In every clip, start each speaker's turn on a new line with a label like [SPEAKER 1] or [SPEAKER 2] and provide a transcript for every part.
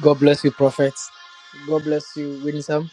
[SPEAKER 1] God bless you, Prophet. God bless you, Winsome.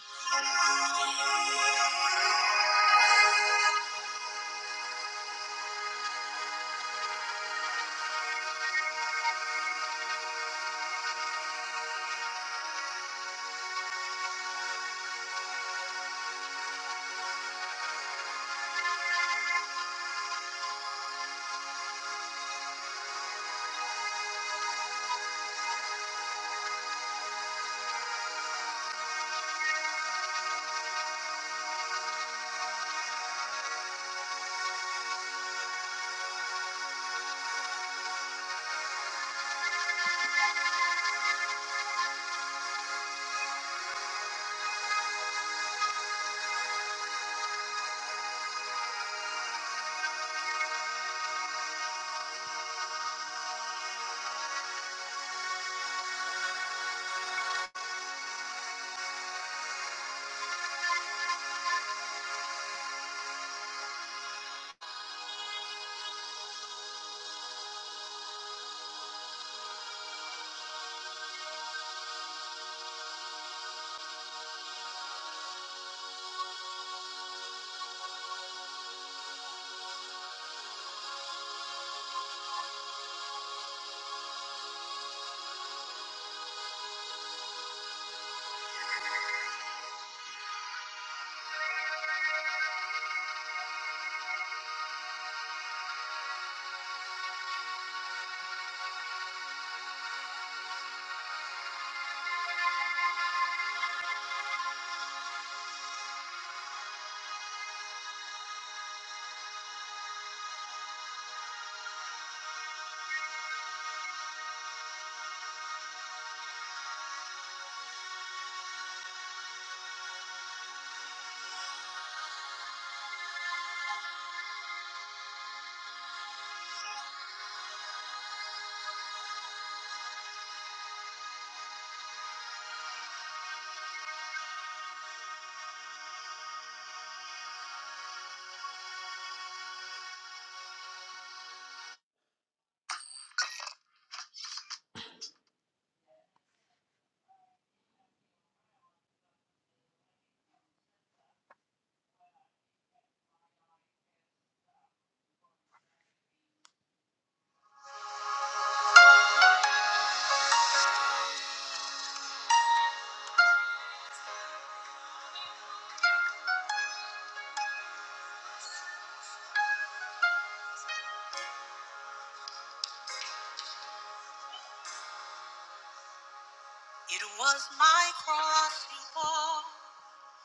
[SPEAKER 1] It was my cross you bore,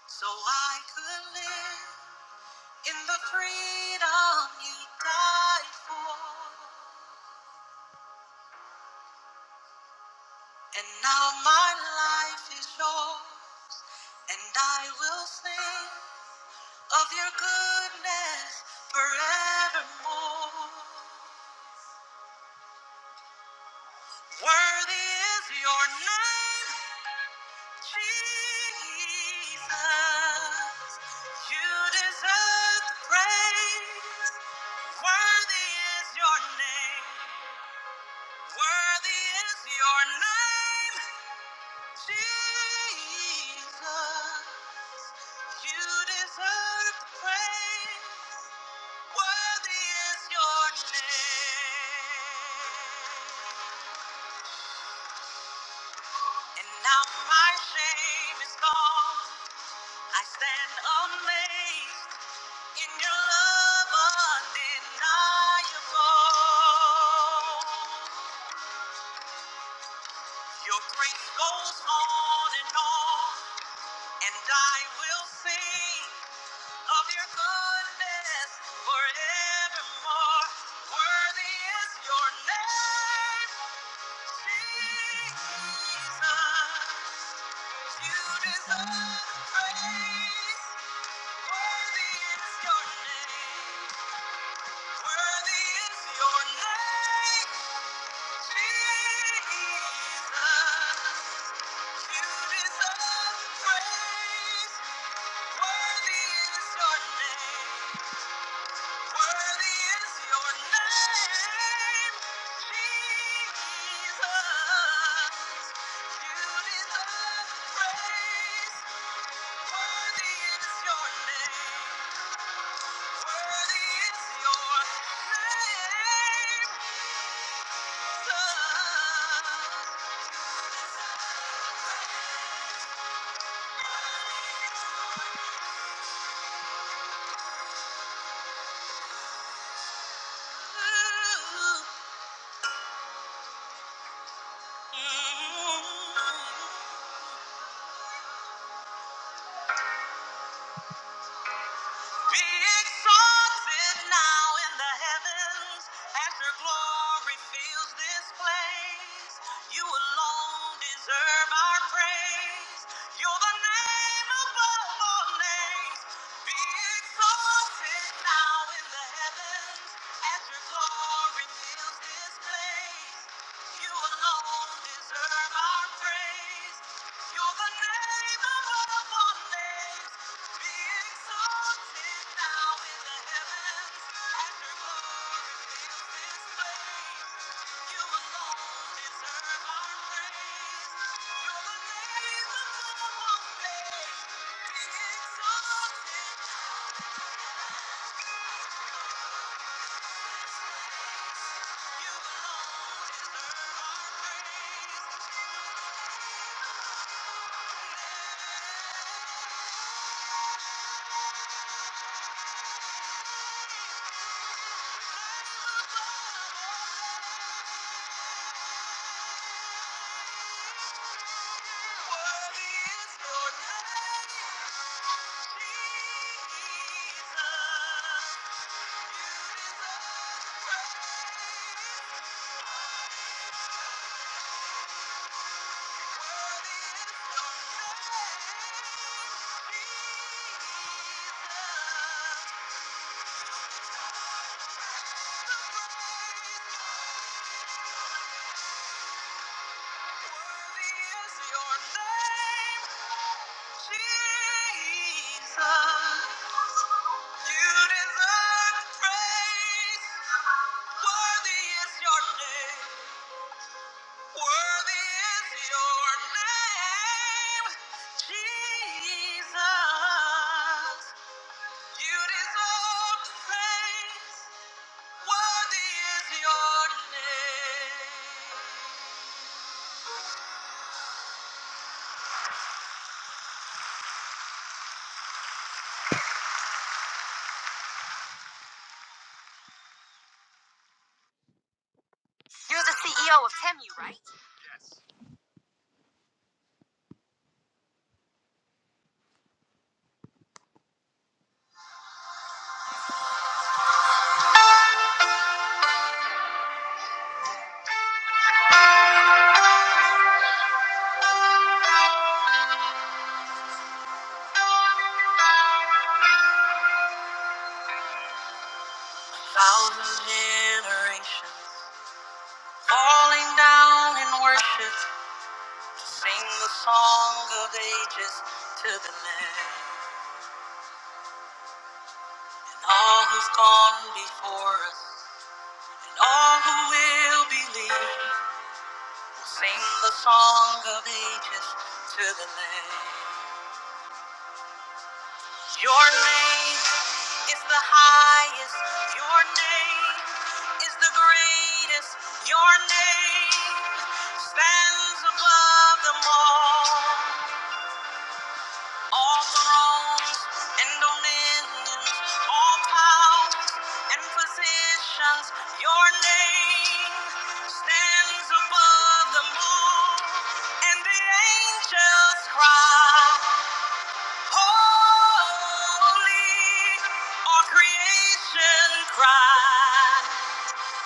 [SPEAKER 1] so I could live in the freedom you died for. And now my life is yours, and I will sing of your goodness forevermore. Worthy is your name, Jesus. You deserve the praise. Worthy is your name. Worthy is your name, Jesus. You deserve the praise. Worthy is your name. And now my shame is gone. I stand amazed in your love undeniable. Your grace goes on and on, and I will sing. of your goodness forevermore. Worthy is your name, Jesus. You deserve praise. Worthy is your name. Worthy is your name, Jesus. You deserve praise. Worthy is your name. Worthy is your name, Jesus. You deserve praise. Worthy is your name. Worthy is your name, Jesus. Be exalted now in the heavens as your glory fills this place. You alone deserve our praise. You're the name above all names. Be exalted now in the heavens as your glory fills this place. You alone deserve our praise. You're the name above all names. Be exalted now in the heavens, and fills this place. You alone deserve our praise. You're the name above all names. Be exalted You alone deserve our praise. Worthy is your name. Jesus, you deserve praise. Worthy is your name. Worthy is your name. Jesus, you deserve praise. Worthy is your name. Thousand generations falling down in worship. Sing the song of ages to the land. And all who've gone before us, and all who will believe. Sing the song of ages to the land. Your name is the highest. Your name is the greatest. Your name stands above them all. All thrones and dominions, all powers and positions, your name stands above them all. And the angels cry, Holy, all creation cry,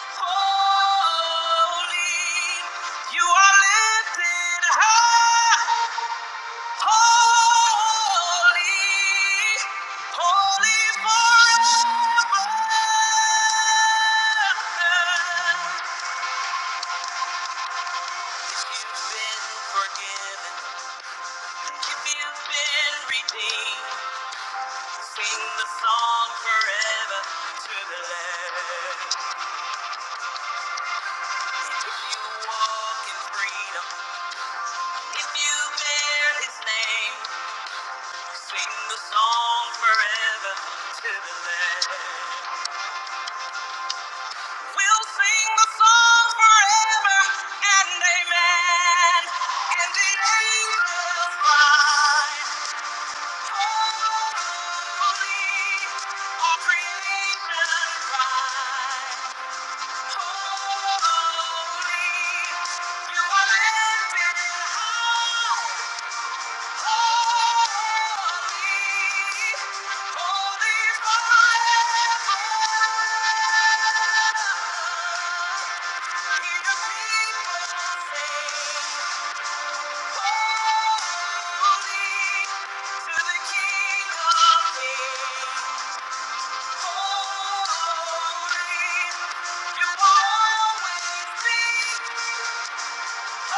[SPEAKER 1] Holy, you are lifted high. Holy, holy forever. If you've been forgiven, if you've been redeemed, sing the song forever to the Lamb. If you walk in freedom, if you bear His name, sing the song forever to the Lamb. We'll sing the song forever and amen. And the angels cry, holy. All creation cry, holy. You are lifted high. Holy, you always be. Your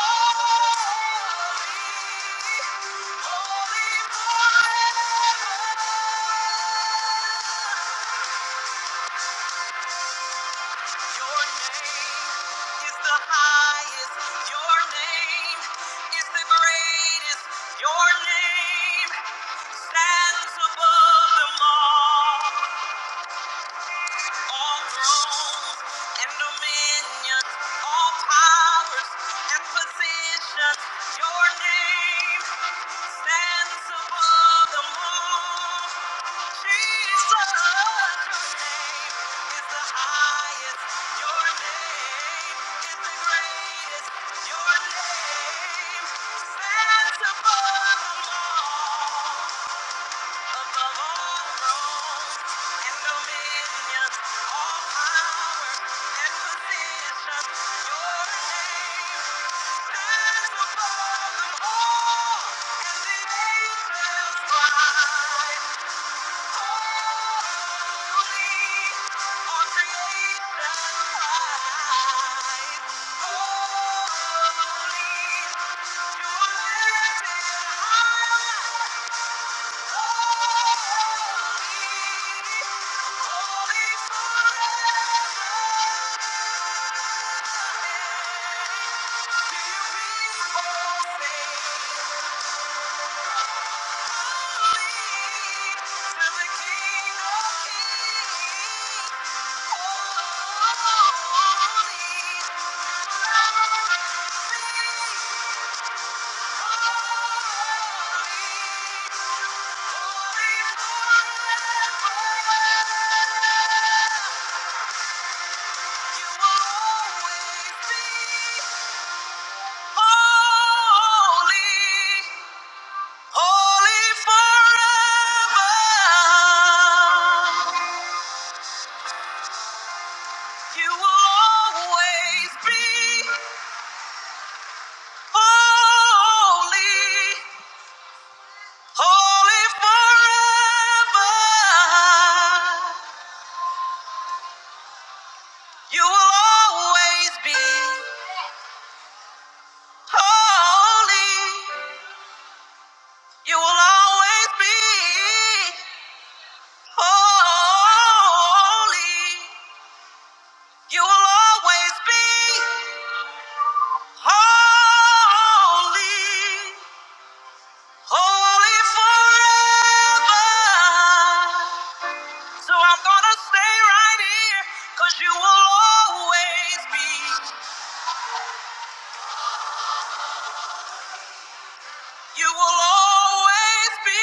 [SPEAKER 1] name stands above them all. Jesus, your name is the highest. Your name is the greatest. Your name stands above them all. Above all thrones and dominions, all powers and positions, your name stands above them all, and the angels cry, Holy, all creation cries, Holy. You are lifted high. Thank you. Holy forever. You will always be holy. You will always be holy. You will always be holy. Holy forever. So I'm gonna stay right here, 'cause you will always be, you will always be.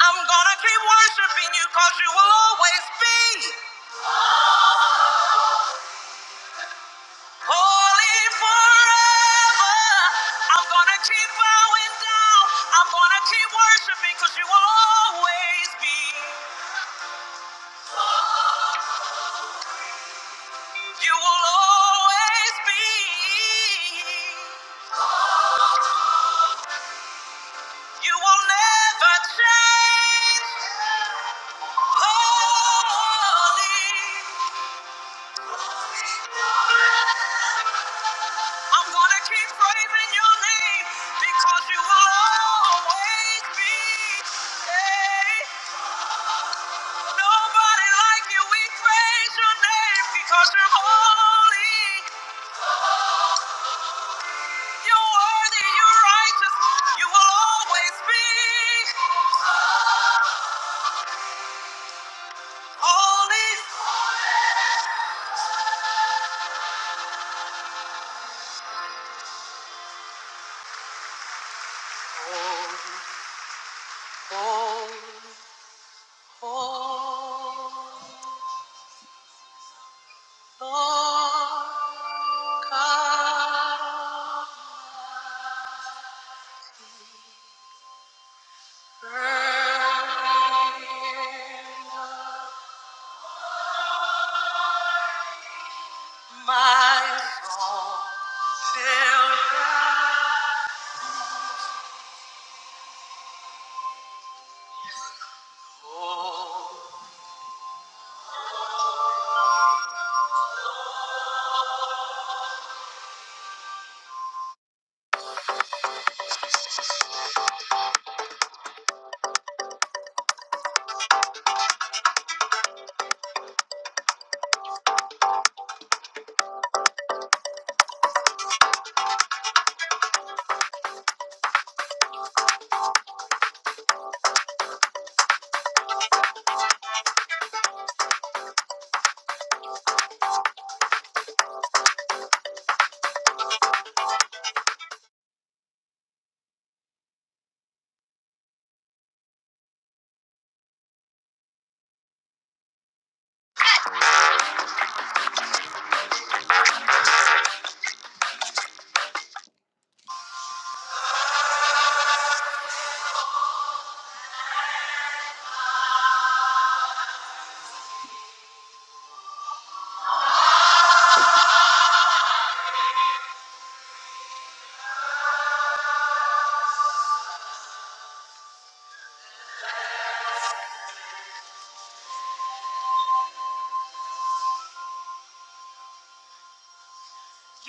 [SPEAKER 1] I'm gonna keep worshiping you because you will always be holy forever. I'm gonna keep bowing down. I'm gonna keep worshiping because you will always be. You will always be. You will never change. Holy. I'm gonna keep praising your name because you will always be. Hey. Nobody like you. We praise your name because you're holy. You're worthy. You're righteous. You will always be holy. Holy, holy, holy, Lord God Almighty. Burn up my soul. Fill my You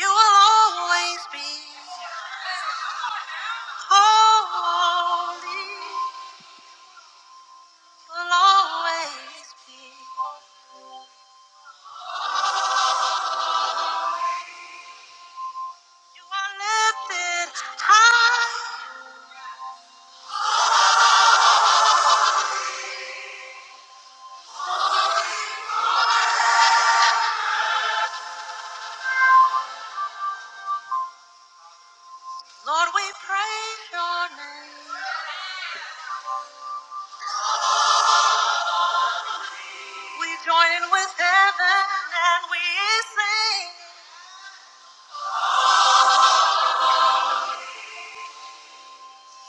[SPEAKER 1] will always be holy. You will always be. You are lifted high. Lord, we praise your name. We join in with heaven and we sing.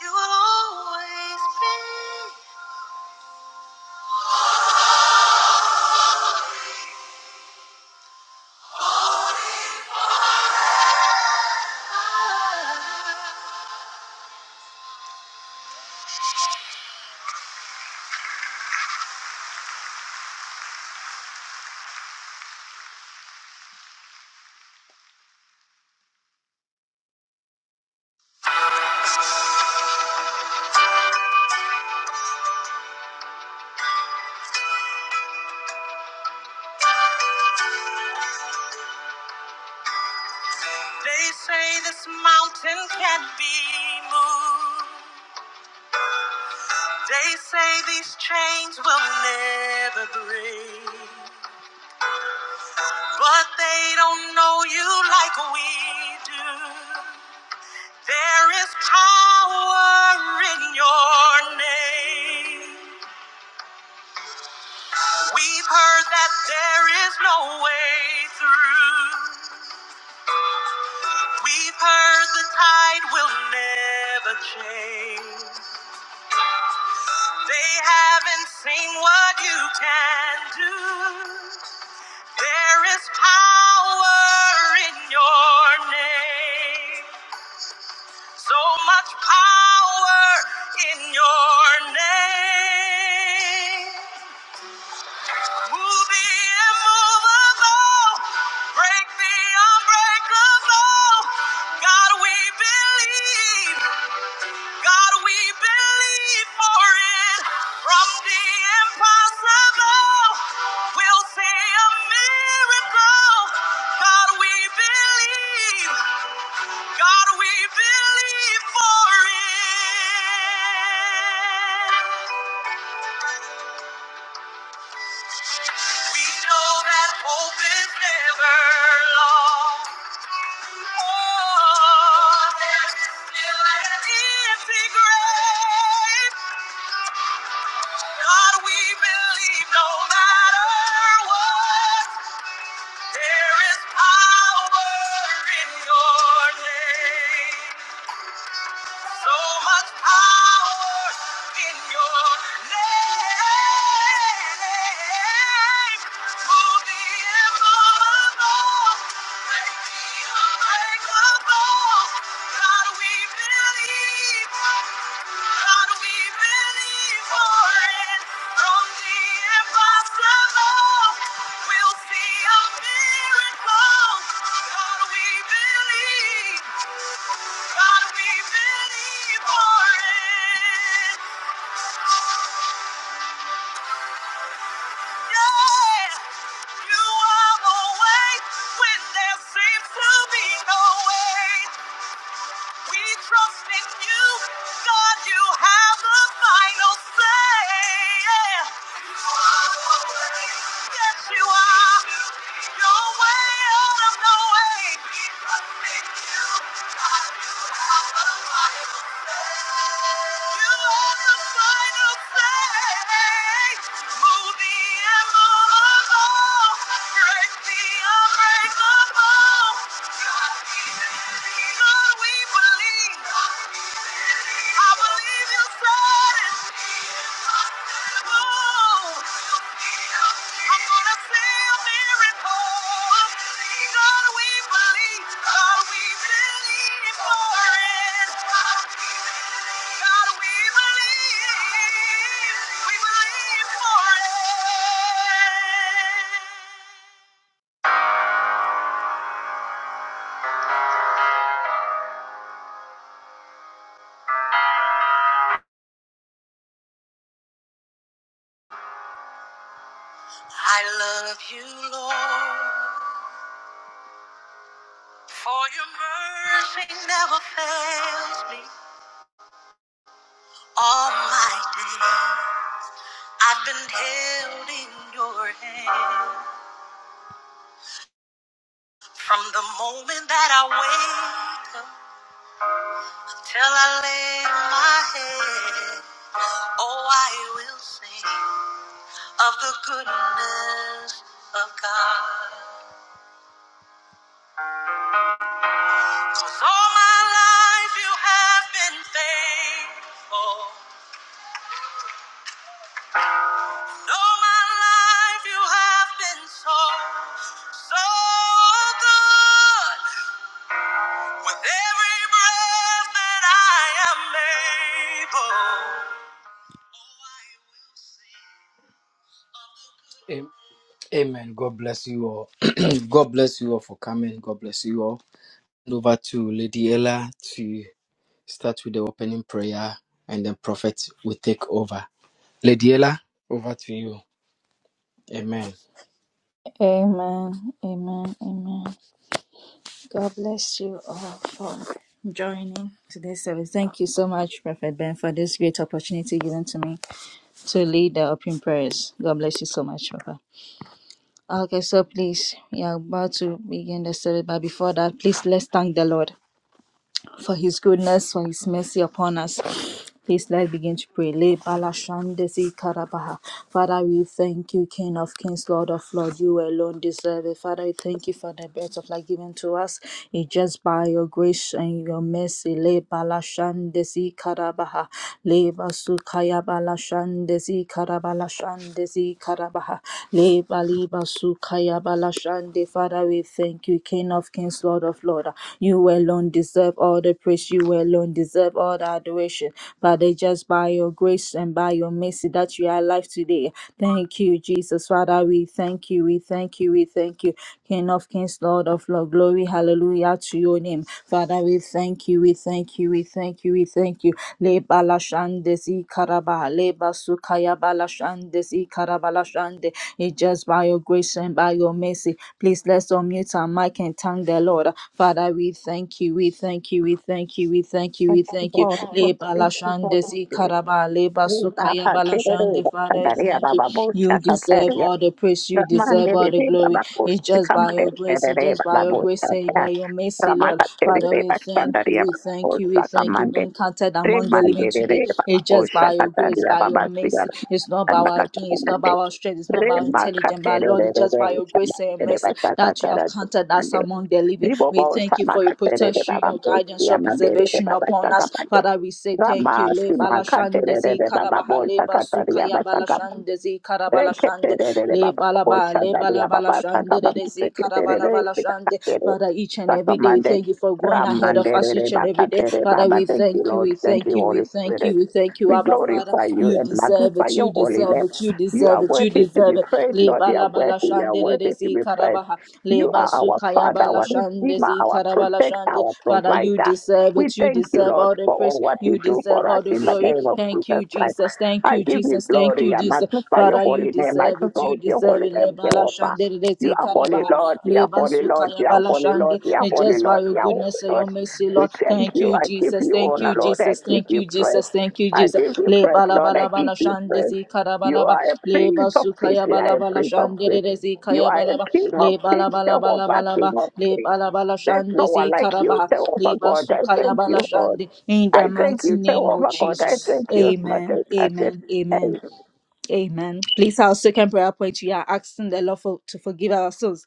[SPEAKER 1] You will always be. They say this mountain can't be moved. They say these chains will never break. But they don't know you like we do. There is power in your name. We've heard that there is no way through. We've heard the tide will never change. They haven't seen what you can do. There is power in your name. So much power in your name. Move the immovable, break the unbreakable. God, we believe. God, we believe for it. From the impossible, we'll see a miracle. God, we believe. God, we believe for it. We know that hope is never lost. Oh, there's still an empty grave. God, we believe no matter what, there is power in your name. So much power in your name. Move the immovable. Make the unbreakable. God, we believe. God, we believe for it. From the impossible, we'll see a miracle. God, we believe. God, we believe for it. Yeah. You are the way when there seems to be no way. We trust in you. God, you have the final say. Yeah. You are the way. Yes, you are. Your way out of no way. We trust in you. God, you have the final say. I believe you said it. I love you, Lord, for your mercy never fails me all my days. I've been held in your hand from the moment that I wake up till I lay my head. Oh, I will sing of the goodness of God. all my life you have been faithful. all my life you have been so, so good. With every breath that I am able. Am- Amen. God bless you all. God bless you all for coming. God bless you all. over to Lady Ella to start with the opening prayer and then prophet will take over. Lady Ella, over to you. Amen.
[SPEAKER 2] Amen. Amen. Amen. God bless you all for joining today's service. Thank you so much, Prophet Ben, for this great opportunity given to me to lead the opening prayers. God bless you so much, Papa. Okay, so please, we are about to begin the service, but before that, please let's thank the Lord for his goodness, for his mercy upon us. Please let's begin to pray. Le balashandesi karabaha. Father, we thank you, King of Kings, Lord of Lords. You alone deserve it. Father, we thank you for the breath of life given to us. It's just by your grace and your mercy. Le balashandesi karabaha. Le basukaya balashandesi karabalashandesi karabaha. Le baliba sukaya balashande. Father, we thank you, King of Kings, Lord of Lords. God. You alone deserve all the praise. You alone deserve all the adoration. Father, just by your grace and by your mercy that you are alive today. Thank you, Jesus. Father, we thank you. We thank you. We thank you. King of kings, Lord of lords, glory, hallelujah to your name. Father, we thank you. We thank you. We thank you. We thank you. Le balashande si karaba. Le basukaya balashande si karabalashande. It's just by by your grace and by your mercy. Please let's unmute our mic and thank the Lord. Father, we thank you, we thank you, we thank you, we thank you,
[SPEAKER 3] Thank
[SPEAKER 2] we
[SPEAKER 3] you
[SPEAKER 2] thank you.
[SPEAKER 3] for all the books.
[SPEAKER 2] Leba la
[SPEAKER 3] Thank you for all
[SPEAKER 2] shande
[SPEAKER 3] the
[SPEAKER 2] zi
[SPEAKER 3] spirit.
[SPEAKER 2] karaba, leba
[SPEAKER 3] Reba
[SPEAKER 2] sukaya ba la
[SPEAKER 3] patera
[SPEAKER 2] shande.
[SPEAKER 3] reba
[SPEAKER 2] Father, we
[SPEAKER 3] sandaria
[SPEAKER 2] thank you.
[SPEAKER 3] baba bosha
[SPEAKER 2] You deserve
[SPEAKER 3] kateria.
[SPEAKER 2] all the praise, you
[SPEAKER 3] Ramande
[SPEAKER 2] deserve all the
[SPEAKER 3] reba
[SPEAKER 2] glory.
[SPEAKER 3] baba
[SPEAKER 2] It's
[SPEAKER 3] bosha
[SPEAKER 2] just by
[SPEAKER 3] kamade
[SPEAKER 2] your grace,
[SPEAKER 3] reba
[SPEAKER 2] it's just
[SPEAKER 3] reba
[SPEAKER 2] by
[SPEAKER 3] baba
[SPEAKER 2] your grace,
[SPEAKER 3] bosha
[SPEAKER 2] say by
[SPEAKER 3] kateria.
[SPEAKER 2] your mercy, Lord.
[SPEAKER 3] Ramaka teri
[SPEAKER 2] Father, we
[SPEAKER 3] reba
[SPEAKER 2] thank you,
[SPEAKER 3] sandaria
[SPEAKER 2] we
[SPEAKER 3] baba
[SPEAKER 2] thank you, we
[SPEAKER 3] bosha
[SPEAKER 2] thank you.
[SPEAKER 3] kamande.
[SPEAKER 2] Being counted among the
[SPEAKER 3] Remande
[SPEAKER 2] living today,
[SPEAKER 3] reba baba
[SPEAKER 2] it's just
[SPEAKER 3] bosha
[SPEAKER 2] by your your grace,
[SPEAKER 3] kateria
[SPEAKER 2] by your
[SPEAKER 3] baba siya.
[SPEAKER 2] mercy. It's not by our
[SPEAKER 3] Sandaka
[SPEAKER 2] doing, it's not by
[SPEAKER 3] kamande.
[SPEAKER 2] our strength, it's not by our
[SPEAKER 3] Rema
[SPEAKER 2] intelligence, but
[SPEAKER 3] katere
[SPEAKER 2] Lord, it's
[SPEAKER 3] reba
[SPEAKER 2] just by
[SPEAKER 3] reba
[SPEAKER 2] your grace and your
[SPEAKER 3] sandaria reba
[SPEAKER 2] mercy that you have
[SPEAKER 3] sakatera
[SPEAKER 2] counted us
[SPEAKER 3] kamande.
[SPEAKER 2] among the living.
[SPEAKER 3] Ribo
[SPEAKER 2] We
[SPEAKER 3] bosha
[SPEAKER 2] thank you for your
[SPEAKER 3] makatere reba
[SPEAKER 2] protection,
[SPEAKER 3] baba
[SPEAKER 2] your
[SPEAKER 3] bosha
[SPEAKER 2] guidance, your
[SPEAKER 3] kamande
[SPEAKER 2] preservation
[SPEAKER 3] reba
[SPEAKER 2] upon us.
[SPEAKER 3] baba
[SPEAKER 2] Father, we say thank
[SPEAKER 3] Rama
[SPEAKER 2] you. Le
[SPEAKER 3] Sima
[SPEAKER 2] balashandezi
[SPEAKER 3] Katerere Baba
[SPEAKER 2] karabaha le
[SPEAKER 3] Bolsa Kataria
[SPEAKER 2] basukaya
[SPEAKER 3] Basaka
[SPEAKER 2] balashandezi karabalashande
[SPEAKER 3] Eketerere
[SPEAKER 2] le
[SPEAKER 3] baba
[SPEAKER 2] balaba le
[SPEAKER 3] koshandaria baba saka
[SPEAKER 2] balabalashande
[SPEAKER 3] baba
[SPEAKER 2] dedezi
[SPEAKER 3] seketerere
[SPEAKER 2] karabalabalashande.
[SPEAKER 3] sakatere
[SPEAKER 2] Father, each and every day, we
[SPEAKER 3] sakamande
[SPEAKER 2] thank you for going ahead of ahead of us
[SPEAKER 3] ramanderere
[SPEAKER 2] each and every day.
[SPEAKER 3] bakatere
[SPEAKER 2] Father,
[SPEAKER 3] baba.
[SPEAKER 2] we
[SPEAKER 3] Thank you,
[SPEAKER 2] thank you,
[SPEAKER 3] Lord.
[SPEAKER 2] we
[SPEAKER 3] Thank
[SPEAKER 2] thank
[SPEAKER 3] you,
[SPEAKER 2] you, we
[SPEAKER 3] Holy
[SPEAKER 2] thank
[SPEAKER 3] Spirit.
[SPEAKER 2] you, we thank you,
[SPEAKER 3] We
[SPEAKER 2] Abba Father.
[SPEAKER 3] glorify you
[SPEAKER 2] You
[SPEAKER 3] and
[SPEAKER 2] deserve
[SPEAKER 3] magnify
[SPEAKER 2] it,
[SPEAKER 3] your
[SPEAKER 2] you
[SPEAKER 3] holy
[SPEAKER 2] deserve
[SPEAKER 3] name.
[SPEAKER 2] it, you
[SPEAKER 3] You are
[SPEAKER 2] deserve it, you
[SPEAKER 3] worthy to be
[SPEAKER 2] deserve it.
[SPEAKER 3] praised, Lord.
[SPEAKER 2] Leba
[SPEAKER 3] You are
[SPEAKER 2] la bala
[SPEAKER 3] worthy. You are
[SPEAKER 2] shandere
[SPEAKER 3] worthy
[SPEAKER 2] de
[SPEAKER 3] to
[SPEAKER 2] zi
[SPEAKER 3] be praised.
[SPEAKER 2] karabaha.
[SPEAKER 3] You
[SPEAKER 2] Leba
[SPEAKER 3] are our
[SPEAKER 2] sukaya
[SPEAKER 3] Father,
[SPEAKER 2] bala
[SPEAKER 3] our
[SPEAKER 2] shande
[SPEAKER 3] Redeemer,
[SPEAKER 2] zi
[SPEAKER 3] our
[SPEAKER 2] karabala
[SPEAKER 3] Protector,
[SPEAKER 2] shande.
[SPEAKER 3] our
[SPEAKER 2] Father, you
[SPEAKER 3] Provider.
[SPEAKER 2] deserve
[SPEAKER 3] We
[SPEAKER 2] it, you
[SPEAKER 3] thank you,
[SPEAKER 2] deserve
[SPEAKER 3] Lord,
[SPEAKER 2] all the
[SPEAKER 3] for all
[SPEAKER 2] praise,
[SPEAKER 3] what you
[SPEAKER 2] you
[SPEAKER 3] do
[SPEAKER 2] deserve
[SPEAKER 3] for us
[SPEAKER 2] all the
[SPEAKER 3] in the
[SPEAKER 2] glory.
[SPEAKER 3] name of
[SPEAKER 2] Thank
[SPEAKER 3] Jesus
[SPEAKER 2] you,
[SPEAKER 3] Christ.
[SPEAKER 2] Jesus, thank
[SPEAKER 3] I
[SPEAKER 2] you,
[SPEAKER 3] give you
[SPEAKER 2] Jesus, thank
[SPEAKER 3] glory.
[SPEAKER 2] you,
[SPEAKER 3] I
[SPEAKER 2] Jesus.
[SPEAKER 3] magnify your
[SPEAKER 2] Father, you
[SPEAKER 3] holy name. I
[SPEAKER 2] deserve it, you
[SPEAKER 3] exalt your
[SPEAKER 2] deserve
[SPEAKER 3] holy
[SPEAKER 2] it.
[SPEAKER 3] name,
[SPEAKER 4] Thank
[SPEAKER 2] Leba la
[SPEAKER 4] you,
[SPEAKER 3] Jehovah.
[SPEAKER 2] shandere de
[SPEAKER 4] Jesus.
[SPEAKER 3] You
[SPEAKER 2] zi
[SPEAKER 4] Thank
[SPEAKER 3] are
[SPEAKER 4] you,
[SPEAKER 3] holy,
[SPEAKER 2] Karaba,
[SPEAKER 4] Lord,
[SPEAKER 3] Lord.
[SPEAKER 4] our
[SPEAKER 3] You are
[SPEAKER 4] Abba
[SPEAKER 2] Leba,
[SPEAKER 3] holy,
[SPEAKER 4] Father.
[SPEAKER 3] Lord.
[SPEAKER 4] God
[SPEAKER 3] You
[SPEAKER 2] Sukaya,
[SPEAKER 3] are
[SPEAKER 2] Bala,
[SPEAKER 4] bless you,
[SPEAKER 3] holy,
[SPEAKER 4] dear
[SPEAKER 2] Shande.
[SPEAKER 3] Lord. You are
[SPEAKER 2] And
[SPEAKER 4] Father.
[SPEAKER 3] holy,
[SPEAKER 2] just by
[SPEAKER 3] Lord.
[SPEAKER 2] your
[SPEAKER 3] You are
[SPEAKER 4] You
[SPEAKER 2] goodness
[SPEAKER 3] holy,
[SPEAKER 2] and
[SPEAKER 4] show
[SPEAKER 2] your
[SPEAKER 3] Lord.
[SPEAKER 4] us your
[SPEAKER 2] mercy,
[SPEAKER 3] We
[SPEAKER 2] Lord.
[SPEAKER 4] mercy,
[SPEAKER 3] thank
[SPEAKER 4] show
[SPEAKER 2] Thank
[SPEAKER 3] you.
[SPEAKER 4] us
[SPEAKER 2] you,
[SPEAKER 3] I
[SPEAKER 4] your
[SPEAKER 3] give
[SPEAKER 4] love
[SPEAKER 2] Jesus.
[SPEAKER 4] and
[SPEAKER 3] you
[SPEAKER 2] Thank
[SPEAKER 3] honor,
[SPEAKER 2] you,
[SPEAKER 4] kindness. You
[SPEAKER 3] Lord. I
[SPEAKER 2] Jesus.
[SPEAKER 4] show us
[SPEAKER 3] give
[SPEAKER 2] Thank
[SPEAKER 4] that
[SPEAKER 3] you
[SPEAKER 2] you,
[SPEAKER 4] you're
[SPEAKER 3] praise.
[SPEAKER 2] Jesus.
[SPEAKER 4] God
[SPEAKER 2] Thank
[SPEAKER 4] and
[SPEAKER 2] you,
[SPEAKER 4] you
[SPEAKER 3] I
[SPEAKER 4] are
[SPEAKER 2] Jesus.
[SPEAKER 4] that
[SPEAKER 3] give you
[SPEAKER 4] God.
[SPEAKER 3] praise,
[SPEAKER 2] Leba,
[SPEAKER 4] Thank
[SPEAKER 2] la,
[SPEAKER 4] you.
[SPEAKER 2] ba,
[SPEAKER 3] Lord. I
[SPEAKER 2] la, ba,
[SPEAKER 3] give
[SPEAKER 2] la,
[SPEAKER 3] you
[SPEAKER 2] Shande,
[SPEAKER 3] praise.
[SPEAKER 2] Zi, Karaba,
[SPEAKER 3] You
[SPEAKER 2] la, ba.
[SPEAKER 3] are a
[SPEAKER 4] Thank
[SPEAKER 2] Leba,
[SPEAKER 3] prince of
[SPEAKER 4] that was
[SPEAKER 3] peace.
[SPEAKER 2] Sukaya,
[SPEAKER 4] seen
[SPEAKER 3] You
[SPEAKER 4] you
[SPEAKER 3] are
[SPEAKER 2] Bala,
[SPEAKER 4] are
[SPEAKER 3] a
[SPEAKER 2] Bala,
[SPEAKER 4] your
[SPEAKER 3] prince of
[SPEAKER 4] account
[SPEAKER 2] Shande, Re,
[SPEAKER 3] peace.
[SPEAKER 2] Re,
[SPEAKER 4] for the
[SPEAKER 2] Zi,
[SPEAKER 3] You
[SPEAKER 2] Kaya,
[SPEAKER 4] conqueror
[SPEAKER 3] are
[SPEAKER 4] and
[SPEAKER 2] Bala, ba.
[SPEAKER 3] a
[SPEAKER 4] the
[SPEAKER 3] king
[SPEAKER 4] shooting
[SPEAKER 3] of
[SPEAKER 2] Leba, la,
[SPEAKER 3] peace,
[SPEAKER 2] ba,
[SPEAKER 4] conqueror.
[SPEAKER 2] la,
[SPEAKER 4] You
[SPEAKER 2] ba,
[SPEAKER 4] must
[SPEAKER 2] la, ba,
[SPEAKER 3] Jehovah,
[SPEAKER 4] show
[SPEAKER 2] la,
[SPEAKER 3] king
[SPEAKER 4] us
[SPEAKER 2] ba.
[SPEAKER 3] of
[SPEAKER 4] that you are
[SPEAKER 3] peace.
[SPEAKER 2] Leba, la,
[SPEAKER 4] that
[SPEAKER 2] ba, la,
[SPEAKER 4] Savior.
[SPEAKER 3] There's no
[SPEAKER 2] Shande,
[SPEAKER 3] one
[SPEAKER 2] Zi,
[SPEAKER 4] We
[SPEAKER 3] like
[SPEAKER 4] have
[SPEAKER 3] you,
[SPEAKER 4] for
[SPEAKER 2] Karaba.
[SPEAKER 4] what
[SPEAKER 3] Jehovah
[SPEAKER 4] we
[SPEAKER 2] Leba,
[SPEAKER 3] God.
[SPEAKER 4] come
[SPEAKER 3] I
[SPEAKER 4] up to
[SPEAKER 2] Sukaya,
[SPEAKER 3] thank
[SPEAKER 4] the
[SPEAKER 2] Bala,
[SPEAKER 3] you, Lord.
[SPEAKER 4] Chimafu.
[SPEAKER 2] Shande. In the
[SPEAKER 3] I thank
[SPEAKER 4] Must
[SPEAKER 2] mighty
[SPEAKER 3] you,
[SPEAKER 4] you bring
[SPEAKER 2] name
[SPEAKER 4] up
[SPEAKER 2] of
[SPEAKER 3] Jehovah
[SPEAKER 4] upon
[SPEAKER 3] God.
[SPEAKER 4] us
[SPEAKER 3] I
[SPEAKER 4] when you're
[SPEAKER 2] Jesus.
[SPEAKER 3] thank you,
[SPEAKER 4] fasting over the
[SPEAKER 3] Mother
[SPEAKER 2] Amen.
[SPEAKER 3] Katir.
[SPEAKER 2] Amen.
[SPEAKER 3] I
[SPEAKER 2] Amen.
[SPEAKER 3] pray
[SPEAKER 2] Amen. Please, our second prayer point, we are asking the Lord for, to forgive our sins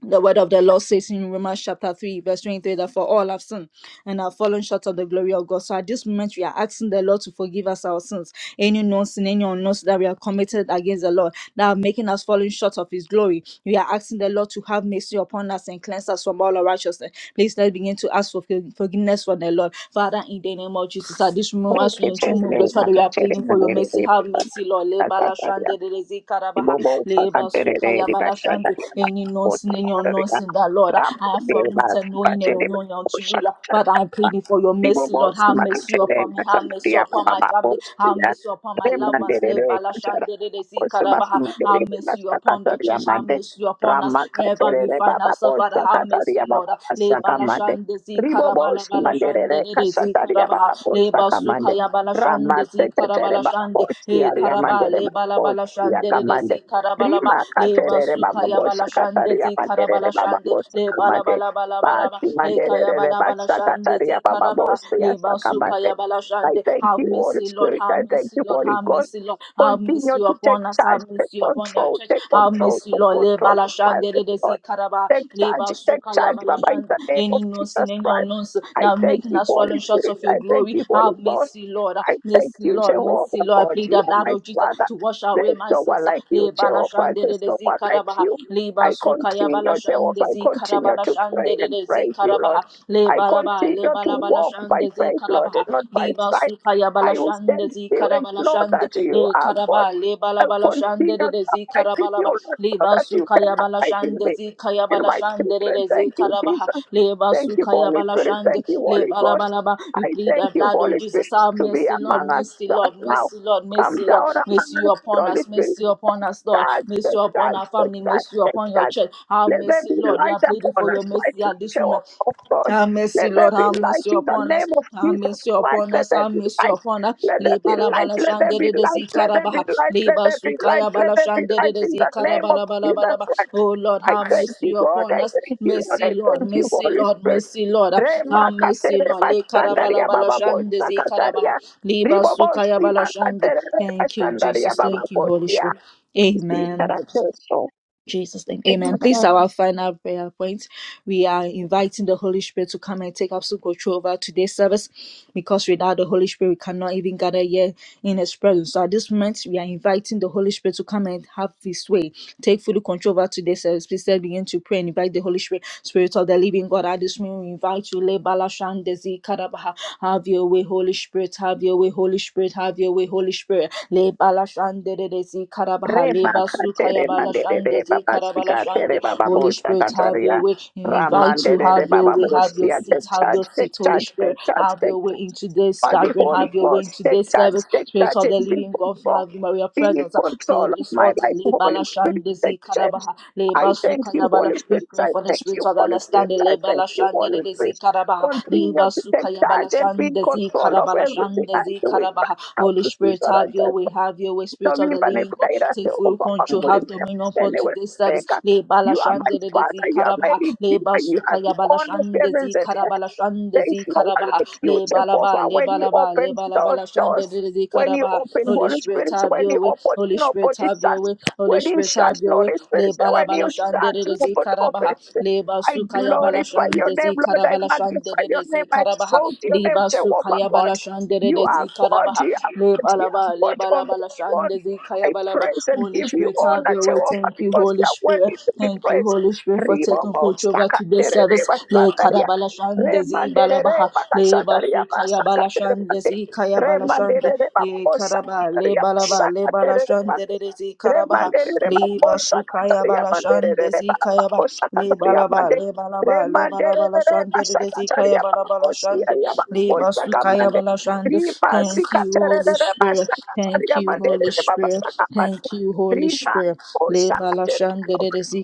[SPEAKER 2] the word of the Lord says in Romans chapter 3, verse 23, that for all have sinned and have fallen short of the glory of God. So at this moment, we are asking the Lord to forgive us our sins, any known sin, any unknown sin that we have committed against the Lord, that are making us falling short of His glory. We are asking the Lord to have mercy upon us and cleanse us from all unrighteousness. Please let's begin to ask for forg- forgiveness from the Lord. Father, in the name of Jesus, at this moment, as we
[SPEAKER 3] it
[SPEAKER 2] enter,
[SPEAKER 3] in the
[SPEAKER 2] your throne,
[SPEAKER 3] name of
[SPEAKER 2] Father, we are
[SPEAKER 3] Katir
[SPEAKER 2] pleading
[SPEAKER 3] in the
[SPEAKER 2] for your
[SPEAKER 3] name
[SPEAKER 2] mercy.
[SPEAKER 3] of
[SPEAKER 2] Have
[SPEAKER 3] the
[SPEAKER 2] mercy
[SPEAKER 3] Son
[SPEAKER 2] mercy, Lord. Le
[SPEAKER 3] of
[SPEAKER 2] balashande
[SPEAKER 3] Kasaria.
[SPEAKER 2] de rezi karabaha.
[SPEAKER 3] Ibobo
[SPEAKER 2] Le
[SPEAKER 3] Sakatere
[SPEAKER 2] basukaya
[SPEAKER 3] de Bashana
[SPEAKER 2] balashande.
[SPEAKER 3] Yama.
[SPEAKER 2] Any
[SPEAKER 3] Bota
[SPEAKER 2] nonsense in your
[SPEAKER 3] Karia.
[SPEAKER 2] nonsense, that Lord.
[SPEAKER 3] Ram
[SPEAKER 2] I have
[SPEAKER 3] de Bas
[SPEAKER 2] submitted knowing and
[SPEAKER 3] Patere.
[SPEAKER 2] unknowing unto you, Lord. Father, I'm
[SPEAKER 3] Oshakata.
[SPEAKER 2] pleading for your mercy, Lord.
[SPEAKER 3] Dibobosi
[SPEAKER 2] Have mercy
[SPEAKER 3] makatele
[SPEAKER 2] upon me. Have
[SPEAKER 3] masanduri
[SPEAKER 2] mercy
[SPEAKER 3] apa
[SPEAKER 2] upon my
[SPEAKER 3] baba
[SPEAKER 2] family.
[SPEAKER 3] bosi
[SPEAKER 2] Have
[SPEAKER 3] ya.
[SPEAKER 2] mercy upon my
[SPEAKER 3] Re
[SPEAKER 2] loved ones. Le
[SPEAKER 3] manderere
[SPEAKER 2] balashande
[SPEAKER 3] kachara.
[SPEAKER 2] de rezi
[SPEAKER 3] Bosi basi
[SPEAKER 2] karabaha. Have
[SPEAKER 3] manderere
[SPEAKER 2] mercy
[SPEAKER 3] basi
[SPEAKER 2] upon the
[SPEAKER 3] katari ya
[SPEAKER 2] church. Have
[SPEAKER 3] mande.
[SPEAKER 2] mercy upon us.
[SPEAKER 3] Rama
[SPEAKER 2] Wherever we
[SPEAKER 3] katerere
[SPEAKER 2] find
[SPEAKER 3] baba
[SPEAKER 2] ourselves, Father,
[SPEAKER 3] bosa
[SPEAKER 2] have
[SPEAKER 3] katari ya
[SPEAKER 2] mercy, Lord.
[SPEAKER 3] baba
[SPEAKER 2] Le
[SPEAKER 3] basa kamande.
[SPEAKER 2] balashande zi karabala
[SPEAKER 3] Ribobosi
[SPEAKER 2] bala shande
[SPEAKER 3] manderere
[SPEAKER 2] de de zi
[SPEAKER 3] kasatari ya
[SPEAKER 2] karaba
[SPEAKER 3] baba
[SPEAKER 2] le
[SPEAKER 3] bosa
[SPEAKER 2] basu
[SPEAKER 3] kamande.
[SPEAKER 2] kaya bala
[SPEAKER 3] Rama
[SPEAKER 2] shande zi karabala
[SPEAKER 3] tetetere baba
[SPEAKER 2] shande
[SPEAKER 3] bosi ya
[SPEAKER 2] he
[SPEAKER 3] ya
[SPEAKER 2] karaba
[SPEAKER 3] mandere
[SPEAKER 2] le
[SPEAKER 3] baba
[SPEAKER 2] bala bala
[SPEAKER 3] bosi
[SPEAKER 2] shande
[SPEAKER 3] ya
[SPEAKER 2] de de zi
[SPEAKER 3] kamande.
[SPEAKER 2] karabala ba
[SPEAKER 3] Rima
[SPEAKER 2] le
[SPEAKER 3] katerere
[SPEAKER 2] basu
[SPEAKER 3] baba
[SPEAKER 2] kaya bala
[SPEAKER 3] bosa
[SPEAKER 2] shande
[SPEAKER 3] katari ya
[SPEAKER 2] zi
[SPEAKER 3] manderere
[SPEAKER 2] karabala
[SPEAKER 3] baba
[SPEAKER 2] shande
[SPEAKER 3] bosa
[SPEAKER 2] le bala
[SPEAKER 3] kamande.
[SPEAKER 2] bala bala bala ba
[SPEAKER 3] Basi
[SPEAKER 2] he kaya
[SPEAKER 3] manderere
[SPEAKER 2] bala bala shande
[SPEAKER 3] basakataria
[SPEAKER 2] zi
[SPEAKER 3] baba
[SPEAKER 2] karaba
[SPEAKER 3] bosi ya
[SPEAKER 2] le basu
[SPEAKER 3] sakamande.
[SPEAKER 2] kaya bala
[SPEAKER 3] I
[SPEAKER 2] shande
[SPEAKER 3] thank
[SPEAKER 2] have
[SPEAKER 3] you, Holy
[SPEAKER 2] mercy Lord
[SPEAKER 3] Spirit.
[SPEAKER 2] have
[SPEAKER 3] I thank
[SPEAKER 2] mercy
[SPEAKER 3] you,
[SPEAKER 2] Lord
[SPEAKER 3] Holy
[SPEAKER 2] have
[SPEAKER 3] Ghost.
[SPEAKER 2] mercy Lord have
[SPEAKER 3] Continue
[SPEAKER 2] mercy
[SPEAKER 3] to take
[SPEAKER 2] upon us
[SPEAKER 3] charge,
[SPEAKER 2] have
[SPEAKER 3] take
[SPEAKER 2] mercy upon your
[SPEAKER 3] control,
[SPEAKER 2] church
[SPEAKER 3] take
[SPEAKER 2] have
[SPEAKER 3] control,
[SPEAKER 2] mercy
[SPEAKER 3] take
[SPEAKER 2] Lord le
[SPEAKER 3] control this
[SPEAKER 2] balashande de
[SPEAKER 3] virus, Lord.
[SPEAKER 2] desi karaba
[SPEAKER 3] Take
[SPEAKER 2] le
[SPEAKER 3] charge, take
[SPEAKER 2] basuka ya
[SPEAKER 3] charge, Baba, in
[SPEAKER 2] balashande
[SPEAKER 3] the name of
[SPEAKER 2] any nonsense
[SPEAKER 3] Jesus
[SPEAKER 2] any
[SPEAKER 3] Christ.
[SPEAKER 2] nonsense
[SPEAKER 3] I
[SPEAKER 2] now
[SPEAKER 3] thank
[SPEAKER 2] making
[SPEAKER 3] you,
[SPEAKER 2] us
[SPEAKER 3] Holy
[SPEAKER 2] falling shots
[SPEAKER 3] Spirit.
[SPEAKER 2] of your
[SPEAKER 3] I thank
[SPEAKER 2] glory
[SPEAKER 3] you, Holy
[SPEAKER 2] have
[SPEAKER 3] Ghost.
[SPEAKER 2] mercy Lord
[SPEAKER 3] I thank
[SPEAKER 2] mercy
[SPEAKER 3] you,
[SPEAKER 2] Lord
[SPEAKER 3] Jehovah,
[SPEAKER 2] mercy Lord I
[SPEAKER 3] God,
[SPEAKER 2] plead
[SPEAKER 3] you
[SPEAKER 2] the
[SPEAKER 3] are
[SPEAKER 2] blood
[SPEAKER 3] my
[SPEAKER 2] of Jesus
[SPEAKER 3] Father.
[SPEAKER 2] to wash away
[SPEAKER 3] There's
[SPEAKER 2] my
[SPEAKER 3] no one
[SPEAKER 2] sins
[SPEAKER 3] like you,
[SPEAKER 2] le
[SPEAKER 3] Jehovah.
[SPEAKER 2] balashande de
[SPEAKER 3] There's no
[SPEAKER 2] desi
[SPEAKER 3] one like
[SPEAKER 2] karaba
[SPEAKER 3] you.
[SPEAKER 2] le
[SPEAKER 3] I
[SPEAKER 2] basuka ya
[SPEAKER 3] continue, Jehovah,
[SPEAKER 2] balashande
[SPEAKER 3] I
[SPEAKER 2] zi karaba
[SPEAKER 3] continue to
[SPEAKER 2] lashande
[SPEAKER 3] pray
[SPEAKER 2] de
[SPEAKER 3] and
[SPEAKER 2] desi
[SPEAKER 3] praise you, Lord.
[SPEAKER 2] karaba le
[SPEAKER 3] I
[SPEAKER 2] balaba
[SPEAKER 3] continue
[SPEAKER 2] le
[SPEAKER 3] to
[SPEAKER 2] balaba
[SPEAKER 3] walk by
[SPEAKER 2] lashande zi
[SPEAKER 3] faith, Lord,
[SPEAKER 2] karaba
[SPEAKER 3] and not
[SPEAKER 2] le
[SPEAKER 3] by sight.
[SPEAKER 2] basuka ya
[SPEAKER 3] I will
[SPEAKER 2] balashande
[SPEAKER 3] stand
[SPEAKER 2] zi
[SPEAKER 3] still and
[SPEAKER 2] karabala
[SPEAKER 3] know
[SPEAKER 2] shande
[SPEAKER 3] that you
[SPEAKER 2] e
[SPEAKER 3] are God.
[SPEAKER 2] karaba le
[SPEAKER 3] I
[SPEAKER 2] bala bala
[SPEAKER 3] will
[SPEAKER 2] shande
[SPEAKER 3] continue
[SPEAKER 2] re re
[SPEAKER 3] to
[SPEAKER 2] zi
[SPEAKER 3] abide in
[SPEAKER 2] karabala
[SPEAKER 3] you,
[SPEAKER 2] ba
[SPEAKER 3] Lord,
[SPEAKER 2] le
[SPEAKER 3] so that
[SPEAKER 2] basu
[SPEAKER 3] you can
[SPEAKER 2] kaya bala
[SPEAKER 3] abide in
[SPEAKER 2] shande
[SPEAKER 3] me
[SPEAKER 2] zi kaya
[SPEAKER 3] and
[SPEAKER 2] bala
[SPEAKER 3] my
[SPEAKER 2] shande re
[SPEAKER 3] children.
[SPEAKER 2] re zi
[SPEAKER 3] Thank you,
[SPEAKER 2] karaba ha
[SPEAKER 3] Jesus.
[SPEAKER 2] le
[SPEAKER 3] Thank
[SPEAKER 2] basu
[SPEAKER 3] you,
[SPEAKER 2] kaya
[SPEAKER 3] Holy
[SPEAKER 2] bala
[SPEAKER 3] Spirit.
[SPEAKER 2] shande
[SPEAKER 3] Thank you,
[SPEAKER 2] le
[SPEAKER 3] Holy
[SPEAKER 2] bala
[SPEAKER 3] Ghost.
[SPEAKER 2] bala ba we
[SPEAKER 3] I
[SPEAKER 2] plead
[SPEAKER 3] thank
[SPEAKER 2] the
[SPEAKER 3] you,
[SPEAKER 2] blood of
[SPEAKER 3] Holy Spirit,
[SPEAKER 2] Jesus have
[SPEAKER 3] to be
[SPEAKER 2] mercy Lord
[SPEAKER 3] among us
[SPEAKER 2] mercy
[SPEAKER 3] right
[SPEAKER 2] Lord
[SPEAKER 3] now.
[SPEAKER 2] mercy Lord
[SPEAKER 3] Come
[SPEAKER 2] mercy Lord
[SPEAKER 3] down
[SPEAKER 2] mercy
[SPEAKER 3] among us,
[SPEAKER 2] upon
[SPEAKER 3] Holy
[SPEAKER 2] us
[SPEAKER 3] Spirit.
[SPEAKER 2] mercy upon us Lord
[SPEAKER 3] God,
[SPEAKER 2] mercy
[SPEAKER 3] good
[SPEAKER 2] upon
[SPEAKER 3] God,
[SPEAKER 2] our
[SPEAKER 3] good
[SPEAKER 2] family
[SPEAKER 3] God,
[SPEAKER 2] mercy
[SPEAKER 3] good
[SPEAKER 2] upon your
[SPEAKER 3] God.
[SPEAKER 2] church have
[SPEAKER 3] Let there
[SPEAKER 2] mercy
[SPEAKER 3] be
[SPEAKER 2] Lord we
[SPEAKER 3] light
[SPEAKER 2] are pleading
[SPEAKER 3] upon
[SPEAKER 2] for your
[SPEAKER 3] us, right?
[SPEAKER 2] mercy at
[SPEAKER 3] Light
[SPEAKER 2] this
[SPEAKER 3] oh
[SPEAKER 2] moment
[SPEAKER 3] oh God.
[SPEAKER 2] have mercy,
[SPEAKER 3] Let there
[SPEAKER 2] Lord.
[SPEAKER 3] be
[SPEAKER 2] Have
[SPEAKER 3] light
[SPEAKER 2] mercy
[SPEAKER 3] in the
[SPEAKER 2] upon us.
[SPEAKER 3] name of
[SPEAKER 2] Have
[SPEAKER 3] Jesus
[SPEAKER 2] mercy
[SPEAKER 3] Christ.
[SPEAKER 2] upon
[SPEAKER 3] Let
[SPEAKER 2] us.
[SPEAKER 3] there
[SPEAKER 2] Have
[SPEAKER 3] be
[SPEAKER 2] mercy
[SPEAKER 3] light.
[SPEAKER 2] upon us.
[SPEAKER 3] Let there be
[SPEAKER 2] Leba la
[SPEAKER 3] light.
[SPEAKER 2] bala
[SPEAKER 3] Let there be
[SPEAKER 2] shandere de
[SPEAKER 3] light. Let there
[SPEAKER 2] zikarabaha.
[SPEAKER 3] be light. Let
[SPEAKER 2] Leba
[SPEAKER 3] there be light.
[SPEAKER 2] sukaya
[SPEAKER 3] Let
[SPEAKER 2] bala
[SPEAKER 3] there be
[SPEAKER 2] shandere
[SPEAKER 3] light
[SPEAKER 2] de
[SPEAKER 3] in the name of
[SPEAKER 2] zikarabala bala
[SPEAKER 3] Jesus
[SPEAKER 2] bala ba.
[SPEAKER 3] Christ.
[SPEAKER 2] Oh Lord,
[SPEAKER 3] I
[SPEAKER 2] have
[SPEAKER 3] thank
[SPEAKER 2] mercy
[SPEAKER 3] you, God.
[SPEAKER 2] upon
[SPEAKER 3] I
[SPEAKER 2] us.
[SPEAKER 3] thank you, Lord.
[SPEAKER 2] Mercy,
[SPEAKER 3] I
[SPEAKER 2] Lord.
[SPEAKER 3] thank you,
[SPEAKER 2] Mercy,
[SPEAKER 3] Holy
[SPEAKER 2] Lord.
[SPEAKER 3] Spirit.
[SPEAKER 2] Mercy, Lord.
[SPEAKER 3] Rema
[SPEAKER 2] Have mercy,
[SPEAKER 3] katere
[SPEAKER 2] Lord. Le karabala
[SPEAKER 3] bashandaria
[SPEAKER 2] bala
[SPEAKER 3] baba
[SPEAKER 2] shande
[SPEAKER 3] bosa
[SPEAKER 2] zikarabaha.
[SPEAKER 3] kataria.
[SPEAKER 2] Leba
[SPEAKER 3] Ribo
[SPEAKER 2] sukaya
[SPEAKER 3] bosi
[SPEAKER 2] bala shande.
[SPEAKER 3] makatere
[SPEAKER 2] Thank you,
[SPEAKER 3] bashandaria
[SPEAKER 2] Jesus.
[SPEAKER 3] baba
[SPEAKER 2] Thank you, Holy
[SPEAKER 3] bosia
[SPEAKER 2] Spirit. Amen.
[SPEAKER 3] sikarateso
[SPEAKER 2] Jesus' name. Amen. Please, our final prayer point. We are inviting the Holy Spirit to come and take absolute control over today's service because without the Holy Spirit, we cannot even gather here in His presence. So at this moment, we are inviting the Holy Spirit to come and have His way. Take full control over today's service. Please let's begin to pray and invite the Holy Spirit, Spirit of the living God. At this moment, we invite you. Lebala Shandezi Karabaha. Have your way, Holy Spirit. Have your way, Holy Spirit. Have your way, Holy Spirit le balashande de de zi karabaha le
[SPEAKER 3] reba
[SPEAKER 2] basuka ya
[SPEAKER 3] katere manderere
[SPEAKER 2] balashande zi
[SPEAKER 3] baba sikatere
[SPEAKER 2] karabalashande
[SPEAKER 3] baba
[SPEAKER 2] Holy
[SPEAKER 3] bolta
[SPEAKER 2] Spirit have
[SPEAKER 3] kataria
[SPEAKER 2] your way We invite you
[SPEAKER 3] ramanderere
[SPEAKER 2] have your
[SPEAKER 3] baba
[SPEAKER 2] way have your
[SPEAKER 3] bolsia the
[SPEAKER 2] seat have your
[SPEAKER 3] charge the
[SPEAKER 2] seat Holy
[SPEAKER 3] charge the
[SPEAKER 2] Spirit have your
[SPEAKER 3] charge
[SPEAKER 2] way into this
[SPEAKER 3] by the
[SPEAKER 2] gathering
[SPEAKER 3] Holy
[SPEAKER 2] have your way
[SPEAKER 3] Ghost.
[SPEAKER 2] into
[SPEAKER 3] Take
[SPEAKER 2] this
[SPEAKER 3] charge,
[SPEAKER 2] service
[SPEAKER 3] take
[SPEAKER 2] Spirit
[SPEAKER 3] charge,
[SPEAKER 2] of the
[SPEAKER 3] and be
[SPEAKER 2] living God
[SPEAKER 3] control.
[SPEAKER 2] have your Maria
[SPEAKER 3] Be in
[SPEAKER 2] presence uh, fill
[SPEAKER 3] control of
[SPEAKER 2] this
[SPEAKER 3] my
[SPEAKER 2] altar
[SPEAKER 3] life,
[SPEAKER 2] le
[SPEAKER 3] Holy Spirit.
[SPEAKER 2] balashande
[SPEAKER 3] Take
[SPEAKER 2] zi
[SPEAKER 3] charge.
[SPEAKER 2] karabaha le
[SPEAKER 3] I thank
[SPEAKER 2] basuka
[SPEAKER 3] you,
[SPEAKER 2] ya bala
[SPEAKER 3] Holy
[SPEAKER 2] we
[SPEAKER 3] Spirit.
[SPEAKER 2] pray
[SPEAKER 3] I
[SPEAKER 2] for the
[SPEAKER 3] thank
[SPEAKER 2] spirit
[SPEAKER 3] you,
[SPEAKER 2] of
[SPEAKER 3] Holy Spirit.
[SPEAKER 2] understanding
[SPEAKER 3] I
[SPEAKER 2] le
[SPEAKER 3] thank you,
[SPEAKER 2] balashande
[SPEAKER 3] Holy
[SPEAKER 2] de de zi
[SPEAKER 3] Spirit.
[SPEAKER 2] karabaha le
[SPEAKER 3] Continue to take
[SPEAKER 2] basuka ya bala.
[SPEAKER 3] charge and be in
[SPEAKER 2] Karabalashandezi,
[SPEAKER 3] control of everything I'm
[SPEAKER 2] Karabalashandezi,
[SPEAKER 3] doing
[SPEAKER 2] Karabaha.
[SPEAKER 3] right now.
[SPEAKER 2] Holy
[SPEAKER 3] This week,
[SPEAKER 2] Spirit,
[SPEAKER 3] I
[SPEAKER 2] have your
[SPEAKER 3] just
[SPEAKER 2] way, have your way, Spirit of the
[SPEAKER 3] Mimba
[SPEAKER 2] Living God.
[SPEAKER 3] nekutaira
[SPEAKER 2] Take full
[SPEAKER 3] Jehovah
[SPEAKER 2] control,
[SPEAKER 3] muri
[SPEAKER 2] have dominion upon
[SPEAKER 3] mene
[SPEAKER 2] today's service.
[SPEAKER 3] wepeka.
[SPEAKER 2] Lebala
[SPEAKER 3] You are my
[SPEAKER 2] Shandezi,
[SPEAKER 3] father, you are my
[SPEAKER 2] Karabaha, Le Leba
[SPEAKER 3] redeemer, you are
[SPEAKER 2] Sukaya
[SPEAKER 3] the only servant
[SPEAKER 2] Balashandezi,
[SPEAKER 3] that has. There is
[SPEAKER 2] Karabalashandezi,
[SPEAKER 3] no one
[SPEAKER 2] Karabaha,
[SPEAKER 3] like you,
[SPEAKER 2] Le balaba,
[SPEAKER 3] Jehovah.
[SPEAKER 2] le
[SPEAKER 3] When you
[SPEAKER 2] Lebalaba,
[SPEAKER 3] open
[SPEAKER 2] Lebalaba,
[SPEAKER 3] those
[SPEAKER 2] Lebalabala
[SPEAKER 3] doors,
[SPEAKER 2] Shandezi,
[SPEAKER 3] when you
[SPEAKER 2] Karabaha.
[SPEAKER 3] open
[SPEAKER 2] Holy
[SPEAKER 3] Holy
[SPEAKER 2] Spirit,
[SPEAKER 3] Spirit,
[SPEAKER 2] have
[SPEAKER 3] when
[SPEAKER 2] your
[SPEAKER 3] you
[SPEAKER 2] way,
[SPEAKER 3] open,
[SPEAKER 2] Holy Spirit,
[SPEAKER 3] nobody
[SPEAKER 2] have your
[SPEAKER 3] shuts.
[SPEAKER 2] way, Holy
[SPEAKER 3] When you
[SPEAKER 2] Spirit,
[SPEAKER 3] shut,
[SPEAKER 2] have
[SPEAKER 3] no
[SPEAKER 2] your way.
[SPEAKER 3] Spirit, when you
[SPEAKER 2] Lebalabala
[SPEAKER 3] shut,
[SPEAKER 2] Shandezi,
[SPEAKER 3] nobody opens.
[SPEAKER 2] Karabaha,
[SPEAKER 3] I
[SPEAKER 2] Libasu Kayabala
[SPEAKER 3] glorify your name,
[SPEAKER 2] Shandesi
[SPEAKER 3] Lord. I
[SPEAKER 2] Karabala
[SPEAKER 3] magnify your name.
[SPEAKER 2] Shanderesi
[SPEAKER 3] I
[SPEAKER 2] Karabaha
[SPEAKER 3] exalt your name,
[SPEAKER 2] Libasu
[SPEAKER 3] Jehovah God.
[SPEAKER 2] Kayabala
[SPEAKER 3] You are
[SPEAKER 2] Shanderesi
[SPEAKER 3] God.
[SPEAKER 2] Karabaha
[SPEAKER 3] You are God. You are
[SPEAKER 2] Lebalaba
[SPEAKER 3] God on the
[SPEAKER 2] Lebalabala
[SPEAKER 3] throne.
[SPEAKER 2] Shandesi
[SPEAKER 3] I
[SPEAKER 2] Kayabalaba
[SPEAKER 3] praise and
[SPEAKER 2] Holy
[SPEAKER 3] give you
[SPEAKER 2] Spirit have
[SPEAKER 3] honor,
[SPEAKER 2] your way.
[SPEAKER 3] Jehovah,
[SPEAKER 2] Thank you,
[SPEAKER 3] because
[SPEAKER 2] Holy
[SPEAKER 3] you are worthy
[SPEAKER 2] Spirit.
[SPEAKER 3] to be
[SPEAKER 2] Thank you,
[SPEAKER 3] praised.
[SPEAKER 2] Holy Spirit, for taking
[SPEAKER 3] Ribobo
[SPEAKER 2] control over today's
[SPEAKER 3] spakaterere
[SPEAKER 2] service. Le
[SPEAKER 3] basandaria.
[SPEAKER 2] Karabala Shandesi
[SPEAKER 3] Remanderere
[SPEAKER 2] Balabaha
[SPEAKER 3] bakasandaria
[SPEAKER 2] Libasu Kayabala
[SPEAKER 3] basakatere mande.
[SPEAKER 2] Shandesi Kayabala Shande
[SPEAKER 3] Remanderere
[SPEAKER 2] Ye Karaba
[SPEAKER 3] babosandaria
[SPEAKER 2] Lebalaba Lebala
[SPEAKER 3] basakaterere
[SPEAKER 2] Shanderesi Karabaha
[SPEAKER 3] Remandereba bosa
[SPEAKER 2] Libasu
[SPEAKER 3] kataria
[SPEAKER 2] Kayabala
[SPEAKER 3] mandereba
[SPEAKER 2] Shandesi ba
[SPEAKER 3] bosa
[SPEAKER 2] Le
[SPEAKER 3] kataria
[SPEAKER 2] balaba,
[SPEAKER 3] mande.
[SPEAKER 2] le balaba, le balaba la
[SPEAKER 3] Remandereba
[SPEAKER 2] shande de
[SPEAKER 3] sa
[SPEAKER 2] de zikaya
[SPEAKER 3] kataria
[SPEAKER 2] balaba la
[SPEAKER 3] bosi
[SPEAKER 2] shande.
[SPEAKER 3] aria bosa kamande.
[SPEAKER 2] Lebasukayabala
[SPEAKER 3] Riba
[SPEAKER 2] Thank
[SPEAKER 3] si
[SPEAKER 2] you,
[SPEAKER 3] kataria
[SPEAKER 2] Holy Spirit.
[SPEAKER 3] sa
[SPEAKER 2] Thank
[SPEAKER 3] kataria
[SPEAKER 2] you, Holy
[SPEAKER 3] mandereba
[SPEAKER 2] Spirit.
[SPEAKER 3] bosa
[SPEAKER 2] Thank
[SPEAKER 3] kamande.
[SPEAKER 2] you, Holy
[SPEAKER 3] Riba
[SPEAKER 2] Spirit.
[SPEAKER 3] bosa
[SPEAKER 2] Lebala
[SPEAKER 3] kataria.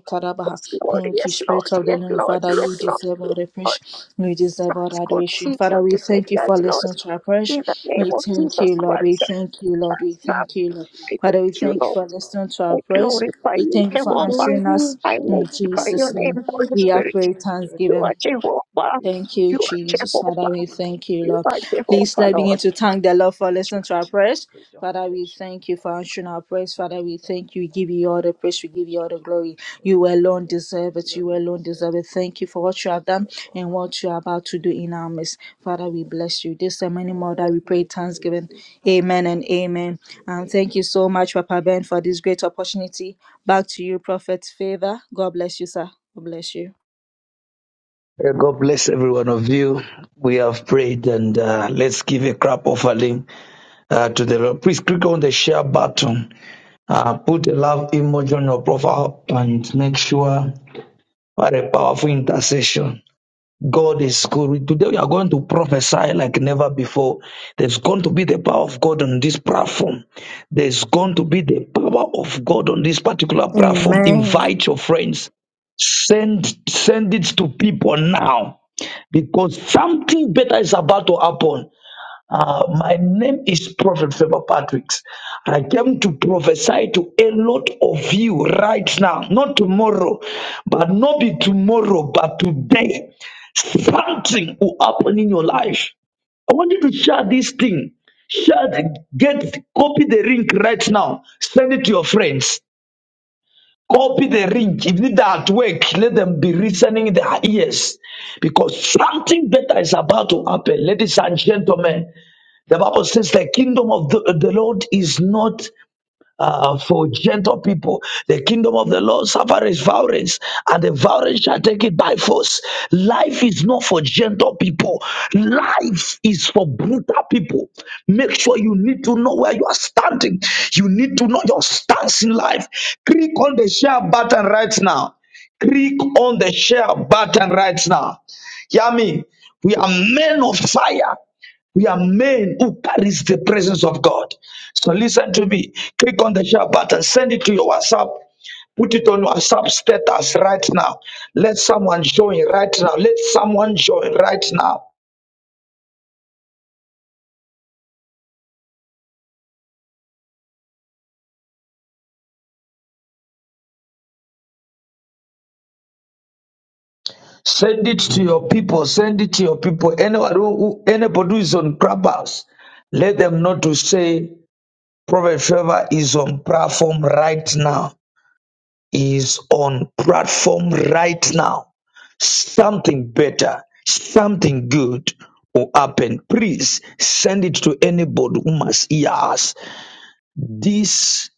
[SPEAKER 2] Karabaha.
[SPEAKER 3] Yes Lord,
[SPEAKER 2] Thank you,
[SPEAKER 3] yes
[SPEAKER 2] Spirit
[SPEAKER 3] Lord,
[SPEAKER 2] of the
[SPEAKER 3] yes
[SPEAKER 2] Living
[SPEAKER 3] Lord,
[SPEAKER 2] Father.
[SPEAKER 3] yes
[SPEAKER 2] You
[SPEAKER 3] Lord,
[SPEAKER 2] deserve our
[SPEAKER 3] yes
[SPEAKER 2] praise.
[SPEAKER 3] Lord.
[SPEAKER 2] We deserve
[SPEAKER 3] Such
[SPEAKER 2] our adoration.
[SPEAKER 3] continue
[SPEAKER 2] Father, we
[SPEAKER 3] to take
[SPEAKER 2] thank you
[SPEAKER 3] that
[SPEAKER 2] for
[SPEAKER 3] Lord.
[SPEAKER 2] listening to our
[SPEAKER 3] In the
[SPEAKER 2] prayers. We
[SPEAKER 3] name of
[SPEAKER 2] thank
[SPEAKER 3] Jesus
[SPEAKER 2] you, Lord. We
[SPEAKER 3] Christ,
[SPEAKER 2] thank you, Lord. We
[SPEAKER 3] now
[SPEAKER 2] thank
[SPEAKER 4] Thank
[SPEAKER 2] you,
[SPEAKER 4] you,
[SPEAKER 2] Lord.
[SPEAKER 3] I
[SPEAKER 2] Father, we
[SPEAKER 3] thank
[SPEAKER 4] Jesus.
[SPEAKER 3] you,
[SPEAKER 2] thank you
[SPEAKER 3] Lord.
[SPEAKER 2] for listening to our
[SPEAKER 3] I
[SPEAKER 2] prayers.
[SPEAKER 3] glorify
[SPEAKER 2] We
[SPEAKER 3] you,
[SPEAKER 2] thank you
[SPEAKER 4] Oh
[SPEAKER 2] for
[SPEAKER 3] Jehovah.
[SPEAKER 4] Lord,
[SPEAKER 2] answering
[SPEAKER 4] you
[SPEAKER 2] us
[SPEAKER 4] will
[SPEAKER 3] I
[SPEAKER 4] tell
[SPEAKER 2] in
[SPEAKER 4] me to
[SPEAKER 3] multiply your
[SPEAKER 2] Jesus' name.
[SPEAKER 3] name,
[SPEAKER 4] purify,
[SPEAKER 3] Holy
[SPEAKER 2] We are
[SPEAKER 4] charge,
[SPEAKER 3] Spirit.
[SPEAKER 2] praying
[SPEAKER 4] charge, charge.
[SPEAKER 3] You
[SPEAKER 2] thanksgiving.
[SPEAKER 4] you.
[SPEAKER 3] are
[SPEAKER 4] Thank
[SPEAKER 3] Jehovah.
[SPEAKER 4] you,
[SPEAKER 2] Thank you,
[SPEAKER 3] You
[SPEAKER 4] Jesus.
[SPEAKER 3] are
[SPEAKER 4] Thank
[SPEAKER 2] Jesus. Father,
[SPEAKER 4] you,
[SPEAKER 3] Jehovah.
[SPEAKER 2] we
[SPEAKER 4] Jesus. Thank
[SPEAKER 2] thank
[SPEAKER 4] you,
[SPEAKER 2] you,
[SPEAKER 3] You
[SPEAKER 2] Lord.
[SPEAKER 3] are
[SPEAKER 4] Lord.
[SPEAKER 2] Please
[SPEAKER 3] Jehovah,
[SPEAKER 2] let begin
[SPEAKER 3] Lord.
[SPEAKER 2] to thank the Lord for
[SPEAKER 4] Bless your
[SPEAKER 2] listening to our
[SPEAKER 4] holy name. We
[SPEAKER 2] prayers.
[SPEAKER 4] Praise your holy
[SPEAKER 2] Father,
[SPEAKER 4] name.
[SPEAKER 2] we
[SPEAKER 4] Thank you,
[SPEAKER 2] thank you for
[SPEAKER 4] Lord.
[SPEAKER 2] answering our prayers. Father, we thank you. We give you all the praise. We give you all the glory. You alone
[SPEAKER 4] Praise
[SPEAKER 2] deserve
[SPEAKER 4] you,
[SPEAKER 2] it.
[SPEAKER 4] the
[SPEAKER 2] You
[SPEAKER 4] Lord.
[SPEAKER 2] alone
[SPEAKER 4] Deserve
[SPEAKER 2] deserve
[SPEAKER 4] the
[SPEAKER 2] it. Thank
[SPEAKER 4] glory.
[SPEAKER 2] you for what
[SPEAKER 4] Lord,
[SPEAKER 2] you have done
[SPEAKER 4] Deserve all
[SPEAKER 2] and
[SPEAKER 4] honor.
[SPEAKER 2] what you are about to do in our midst. Father,
[SPEAKER 4] Deserve
[SPEAKER 2] we
[SPEAKER 4] every
[SPEAKER 2] bless you. This and many more that
[SPEAKER 4] all
[SPEAKER 2] we pray
[SPEAKER 4] the
[SPEAKER 2] thanksgiving.
[SPEAKER 4] praises.
[SPEAKER 2] Amen and
[SPEAKER 4] In
[SPEAKER 2] amen.
[SPEAKER 4] Jesus'
[SPEAKER 2] And thank
[SPEAKER 4] name.
[SPEAKER 2] you so much, Papa Ben, for this great opportunity. Back to you, Prophet Favor. God bless you, sir. God bless you.
[SPEAKER 5] Uh, God bless every one of you. We have prayed and uh, let's give a crap offering uh, to the Lord. Please click on the share button. Uh, put a love emoji on your profile and make sure what a powerful intercession. God is good. Today we are going to prophesy like never before. There's going to be the power of God on this platform. There's going to be the power of God on this particular platform.
[SPEAKER 2] Amen.
[SPEAKER 5] Invite your friends. Send send it to people now because something better is about to happen. Uh, my name is Prophet Favor Patricks. And I came to prophesy to a lot of you right now, not tomorrow, but not be tomorrow, but today. Something will happen in your life. I want you to share this thing. Share, the- get, copy the link right now. Send it to your friends. Copy the link. If they're at work, let them be listening their ears. Because something better is about to happen, ladies and gentlemen. The Bible says the kingdom of the, the Lord is not uh, for gentle people. The kingdom of the Lord suffers violence, and the violence shall take it by force. Life is not for gentle people. Life is for brutal people. Make sure you need to know where you are standing. You need to know your stance in life. Click on the share button right now. Click on the share button right now. Hear me. We are men of fire. We are men who carries the presence of God. So listen to me. Click on the share button. Send it to your WhatsApp. Put it on WhatsApp status right now. Let someone join right now. Let someone join right now. Send it to your people. Send it to your people. Anyone who, who- anybody who is on Clubhouse, let them know to say Prophet Trevor is on platform right now. is on platform right now. Something better, something good will happen. Please send it to anybody who must hear us. This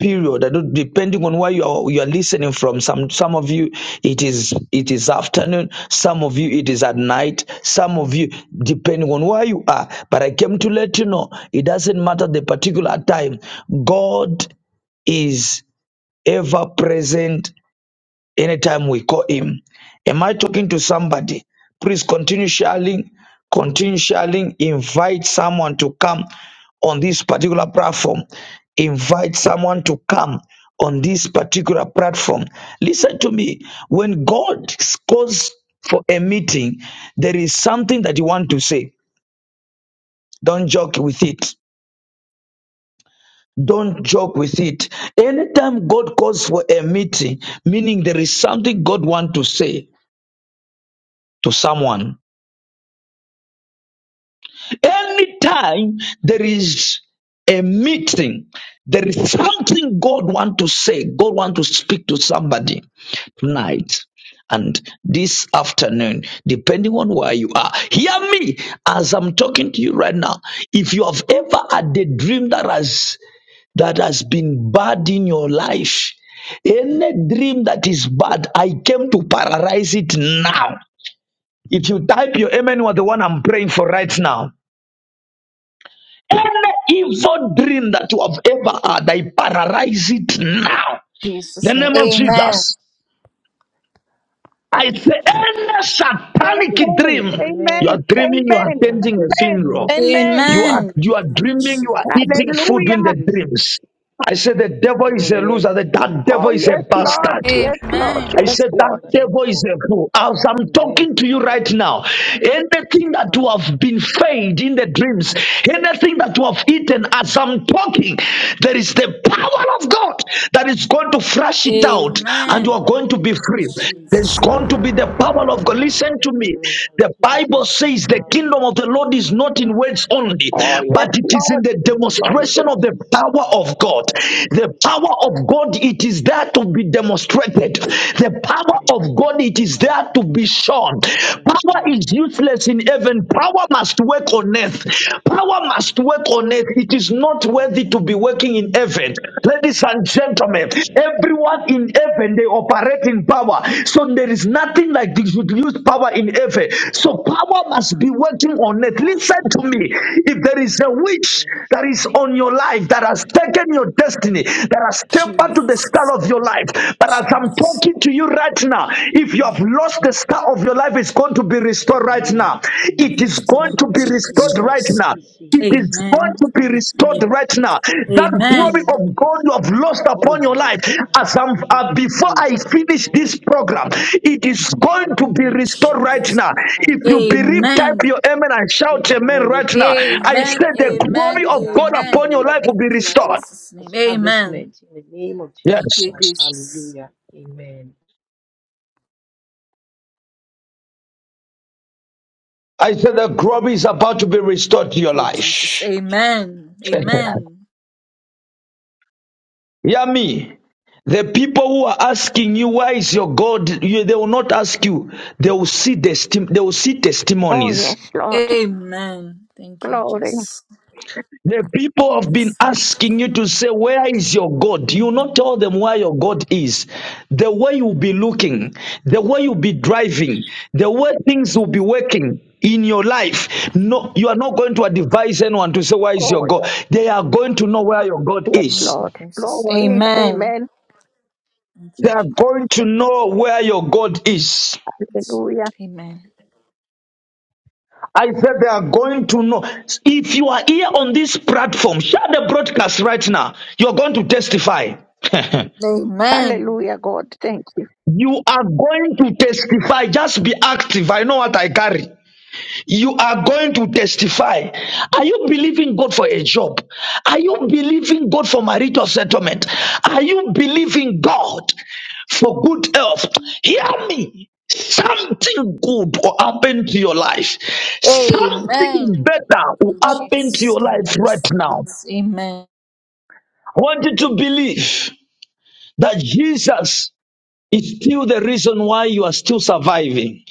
[SPEAKER 5] period, I don't- depending on where you are, you are listening from, some some of you it is it is afternoon, some of you it is at night, some of you depending on where you are. But I came to let you know it doesn't matter the particular time. God is ever present anytime we call him. Am I talking to somebody? Please continue sharing, continue sharing. Invite someone to come on this particular platform. Invite someone to come on this particular platform. Listen to me. When God calls for a meeting, there is something that you want to say. Don't joke with it. Don't joke with it. Anytime God calls for a meeting, meaning there is something God wants to say to someone. Anytime there is a meeting, there is something God want to say. God want to speak to somebody tonight and this afternoon, depending on where you are. Hear me as I'm talking to you right now. If you have ever had a dream that has that has been bad in your life, any dream that is bad, I came to paralyze it now. If you type your amen, you are the one I'm praying for right now. Any evil dream that you have ever had, I paralyze it now. The
[SPEAKER 2] Jesus' name.
[SPEAKER 5] name of
[SPEAKER 2] Amen.
[SPEAKER 5] Jesus. I say, any satanic
[SPEAKER 3] Amen.
[SPEAKER 5] dream.
[SPEAKER 3] Amen.
[SPEAKER 5] You are
[SPEAKER 4] Amen.
[SPEAKER 5] dreaming, you are
[SPEAKER 3] Amen.
[SPEAKER 4] Amen. Amen.
[SPEAKER 5] attending a
[SPEAKER 3] Amen.
[SPEAKER 5] funeral.
[SPEAKER 4] Amen.
[SPEAKER 3] Amen.
[SPEAKER 5] You are
[SPEAKER 2] Amen.
[SPEAKER 5] you are dreaming, you
[SPEAKER 4] Amen.
[SPEAKER 5] are eating food in
[SPEAKER 3] Hallelujah.
[SPEAKER 5] the
[SPEAKER 4] Jesus.
[SPEAKER 5] dreams. I say the devil
[SPEAKER 4] Oh,
[SPEAKER 5] is a
[SPEAKER 4] yes.
[SPEAKER 5] loser, that, that devil
[SPEAKER 3] Oh,
[SPEAKER 5] is a
[SPEAKER 3] yes,
[SPEAKER 4] Stuart is
[SPEAKER 3] Lord.
[SPEAKER 4] got
[SPEAKER 5] bastard.
[SPEAKER 4] his
[SPEAKER 3] Yes, Lord.
[SPEAKER 5] I
[SPEAKER 4] grandmother,
[SPEAKER 2] Amen.
[SPEAKER 3] Yes,
[SPEAKER 5] said that
[SPEAKER 3] Lord.
[SPEAKER 4] mother in
[SPEAKER 5] devil is
[SPEAKER 4] law.
[SPEAKER 5] a fool. As I'm
[SPEAKER 4] Oh, yes.
[SPEAKER 5] talking to you right now, anything that you
[SPEAKER 4] Karakabakarakatabaya.
[SPEAKER 5] have been fed in the dreams, anything that you have eaten as I'm talking, there is the power of God that is going to flush it
[SPEAKER 4] I
[SPEAKER 5] out and you
[SPEAKER 4] receive
[SPEAKER 5] are
[SPEAKER 2] Amen.
[SPEAKER 4] that.
[SPEAKER 5] going to be
[SPEAKER 4] I
[SPEAKER 5] free.
[SPEAKER 4] receive that
[SPEAKER 5] There's
[SPEAKER 2] Jesus.
[SPEAKER 5] going to
[SPEAKER 4] healing.
[SPEAKER 5] be the power
[SPEAKER 4] I
[SPEAKER 5] of God.
[SPEAKER 4] receive
[SPEAKER 5] Listen
[SPEAKER 4] the
[SPEAKER 5] to me.
[SPEAKER 4] healing. I
[SPEAKER 5] The
[SPEAKER 4] receive the
[SPEAKER 5] Bible
[SPEAKER 4] healing for
[SPEAKER 5] says the
[SPEAKER 4] myself, for
[SPEAKER 5] kingdom
[SPEAKER 4] my
[SPEAKER 5] of the Lord
[SPEAKER 4] children,
[SPEAKER 5] is
[SPEAKER 4] for my
[SPEAKER 5] not in
[SPEAKER 4] loved
[SPEAKER 5] words
[SPEAKER 4] ones,
[SPEAKER 5] only,
[SPEAKER 4] living and
[SPEAKER 3] Oh,
[SPEAKER 4] the
[SPEAKER 3] yes,
[SPEAKER 5] but it
[SPEAKER 4] enemy.
[SPEAKER 5] is in
[SPEAKER 3] Lord.
[SPEAKER 5] the
[SPEAKER 4] In the name
[SPEAKER 5] demonstration
[SPEAKER 3] Glory.
[SPEAKER 4] of
[SPEAKER 5] of the
[SPEAKER 4] Jesus
[SPEAKER 5] power
[SPEAKER 4] Christ.
[SPEAKER 5] of
[SPEAKER 4] In the
[SPEAKER 5] God.
[SPEAKER 4] name of
[SPEAKER 5] The
[SPEAKER 4] Jesus
[SPEAKER 5] power
[SPEAKER 4] Christ.
[SPEAKER 5] of God, it is there to
[SPEAKER 4] Oh,
[SPEAKER 5] be
[SPEAKER 4] yes.
[SPEAKER 5] demonstrated. The power
[SPEAKER 4] In
[SPEAKER 5] of God, it
[SPEAKER 4] Jesus
[SPEAKER 5] is
[SPEAKER 4] Christ's
[SPEAKER 5] there to
[SPEAKER 4] name.
[SPEAKER 5] be shown.
[SPEAKER 4] In
[SPEAKER 5] Power is
[SPEAKER 4] Jesus
[SPEAKER 5] useless in
[SPEAKER 4] Christ's
[SPEAKER 5] heaven.
[SPEAKER 4] name.
[SPEAKER 5] Power must work
[SPEAKER 4] In
[SPEAKER 5] on earth.
[SPEAKER 4] Jesus
[SPEAKER 5] Power
[SPEAKER 4] Christ's
[SPEAKER 5] must work
[SPEAKER 4] name.
[SPEAKER 5] on earth. It is is
[SPEAKER 4] In
[SPEAKER 5] not
[SPEAKER 4] Jesus
[SPEAKER 5] worthy to be
[SPEAKER 4] Christ's
[SPEAKER 5] working in
[SPEAKER 4] name.
[SPEAKER 5] heaven.
[SPEAKER 4] Thank you,
[SPEAKER 5] Ladies
[SPEAKER 4] Lord.
[SPEAKER 5] and gentlemen, everyone in heaven they operate in power. So there is nothing like they should use power in heaven. So power
[SPEAKER 4] Yes.
[SPEAKER 5] must be working on it. Listen to me. If there is a witch that is on your life that has taken your destiny, that has tempered to the star
[SPEAKER 2] Jesus.
[SPEAKER 5] of your life, but as I'm
[SPEAKER 2] Jesus.
[SPEAKER 5] talking to you right now, if you
[SPEAKER 2] In
[SPEAKER 5] have
[SPEAKER 2] the
[SPEAKER 5] lost the star of your life, it's going to be restored right
[SPEAKER 4] Hallelujah. I
[SPEAKER 5] now.
[SPEAKER 4] receive
[SPEAKER 5] It
[SPEAKER 4] it.
[SPEAKER 5] is
[SPEAKER 2] Mighty
[SPEAKER 5] going
[SPEAKER 2] name
[SPEAKER 5] to
[SPEAKER 2] of
[SPEAKER 4] I
[SPEAKER 5] be
[SPEAKER 2] Jesus
[SPEAKER 5] restored
[SPEAKER 4] receive it.
[SPEAKER 5] right
[SPEAKER 2] Christ.
[SPEAKER 4] I
[SPEAKER 5] now.
[SPEAKER 4] receive
[SPEAKER 5] It
[SPEAKER 4] it.
[SPEAKER 5] is going
[SPEAKER 2] Amen.
[SPEAKER 5] to
[SPEAKER 4] I
[SPEAKER 5] be restored
[SPEAKER 4] receive it.
[SPEAKER 5] right now. That
[SPEAKER 4] I
[SPEAKER 5] glory
[SPEAKER 2] Amen.
[SPEAKER 5] of
[SPEAKER 4] receive it.
[SPEAKER 5] God you have lost
[SPEAKER 4] Oh,
[SPEAKER 5] upon your
[SPEAKER 4] yes.
[SPEAKER 5] life,
[SPEAKER 4] I
[SPEAKER 5] as I'm
[SPEAKER 4] receive
[SPEAKER 5] uh,
[SPEAKER 4] it.
[SPEAKER 5] before
[SPEAKER 4] Oh,
[SPEAKER 5] I
[SPEAKER 4] yes. Oh,
[SPEAKER 5] finish
[SPEAKER 4] Lord.
[SPEAKER 5] this program,
[SPEAKER 4] Amen.
[SPEAKER 5] it is going to be
[SPEAKER 4] Amen.
[SPEAKER 5] restored
[SPEAKER 4] Amen.
[SPEAKER 5] right
[SPEAKER 2] Jesus.
[SPEAKER 5] now.
[SPEAKER 2] name.
[SPEAKER 4] I
[SPEAKER 5] If you
[SPEAKER 4] receive my
[SPEAKER 5] believe, type
[SPEAKER 2] Amen.
[SPEAKER 5] your amen and shout amen
[SPEAKER 4] divine
[SPEAKER 5] right now. I
[SPEAKER 4] restoration.
[SPEAKER 2] Amen.
[SPEAKER 5] said the
[SPEAKER 2] Amen.
[SPEAKER 5] glory of
[SPEAKER 4] Hallelujah.
[SPEAKER 5] God upon
[SPEAKER 2] Amen.
[SPEAKER 5] your
[SPEAKER 4] Hallelujah.
[SPEAKER 5] life will
[SPEAKER 4] My
[SPEAKER 5] be
[SPEAKER 2] Thank you,
[SPEAKER 4] divine
[SPEAKER 5] restored.
[SPEAKER 2] Jesus' name. Amen.
[SPEAKER 4] establishment in the name of
[SPEAKER 5] Yes,
[SPEAKER 4] Jesus
[SPEAKER 2] Thank you,
[SPEAKER 4] Christ.
[SPEAKER 2] Jesus.
[SPEAKER 4] Hallelujah. Amen.
[SPEAKER 5] I said the glory is about to be restored to your
[SPEAKER 2] Thank you, Jesus.
[SPEAKER 5] life.
[SPEAKER 2] Amen. Amen.
[SPEAKER 5] Hear me. The people who are asking you, where is your God? You, they will not ask you. They will see testi- they will see
[SPEAKER 3] Oh,
[SPEAKER 5] testimonies.
[SPEAKER 3] yes, Lord.
[SPEAKER 2] Amen. Thank you,
[SPEAKER 3] Glory.
[SPEAKER 2] Jesus.
[SPEAKER 5] The people have been
[SPEAKER 2] Yes, Lord.
[SPEAKER 5] asking you to say, Where is your God? You will
[SPEAKER 2] Mm.
[SPEAKER 5] not tell them where your God is. The way you'll be looking, the way you'll be driving, the way things will be working in your life. No, you are not going to advise anyone to say, Where is your
[SPEAKER 3] Oh,
[SPEAKER 5] God? They are going to know where your
[SPEAKER 3] yes,
[SPEAKER 5] God
[SPEAKER 3] yes,
[SPEAKER 5] is.
[SPEAKER 2] Thank
[SPEAKER 3] Lord.
[SPEAKER 2] you, Jesus.
[SPEAKER 3] Glory.
[SPEAKER 2] Amen.
[SPEAKER 3] Amen.
[SPEAKER 2] Thank
[SPEAKER 5] They
[SPEAKER 2] you,
[SPEAKER 5] are going to know where your God is.
[SPEAKER 2] Jesus. Lord.
[SPEAKER 3] Hallelujah.
[SPEAKER 2] Amen.
[SPEAKER 5] I said they are going to know. If you are here on this platform, share the broadcast right now. You're going to testify.
[SPEAKER 2] Amen.
[SPEAKER 3] Hallelujah, God. Thank you.
[SPEAKER 5] you are going to testify. Just be active. I know what I carry. You are going to testify. Are you believing God for a job? Are you believing God for marital settlement? Are you believing God for good health? Hear me. Something good will happen to your life. Something
[SPEAKER 2] Amen.
[SPEAKER 5] better
[SPEAKER 2] Thank
[SPEAKER 5] will
[SPEAKER 2] you,
[SPEAKER 5] happen to
[SPEAKER 2] Jesus.
[SPEAKER 5] your
[SPEAKER 2] And
[SPEAKER 5] life
[SPEAKER 2] I
[SPEAKER 5] right
[SPEAKER 2] receive
[SPEAKER 5] now.
[SPEAKER 2] it. Amen.
[SPEAKER 5] I want you to believe that Jesus is still the reason why you are still surviving.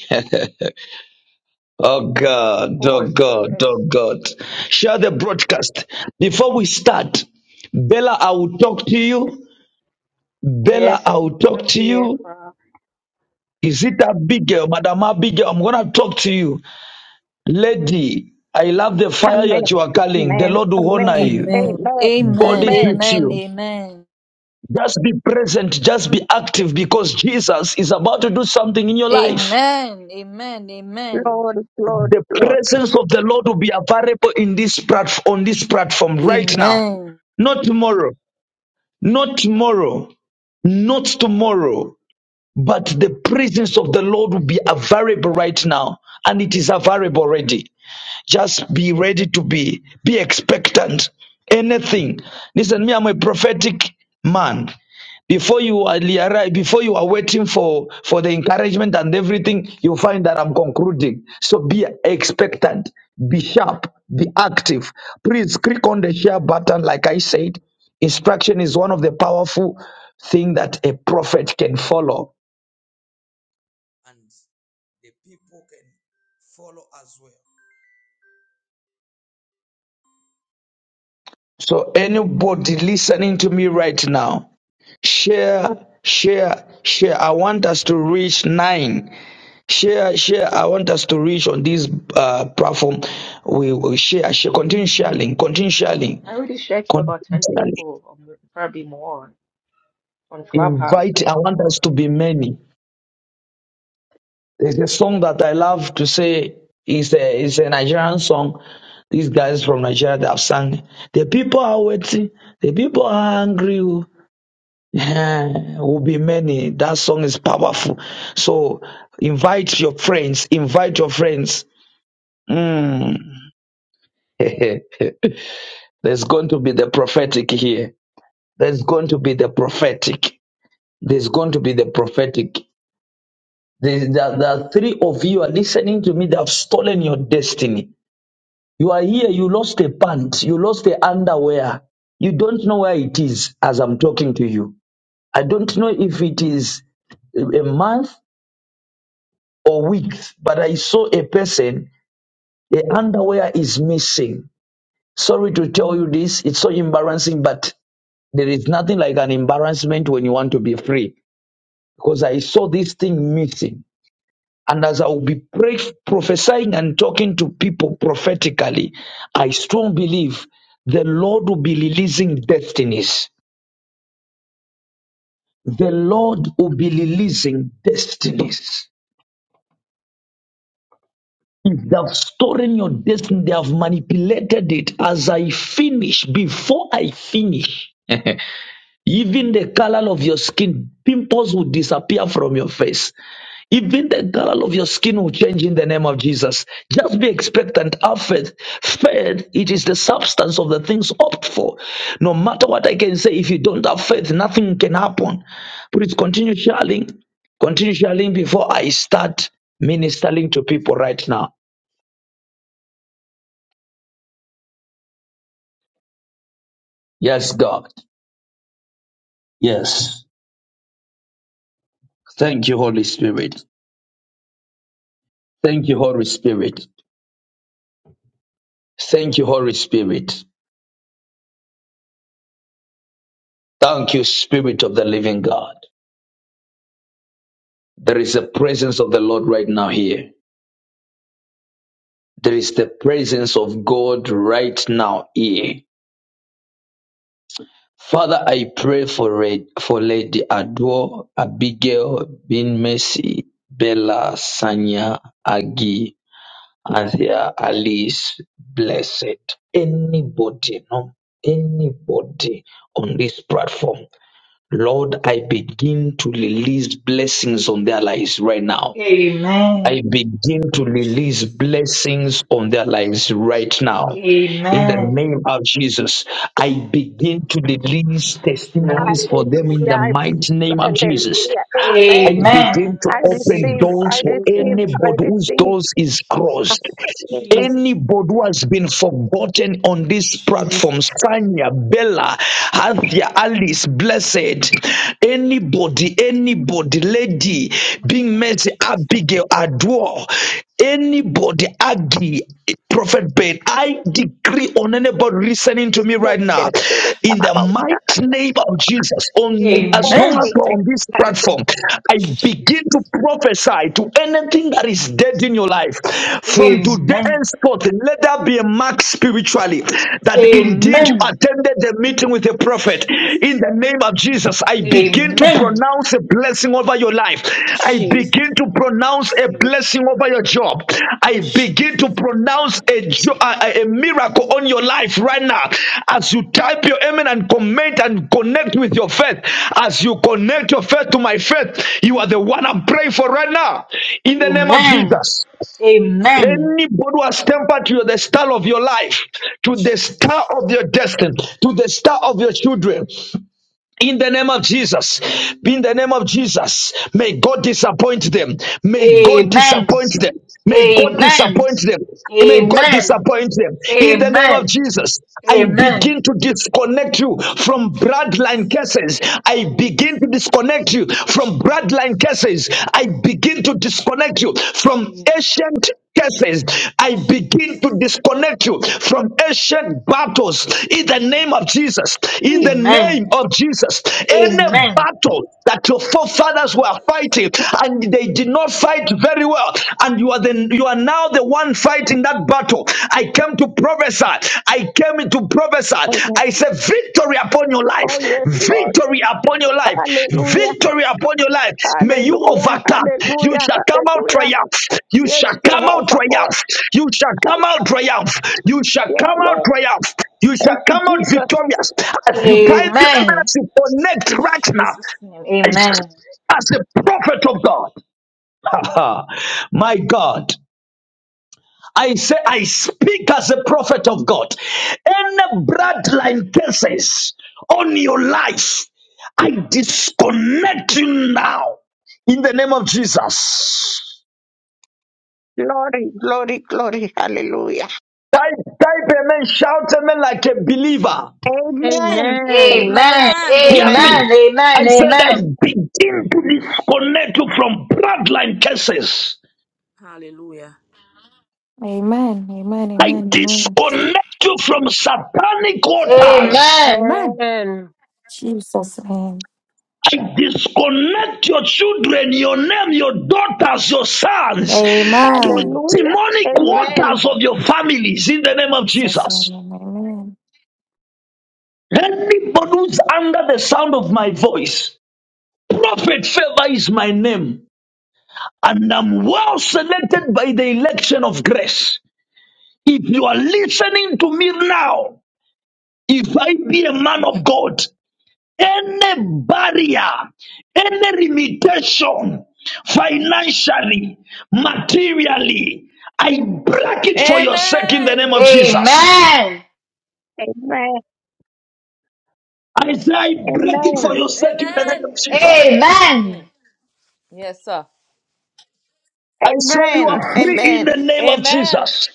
[SPEAKER 5] Oh
[SPEAKER 4] Of
[SPEAKER 5] God, oh
[SPEAKER 4] course.
[SPEAKER 5] God,
[SPEAKER 4] Yes.
[SPEAKER 5] oh God. Share the broadcast. Before we start, Bella, I will talk to
[SPEAKER 4] Yes.
[SPEAKER 5] you. Bella, I
[SPEAKER 4] Yes.
[SPEAKER 5] will talk
[SPEAKER 4] I'm
[SPEAKER 5] to
[SPEAKER 4] here.
[SPEAKER 5] you.
[SPEAKER 4] Pra.
[SPEAKER 5] Is it a big girl, Madam Abigail? I'm going to talk to you. Lady, I love the fire
[SPEAKER 3] Amen.
[SPEAKER 5] that you are calling. The
[SPEAKER 3] Amen.
[SPEAKER 5] Lord will honor
[SPEAKER 3] Amen.
[SPEAKER 5] you.
[SPEAKER 2] Amen.
[SPEAKER 3] Amen.
[SPEAKER 5] God
[SPEAKER 2] Amen. Amen.
[SPEAKER 5] is
[SPEAKER 3] Amen.
[SPEAKER 5] with you.
[SPEAKER 2] Amen.
[SPEAKER 5] Just be present, just be active because Jesus is about to do something in your life.
[SPEAKER 2] Amen. Amen. Amen.
[SPEAKER 3] Lord, Lord,
[SPEAKER 5] The
[SPEAKER 3] Lord.
[SPEAKER 5] presence of the Lord will be available in this platform on this platform right now.
[SPEAKER 2] Amen.
[SPEAKER 5] Not tomorrow, not tomorrow, not tomorrow, but the presence of the Lord will be available right now, and it is available already. Just be ready to be, be expectant. Anything. Listen, me, I'm a prophetic man. Before you are reali- before you are waiting for, for the encouragement and everything, you find that I'm concluding. So be expectant, be sharp, be active. Please click on the share button, like I said. Instruction is one of the powerful thing that a prophet can follow. So anybody listening to me right now, share, share, share. I want us to reach nine. Share, share. I want us to reach on this uh, platform. We will share, share, continue sharing, continue sharing,
[SPEAKER 4] I already shared to
[SPEAKER 5] continue
[SPEAKER 4] about 10
[SPEAKER 5] sharing.
[SPEAKER 4] people, or mo- probably more, on Clubhouse and
[SPEAKER 5] Invite. I
[SPEAKER 4] so
[SPEAKER 5] want us
[SPEAKER 4] on.
[SPEAKER 5] to be many. There's a song that I love to say is a is a Nigerian song. These guys from Nigeria they have sung. The people are waiting. The people are hungry. oh. Eh, will be many. That song is powerful. So invite your friends. Invite your friends. Mm. There's going to be the prophetic here. There's going to be the prophetic. There's going to be the prophetic. There, there, there are three of you are listening to me that have stolen your destiny. You are here. You lost a pant. You lost the underwear. You don't know where it is as I'm talking to you. I don't know if it is a month or weeks, but I saw a person, the underwear is missing. Sorry to tell you this, it's so embarrassing, but there is nothing like an embarrassment when you want to be free. Because I saw this thing missing. And as I will be pray, prophesying and talking to people prophetically, I strongly believe the Lord will be releasing destinies. The Lord will be releasing destinies If They have stolen your destiny. They have manipulated it. As I finish, before I finish, even the color of your skin, pimples will disappear from your face. Even the color of your skin will change in the name of Jesus. Just be expectant. Have faith. Faith, it is the substance of the things hoped for. No matter what I can say, if you don't have faith, nothing can happen. Please continue sharing. Continue sharing before I start ministering to people right now. Yes, God. Yes. Thank you, Holy Spirit. Thank you, Holy Spirit. Thank you, Holy Spirit. Thank you, Spirit of the living God. There is a presence of the Lord right now here. There is the presence of God right now here. Father, I pray for Red, for Lady Adwo, Abigail, Bin Mercy, Bella, Sanya, Agi, And here Alice blessed anybody, no, anybody on this platform. Lord, I begin to release blessings on their lives right now. I
[SPEAKER 2] Amen.
[SPEAKER 5] begin to release
[SPEAKER 2] Jesus.
[SPEAKER 5] blessings on their lives right now. In the
[SPEAKER 2] Amen.
[SPEAKER 5] name of Jesus, I
[SPEAKER 2] Jesus. I
[SPEAKER 5] begin to release testimonies for them in the
[SPEAKER 2] receive
[SPEAKER 3] Hallelujah.
[SPEAKER 2] it.
[SPEAKER 5] mighty name of Jesus.
[SPEAKER 3] Hallelujah.
[SPEAKER 5] I
[SPEAKER 3] Amen.
[SPEAKER 2] Amen.
[SPEAKER 5] begin
[SPEAKER 2] And
[SPEAKER 5] to
[SPEAKER 2] I
[SPEAKER 3] I
[SPEAKER 2] receive
[SPEAKER 5] open
[SPEAKER 6] I
[SPEAKER 2] it.
[SPEAKER 3] receive, I
[SPEAKER 5] doors for
[SPEAKER 6] receive
[SPEAKER 3] receive,
[SPEAKER 6] it.
[SPEAKER 3] I
[SPEAKER 5] anybody whose
[SPEAKER 3] receive.
[SPEAKER 5] doors is crossed.
[SPEAKER 2] Jesus,
[SPEAKER 3] Amen.
[SPEAKER 2] Jesus,
[SPEAKER 5] Anybody who has been forgotten on this platform,
[SPEAKER 2] Jesus,
[SPEAKER 5] Sanya, Bella, Hathia,
[SPEAKER 2] Jesus.
[SPEAKER 5] Alice, Blessed, anybody, anybody, Lady,
[SPEAKER 2] One
[SPEAKER 5] being
[SPEAKER 2] time, oh
[SPEAKER 5] Mercy,
[SPEAKER 2] Jesus,
[SPEAKER 5] Abigail, Adwar, Anybody, Aggie, Prophet Ben, I decree on anybody listening to me right now, in the
[SPEAKER 2] Jesus.
[SPEAKER 5] mighty name of Jesus, on as long
[SPEAKER 2] Amen.
[SPEAKER 5] as
[SPEAKER 3] Amen.
[SPEAKER 5] we're on this platform, I begin
[SPEAKER 2] Jesus.
[SPEAKER 5] to prophesy to anything that
[SPEAKER 2] God.
[SPEAKER 5] is dead in your life. From today
[SPEAKER 2] Amen.
[SPEAKER 5] henceforth, let there be a mark spiritually that indeed you
[SPEAKER 2] Amen.
[SPEAKER 5] attended the meeting with a prophet.
[SPEAKER 2] Jesus.
[SPEAKER 5] In the name of Jesus, I begin to
[SPEAKER 2] Amen.
[SPEAKER 5] pronounce a blessing over your life. I
[SPEAKER 2] Jesus.
[SPEAKER 5] begin to
[SPEAKER 2] I
[SPEAKER 5] pronounce a
[SPEAKER 2] receive it.
[SPEAKER 5] blessing over your job. I begin
[SPEAKER 2] Jesus.
[SPEAKER 5] to pronounce a, jo- a, a miracle on your life right now. As you type your amen and comment and connect with your faith, as you connect your faith to my faith, you are the one I'm praying for right now. In the name of
[SPEAKER 2] Amen.
[SPEAKER 5] Jesus.
[SPEAKER 2] Amen.
[SPEAKER 5] Anybody who has tempered to the star of your life, to the star
[SPEAKER 2] Jesus.
[SPEAKER 5] of your destiny, to the star of your children. In the name of Jesus, in the name of Jesus, may God disappoint them. May God
[SPEAKER 2] Amen.
[SPEAKER 5] disappoint them. May God
[SPEAKER 2] Amen.
[SPEAKER 5] disappoint them. May God
[SPEAKER 2] Amen.
[SPEAKER 5] disappoint them. In the name
[SPEAKER 2] Amen.
[SPEAKER 5] of Jesus, I
[SPEAKER 2] Amen.
[SPEAKER 5] begin to disconnect you from
[SPEAKER 2] Jesus.
[SPEAKER 5] bloodline curses. I begin
[SPEAKER 2] Jesus.
[SPEAKER 5] to disconnect you from
[SPEAKER 2] Jesus.
[SPEAKER 5] bloodline curses. I
[SPEAKER 2] My son.
[SPEAKER 5] begin to disconnect you from
[SPEAKER 2] Jesus.
[SPEAKER 5] ancient cases, I begin to
[SPEAKER 2] Jesus.
[SPEAKER 5] disconnect you from ancient battles
[SPEAKER 2] My
[SPEAKER 5] in the
[SPEAKER 2] son.
[SPEAKER 5] name of Jesus. In the
[SPEAKER 2] Amen.
[SPEAKER 5] name of Jesus, any
[SPEAKER 2] Amen.
[SPEAKER 5] battle that your forefathers were
[SPEAKER 2] Jesus.
[SPEAKER 5] fighting and they did not fight very well, and you are the you are now the one fighting that battle. I came to prophesy. I came to Prophesied,
[SPEAKER 3] Amen.
[SPEAKER 5] I say victory upon your life,
[SPEAKER 3] Oh, yes, Lord.
[SPEAKER 5] victory upon your life,
[SPEAKER 3] Hallelujah.
[SPEAKER 5] victory upon your life. May you
[SPEAKER 3] Hallelujah.
[SPEAKER 5] overcome. You
[SPEAKER 3] Hallelujah.
[SPEAKER 5] shall come out
[SPEAKER 3] Hallelujah.
[SPEAKER 5] triumph. You
[SPEAKER 3] Yes,
[SPEAKER 5] shall come out
[SPEAKER 3] Jehovah God.
[SPEAKER 5] triumph. You shall come out triumph. You shall
[SPEAKER 3] Yes,
[SPEAKER 5] come out
[SPEAKER 3] Lord.
[SPEAKER 5] triumph. You shall
[SPEAKER 3] Thank you,
[SPEAKER 5] come out
[SPEAKER 3] Jesus.
[SPEAKER 5] victorious. As you type your
[SPEAKER 2] Amen.
[SPEAKER 5] evidence, you connect right now.
[SPEAKER 2] Jesus' name.
[SPEAKER 5] I
[SPEAKER 2] Amen.
[SPEAKER 5] speak As a prophet of God, my God, I say, I speak as a prophet of God. Any bloodline curses on your life, I disconnect you now in the name of Jesus.
[SPEAKER 3] Glory, glory, glory. Hallelujah.
[SPEAKER 5] Type, type amen, shout amen like a believer.
[SPEAKER 7] Amen.
[SPEAKER 3] Amen.
[SPEAKER 6] Amen.
[SPEAKER 2] Amen.
[SPEAKER 3] Amen.
[SPEAKER 7] Amen.
[SPEAKER 5] Hear
[SPEAKER 2] Amen.
[SPEAKER 3] Amen.
[SPEAKER 5] me. I said, I
[SPEAKER 2] Amen.
[SPEAKER 5] begin to disconnect you from bloodline curses.
[SPEAKER 7] Hallelujah.
[SPEAKER 8] Amen. Amen.
[SPEAKER 5] I
[SPEAKER 8] Amen. Amen.
[SPEAKER 5] disconnect you from satanic altars.
[SPEAKER 2] Amen.
[SPEAKER 8] Amen.
[SPEAKER 6] Amen.
[SPEAKER 8] Jesus' name.
[SPEAKER 5] I disconnect your children, your name, your daughters, your sons to
[SPEAKER 8] Amen.
[SPEAKER 3] Hallelujah.
[SPEAKER 5] demonic
[SPEAKER 3] Amen.
[SPEAKER 5] waters of your families in the name of
[SPEAKER 8] Jesus'
[SPEAKER 5] Jesus.
[SPEAKER 8] name. Amen.
[SPEAKER 5] Anybody who's under the sound of my voice, Prophet Favor is my name, and I'm well selected by the election of grace. If you are listening to me now, if I be a man of God, any barrier, any limitation, financially, materially, I break it for your sake in the name
[SPEAKER 7] Amen.
[SPEAKER 5] of Jesus.
[SPEAKER 2] Amen. Amen.
[SPEAKER 3] Amen.
[SPEAKER 5] I say, I break it for
[SPEAKER 3] Amen.
[SPEAKER 5] your sake in the name of
[SPEAKER 7] Amen.
[SPEAKER 5] Jesus.
[SPEAKER 2] Amen.
[SPEAKER 7] Mm. Yes, sir.
[SPEAKER 5] I say, you
[SPEAKER 3] Amen.
[SPEAKER 5] are free in
[SPEAKER 3] Amen.
[SPEAKER 5] the name of
[SPEAKER 7] Amen.
[SPEAKER 5] Jesus.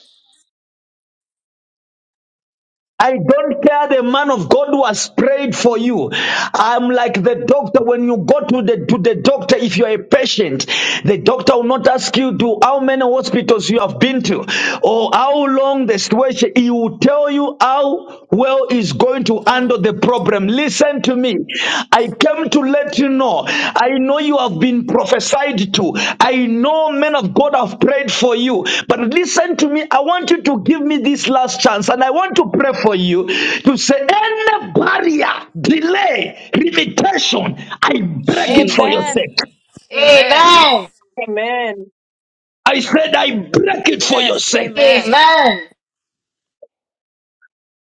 [SPEAKER 5] I don't care the man of God who has prayed for you. I'm like the doctor. When you go to the to the doctor, if you are a patient, the doctor will not ask you to how many hospitals you have been to or how long the situation. He will tell you how well he's going to
[SPEAKER 7] Mm.
[SPEAKER 5] handle the problem. Listen to me I came to let you know. I know you have been prophesied to. I know men of God have prayed for you. But listen to me. I want you to give me this last chance and I want to pray for you to say, any barrier, delay, limitation, I break it for your
[SPEAKER 2] Jesus.
[SPEAKER 7] Amen.
[SPEAKER 5] sake.
[SPEAKER 7] Amen.
[SPEAKER 2] Amen.
[SPEAKER 6] Amen.
[SPEAKER 5] I said, I break it for your
[SPEAKER 7] Yes.
[SPEAKER 5] sake.
[SPEAKER 7] Amen.
[SPEAKER 2] Amen.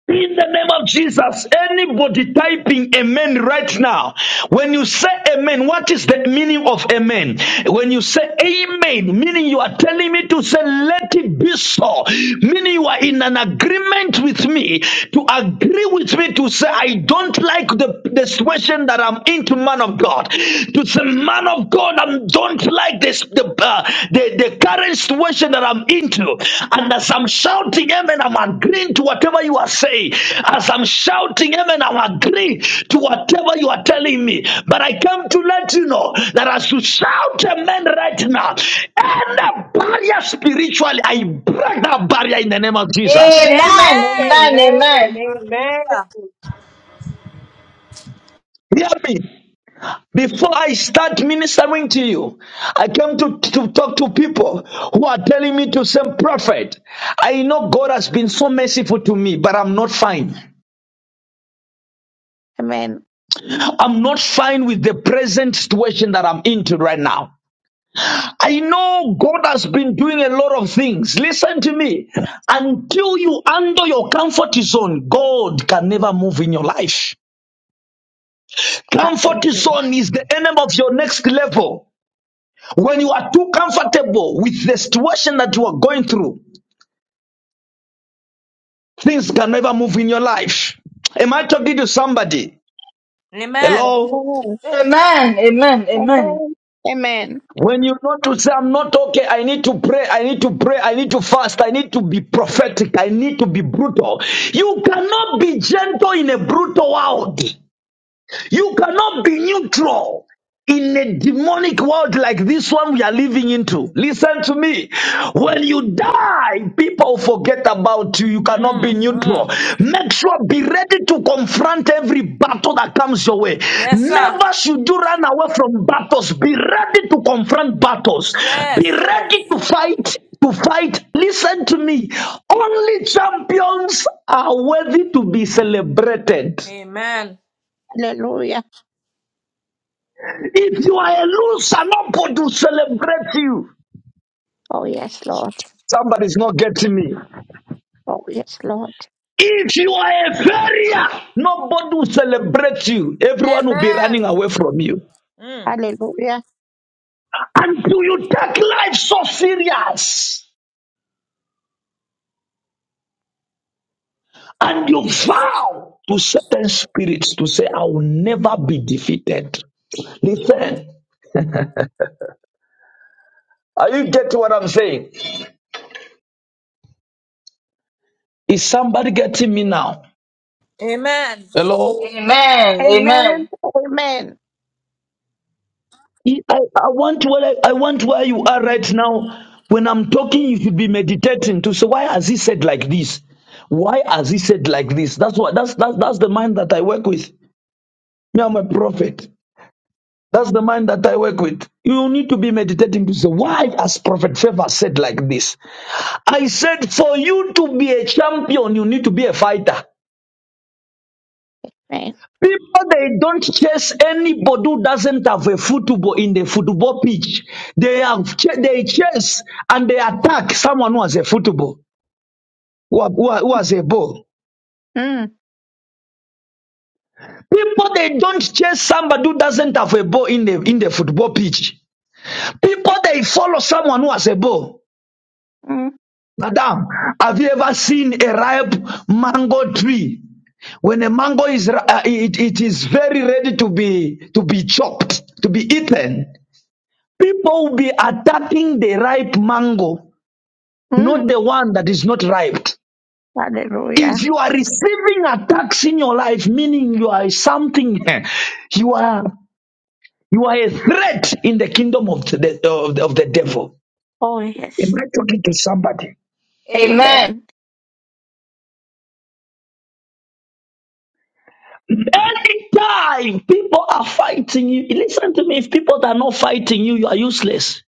[SPEAKER 5] In the name of Jesus, anybody typing amen right now, when you say amen, what is the meaning of amen? When you say amen, meaning you are telling me to say, let it be so, meaning you are in an agreement with me, to agree with me to say, I don't like the, the situation that I'm into, man of God. To say, man of God, Lord, I don't like this the, uh, the the current situation that I'm into. And as I'm shouting amen, I'm agreeing to whatever you are saying. As I'm shouting amen, I'm agreeing to whatever you are telling me. But I come to let you know that as you shout amen right now, any barrier spiritually, I break that barrier in the name of Jesus.
[SPEAKER 2] Amen. Amen.
[SPEAKER 7] Amen.
[SPEAKER 6] Amen.
[SPEAKER 2] Amen.
[SPEAKER 7] Hallelujah.
[SPEAKER 5] Hear me. Before I start ministering to you, I came to, to talk to people who are telling me to say, Prophet, I know God has been so merciful to me, but I'm not fine. I'm not fine with the present situation that I'm into right now. I know God has been doing a lot of things. Listen to me. Until you under your comfort zone, God can never move in your life.
[SPEAKER 3] Hallelujah.
[SPEAKER 5] Comfort zone is the enemy of your next level. When you are too comfortable with the situation that you are going through, things can never move in your life. Am I talking to somebody?
[SPEAKER 7] Amen.
[SPEAKER 5] Hello?
[SPEAKER 3] Amen.
[SPEAKER 2] Amen. Amen. Amen.
[SPEAKER 3] Amen. Amen.
[SPEAKER 5] When you know to say, I'm not okay, I need to pray, I need to pray, I need to fast, I need to be prophetic, I need to be brutal. You cannot be gentle in a brutal world. You cannot be neutral in a demonic world like this one we are living into. Listen to me. When you die, people forget about you. You cannot be
[SPEAKER 7] Mm-hmm.
[SPEAKER 5] neutral. Make sure be ready to confront every battle that comes your way.
[SPEAKER 7] Yes, sir.
[SPEAKER 5] Never should you run away from battles. Be ready to confront battles.
[SPEAKER 7] Yes.
[SPEAKER 5] Be
[SPEAKER 7] Yes.
[SPEAKER 5] ready to fight. To fight, listen to me. Only champions are worthy to be celebrated.
[SPEAKER 7] Amen.
[SPEAKER 3] Hallelujah.
[SPEAKER 5] If you are a loser, nobody will celebrate you.
[SPEAKER 3] Oh yes, Lord.
[SPEAKER 5] Somebody's not getting me.
[SPEAKER 3] Oh yes, Lord.
[SPEAKER 5] If you are a failure, nobody will celebrate you. Everyone will be running
[SPEAKER 7] Amen.
[SPEAKER 5] away from you.
[SPEAKER 7] Mm.
[SPEAKER 3] Hallelujah.
[SPEAKER 5] Until you take life so serious and you vow to certain spirits to say, I will never be defeated. Listen, are you getting what I'm saying? Is somebody getting me now?
[SPEAKER 7] Amen.
[SPEAKER 5] Hello?
[SPEAKER 2] Amen.
[SPEAKER 3] Amen.
[SPEAKER 2] Amen.
[SPEAKER 3] Amen.
[SPEAKER 5] I, I want where I, I want where you are right now. When I'm talking, you should be meditating to say, why has he said like this? Why has he said like this? That's what that's that's that's the mind that I work with. Me, I'm a prophet. That's the mind that I work with. You need to be meditating to say, why has Prophet Favor said like this? I said, for you to be a champion, you need to be a fighter.
[SPEAKER 3] Amen.
[SPEAKER 5] People, they don't chase anybody who doesn't have a football in the football pitch. They have ch- they chase and they attack someone who has a football, who, ha- who, ha- who has a ball.
[SPEAKER 3] Mm,
[SPEAKER 5] People, they don't chase somebody who doesn't have a ball in the in the football pitch. People, they follow someone who has a ball.
[SPEAKER 3] mm,
[SPEAKER 5] Madam, have you ever seen a ripe mango tree? When a mango is, ri- uh, it, it is very ready to be to be chopped, to be eaten. People will be attacking the ripe mango,
[SPEAKER 3] mm.
[SPEAKER 5] not the one that is not ripe.
[SPEAKER 3] Hallelujah.
[SPEAKER 5] If you are receiving attacks in your life, meaning you are something, you are you are a threat in the kingdom of the of the, of the devil.
[SPEAKER 3] Oh
[SPEAKER 5] Am
[SPEAKER 3] yes.
[SPEAKER 5] I talking to somebody?
[SPEAKER 2] Amen.
[SPEAKER 3] Amen.
[SPEAKER 5] Anytime people are fighting you, listen to me. If people are not fighting you, you are useless.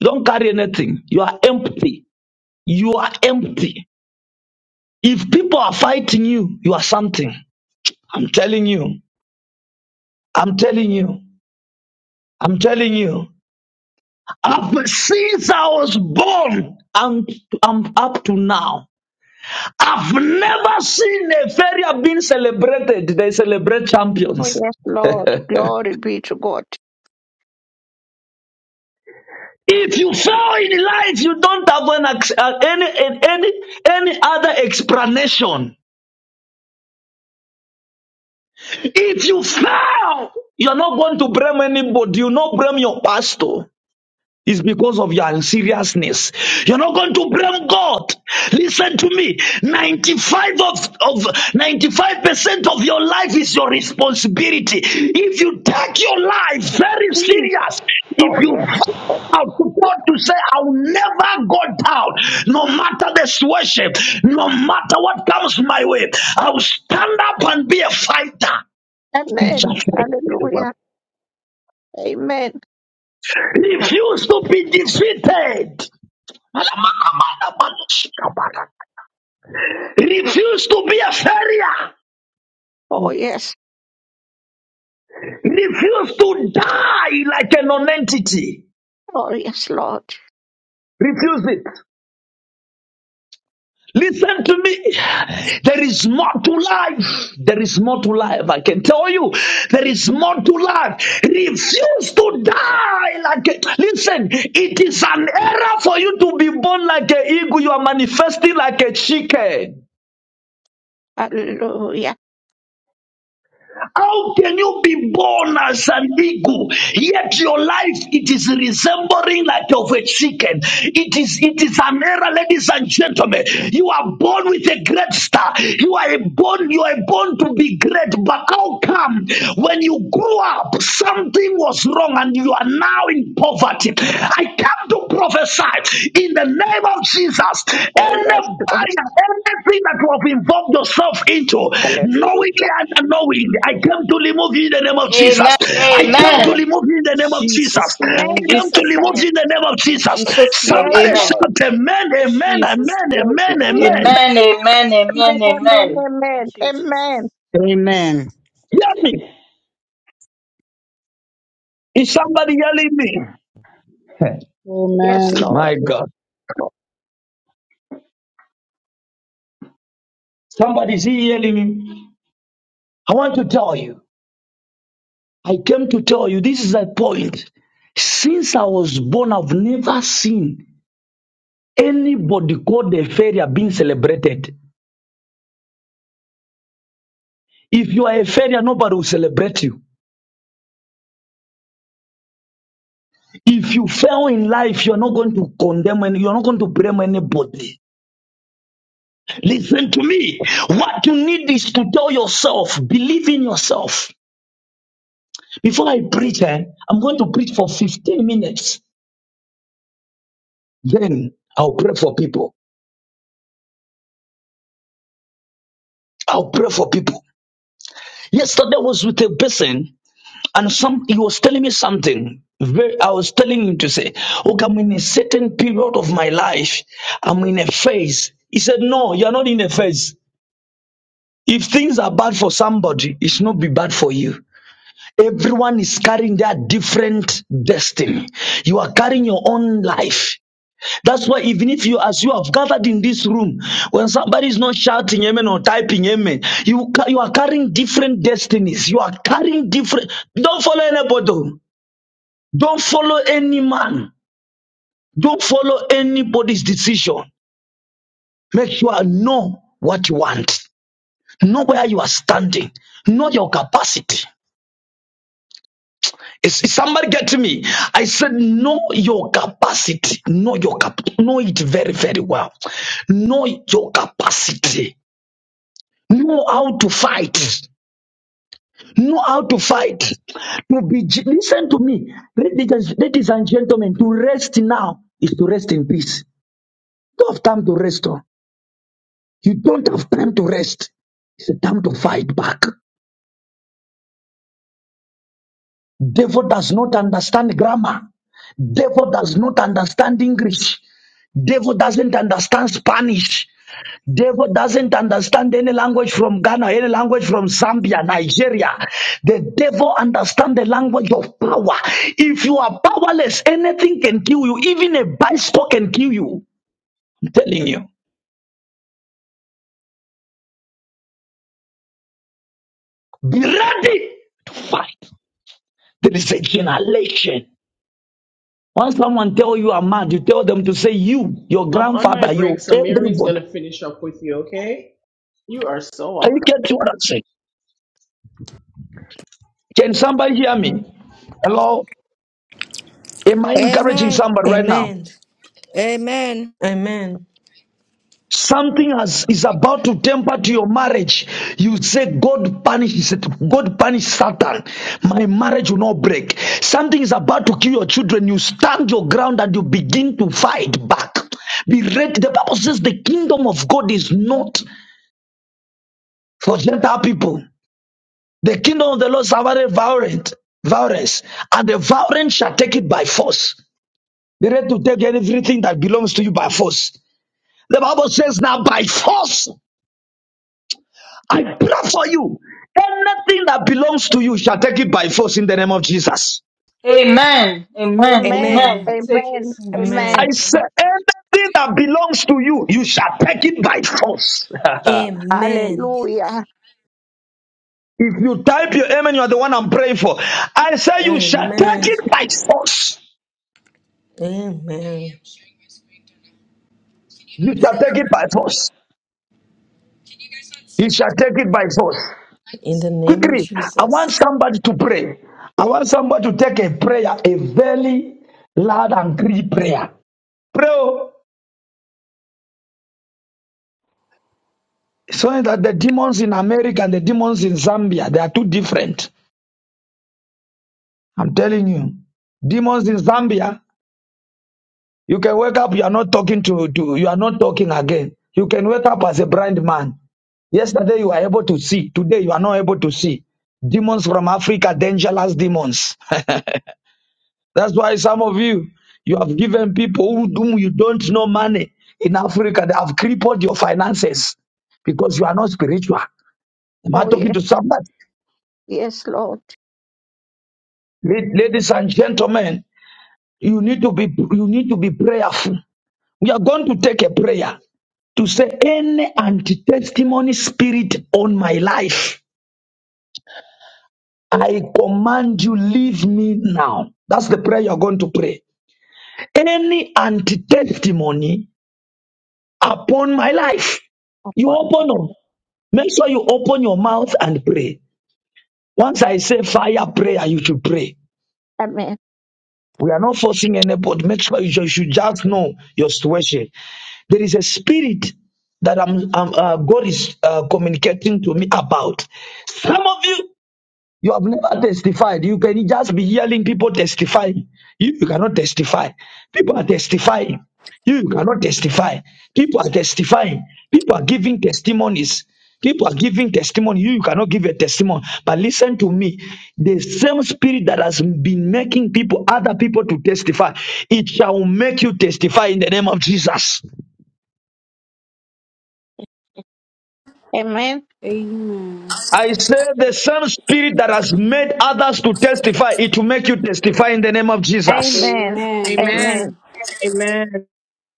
[SPEAKER 5] You don't carry anything. You are empty. You are empty. If people are fighting you, you are something. I'm telling you. I'm telling you, I'm telling you, I've, since I was born, I'm, I'm up to now. I've never seen a failure being celebrated. They celebrate
[SPEAKER 3] Oh
[SPEAKER 5] champions.
[SPEAKER 3] yes, Lord. Glory be to God.
[SPEAKER 5] If you fail in life, you don't have an, ex- uh, any, any, any other explanation. If you fail, you're not going to blame anybody. You not blame your pastor. It's because of your seriousness. You're not going to blame God. Listen to me. 95 of, of 95% of your life is your responsibility. If you take your life very
[SPEAKER 3] Mm.
[SPEAKER 5] serious, if
[SPEAKER 3] Oh
[SPEAKER 5] you
[SPEAKER 3] yes. Lord.
[SPEAKER 5] out to God to say, I'll never go down, no matter the situation, no matter what comes my way, I'll stand up and be a fighter. You
[SPEAKER 3] Amen.
[SPEAKER 5] just like very well.
[SPEAKER 3] Hallelujah. Amen.
[SPEAKER 5] Refuse to be defeated. Refuse to be a failure.
[SPEAKER 3] Oh, yes.
[SPEAKER 5] Refuse to die like a non-entity.
[SPEAKER 3] Oh, yes, Lord.
[SPEAKER 5] Refuse it. Listen to me. There is more to life. There is more to life. I can tell you. There is more to life. Refuse to die like a. Listen, it is an error for you to be born like an eagle. You are manifesting like a chicken.
[SPEAKER 3] Hallelujah.
[SPEAKER 5] How can you be born as an eagle? Yet your life it is resembling like of a chicken. It is it is an error, ladies and gentlemen. You are born with a great star. You are a born, you are born to be great, but how come when you grew up something was wrong and you are now in poverty? I come to prophesy in the name of Jesus.
[SPEAKER 3] Oh,
[SPEAKER 5] Any
[SPEAKER 3] yes, Lord.
[SPEAKER 5] barrier, anything that you have involved yourself into, knowingly
[SPEAKER 3] Hallelujah.
[SPEAKER 5] and unknowingly, I come to remove you in the name of Jesus.
[SPEAKER 2] Amen.
[SPEAKER 5] I come to
[SPEAKER 3] Amen.
[SPEAKER 2] Amen.
[SPEAKER 5] remove you in the name of Jesus.
[SPEAKER 2] Jesus' name.
[SPEAKER 5] I
[SPEAKER 2] In
[SPEAKER 3] Amen.
[SPEAKER 5] come to
[SPEAKER 2] Jesus'
[SPEAKER 3] Amen.
[SPEAKER 5] remove
[SPEAKER 2] name.
[SPEAKER 5] you in the name of
[SPEAKER 2] In
[SPEAKER 5] Jesus.
[SPEAKER 2] Jesus' name.
[SPEAKER 3] Yes,
[SPEAKER 5] Somebody
[SPEAKER 2] Amen.
[SPEAKER 3] Lord.
[SPEAKER 5] shout, Amen, Amen,
[SPEAKER 2] Jesus.
[SPEAKER 5] Amen, Amen,
[SPEAKER 3] Amen.
[SPEAKER 5] Amen.
[SPEAKER 2] Amen. Amen. Amen.
[SPEAKER 3] Amen.
[SPEAKER 2] Amen.
[SPEAKER 3] Amen.
[SPEAKER 2] Thank you, Jesus.
[SPEAKER 3] Amen.
[SPEAKER 9] Amen.
[SPEAKER 5] Hear me. Is somebody yelling me?
[SPEAKER 3] Yes,
[SPEAKER 10] Amen.
[SPEAKER 3] Lord. Oh,
[SPEAKER 5] Somebody's yelling me. I want to tell you. I came to tell you this is a point. Since I was born, I've never seen anybody called a failure being celebrated. If you are a failure, nobody will celebrate you. If you fail in life, you're not going to condemn and you're not going to blame anybody. Listen to me. What you need is to tell yourself, believe in yourself. Before I preach, eh, I'm going to preach for 15 minutes. Then I'll pray for people. I'll pray for people. Yesterday I was with a person. And some he was telling me something. Very, I was telling him to say, okay, I'm in a certain period of my life. I'm in a phase. He said, No, you're not in a phase. If things are bad for somebody, it should not be bad for you. Everyone is carrying their different destiny. You are carrying your own life. That's why even if you, as you have gathered in this room, when somebody is not shouting amen or typing amen, you ca- you are carrying different destinies. You are carrying different. Don't follow anybody. Don't follow any man. Don't follow anybody's decision. Make sure you know what you want, know where you are standing, know your capacity. Is, is somebody getting me? I said, know your capacity. Know your cap. Know it very, very well. Know your capacity. Know how to fight. Know how to fight. To be ge- listen to me, ladies and ladies and gentlemen. To rest now is to rest in peace. Don't have time to rest. You don't have time to rest. It's a time to fight back. Devil does not understand grammar. Devil does not understand English. Devil doesn't understand Spanish. Devil doesn't understand any language from Ghana, any language from Zambia, Nigeria. The devil understands the language of power. If you are powerless, anything can kill you. Even a bicycle can kill you. I'm telling you. Be ready to fight. There is a generation. When someone tell you I'm mad, you tell them to say you, your
[SPEAKER 11] I'm on my
[SPEAKER 5] grandfather,
[SPEAKER 11] break,
[SPEAKER 5] your
[SPEAKER 11] so Mary's
[SPEAKER 5] everybody.
[SPEAKER 11] gonna finish up with you, okay? You are so
[SPEAKER 5] Are you
[SPEAKER 11] welcome.
[SPEAKER 5] getting what I'm saying? Can somebody hear me? Hello? Am I encouraging
[SPEAKER 12] Amen.
[SPEAKER 5] somebody right now?
[SPEAKER 13] Amen.
[SPEAKER 12] Amen.
[SPEAKER 13] Amen.
[SPEAKER 5] Something has, is about to temper to your marriage. You say, God punishes it. God punish Satan. My marriage will not break. Something is about to kill your children. You stand your ground and you begin to fight back. Be ready. The Bible says the kingdom of God is not for Gentile people. The kingdom of the Lord suffered violent, violence, and the violent shall take it by force. Be ready to take everything that belongs to you by force. The Bible says, Now by force I pray for you. Anything that belongs to you shall take it by force in the name of Jesus.
[SPEAKER 2] Amen. Amen.
[SPEAKER 3] Amen.
[SPEAKER 2] Amen.
[SPEAKER 13] Amen.
[SPEAKER 2] I Take it
[SPEAKER 3] Amen.
[SPEAKER 2] in Jesus'
[SPEAKER 5] I
[SPEAKER 13] Amen.
[SPEAKER 3] Amen.
[SPEAKER 2] name.
[SPEAKER 5] say,
[SPEAKER 2] Amen.
[SPEAKER 5] anything that belongs to you, you shall take it by force.
[SPEAKER 13] Amen.
[SPEAKER 3] Hallelujah.
[SPEAKER 5] If you type your amen, you are the one I'm praying for. I say, you shall take
[SPEAKER 13] Amen.
[SPEAKER 5] it by force.
[SPEAKER 13] Amen.
[SPEAKER 5] You shall take it by force. You shall take it by force.
[SPEAKER 13] In the name of
[SPEAKER 5] Quickly, I want
[SPEAKER 13] Jesus.
[SPEAKER 5] somebody to pray. I want somebody to take a prayer, a very loud and clear prayer. Pray oh, so that the demons in America and the demons in Zambia, they are two different. I'm telling you. Demons in Zambia, you can wake up, you are not talking to, to you are not talking again. You can wake up as a blind man. Yesterday you were able to see, today you are not able to see. Demons from Africa, dangerous demons. That's why some of you, you have given people who- whom you don't know money in Africa. They have crippled your finances because you are not spiritual. Am I
[SPEAKER 3] Oh,
[SPEAKER 5] talking
[SPEAKER 3] yes.
[SPEAKER 5] to somebody?
[SPEAKER 3] Yes, Lord.
[SPEAKER 5] La- Ladies and gentlemen, you need to be you need to be prayerful. We are going to take a prayer to say any anti-testimony spirit on my life. I command you, leave me now. That's the prayer you're going to pray. Any anti-testimony upon my life. You
[SPEAKER 3] Upon my-
[SPEAKER 5] open up.
[SPEAKER 3] life.
[SPEAKER 5] Make sure you open your mouth and pray. Once I say fire prayer, you should pray.
[SPEAKER 3] Amen.
[SPEAKER 5] We are not forcing anybody. Make sure you should, should just know your situation. There is a spirit that I'm, I'm, uh, God is uh, communicating to me about. Some of you You have never testified. You can just be hearing people testifying. You, you cannot testify. People are testifying. You, you cannot testify. People are testifying. People are giving testimonies. People are giving testimony. You, you cannot give a testimony. But listen to me. The same spirit that has been making people, other people to testify, it shall make you testify in the name of Jesus.
[SPEAKER 3] Amen.
[SPEAKER 14] Amen.
[SPEAKER 5] I say the same spirit that has made others to testify, it will make you testify in the name of Jesus.
[SPEAKER 3] Amen.
[SPEAKER 14] Amen.
[SPEAKER 3] Amen.
[SPEAKER 6] Amen. Amen. Amen. In the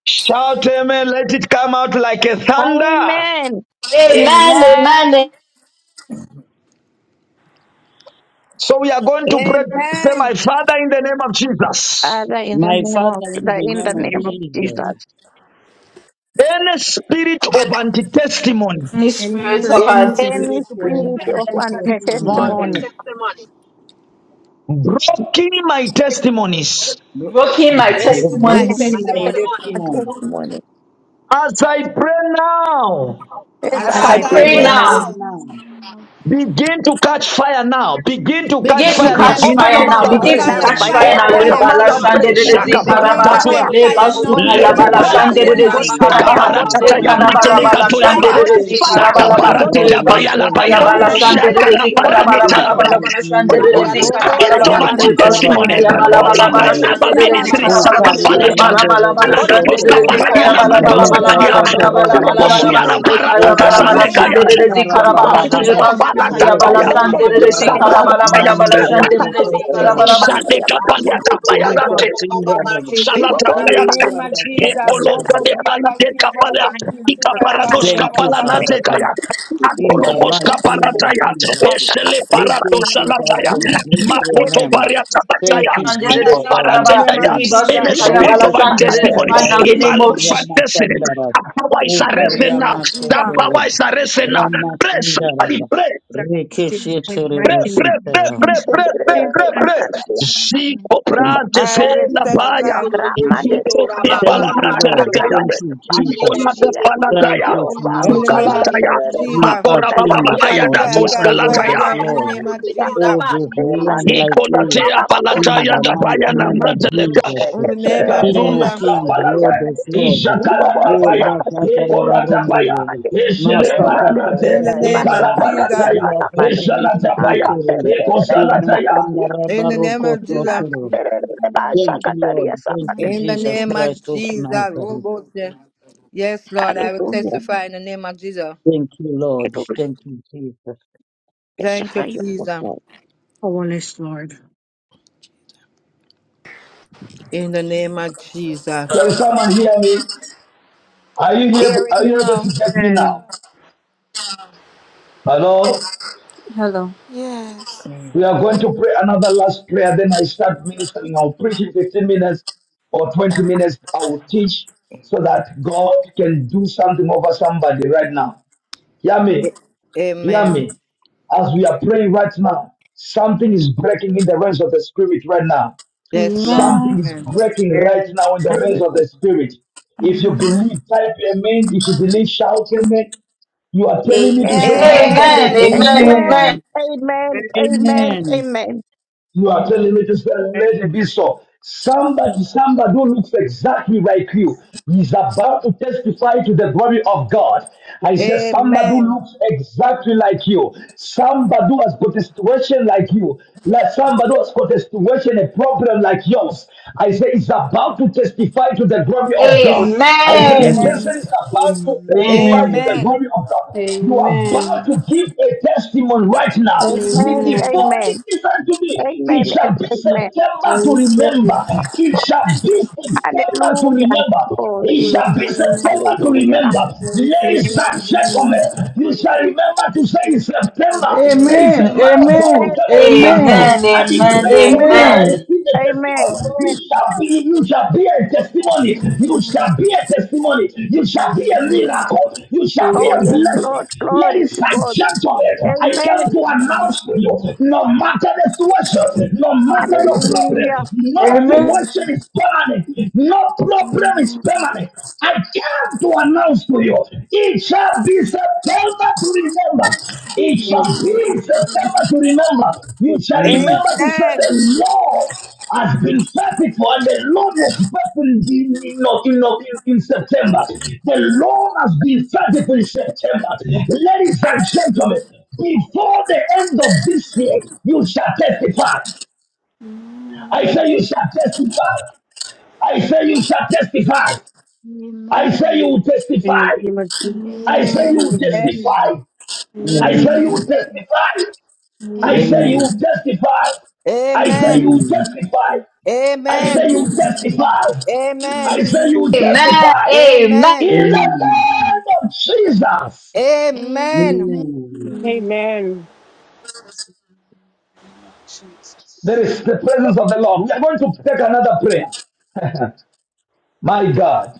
[SPEAKER 5] Shout amen. Let it come out like a thunder.
[SPEAKER 3] Amen.
[SPEAKER 2] Amen. Amen.
[SPEAKER 14] Amen.
[SPEAKER 5] So we are going to pray, say, My
[SPEAKER 12] Amen.
[SPEAKER 5] Father, in the name of Jesus,
[SPEAKER 3] Father, in the
[SPEAKER 9] My
[SPEAKER 3] name
[SPEAKER 9] Father,
[SPEAKER 3] of
[SPEAKER 9] in
[SPEAKER 3] the
[SPEAKER 9] the
[SPEAKER 3] in the
[SPEAKER 9] name of
[SPEAKER 6] name
[SPEAKER 3] name
[SPEAKER 6] of
[SPEAKER 3] of
[SPEAKER 6] Jesus.
[SPEAKER 9] Jesus,
[SPEAKER 3] Jesus,
[SPEAKER 5] any spirit of anti testimony
[SPEAKER 2] Any
[SPEAKER 6] Any
[SPEAKER 2] spirit
[SPEAKER 6] spirit
[SPEAKER 2] of
[SPEAKER 6] of
[SPEAKER 9] any
[SPEAKER 14] Minister
[SPEAKER 2] anti
[SPEAKER 6] faith
[SPEAKER 3] any
[SPEAKER 9] spiritual
[SPEAKER 2] testimony,
[SPEAKER 3] spirit of
[SPEAKER 15] spirit
[SPEAKER 6] and
[SPEAKER 3] anti
[SPEAKER 6] testimony,
[SPEAKER 9] anti-testimony
[SPEAKER 15] and
[SPEAKER 3] testimony,
[SPEAKER 12] Morning.
[SPEAKER 15] testimony.
[SPEAKER 5] blocking my testimonies
[SPEAKER 2] broken my
[SPEAKER 12] This is my
[SPEAKER 2] testimonies
[SPEAKER 15] My
[SPEAKER 9] blocking my
[SPEAKER 6] testimonies,
[SPEAKER 12] testimony.
[SPEAKER 15] testimony.
[SPEAKER 9] testimony
[SPEAKER 3] testimony,
[SPEAKER 5] as I pray now.
[SPEAKER 12] Uh,
[SPEAKER 3] as
[SPEAKER 15] As
[SPEAKER 2] as
[SPEAKER 3] I
[SPEAKER 6] as
[SPEAKER 15] I
[SPEAKER 2] I
[SPEAKER 14] outside.
[SPEAKER 12] As
[SPEAKER 6] I
[SPEAKER 12] I
[SPEAKER 3] pray
[SPEAKER 9] as
[SPEAKER 15] pray
[SPEAKER 2] pray
[SPEAKER 6] pray
[SPEAKER 9] I
[SPEAKER 16] Thank
[SPEAKER 12] pray
[SPEAKER 3] now,
[SPEAKER 6] now,
[SPEAKER 2] now.
[SPEAKER 15] now,
[SPEAKER 9] pray
[SPEAKER 12] now,
[SPEAKER 9] now,
[SPEAKER 5] Begin to catch fire now. Begin to
[SPEAKER 6] I
[SPEAKER 5] catch
[SPEAKER 2] Begin
[SPEAKER 12] begin
[SPEAKER 2] to
[SPEAKER 12] to
[SPEAKER 5] fire now.
[SPEAKER 3] begin
[SPEAKER 12] catch
[SPEAKER 2] catch
[SPEAKER 6] think
[SPEAKER 3] to
[SPEAKER 9] begin
[SPEAKER 5] Open
[SPEAKER 6] to
[SPEAKER 5] your
[SPEAKER 12] fire
[SPEAKER 2] fire
[SPEAKER 9] to
[SPEAKER 3] test
[SPEAKER 5] mouth
[SPEAKER 2] now.
[SPEAKER 6] catch
[SPEAKER 9] take
[SPEAKER 5] and
[SPEAKER 12] now.
[SPEAKER 6] fire
[SPEAKER 2] Begin
[SPEAKER 3] fire
[SPEAKER 5] pray.
[SPEAKER 9] fire
[SPEAKER 6] and
[SPEAKER 2] to
[SPEAKER 6] over
[SPEAKER 3] now
[SPEAKER 15] if
[SPEAKER 12] Fire,
[SPEAKER 2] catch
[SPEAKER 3] by
[SPEAKER 15] you
[SPEAKER 9] now.
[SPEAKER 2] fire
[SPEAKER 6] the
[SPEAKER 15] look
[SPEAKER 12] fire,
[SPEAKER 2] now.
[SPEAKER 3] fire,
[SPEAKER 5] Open
[SPEAKER 15] out
[SPEAKER 6] fact
[SPEAKER 2] Le
[SPEAKER 3] by
[SPEAKER 9] Begin
[SPEAKER 5] your
[SPEAKER 12] fire.
[SPEAKER 9] to
[SPEAKER 6] that
[SPEAKER 5] mouth
[SPEAKER 15] fire
[SPEAKER 2] bala
[SPEAKER 3] fire.
[SPEAKER 9] take
[SPEAKER 5] and
[SPEAKER 15] now.
[SPEAKER 5] pray.
[SPEAKER 2] shandere de
[SPEAKER 9] fire
[SPEAKER 5] Shaka
[SPEAKER 3] Holy
[SPEAKER 2] zika
[SPEAKER 3] Ghost
[SPEAKER 12] Begin to
[SPEAKER 2] rabaha.
[SPEAKER 12] catch
[SPEAKER 3] fire,
[SPEAKER 2] Le
[SPEAKER 6] you
[SPEAKER 12] fire now
[SPEAKER 3] Holy
[SPEAKER 2] basuka
[SPEAKER 12] in the
[SPEAKER 2] ya
[SPEAKER 3] Ghost
[SPEAKER 12] name
[SPEAKER 2] bala
[SPEAKER 9] Father,
[SPEAKER 12] of
[SPEAKER 9] we
[SPEAKER 5] Letepele.
[SPEAKER 3] fire,
[SPEAKER 6] don't.
[SPEAKER 2] shandere
[SPEAKER 9] thank
[SPEAKER 3] Holy
[SPEAKER 2] de
[SPEAKER 12] Jesus.
[SPEAKER 9] you
[SPEAKER 3] Ghost
[SPEAKER 2] zika
[SPEAKER 9] in
[SPEAKER 3] fire,
[SPEAKER 9] the
[SPEAKER 2] rabaha.
[SPEAKER 3] Holy
[SPEAKER 9] mighty
[SPEAKER 3] Ghost
[SPEAKER 5] Sekaparatata
[SPEAKER 2] Le
[SPEAKER 5] ya
[SPEAKER 9] name of
[SPEAKER 3] fire,
[SPEAKER 2] karabala
[SPEAKER 5] matele
[SPEAKER 12] Fire,
[SPEAKER 2] bala
[SPEAKER 9] Jesus.
[SPEAKER 5] kato ya
[SPEAKER 3] Holy
[SPEAKER 2] shandere
[SPEAKER 5] ba.
[SPEAKER 12] fire.
[SPEAKER 3] Ghost
[SPEAKER 2] de
[SPEAKER 9] Thank
[SPEAKER 2] zika
[SPEAKER 9] you,
[SPEAKER 3] fire,
[SPEAKER 5] Saka
[SPEAKER 12] In
[SPEAKER 2] rabala
[SPEAKER 12] the
[SPEAKER 3] Holy
[SPEAKER 2] ba.
[SPEAKER 9] Father
[SPEAKER 12] name
[SPEAKER 3] Ghost
[SPEAKER 9] God.
[SPEAKER 12] of
[SPEAKER 2] Le
[SPEAKER 5] parateta
[SPEAKER 9] We
[SPEAKER 3] fire,
[SPEAKER 5] paya
[SPEAKER 12] Jesus.
[SPEAKER 5] la
[SPEAKER 9] thank
[SPEAKER 2] basuka
[SPEAKER 12] Catch
[SPEAKER 2] ya
[SPEAKER 5] paya.
[SPEAKER 9] you,
[SPEAKER 3] Holy
[SPEAKER 2] bala
[SPEAKER 9] we
[SPEAKER 12] fire
[SPEAKER 3] Ghost
[SPEAKER 9] bless
[SPEAKER 12] now
[SPEAKER 2] shandere
[SPEAKER 5] Shaka
[SPEAKER 2] de
[SPEAKER 12] in
[SPEAKER 3] fire,
[SPEAKER 12] the
[SPEAKER 5] la
[SPEAKER 9] you.
[SPEAKER 2] zika
[SPEAKER 12] name
[SPEAKER 3] Holy
[SPEAKER 12] of
[SPEAKER 2] rabala
[SPEAKER 3] Ghost fire, Holy
[SPEAKER 5] paraneta
[SPEAKER 9] In
[SPEAKER 3] Ghost
[SPEAKER 5] la
[SPEAKER 2] bala
[SPEAKER 9] the
[SPEAKER 5] ba.
[SPEAKER 2] bala
[SPEAKER 12] Jesus.
[SPEAKER 3] fire,
[SPEAKER 9] mighty
[SPEAKER 2] bala
[SPEAKER 9] name
[SPEAKER 3] Holy
[SPEAKER 9] of
[SPEAKER 2] shandere de
[SPEAKER 9] Jesus.
[SPEAKER 2] zika
[SPEAKER 12] Robo se
[SPEAKER 5] Spirit
[SPEAKER 2] balaba
[SPEAKER 5] of
[SPEAKER 3] Ghost
[SPEAKER 2] le
[SPEAKER 12] yabasi
[SPEAKER 9] Masi
[SPEAKER 3] fire,
[SPEAKER 5] anti-testimony
[SPEAKER 2] basuka ya
[SPEAKER 9] karatara
[SPEAKER 12] yabababasi.
[SPEAKER 2] balaba
[SPEAKER 3] Holy
[SPEAKER 5] over
[SPEAKER 2] la
[SPEAKER 5] my
[SPEAKER 3] Ghost
[SPEAKER 2] bala
[SPEAKER 9] barondoro.
[SPEAKER 5] life
[SPEAKER 12] Yukus
[SPEAKER 2] shande
[SPEAKER 5] and
[SPEAKER 3] fire.
[SPEAKER 2] de
[SPEAKER 12] yabasi
[SPEAKER 5] ministry.
[SPEAKER 2] zikara balaba
[SPEAKER 5] Saka
[SPEAKER 12] yabababasi in
[SPEAKER 9] Mukaria
[SPEAKER 2] le
[SPEAKER 12] the
[SPEAKER 5] palata.
[SPEAKER 12] name of
[SPEAKER 2] balaba la
[SPEAKER 9] mandoro
[SPEAKER 12] Jesus.
[SPEAKER 2] bala
[SPEAKER 3] Holy
[SPEAKER 2] shande
[SPEAKER 5] Alakatos
[SPEAKER 3] Ghost,
[SPEAKER 2] de
[SPEAKER 12] Catch
[SPEAKER 9] bosotoro.
[SPEAKER 3] I
[SPEAKER 5] kaparania
[SPEAKER 3] have
[SPEAKER 2] zikaya
[SPEAKER 5] la
[SPEAKER 12] fire
[SPEAKER 3] just said,
[SPEAKER 2] balaba
[SPEAKER 5] manto
[SPEAKER 2] la
[SPEAKER 12] now in
[SPEAKER 2] bala
[SPEAKER 12] the
[SPEAKER 9] Rita
[SPEAKER 3] Holy
[SPEAKER 5] sakadia.
[SPEAKER 2] bala
[SPEAKER 12] name of
[SPEAKER 3] Ghost,
[SPEAKER 2] bala
[SPEAKER 9] satara
[SPEAKER 2] bala
[SPEAKER 12] Jesus.
[SPEAKER 2] bala bala ba
[SPEAKER 5] Leposuya
[SPEAKER 9] barondoro.
[SPEAKER 5] la
[SPEAKER 2] le
[SPEAKER 9] O
[SPEAKER 2] kaya
[SPEAKER 5] paratata
[SPEAKER 2] balaba la
[SPEAKER 9] marita
[SPEAKER 12] Fire.
[SPEAKER 5] sandekaya.
[SPEAKER 2] shande de
[SPEAKER 9] satara
[SPEAKER 15] Baba, Baba
[SPEAKER 2] zikara ba
[SPEAKER 9] baba
[SPEAKER 2] le
[SPEAKER 9] baba.
[SPEAKER 5] Katusta
[SPEAKER 2] basuka ya bala
[SPEAKER 9] Reke
[SPEAKER 5] palataya.
[SPEAKER 2] shande de
[SPEAKER 9] sitaraba.
[SPEAKER 2] zikara bala
[SPEAKER 5] Sakalataya.
[SPEAKER 2] bala bala
[SPEAKER 9] Mandoro
[SPEAKER 2] shande de zikara
[SPEAKER 9] bosotoro.
[SPEAKER 2] balaba
[SPEAKER 5] Sandeka paliata
[SPEAKER 9] Rita
[SPEAKER 5] paya
[SPEAKER 9] sindaraba.
[SPEAKER 5] Salata
[SPEAKER 12] In the
[SPEAKER 5] ayate.
[SPEAKER 12] name of
[SPEAKER 9] Ibarra
[SPEAKER 12] Jesus,
[SPEAKER 5] Epolota
[SPEAKER 9] Satandara.
[SPEAKER 12] Robo
[SPEAKER 5] de
[SPEAKER 12] Kia
[SPEAKER 5] palate
[SPEAKER 12] Bakia Baba
[SPEAKER 5] kapala.
[SPEAKER 12] Basi,
[SPEAKER 5] Ika parados
[SPEAKER 9] Thank you,
[SPEAKER 5] kapala
[SPEAKER 9] Father
[SPEAKER 5] natekaya.
[SPEAKER 9] God. In the
[SPEAKER 5] Atologos
[SPEAKER 9] mighty name of
[SPEAKER 5] kaparataya.
[SPEAKER 12] Jesus,
[SPEAKER 9] Jesus,
[SPEAKER 5] Esele
[SPEAKER 9] we
[SPEAKER 5] parato
[SPEAKER 9] thank you,
[SPEAKER 5] salataya.
[SPEAKER 9] Father. We bless your
[SPEAKER 5] Mapoto
[SPEAKER 9] name.
[SPEAKER 5] bariata bataya.
[SPEAKER 9] Thank you,
[SPEAKER 2] shande de
[SPEAKER 12] Fire
[SPEAKER 9] Jehovah.
[SPEAKER 12] now,
[SPEAKER 2] zikara
[SPEAKER 12] in
[SPEAKER 9] We
[SPEAKER 12] the
[SPEAKER 2] ba
[SPEAKER 12] name
[SPEAKER 5] Iparatetaya.
[SPEAKER 12] of
[SPEAKER 2] le
[SPEAKER 9] pray.
[SPEAKER 5] In the
[SPEAKER 12] Jesus,
[SPEAKER 2] basuka ya
[SPEAKER 5] spirit
[SPEAKER 2] bala
[SPEAKER 5] of
[SPEAKER 9] Roko
[SPEAKER 5] our
[SPEAKER 2] shande de
[SPEAKER 9] sindara
[SPEAKER 5] testimony.
[SPEAKER 2] right now the
[SPEAKER 5] In
[SPEAKER 9] baroko
[SPEAKER 5] my
[SPEAKER 2] name of Jesus
[SPEAKER 9] siyama
[SPEAKER 5] destiny.
[SPEAKER 9] sandara.
[SPEAKER 5] That power is
[SPEAKER 12] in the
[SPEAKER 5] arrested
[SPEAKER 9] Ukaria
[SPEAKER 12] name
[SPEAKER 5] now.
[SPEAKER 12] of
[SPEAKER 5] That
[SPEAKER 12] Jesus,
[SPEAKER 5] power
[SPEAKER 9] masotoro.
[SPEAKER 5] is arrested now.
[SPEAKER 9] Rama
[SPEAKER 5] Pray
[SPEAKER 9] sindara
[SPEAKER 5] somebody
[SPEAKER 9] ba.
[SPEAKER 5] pray.
[SPEAKER 6] With
[SPEAKER 9] Rekeshetere
[SPEAKER 6] my
[SPEAKER 5] Pre, pre, pre,
[SPEAKER 9] besitara.
[SPEAKER 5] pre, pre,
[SPEAKER 3] Remandere,
[SPEAKER 6] intentions
[SPEAKER 5] pre,
[SPEAKER 6] and
[SPEAKER 5] pre,
[SPEAKER 6] I'm
[SPEAKER 5] pre. Zico prate
[SPEAKER 12] I
[SPEAKER 5] se
[SPEAKER 12] will
[SPEAKER 6] hard
[SPEAKER 5] la
[SPEAKER 12] set the
[SPEAKER 5] paya.
[SPEAKER 12] fire.
[SPEAKER 5] Sote
[SPEAKER 9] Thank you,
[SPEAKER 5] palanate
[SPEAKER 9] Lord.
[SPEAKER 5] lekeya.
[SPEAKER 9] Thank you,
[SPEAKER 5] Zico
[SPEAKER 9] Jesus.
[SPEAKER 5] nate
[SPEAKER 9] Christ
[SPEAKER 5] palataya.
[SPEAKER 9] of
[SPEAKER 12] In the
[SPEAKER 9] Nazareth.
[SPEAKER 12] name of
[SPEAKER 5] Sukalataya.
[SPEAKER 9] You
[SPEAKER 12] Jesus,
[SPEAKER 9] are
[SPEAKER 5] Makora baba
[SPEAKER 9] King of
[SPEAKER 5] baba
[SPEAKER 12] catch
[SPEAKER 9] kings.
[SPEAKER 5] yada
[SPEAKER 12] fire,
[SPEAKER 9] You
[SPEAKER 12] catch
[SPEAKER 9] are Lord
[SPEAKER 12] fire
[SPEAKER 5] koskalataya.
[SPEAKER 9] of
[SPEAKER 12] now, in the
[SPEAKER 9] lords.
[SPEAKER 12] name of Jesus,
[SPEAKER 9] Oh, there's no one like you
[SPEAKER 15] Baba
[SPEAKER 5] Ikolatea
[SPEAKER 9] in
[SPEAKER 5] palataya
[SPEAKER 9] the
[SPEAKER 15] Baba
[SPEAKER 9] mighty
[SPEAKER 5] dabaya na
[SPEAKER 16] you.
[SPEAKER 9] name of
[SPEAKER 15] Baba
[SPEAKER 5] manteleka.
[SPEAKER 9] Jesus.
[SPEAKER 12] in the
[SPEAKER 16] Amen.
[SPEAKER 12] name
[SPEAKER 5] Seka
[SPEAKER 12] of
[SPEAKER 16] Amen.
[SPEAKER 9] King of
[SPEAKER 16] Amen.
[SPEAKER 12] Jesus,
[SPEAKER 5] promska
[SPEAKER 9] kings,
[SPEAKER 5] palata.
[SPEAKER 9] Lord of
[SPEAKER 16] Amen.
[SPEAKER 9] lords.
[SPEAKER 5] Ishakarada
[SPEAKER 9] Oh,
[SPEAKER 5] paya. Ikorata paya.
[SPEAKER 9] Rakataravarundere.
[SPEAKER 5] Ishile
[SPEAKER 9] Master
[SPEAKER 16] Amen.
[SPEAKER 12] in the
[SPEAKER 5] paranante.
[SPEAKER 12] name
[SPEAKER 5] Ikala
[SPEAKER 12] of
[SPEAKER 9] Kataravarundere.
[SPEAKER 12] Jesus,
[SPEAKER 5] parataya.
[SPEAKER 9] Riakatere.
[SPEAKER 5] Ishalata paya. Ikosalataya.
[SPEAKER 12] in the name of Jesus.
[SPEAKER 9] Kunakandarabarokosotero. Thank you, Lord. Thank you,
[SPEAKER 12] In the
[SPEAKER 9] Jesus
[SPEAKER 12] name of
[SPEAKER 9] Christ of
[SPEAKER 12] Jesus. oh
[SPEAKER 9] Nazareth.
[SPEAKER 12] God, yeah. Yes, Lord, I will
[SPEAKER 3] Hallelujah.
[SPEAKER 12] testify in the name of Jesus.
[SPEAKER 9] Thank you, Lord.
[SPEAKER 3] Hallelujah.
[SPEAKER 9] Thank you, Jesus.
[SPEAKER 12] Thank you,
[SPEAKER 3] Testify your
[SPEAKER 12] Jesus.
[SPEAKER 3] goodness.
[SPEAKER 12] In the name of Jesus.
[SPEAKER 5] Can someone hear me? Are you here?
[SPEAKER 12] Hearing
[SPEAKER 5] Are
[SPEAKER 12] you
[SPEAKER 5] you able
[SPEAKER 12] now.
[SPEAKER 5] to get me
[SPEAKER 6] and
[SPEAKER 5] now? Hello?
[SPEAKER 14] Hello.
[SPEAKER 17] Yes.
[SPEAKER 5] We are going to pray another last prayer. Then I start ministering. I'll preach in 15 minutes or 20 minutes. I will teach so that God can do something over somebody right now. Hear me.
[SPEAKER 12] A-
[SPEAKER 5] Hear
[SPEAKER 12] Amen.
[SPEAKER 5] me. As we are praying right now, something is breaking in the realms of the spirit right now.
[SPEAKER 12] Yes, Lord.
[SPEAKER 5] Something
[SPEAKER 14] Amen.
[SPEAKER 5] is
[SPEAKER 12] Amen.
[SPEAKER 5] breaking right
[SPEAKER 6] then
[SPEAKER 5] now in the realms of
[SPEAKER 3] Hallelujah.
[SPEAKER 5] the spirit. If you
[SPEAKER 14] Amen.
[SPEAKER 5] believe, type amen. If you believe, shout amen. You are telling me to say, man of God,
[SPEAKER 14] Amen.
[SPEAKER 5] let
[SPEAKER 2] amen
[SPEAKER 3] Amen.
[SPEAKER 5] it
[SPEAKER 12] Amen.
[SPEAKER 5] be
[SPEAKER 2] amen
[SPEAKER 5] so.
[SPEAKER 3] Amen.
[SPEAKER 9] Amen.
[SPEAKER 2] amen
[SPEAKER 3] Amen.
[SPEAKER 6] very
[SPEAKER 3] Amen.
[SPEAKER 9] Amen.
[SPEAKER 3] Amen.
[SPEAKER 5] You are telling me to say,
[SPEAKER 6] very
[SPEAKER 5] let it be so. Somebody, somebody who looks exactly like you is about to testify to the glory of God. I said, somebody who
[SPEAKER 12] Amen.
[SPEAKER 5] looks exactly like you, somebody who has got a situation like you, like somebody who has got a situation, a problem like yours. I said, is about to testify to the glory of God. I said, the
[SPEAKER 9] Amen.
[SPEAKER 12] Amen.
[SPEAKER 2] amen
[SPEAKER 5] person
[SPEAKER 14] Amen.
[SPEAKER 5] is about to testify
[SPEAKER 2] Amen.
[SPEAKER 5] to the
[SPEAKER 9] Amen.
[SPEAKER 12] Amen.
[SPEAKER 5] glory of God. You are about
[SPEAKER 14] Amen.
[SPEAKER 5] to give a testimony right now. The
[SPEAKER 3] Amen.
[SPEAKER 14] Amen.
[SPEAKER 5] default,
[SPEAKER 3] Amen.
[SPEAKER 5] listen to me. It
[SPEAKER 3] Amen. And
[SPEAKER 5] shall be
[SPEAKER 3] amen.
[SPEAKER 14] I
[SPEAKER 5] September to
[SPEAKER 14] receive it.
[SPEAKER 5] remember. It shall be September to
[SPEAKER 3] Hallelujah.
[SPEAKER 5] remember.
[SPEAKER 3] Glory.
[SPEAKER 5] It shall be
[SPEAKER 14] Amen.
[SPEAKER 5] September to
[SPEAKER 3] Hallelujah.
[SPEAKER 5] remember.
[SPEAKER 14] I
[SPEAKER 5] Ladies
[SPEAKER 6] receiving
[SPEAKER 5] and
[SPEAKER 14] receive it.
[SPEAKER 5] gentlemen, you shall remember to say in September, there is
[SPEAKER 18] Amen.
[SPEAKER 5] a man of God who
[SPEAKER 3] Amen.
[SPEAKER 18] Amen.
[SPEAKER 5] came on platform
[SPEAKER 3] Amen.
[SPEAKER 18] Amen.
[SPEAKER 2] Amen.
[SPEAKER 5] and he
[SPEAKER 2] Amen.
[SPEAKER 5] prayed for me and I
[SPEAKER 18] Amen.
[SPEAKER 3] Amen.
[SPEAKER 2] Amen.
[SPEAKER 5] received give the
[SPEAKER 3] Amen.
[SPEAKER 5] testimony. You shall be, you shall be a testimony. You shall be a testimony. You shall be a miracle. You shall be
[SPEAKER 3] Oh,
[SPEAKER 5] a
[SPEAKER 3] yes,
[SPEAKER 14] Amen.
[SPEAKER 5] blessing.
[SPEAKER 3] Lord. Glory
[SPEAKER 5] Ladies
[SPEAKER 3] to
[SPEAKER 5] and
[SPEAKER 3] God.
[SPEAKER 5] gentlemen, I come
[SPEAKER 3] Amen.
[SPEAKER 5] to announce to you, no matter the situation, no matter your
[SPEAKER 3] Hallelujah.
[SPEAKER 5] problem, no
[SPEAKER 18] Amen.
[SPEAKER 5] situation is permanent. No problem is permanent. I come to announce to you, it shall be September to remember. It shall be September to remember. You shall
[SPEAKER 9] Amen.
[SPEAKER 5] remember to say the
[SPEAKER 12] Amen.
[SPEAKER 5] Lord has been faithful, and the Lord was faithful in, in, in, in, in, in September. The Lord has been faithful in September. Ladies and gentlemen, before the end of this year, you shall testify. I say you shall testify. I say you shall testify. I say you will
[SPEAKER 6] in the
[SPEAKER 5] testify.
[SPEAKER 6] name of Jesus.
[SPEAKER 5] I say
[SPEAKER 14] Amen.
[SPEAKER 5] you will
[SPEAKER 9] Amen.
[SPEAKER 6] Amen.
[SPEAKER 5] testify.
[SPEAKER 14] Amen.
[SPEAKER 9] I
[SPEAKER 5] I
[SPEAKER 9] love
[SPEAKER 16] Amen.
[SPEAKER 9] you.
[SPEAKER 5] say you
[SPEAKER 14] Amen.
[SPEAKER 5] will testify. I say you
[SPEAKER 14] Amen.
[SPEAKER 9] Amen.
[SPEAKER 5] will testify. I say you
[SPEAKER 12] Amen. Amen.
[SPEAKER 5] will
[SPEAKER 9] Amen.
[SPEAKER 5] testify. I say you will
[SPEAKER 16] Amen.
[SPEAKER 5] testify.
[SPEAKER 12] Amen.
[SPEAKER 5] I say you will
[SPEAKER 2] Amen.
[SPEAKER 5] testify.
[SPEAKER 2] Amen.
[SPEAKER 12] Amen.
[SPEAKER 5] In the
[SPEAKER 9] Amen.
[SPEAKER 5] name of Jesus,
[SPEAKER 12] Amen.
[SPEAKER 16] Amen.
[SPEAKER 9] Amen.
[SPEAKER 16] Amen.
[SPEAKER 6] Amen.
[SPEAKER 19] Jesus, in the name of
[SPEAKER 5] there
[SPEAKER 19] Jesus.
[SPEAKER 5] is the presence of the Lord. We are going to take another prayer. My God.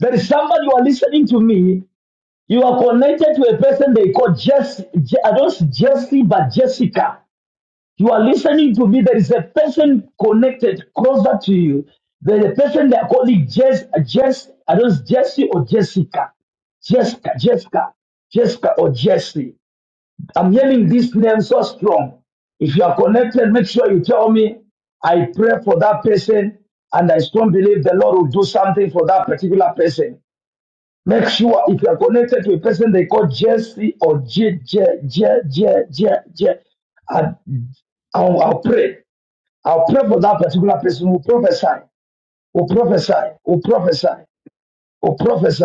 [SPEAKER 5] There is somebody you are listening to me. You are connected to a person they call Jess. I don't see Jesse, but Jessica. You are listening to me. There is a person connected closer to you. There is a person they are calling Jess, Jess, I don't know, Jesse or Jessica. Jessica, Jessica, Jessica or Jesse. I'm hearing this name so strong. If you are connected, make sure you tell me. I pray for that person and I strongly believe the Lord will do something for that particular person. Make sure if you are connected to a person they call Jesse or J J J J J J, and I'll, I'll pray. I'll pray for that particular person who prophesy, who prophesy, who prophesy, who prophesy.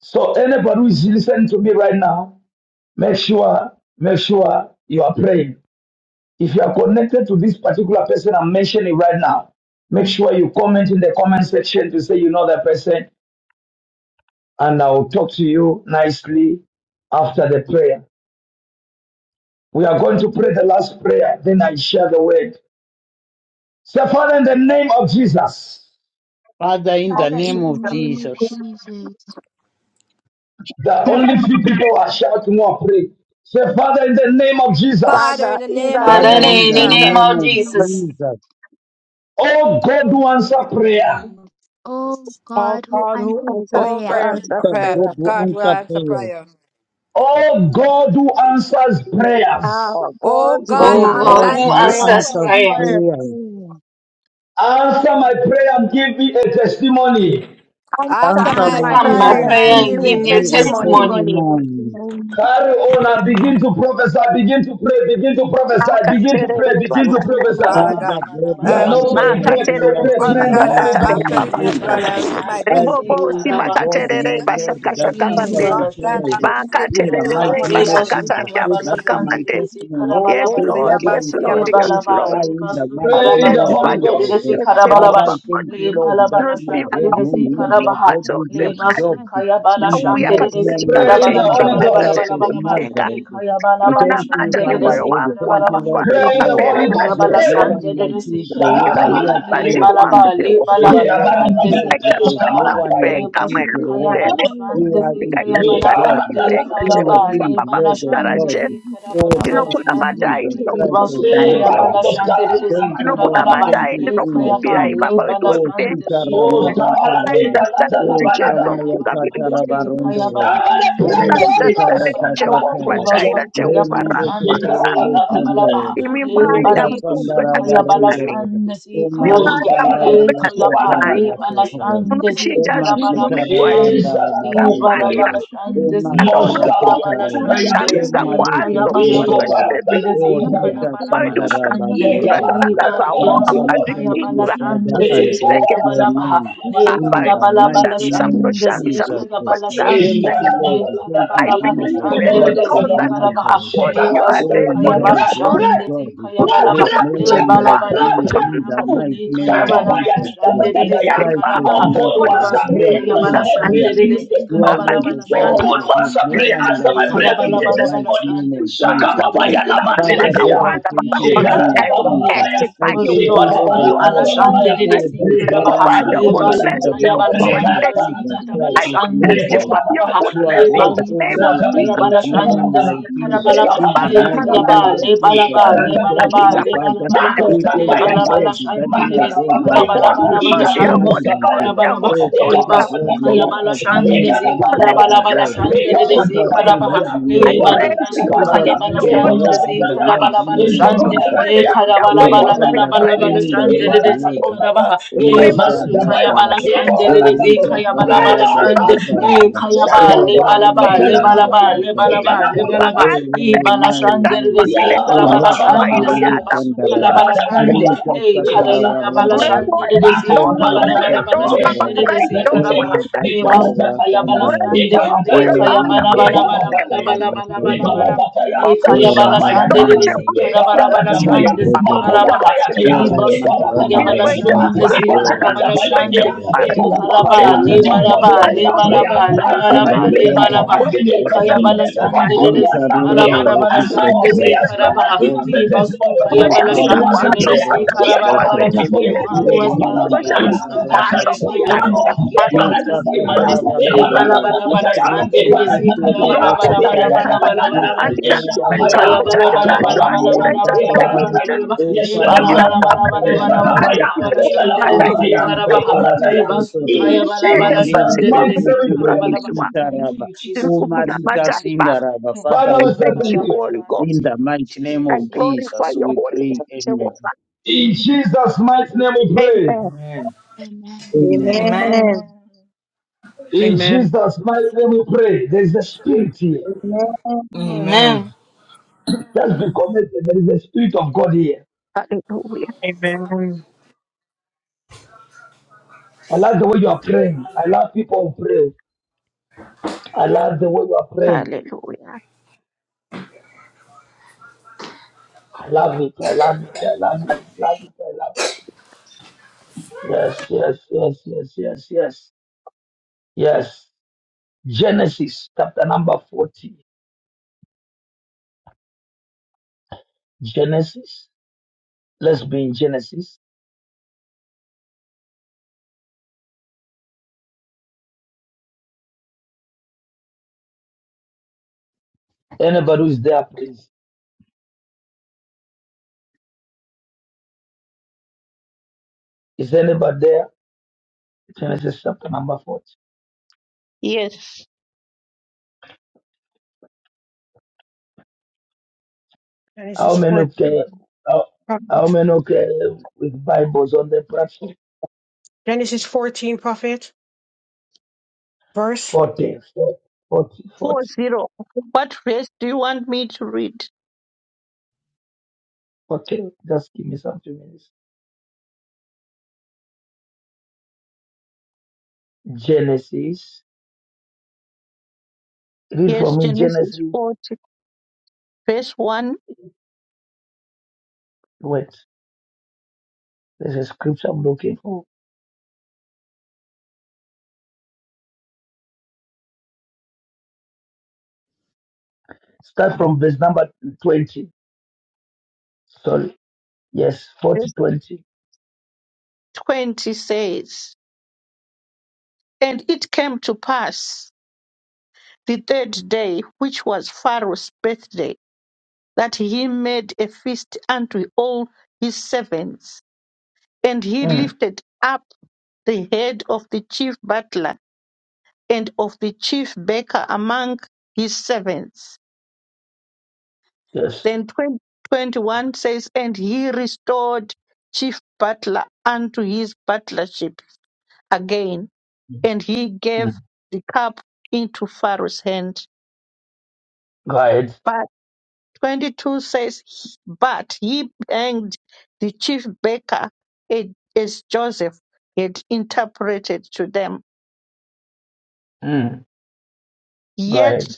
[SPEAKER 5] So anybody who is listening to me right now, make sure, make sure you are praying. If you are connected to this particular person I'm mentioning right now, make sure you comment in the comment section to say you know that person. and I will talk to you nicely after the prayer. We are going to pray the last prayer, then I share the word. Say, Father, in the name of Jesus,
[SPEAKER 9] Father, in
[SPEAKER 6] Oh,
[SPEAKER 9] the
[SPEAKER 16] Father, in
[SPEAKER 9] name
[SPEAKER 16] the
[SPEAKER 6] Jesus.
[SPEAKER 9] of
[SPEAKER 16] name of
[SPEAKER 9] Jesus.
[SPEAKER 16] Jesus, in
[SPEAKER 5] the only few people are shouting or pray. Say, Father, in the name of Jesus,
[SPEAKER 12] Father,
[SPEAKER 3] Father,
[SPEAKER 12] in the
[SPEAKER 3] in
[SPEAKER 12] name
[SPEAKER 3] the
[SPEAKER 12] of
[SPEAKER 9] Father,
[SPEAKER 2] Father,
[SPEAKER 3] name of
[SPEAKER 9] in
[SPEAKER 2] in
[SPEAKER 9] the
[SPEAKER 2] the name
[SPEAKER 3] Jesus,
[SPEAKER 12] Jesus.
[SPEAKER 16] the
[SPEAKER 9] name
[SPEAKER 2] of
[SPEAKER 9] of
[SPEAKER 16] name of
[SPEAKER 2] Jesus,
[SPEAKER 16] Jesus,
[SPEAKER 9] Jesus.
[SPEAKER 5] oh God who answer
[SPEAKER 19] In the
[SPEAKER 5] prayer,
[SPEAKER 19] name of
[SPEAKER 16] oh
[SPEAKER 19] Jesus.
[SPEAKER 6] Oh,
[SPEAKER 16] God who
[SPEAKER 6] God
[SPEAKER 16] answers
[SPEAKER 6] who answers
[SPEAKER 12] Oh
[SPEAKER 16] prayer,
[SPEAKER 12] God,
[SPEAKER 6] prayer.
[SPEAKER 3] answer
[SPEAKER 9] Son
[SPEAKER 12] prayer.
[SPEAKER 9] God, you
[SPEAKER 12] God will
[SPEAKER 9] answer
[SPEAKER 12] answer
[SPEAKER 9] prayer.
[SPEAKER 12] prayer.
[SPEAKER 5] oh
[SPEAKER 20] Amen.
[SPEAKER 5] God who answers prayers,
[SPEAKER 3] our
[SPEAKER 12] Oh
[SPEAKER 3] God who
[SPEAKER 16] oh
[SPEAKER 12] God
[SPEAKER 9] Oh
[SPEAKER 2] oh
[SPEAKER 12] who
[SPEAKER 16] God
[SPEAKER 2] God,
[SPEAKER 6] God
[SPEAKER 9] God,
[SPEAKER 3] answers
[SPEAKER 2] who
[SPEAKER 9] you
[SPEAKER 12] answers
[SPEAKER 16] who
[SPEAKER 3] prayers.
[SPEAKER 2] answers
[SPEAKER 6] answers
[SPEAKER 9] answer
[SPEAKER 12] prayer.
[SPEAKER 2] prayers,
[SPEAKER 16] answers
[SPEAKER 6] prayer.
[SPEAKER 9] prayer.
[SPEAKER 16] prayer,
[SPEAKER 5] answer my prayer and give me a testimony.
[SPEAKER 3] Answer
[SPEAKER 12] After
[SPEAKER 9] Answer
[SPEAKER 6] After
[SPEAKER 3] my
[SPEAKER 12] my
[SPEAKER 9] my
[SPEAKER 6] my
[SPEAKER 2] answer
[SPEAKER 16] after my
[SPEAKER 2] my
[SPEAKER 3] prayer
[SPEAKER 12] prayers,
[SPEAKER 6] prayer,
[SPEAKER 9] prayers
[SPEAKER 3] and
[SPEAKER 2] prayer
[SPEAKER 12] I'm
[SPEAKER 6] give
[SPEAKER 16] prayer
[SPEAKER 9] and
[SPEAKER 3] give
[SPEAKER 2] and
[SPEAKER 3] me
[SPEAKER 6] me
[SPEAKER 16] and
[SPEAKER 3] a
[SPEAKER 2] give
[SPEAKER 9] give
[SPEAKER 16] my
[SPEAKER 12] giving
[SPEAKER 2] me
[SPEAKER 6] my
[SPEAKER 2] a
[SPEAKER 9] me a
[SPEAKER 12] testimony.
[SPEAKER 3] testimony.
[SPEAKER 2] testimony.
[SPEAKER 6] testimony.
[SPEAKER 9] testimony.
[SPEAKER 16] testimony,
[SPEAKER 5] Carry on and begin to prophesy, begin to pray,
[SPEAKER 2] In
[SPEAKER 5] begin to prophesy,
[SPEAKER 2] Karabala
[SPEAKER 5] begin to pray,
[SPEAKER 3] Akaterere
[SPEAKER 5] begin
[SPEAKER 2] Shandidi,
[SPEAKER 16] I
[SPEAKER 12] Oh,
[SPEAKER 5] to
[SPEAKER 16] will
[SPEAKER 3] basandaya.
[SPEAKER 16] not
[SPEAKER 2] Karabala
[SPEAKER 5] prophesy.
[SPEAKER 12] Father
[SPEAKER 3] mama.
[SPEAKER 2] Bala
[SPEAKER 9] Father
[SPEAKER 12] God.
[SPEAKER 2] Bala
[SPEAKER 9] Lord,
[SPEAKER 5] You
[SPEAKER 9] we
[SPEAKER 2] Bala
[SPEAKER 5] are
[SPEAKER 12] Uh,
[SPEAKER 16] finish
[SPEAKER 5] not
[SPEAKER 9] answer
[SPEAKER 2] Shandidi,
[SPEAKER 5] praying.
[SPEAKER 9] my
[SPEAKER 2] in the
[SPEAKER 5] Pray,
[SPEAKER 2] mighty
[SPEAKER 5] pray,
[SPEAKER 2] name
[SPEAKER 3] Makaterere
[SPEAKER 5] pray,
[SPEAKER 9] prayers
[SPEAKER 2] of
[SPEAKER 9] in
[SPEAKER 12] Father
[SPEAKER 5] pray in
[SPEAKER 9] the
[SPEAKER 2] Jesus.
[SPEAKER 5] the
[SPEAKER 12] God,
[SPEAKER 9] mighty
[SPEAKER 5] Holy
[SPEAKER 12] uh,
[SPEAKER 5] Ghost.
[SPEAKER 3] basakataria
[SPEAKER 9] name
[SPEAKER 12] after
[SPEAKER 9] of
[SPEAKER 3] baba.
[SPEAKER 12] this, uh,
[SPEAKER 9] Jesus.
[SPEAKER 12] God,
[SPEAKER 2] Lebala
[SPEAKER 12] I will give my
[SPEAKER 9] I
[SPEAKER 12] testimony
[SPEAKER 2] Shandidi,
[SPEAKER 3] Ribobo
[SPEAKER 9] pray,
[SPEAKER 3] si
[SPEAKER 12] in the
[SPEAKER 9] my
[SPEAKER 12] name of
[SPEAKER 2] Karabaha.
[SPEAKER 9] God, my
[SPEAKER 3] makaterere
[SPEAKER 12] Jesus.
[SPEAKER 16] the
[SPEAKER 9] Lord, that answer
[SPEAKER 3] basakasakabande.
[SPEAKER 9] my
[SPEAKER 12] Lord
[SPEAKER 2] Bala
[SPEAKER 12] God,
[SPEAKER 2] Shanti
[SPEAKER 12] I
[SPEAKER 9] prayers
[SPEAKER 12] will
[SPEAKER 2] Rezi
[SPEAKER 12] give my
[SPEAKER 9] in the
[SPEAKER 3] Makaterere
[SPEAKER 9] mighty
[SPEAKER 2] Karabaha,
[SPEAKER 12] testimony,
[SPEAKER 9] name of
[SPEAKER 2] Leba
[SPEAKER 12] God, in the
[SPEAKER 9] Jesus,
[SPEAKER 12] name
[SPEAKER 3] basakataria
[SPEAKER 2] Sukaya
[SPEAKER 12] of
[SPEAKER 9] so
[SPEAKER 2] Bala
[SPEAKER 9] that
[SPEAKER 12] Jesus.
[SPEAKER 9] my
[SPEAKER 2] Shanti
[SPEAKER 3] basakamande.
[SPEAKER 2] Rezi
[SPEAKER 9] testimony,
[SPEAKER 12] Oh,
[SPEAKER 3] Yes,
[SPEAKER 12] God,
[SPEAKER 9] so
[SPEAKER 12] say
[SPEAKER 2] Karabalabalaba,
[SPEAKER 3] Lord,
[SPEAKER 9] that
[SPEAKER 12] about-
[SPEAKER 9] I
[SPEAKER 3] yes,
[SPEAKER 12] say
[SPEAKER 3] Lord,
[SPEAKER 12] about-
[SPEAKER 9] can
[SPEAKER 2] Leba
[SPEAKER 3] yes,
[SPEAKER 2] Laba,
[SPEAKER 3] Lord.
[SPEAKER 9] testify in
[SPEAKER 2] Leba
[SPEAKER 9] the
[SPEAKER 3] I
[SPEAKER 9] mighty
[SPEAKER 3] will
[SPEAKER 5] Pray in
[SPEAKER 9] name
[SPEAKER 5] the
[SPEAKER 2] Sukarabala
[SPEAKER 9] of
[SPEAKER 3] testify
[SPEAKER 5] Holy
[SPEAKER 2] Shanti
[SPEAKER 3] your
[SPEAKER 9] Jesus.
[SPEAKER 2] Rezi
[SPEAKER 5] Ghost.
[SPEAKER 3] goodness, Jehovah
[SPEAKER 9] Father,
[SPEAKER 2] Karabalaba,
[SPEAKER 9] I
[SPEAKER 3] God.
[SPEAKER 9] thank you,
[SPEAKER 2] Leba
[SPEAKER 9] Lord, that
[SPEAKER 2] Laba
[SPEAKER 3] Lord,
[SPEAKER 9] you
[SPEAKER 3] we are
[SPEAKER 9] are
[SPEAKER 2] Shanti
[SPEAKER 9] God
[SPEAKER 3] not
[SPEAKER 16] Thank
[SPEAKER 9] who
[SPEAKER 2] Rezi
[SPEAKER 3] going to
[SPEAKER 9] heals, you
[SPEAKER 3] be
[SPEAKER 9] are
[SPEAKER 2] Karabaha,
[SPEAKER 9] God
[SPEAKER 3] much of
[SPEAKER 9] who
[SPEAKER 16] you.
[SPEAKER 3] them.
[SPEAKER 9] gives
[SPEAKER 2] Leba
[SPEAKER 9] jobs.
[SPEAKER 2] Sukaya Bala
[SPEAKER 3] Now
[SPEAKER 9] In the
[SPEAKER 3] we
[SPEAKER 2] Shanti
[SPEAKER 3] are
[SPEAKER 9] mighty
[SPEAKER 2] Rezi
[SPEAKER 3] persuaded
[SPEAKER 9] name
[SPEAKER 3] that
[SPEAKER 9] of
[SPEAKER 3] we
[SPEAKER 5] Pray in the
[SPEAKER 3] change
[SPEAKER 5] Holy
[SPEAKER 9] Jesus,
[SPEAKER 3] and that
[SPEAKER 5] Ghost.
[SPEAKER 9] Christ
[SPEAKER 3] is
[SPEAKER 9] of
[SPEAKER 3] the
[SPEAKER 2] Karabalabalabalabalabalaba,
[SPEAKER 3] thing.
[SPEAKER 9] Nazareth.
[SPEAKER 2] Lekaya
[SPEAKER 9] I
[SPEAKER 2] Bala Bala
[SPEAKER 9] thank you,
[SPEAKER 3] Ninunamata
[SPEAKER 2] Shanti
[SPEAKER 3] ni
[SPEAKER 9] Father
[SPEAKER 3] moyo
[SPEAKER 2] Rezi
[SPEAKER 9] God,
[SPEAKER 3] wangu
[SPEAKER 9] thank
[SPEAKER 2] Karabalaba,
[SPEAKER 9] you, Lord of
[SPEAKER 5] Pray in
[SPEAKER 2] Leba
[SPEAKER 5] the
[SPEAKER 9] Lords.
[SPEAKER 5] Holy
[SPEAKER 3] wakapeleka
[SPEAKER 2] Sukaya
[SPEAKER 5] Ghost.
[SPEAKER 9] There's
[SPEAKER 2] Bala
[SPEAKER 9] no
[SPEAKER 5] Pray.
[SPEAKER 3] cheto
[SPEAKER 2] Shanti
[SPEAKER 9] one like you,
[SPEAKER 2] Rezi
[SPEAKER 9] Jehovah.
[SPEAKER 2] Kayabalaba,
[SPEAKER 9] You
[SPEAKER 3] usiwajiri
[SPEAKER 9] are
[SPEAKER 3] basi
[SPEAKER 9] King
[SPEAKER 5] Shalabalalabaya.
[SPEAKER 9] of
[SPEAKER 2] Leba
[SPEAKER 3] wangu
[SPEAKER 9] Kings.
[SPEAKER 2] Laba, Leba
[SPEAKER 9] You
[SPEAKER 3] Jehova,
[SPEAKER 9] are
[SPEAKER 2] Laba
[SPEAKER 9] Lord of
[SPEAKER 2] Shanti
[SPEAKER 9] Lords.
[SPEAKER 2] Rezi
[SPEAKER 9] There's
[SPEAKER 2] Karabalaba,
[SPEAKER 9] no
[SPEAKER 3] nikaitakukataa
[SPEAKER 9] one
[SPEAKER 5] Shigerabarabarabaratatuskabalataya.
[SPEAKER 9] like
[SPEAKER 3] kupenga
[SPEAKER 2] leba
[SPEAKER 9] you,
[SPEAKER 3] mwelu
[SPEAKER 2] sukaya
[SPEAKER 9] Jehovah.
[SPEAKER 2] bala
[SPEAKER 3] tene
[SPEAKER 9] You
[SPEAKER 2] shande
[SPEAKER 9] are a
[SPEAKER 2] zikaya
[SPEAKER 9] great
[SPEAKER 2] balaba
[SPEAKER 3] nikaitakukataa
[SPEAKER 9] God,
[SPEAKER 3] kupenga
[SPEAKER 9] King
[SPEAKER 2] lekaya
[SPEAKER 9] of
[SPEAKER 2] ba
[SPEAKER 5] Shigabaratabaratabara.
[SPEAKER 3] Jehova
[SPEAKER 9] Kings,
[SPEAKER 3] baba
[SPEAKER 2] leba la
[SPEAKER 9] Lord of
[SPEAKER 2] shande
[SPEAKER 9] Lords.
[SPEAKER 3] mstaraje
[SPEAKER 2] zikara
[SPEAKER 9] Oh,
[SPEAKER 2] bala
[SPEAKER 9] thank
[SPEAKER 2] bala
[SPEAKER 9] you,
[SPEAKER 2] shande
[SPEAKER 3] ndinokunamatai
[SPEAKER 9] Jesus Christ
[SPEAKER 2] leba
[SPEAKER 9] of
[SPEAKER 3] ndinokukumbirai
[SPEAKER 2] sukaya bala
[SPEAKER 3] Jehova
[SPEAKER 9] Nazareth.
[SPEAKER 2] shande de
[SPEAKER 9] Thank you,
[SPEAKER 2] zikara
[SPEAKER 9] Lord.
[SPEAKER 2] bala ba
[SPEAKER 9] Thank
[SPEAKER 3] ndinokunamatai
[SPEAKER 5] Shibaratustabalatabarabarabara.
[SPEAKER 9] you, King of
[SPEAKER 2] lekaya ba
[SPEAKER 3] ndinokukumbirai
[SPEAKER 9] Kings.
[SPEAKER 3] baba
[SPEAKER 2] leba
[SPEAKER 3] wedu
[SPEAKER 2] la
[SPEAKER 9] Oh,
[SPEAKER 2] shande
[SPEAKER 3] wekudenza
[SPEAKER 2] zikara bala bala
[SPEAKER 3] kudaidza
[SPEAKER 9] Chitaramarataram.
[SPEAKER 2] bala
[SPEAKER 3] zita
[SPEAKER 2] bala
[SPEAKER 3] rekuti
[SPEAKER 9] Oh,
[SPEAKER 2] bala
[SPEAKER 3] Jesu
[SPEAKER 2] bala
[SPEAKER 5] Stustabalatebalatalabaladaya.
[SPEAKER 2] bala bala ba
[SPEAKER 3] mutungamiriri wangu
[SPEAKER 2] lekaya
[SPEAKER 9] Samayakatarabarondo.
[SPEAKER 2] bala bala
[SPEAKER 5] Somebody
[SPEAKER 9] Oh,
[SPEAKER 5] pray in the
[SPEAKER 2] shande
[SPEAKER 3] kudaidza
[SPEAKER 5] Holy
[SPEAKER 3] zita
[SPEAKER 2] zikara
[SPEAKER 5] Ghost.
[SPEAKER 3] renyu
[SPEAKER 2] bala
[SPEAKER 16] We
[SPEAKER 2] ba
[SPEAKER 3] Jehova
[SPEAKER 2] leba
[SPEAKER 9] Masitarasatarayam.
[SPEAKER 5] Shalabalatabalaya.
[SPEAKER 16] we
[SPEAKER 3] jaira
[SPEAKER 2] sukaya
[SPEAKER 3] Jehova
[SPEAKER 2] bala
[SPEAKER 9] Remende
[SPEAKER 3] rafa
[SPEAKER 2] shande zikara bala
[SPEAKER 5] Shigabaratabaratabara.
[SPEAKER 9] Ketere
[SPEAKER 2] ba
[SPEAKER 16] can
[SPEAKER 3] imi
[SPEAKER 16] program
[SPEAKER 3] mwari
[SPEAKER 2] leba
[SPEAKER 6] Praise.
[SPEAKER 9] Rinka
[SPEAKER 16] Lord.
[SPEAKER 2] leba
[SPEAKER 3] yamukunzwe
[SPEAKER 9] Sandara
[SPEAKER 16] We are
[SPEAKER 2] sukaya bala
[SPEAKER 3] nasatani
[SPEAKER 16] testifying
[SPEAKER 9] Varundoroda,
[SPEAKER 2] shande
[SPEAKER 9] O
[SPEAKER 16] and
[SPEAKER 2] zikara
[SPEAKER 5] Jesus.
[SPEAKER 3] Lembrar
[SPEAKER 2] ba
[SPEAKER 3] está
[SPEAKER 16] testifying.
[SPEAKER 9] Marintandara
[SPEAKER 2] le
[SPEAKER 16] We
[SPEAKER 3] conversa,
[SPEAKER 2] kayaba
[SPEAKER 3] Pai.
[SPEAKER 9] Vasatara
[SPEAKER 16] celebrate
[SPEAKER 2] le
[SPEAKER 16] testifying
[SPEAKER 3] O
[SPEAKER 9] Vatorada,
[SPEAKER 16] of
[SPEAKER 2] balashande
[SPEAKER 3] nome de
[SPEAKER 16] goodness.
[SPEAKER 2] zi
[SPEAKER 9] O
[SPEAKER 3] Jesus,
[SPEAKER 16] Thank
[SPEAKER 2] karabala
[SPEAKER 3] no
[SPEAKER 16] you for
[SPEAKER 9] Mashikara
[SPEAKER 16] the
[SPEAKER 3] negócio,
[SPEAKER 16] God.
[SPEAKER 2] balashande
[SPEAKER 9] Gandara
[SPEAKER 3] da
[SPEAKER 2] le
[SPEAKER 16] In the
[SPEAKER 2] bala
[SPEAKER 3] família.
[SPEAKER 9] Vasutara,
[SPEAKER 16] name of the Lord
[SPEAKER 9] O
[SPEAKER 2] balashande zi
[SPEAKER 3] Até o não
[SPEAKER 9] Masaya
[SPEAKER 16] Jesus.
[SPEAKER 2] karabala
[SPEAKER 3] público,
[SPEAKER 9] Katara,
[SPEAKER 16] My
[SPEAKER 3] nós
[SPEAKER 2] balashande
[SPEAKER 5] Moskabayabalabayabaya.
[SPEAKER 9] O
[SPEAKER 3] chamamos da
[SPEAKER 2] le
[SPEAKER 3] quase,
[SPEAKER 9] Marike
[SPEAKER 3] como
[SPEAKER 2] kayabala
[SPEAKER 3] foi a tua
[SPEAKER 9] Sendere,
[SPEAKER 3] entrevista.
[SPEAKER 2] balashande
[SPEAKER 9] O
[SPEAKER 2] zi
[SPEAKER 5] Biskobalabalabalabaya.
[SPEAKER 9] Rinka
[SPEAKER 16] sister
[SPEAKER 2] karabala
[SPEAKER 3] Para
[SPEAKER 16] has
[SPEAKER 3] ele,
[SPEAKER 16] to
[SPEAKER 3] uma
[SPEAKER 9] Sandara
[SPEAKER 16] put that
[SPEAKER 2] balashande
[SPEAKER 16] I
[SPEAKER 3] captura
[SPEAKER 16] have.
[SPEAKER 3] da
[SPEAKER 2] le
[SPEAKER 9] Vasotara.
[SPEAKER 3] casal,
[SPEAKER 16] In
[SPEAKER 2] bali
[SPEAKER 16] the
[SPEAKER 3] ou
[SPEAKER 9] Father,
[SPEAKER 2] basu
[SPEAKER 16] name
[SPEAKER 3] uma
[SPEAKER 9] we
[SPEAKER 16] of
[SPEAKER 5] Yekabarabalabalabaya.
[SPEAKER 3] de
[SPEAKER 16] the
[SPEAKER 9] thank
[SPEAKER 16] Lord
[SPEAKER 9] you,
[SPEAKER 2] kayabala
[SPEAKER 3] pintura,
[SPEAKER 9] Father,
[SPEAKER 2] shande
[SPEAKER 9] I
[SPEAKER 3] e
[SPEAKER 16] Jesus.
[SPEAKER 3] seconds.
[SPEAKER 2] zi
[SPEAKER 9] bless
[SPEAKER 3] pequenos.
[SPEAKER 9] your
[SPEAKER 2] kayabala baha
[SPEAKER 9] name
[SPEAKER 16] We can
[SPEAKER 2] le
[SPEAKER 16] for the
[SPEAKER 5] Rekobalabalabalabalabalabala.
[SPEAKER 3] Para
[SPEAKER 9] in
[SPEAKER 16] God.
[SPEAKER 3] ele,
[SPEAKER 9] the
[SPEAKER 2] kadabala
[SPEAKER 16] We
[SPEAKER 9] mighty
[SPEAKER 16] can
[SPEAKER 9] name
[SPEAKER 3] chamamos,
[SPEAKER 9] of
[SPEAKER 3] nós
[SPEAKER 2] balashande
[SPEAKER 3] chamamos,
[SPEAKER 2] zi
[SPEAKER 16] for the
[SPEAKER 9] Jesus.
[SPEAKER 16] God.
[SPEAKER 9] Christ.
[SPEAKER 3] nós
[SPEAKER 2] kayabala
[SPEAKER 16] In
[SPEAKER 2] shande
[SPEAKER 9] Thank
[SPEAKER 3] chamamos,
[SPEAKER 9] you, Lord.
[SPEAKER 2] le
[SPEAKER 9] Thank
[SPEAKER 3] I
[SPEAKER 9] you,
[SPEAKER 2] karabala
[SPEAKER 16] the
[SPEAKER 9] Jesus
[SPEAKER 16] name
[SPEAKER 5] Reskalabalabalabalabalabala.
[SPEAKER 3] believe
[SPEAKER 16] of
[SPEAKER 2] balashande
[SPEAKER 3] and
[SPEAKER 9] Christ
[SPEAKER 2] re
[SPEAKER 3] know
[SPEAKER 9] of
[SPEAKER 5] Kodobodobodo.
[SPEAKER 2] zi
[SPEAKER 3] that you
[SPEAKER 2] karabaha
[SPEAKER 16] the
[SPEAKER 3] are
[SPEAKER 9] Nazareth.
[SPEAKER 3] God,
[SPEAKER 2] le
[SPEAKER 3] you
[SPEAKER 16] Lord
[SPEAKER 3] are
[SPEAKER 2] basu
[SPEAKER 9] Oh,
[SPEAKER 3] there
[SPEAKER 5] Shekabalabalabalabala.
[SPEAKER 16] Jesus.
[SPEAKER 9] you
[SPEAKER 3] on
[SPEAKER 9] are
[SPEAKER 3] your
[SPEAKER 9] a
[SPEAKER 2] kayabala
[SPEAKER 5] Yes,
[SPEAKER 9] great
[SPEAKER 3] throne,
[SPEAKER 5] pray!
[SPEAKER 2] shande zi
[SPEAKER 9] God.
[SPEAKER 3] with
[SPEAKER 5] Pray,
[SPEAKER 3] all for
[SPEAKER 2] kayabala
[SPEAKER 3] the
[SPEAKER 9] Let
[SPEAKER 2] ba
[SPEAKER 16] Thank
[SPEAKER 5] pray,
[SPEAKER 9] no
[SPEAKER 2] le
[SPEAKER 5] pray,
[SPEAKER 3] potential
[SPEAKER 9] one
[SPEAKER 2] bala
[SPEAKER 5] pray,
[SPEAKER 9] like
[SPEAKER 3] power,
[SPEAKER 2] bala
[SPEAKER 9] you
[SPEAKER 5] pray,
[SPEAKER 3] which
[SPEAKER 2] bala
[SPEAKER 5] pray.
[SPEAKER 9] in
[SPEAKER 2] bala
[SPEAKER 9] the mighty name of
[SPEAKER 5] Shakabaya,
[SPEAKER 9] Jesus. Lord.
[SPEAKER 5] Shakabaya.
[SPEAKER 2] Lekayabalabalashandererezi
[SPEAKER 9] Christ is
[SPEAKER 2] karabaha.
[SPEAKER 5] Oh
[SPEAKER 9] in
[SPEAKER 5] God,
[SPEAKER 3] from
[SPEAKER 5] what's
[SPEAKER 9] Nazareth.
[SPEAKER 5] the
[SPEAKER 9] You are
[SPEAKER 5] prayer?
[SPEAKER 3] the
[SPEAKER 9] King
[SPEAKER 5] Answer
[SPEAKER 9] of
[SPEAKER 5] my
[SPEAKER 3] battle,
[SPEAKER 5] prayer,
[SPEAKER 9] Kings.
[SPEAKER 5] give me
[SPEAKER 2] Lebasukayabalasandererezi
[SPEAKER 9] You are
[SPEAKER 5] testimony.
[SPEAKER 3] Baba
[SPEAKER 9] Lord of
[SPEAKER 5] Oh
[SPEAKER 9] Lords.
[SPEAKER 3] nditswenyere
[SPEAKER 2] karabalashande.
[SPEAKER 5] God,
[SPEAKER 9] There
[SPEAKER 5] what's
[SPEAKER 9] is
[SPEAKER 5] the
[SPEAKER 9] no
[SPEAKER 5] prayer?
[SPEAKER 9] one
[SPEAKER 5] Answer
[SPEAKER 9] like
[SPEAKER 5] my prayer,
[SPEAKER 9] you
[SPEAKER 5] give
[SPEAKER 9] in
[SPEAKER 5] me
[SPEAKER 9] the mighty
[SPEAKER 5] testimony.
[SPEAKER 9] name
[SPEAKER 2] Lekarabalashande.
[SPEAKER 9] of
[SPEAKER 3] izvozvo
[SPEAKER 9] Jesus.
[SPEAKER 2] Lord, who
[SPEAKER 5] Shakabaya,
[SPEAKER 9] Lord.
[SPEAKER 2] was a
[SPEAKER 3] zvamunoitira vanhu
[SPEAKER 2] prayer,
[SPEAKER 9] Father
[SPEAKER 2] answer
[SPEAKER 5] Lamantelepeya.
[SPEAKER 9] God, I
[SPEAKER 2] my
[SPEAKER 3] vakawanda
[SPEAKER 9] thank
[SPEAKER 2] prayer, O
[SPEAKER 3] mabasa
[SPEAKER 9] you,
[SPEAKER 2] Lord,
[SPEAKER 9] King
[SPEAKER 2] and
[SPEAKER 9] of
[SPEAKER 3] vakadai
[SPEAKER 2] give
[SPEAKER 3] will
[SPEAKER 9] Kings.
[SPEAKER 2] me a
[SPEAKER 5] Shakabaya,
[SPEAKER 9] I
[SPEAKER 3] testify your
[SPEAKER 2] testimony,
[SPEAKER 9] thank
[SPEAKER 2] Lord.
[SPEAKER 9] you,
[SPEAKER 3] goodness
[SPEAKER 9] Lord of
[SPEAKER 3] Lord.
[SPEAKER 9] Lords.
[SPEAKER 5] Shakabaya,
[SPEAKER 3] I
[SPEAKER 9] Oh,
[SPEAKER 2] Lebalashandererezi
[SPEAKER 3] will
[SPEAKER 9] there's no
[SPEAKER 2] karabaha.
[SPEAKER 3] testify
[SPEAKER 9] one
[SPEAKER 5] Rekababana,
[SPEAKER 9] like
[SPEAKER 3] your
[SPEAKER 9] you in
[SPEAKER 3] goodness
[SPEAKER 9] the
[SPEAKER 5] Poskalabaya.
[SPEAKER 9] mighty
[SPEAKER 3] Jehovah
[SPEAKER 9] name
[SPEAKER 3] will
[SPEAKER 9] of
[SPEAKER 3] say
[SPEAKER 2] Lebasukayabalashandezi
[SPEAKER 5] Rekababana,
[SPEAKER 9] Jesus Christ
[SPEAKER 3] I
[SPEAKER 5] Rekababana,
[SPEAKER 9] of
[SPEAKER 3] will
[SPEAKER 2] karabalashandezi
[SPEAKER 3] testify
[SPEAKER 9] Nazareth.
[SPEAKER 3] your
[SPEAKER 2] karabaha.
[SPEAKER 9] You are
[SPEAKER 3] goodness in
[SPEAKER 9] God
[SPEAKER 5] Rekababana,
[SPEAKER 3] the name of
[SPEAKER 9] Almighty.
[SPEAKER 3] Jesus
[SPEAKER 9] There's
[SPEAKER 5] Rekababana,
[SPEAKER 9] no
[SPEAKER 3] Christ
[SPEAKER 9] one
[SPEAKER 5] Rekababana,
[SPEAKER 9] like
[SPEAKER 2] Lebalibasukayabalasandazi
[SPEAKER 9] you
[SPEAKER 2] karabalaba.
[SPEAKER 5] Sheka
[SPEAKER 9] in the
[SPEAKER 3] zvichapamba
[SPEAKER 2] Le
[SPEAKER 5] palatana
[SPEAKER 9] mighty
[SPEAKER 3] mazita
[SPEAKER 5] talaga.
[SPEAKER 9] name
[SPEAKER 2] kayaba,
[SPEAKER 9] of
[SPEAKER 2] le
[SPEAKER 3] zvose
[SPEAKER 9] Jesus.
[SPEAKER 2] balaba, le
[SPEAKER 5] Ikwalata
[SPEAKER 9] We thank
[SPEAKER 2] balaba,
[SPEAKER 16] you.
[SPEAKER 9] you,
[SPEAKER 5] palataya.
[SPEAKER 2] le
[SPEAKER 3] hazvichapana
[SPEAKER 9] Father.
[SPEAKER 3] zvende
[SPEAKER 2] balabalaba,
[SPEAKER 16] Yes,
[SPEAKER 9] We
[SPEAKER 5] Makota
[SPEAKER 16] it's
[SPEAKER 2] le
[SPEAKER 3] zita
[SPEAKER 9] thank
[SPEAKER 16] okay.
[SPEAKER 9] you,
[SPEAKER 3] rachena
[SPEAKER 5] payataya.
[SPEAKER 2] balabala
[SPEAKER 9] Lord, that
[SPEAKER 2] shande
[SPEAKER 16] Yes,
[SPEAKER 2] de
[SPEAKER 9] my
[SPEAKER 2] de
[SPEAKER 5] Matana
[SPEAKER 2] si
[SPEAKER 9] God,
[SPEAKER 3] you
[SPEAKER 16] okay.
[SPEAKER 9] we
[SPEAKER 3] are
[SPEAKER 5] papayata.
[SPEAKER 9] shall
[SPEAKER 3] holy
[SPEAKER 9] keep
[SPEAKER 2] karabalabalabala
[SPEAKER 5] Ita
[SPEAKER 9] the
[SPEAKER 3] Lord you are
[SPEAKER 2] shande
[SPEAKER 3] holy
[SPEAKER 5] pronosta
[SPEAKER 2] si
[SPEAKER 9] commandment.
[SPEAKER 3] Lord you
[SPEAKER 5] palataya.
[SPEAKER 3] are
[SPEAKER 2] karabalaba,
[SPEAKER 9] Oh,
[SPEAKER 3] holy Lord
[SPEAKER 5] Eka
[SPEAKER 2] le
[SPEAKER 9] Father
[SPEAKER 5] palata
[SPEAKER 2] basu
[SPEAKER 9] God,
[SPEAKER 16] yes,
[SPEAKER 9] we
[SPEAKER 5] toyana.
[SPEAKER 2] kayabala
[SPEAKER 9] are
[SPEAKER 16] okay.
[SPEAKER 2] shande
[SPEAKER 5] Eka
[SPEAKER 9] praying
[SPEAKER 5] na
[SPEAKER 3] we
[SPEAKER 2] si
[SPEAKER 9] that you are
[SPEAKER 3] praise
[SPEAKER 5] papayata.
[SPEAKER 9] the
[SPEAKER 3] you
[SPEAKER 2] karabalabala
[SPEAKER 3] and
[SPEAKER 9] God.
[SPEAKER 3] give
[SPEAKER 2] shande
[SPEAKER 5] Eko
[SPEAKER 3] you
[SPEAKER 2] de de
[SPEAKER 9] Give
[SPEAKER 3] all
[SPEAKER 5] santa
[SPEAKER 2] si
[SPEAKER 9] us your
[SPEAKER 2] karabaha,
[SPEAKER 5] payataya.
[SPEAKER 9] word in your
[SPEAKER 3] I
[SPEAKER 2] le
[SPEAKER 16] just
[SPEAKER 5] Eko
[SPEAKER 16] a
[SPEAKER 9] word.
[SPEAKER 2] bali
[SPEAKER 3] praise
[SPEAKER 5] palataya
[SPEAKER 3] you
[SPEAKER 16] prayer
[SPEAKER 2] basu
[SPEAKER 3] and
[SPEAKER 9] Give
[SPEAKER 16] with
[SPEAKER 9] us
[SPEAKER 5] palata.
[SPEAKER 3] give
[SPEAKER 16] you,
[SPEAKER 2] kayabala
[SPEAKER 3] you
[SPEAKER 9] reading
[SPEAKER 5] Eko
[SPEAKER 9] your
[SPEAKER 2] shande
[SPEAKER 9] word
[SPEAKER 3] worship.
[SPEAKER 9] in
[SPEAKER 16] Yes,
[SPEAKER 9] the
[SPEAKER 5] talataya.
[SPEAKER 16] okay.
[SPEAKER 9] mighty
[SPEAKER 16] Yes,
[SPEAKER 9] name
[SPEAKER 2] si
[SPEAKER 9] of
[SPEAKER 5] Into no
[SPEAKER 3] You
[SPEAKER 2] shande
[SPEAKER 16] okay.
[SPEAKER 3] are
[SPEAKER 9] Jesus.
[SPEAKER 2] le
[SPEAKER 5] parataya.
[SPEAKER 3] worthy. You are
[SPEAKER 9] In
[SPEAKER 2] karabala
[SPEAKER 9] the
[SPEAKER 3] worthy
[SPEAKER 2] bala
[SPEAKER 3] to be
[SPEAKER 5] Ekosana
[SPEAKER 2] bala bala
[SPEAKER 3] praised.
[SPEAKER 16] Yes,
[SPEAKER 5] Dabaya,
[SPEAKER 2] bala
[SPEAKER 9] understanding of
[SPEAKER 2] shande
[SPEAKER 9] his
[SPEAKER 2] le de
[SPEAKER 5] Ekosana
[SPEAKER 16] okay.
[SPEAKER 2] zi
[SPEAKER 9] word.
[SPEAKER 3] Put
[SPEAKER 5] Totata,
[SPEAKER 2] karabaha le
[SPEAKER 9] Oh,
[SPEAKER 3] him to
[SPEAKER 5] Ekosana
[SPEAKER 2] basu
[SPEAKER 16] Yes,
[SPEAKER 3] you
[SPEAKER 2] kaya
[SPEAKER 5] Dabaya,
[SPEAKER 3] are
[SPEAKER 2] bala
[SPEAKER 16] okay.
[SPEAKER 9] Rakataraba.
[SPEAKER 3] happy.
[SPEAKER 2] shande le
[SPEAKER 16] Yes,
[SPEAKER 5] Ekosana
[SPEAKER 9] Oh,
[SPEAKER 2] de zi
[SPEAKER 16] okay.
[SPEAKER 5] Totata.
[SPEAKER 9] Rita
[SPEAKER 2] kaya bala
[SPEAKER 5] Pray
[SPEAKER 3] I'm
[SPEAKER 2] bala
[SPEAKER 5] the
[SPEAKER 9] Sandaraba
[SPEAKER 5] Holy
[SPEAKER 2] shande
[SPEAKER 5] Ghost,
[SPEAKER 16] Yes,
[SPEAKER 5] pray.
[SPEAKER 2] le
[SPEAKER 9] Sataraba.
[SPEAKER 16] okay.
[SPEAKER 2] kaya
[SPEAKER 3] just
[SPEAKER 2] ba
[SPEAKER 5] Shut
[SPEAKER 9] Oh,
[SPEAKER 5] up,
[SPEAKER 2] le
[SPEAKER 16] Yes,
[SPEAKER 2] bala ba le bala
[SPEAKER 9] Randaraba
[SPEAKER 2] ba
[SPEAKER 5] Ekalabaya,
[SPEAKER 2] le bala ba
[SPEAKER 9] Satara.
[SPEAKER 2] le
[SPEAKER 3] what
[SPEAKER 2] bala
[SPEAKER 3] I
[SPEAKER 5] Ekalabaya,
[SPEAKER 2] ba
[SPEAKER 3] I
[SPEAKER 16] okay. Yes,
[SPEAKER 9] Marisa,
[SPEAKER 2] le
[SPEAKER 3] very
[SPEAKER 2] bala
[SPEAKER 3] much with
[SPEAKER 2] shande
[SPEAKER 3] that.
[SPEAKER 2] le de
[SPEAKER 3] But we
[SPEAKER 5] don't go
[SPEAKER 2] zi
[SPEAKER 3] need
[SPEAKER 5] to
[SPEAKER 3] to know
[SPEAKER 2] karabala
[SPEAKER 3] what I
[SPEAKER 2] shande
[SPEAKER 3] know.
[SPEAKER 2] zi
[SPEAKER 5] us,
[SPEAKER 3] Yeah, I'm
[SPEAKER 2] basu
[SPEAKER 3] thinking
[SPEAKER 2] karabala
[SPEAKER 3] about
[SPEAKER 2] shande
[SPEAKER 3] it.
[SPEAKER 2] le karabala bala
[SPEAKER 3] Durango,
[SPEAKER 2] shande
[SPEAKER 3] I
[SPEAKER 2] le de
[SPEAKER 16] okay.
[SPEAKER 3] need
[SPEAKER 2] zi
[SPEAKER 3] to
[SPEAKER 2] karabala
[SPEAKER 3] pray.
[SPEAKER 16] Thank
[SPEAKER 2] bala
[SPEAKER 3] Do
[SPEAKER 16] you.
[SPEAKER 2] bala shande
[SPEAKER 3] about the
[SPEAKER 2] le de
[SPEAKER 3] right
[SPEAKER 2] zi
[SPEAKER 3] door for
[SPEAKER 2] karabaha
[SPEAKER 3] the day.
[SPEAKER 2] le basu kaya bala
[SPEAKER 3] Durango,
[SPEAKER 2] shande
[SPEAKER 3] door for
[SPEAKER 2] le
[SPEAKER 3] your
[SPEAKER 2] kaya
[SPEAKER 3] land.
[SPEAKER 2] bala
[SPEAKER 3] I
[SPEAKER 2] bala bala
[SPEAKER 3] am
[SPEAKER 2] bala bala
[SPEAKER 3] Jesus.
[SPEAKER 2] bala bala bala
[SPEAKER 3] Open
[SPEAKER 2] Ekayabala
[SPEAKER 3] door,
[SPEAKER 2] shanderesi, karabarabala
[SPEAKER 3] Jesus.
[SPEAKER 2] shandesi, balabaha, libasu,
[SPEAKER 3] Diz
[SPEAKER 2] kayabala
[SPEAKER 3] 40
[SPEAKER 2] shandesi,
[SPEAKER 3] usuários,
[SPEAKER 2] karabala
[SPEAKER 3] frente
[SPEAKER 2] shand,
[SPEAKER 3] usuários,
[SPEAKER 2] ekaraba,
[SPEAKER 3] gente,
[SPEAKER 2] lebaraba,
[SPEAKER 3] aí
[SPEAKER 5] I
[SPEAKER 3] não
[SPEAKER 5] pray.
[SPEAKER 2] lebaraba,
[SPEAKER 3] politizamos,
[SPEAKER 5] Answer
[SPEAKER 3] não
[SPEAKER 5] my
[SPEAKER 2] lebaraba,
[SPEAKER 5] prayer.
[SPEAKER 3] politizamos,
[SPEAKER 2] lebaraba,
[SPEAKER 5] I give you
[SPEAKER 3] não
[SPEAKER 5] a
[SPEAKER 3] politizamos,
[SPEAKER 5] testimony
[SPEAKER 2] ekayabala
[SPEAKER 3] não
[SPEAKER 5] of
[SPEAKER 3] mais,
[SPEAKER 5] God wants
[SPEAKER 2] shanderesi,
[SPEAKER 5] that prayer.
[SPEAKER 2] balabarabala
[SPEAKER 3] não
[SPEAKER 5] Answer our
[SPEAKER 3] politizamos,
[SPEAKER 2] shandesi,
[SPEAKER 5] prayers and
[SPEAKER 2] karabaha,
[SPEAKER 5] give us the
[SPEAKER 2] libasu,
[SPEAKER 5] testimony
[SPEAKER 3] não
[SPEAKER 5] of
[SPEAKER 9] O
[SPEAKER 2] kayabala
[SPEAKER 3] deixamos
[SPEAKER 5] God
[SPEAKER 3] a
[SPEAKER 5] wants that
[SPEAKER 9] Samasa
[SPEAKER 3] baixa,
[SPEAKER 5] prayer.
[SPEAKER 3] não
[SPEAKER 2] shanderesi,
[SPEAKER 9] Taraba
[SPEAKER 3] deixamos a fazer
[SPEAKER 2] karabarabala,
[SPEAKER 9] Satarama,
[SPEAKER 2] the
[SPEAKER 5] Yakapalakatoya,
[SPEAKER 3] limites,
[SPEAKER 2] one
[SPEAKER 9] O
[SPEAKER 2] who has the
[SPEAKER 3] não
[SPEAKER 2] prayer
[SPEAKER 5] Yakapalakatoya,
[SPEAKER 3] deixamos
[SPEAKER 2] answer
[SPEAKER 3] a
[SPEAKER 9] Rimandaraba
[SPEAKER 2] my
[SPEAKER 9] Raba
[SPEAKER 3] baixa,
[SPEAKER 2] prayers, O
[SPEAKER 5] Akatapaya
[SPEAKER 3] não
[SPEAKER 2] Lord,
[SPEAKER 5] namo,
[SPEAKER 9] Satarama,
[SPEAKER 2] and
[SPEAKER 3] deixamos a
[SPEAKER 2] give me
[SPEAKER 3] baixa,
[SPEAKER 2] a
[SPEAKER 5] Yakapalakatoya,
[SPEAKER 9] Masaka
[SPEAKER 3] nós
[SPEAKER 2] testimony.
[SPEAKER 9] Taraba
[SPEAKER 5] Yakapalakatoya,
[SPEAKER 3] precisamos
[SPEAKER 2] Le
[SPEAKER 3] ter
[SPEAKER 2] bala
[SPEAKER 9] Linderoma,
[SPEAKER 3] muitas
[SPEAKER 2] bala bala
[SPEAKER 5] Yakapalakatoya,
[SPEAKER 3] mudanças,
[SPEAKER 9] Riku
[SPEAKER 2] shandere de de si
[SPEAKER 9] Suku
[SPEAKER 2] kara
[SPEAKER 3] que não
[SPEAKER 2] bala
[SPEAKER 9] Rebe
[SPEAKER 3] precisa
[SPEAKER 2] bala
[SPEAKER 3] da
[SPEAKER 2] bala
[SPEAKER 9] Sitaraba,
[SPEAKER 2] bala
[SPEAKER 3] etapa,
[SPEAKER 2] bala
[SPEAKER 5] Yakapalakatoya,
[SPEAKER 2] bala bala bala
[SPEAKER 3] antigamente,
[SPEAKER 9] Makataraba
[SPEAKER 5] Yeshakapaya,
[SPEAKER 9] Raba
[SPEAKER 3] pensando,
[SPEAKER 2] Ikaya
[SPEAKER 3] já
[SPEAKER 2] bala
[SPEAKER 3] de
[SPEAKER 2] bala
[SPEAKER 3] trás, eu
[SPEAKER 9] Sataraba
[SPEAKER 2] bala
[SPEAKER 3] acho
[SPEAKER 2] bala
[SPEAKER 3] que
[SPEAKER 5] Akapalakaya,
[SPEAKER 9] maya
[SPEAKER 3] deve
[SPEAKER 16] Amen. Amen.
[SPEAKER 2] bala bala bala
[SPEAKER 9] Sataraba,
[SPEAKER 2] bala
[SPEAKER 3] ser
[SPEAKER 5] Yakapalakaya,
[SPEAKER 2] bala ba.
[SPEAKER 9] O
[SPEAKER 2] Le bala bala
[SPEAKER 5] Yeshakamanama,
[SPEAKER 9] Pariaka
[SPEAKER 2] bala bala bala
[SPEAKER 9] Sandaraba
[SPEAKER 2] bala
[SPEAKER 5] Yeshakapaya,
[SPEAKER 2] bala
[SPEAKER 3] antigamente,
[SPEAKER 2] bala
[SPEAKER 9] Satarama,
[SPEAKER 2] shandere
[SPEAKER 9] O
[SPEAKER 2] de si
[SPEAKER 5] Yakalapapapaya,
[SPEAKER 3] antigamente,
[SPEAKER 9] Nandita
[SPEAKER 2] karabaha.
[SPEAKER 9] Taraba
[SPEAKER 2] Le
[SPEAKER 5] Yakapalakaya.
[SPEAKER 2] basu
[SPEAKER 9] Satarama,
[SPEAKER 5] In
[SPEAKER 2] kaya bala bala
[SPEAKER 3] Machete,
[SPEAKER 5] Jesus'
[SPEAKER 9] Mandiri
[SPEAKER 2] shandere
[SPEAKER 3] Basiwa,
[SPEAKER 5] mighty
[SPEAKER 2] de
[SPEAKER 5] name
[SPEAKER 2] si
[SPEAKER 5] we
[SPEAKER 3] Kukuda,
[SPEAKER 5] pray.
[SPEAKER 2] karabala ba.
[SPEAKER 3] Kirikiwa,
[SPEAKER 2] Thank you, Jesus, for
[SPEAKER 3] Kukuda,
[SPEAKER 2] this to
[SPEAKER 3] Macha,
[SPEAKER 2] our
[SPEAKER 3] Bab.
[SPEAKER 2] praise.
[SPEAKER 9] Mandiriki,
[SPEAKER 2] Thank
[SPEAKER 9] Father,
[SPEAKER 2] you,
[SPEAKER 3] I
[SPEAKER 5] Father,
[SPEAKER 9] we
[SPEAKER 5] we
[SPEAKER 2] my
[SPEAKER 5] say
[SPEAKER 3] thank
[SPEAKER 9] thank
[SPEAKER 2] Father,
[SPEAKER 5] thank
[SPEAKER 3] you,
[SPEAKER 9] you.
[SPEAKER 2] my
[SPEAKER 5] you.
[SPEAKER 3] Holy
[SPEAKER 2] Father,
[SPEAKER 9] In
[SPEAKER 3] Ghost.
[SPEAKER 9] the mighty name
[SPEAKER 3] I
[SPEAKER 9] of
[SPEAKER 2] Jesus.
[SPEAKER 3] glorify
[SPEAKER 9] Jesus,
[SPEAKER 3] your
[SPEAKER 9] we
[SPEAKER 3] holy
[SPEAKER 9] pray.
[SPEAKER 3] name,
[SPEAKER 9] Amen.
[SPEAKER 3] Jehovah.
[SPEAKER 5] In Jesus' mighty name we pray.
[SPEAKER 3] Amen.
[SPEAKER 21] Amen.
[SPEAKER 9] Amen.
[SPEAKER 21] Amen.
[SPEAKER 2] Amen.
[SPEAKER 5] In
[SPEAKER 6] Amen.
[SPEAKER 5] Jesus' mighty name we pray. There is a spirit here.
[SPEAKER 21] Amen.
[SPEAKER 2] Amen.
[SPEAKER 5] Just be committed. There is a spirit of God here.
[SPEAKER 3] Hallelujah.
[SPEAKER 6] Amen.
[SPEAKER 5] I love the way you are praying. I love people who pray. I love the way you are praying.
[SPEAKER 3] Hallelujah.
[SPEAKER 5] I love it. I love it. I love it. I love it. I love it. Yes, yes, yes, yes, yes, yes. Yes. Genesis chapter number 40. Genesis. Let's be in Genesis. Anybody who is there, please. Is anybody there? Genesis chapter number 40.
[SPEAKER 3] Yes.
[SPEAKER 5] How
[SPEAKER 6] Genesis
[SPEAKER 5] many
[SPEAKER 6] 14,
[SPEAKER 5] of you- how, how many of you with Bibles on the platform?
[SPEAKER 6] Genesis 14 prophet, verse
[SPEAKER 5] forty, forty, forty.
[SPEAKER 3] four zero. What verse do you want me to read?
[SPEAKER 5] forty. Just give me some few minutes. Genesis. Read for
[SPEAKER 3] Yes,
[SPEAKER 5] me
[SPEAKER 3] Genesis
[SPEAKER 5] Genesis.
[SPEAKER 3] 4, verse 1,
[SPEAKER 5] Wait, there's a scripture I'm looking for. Start from verse number 20. Sorry. Yes, 40
[SPEAKER 3] verse
[SPEAKER 5] 20.
[SPEAKER 3] 20 says, And it came to pass the third day, which was Pharaoh's birthday, that he made a feast unto all his servants And he
[SPEAKER 5] Mm,
[SPEAKER 3] lifted up the head of the chief butler and of the chief baker among his servants.
[SPEAKER 5] yes.
[SPEAKER 3] Then 20, 21 says, And he restored chief butler unto his butlership again, and he gave
[SPEAKER 5] Mm.
[SPEAKER 3] the cup into Pharaoh's hand.
[SPEAKER 5] Go ahead.
[SPEAKER 3] But 22 says, But he hanged the chief baker eh, as Joseph had interpreted to them.
[SPEAKER 5] Mm, go
[SPEAKER 3] Yet
[SPEAKER 5] ahead.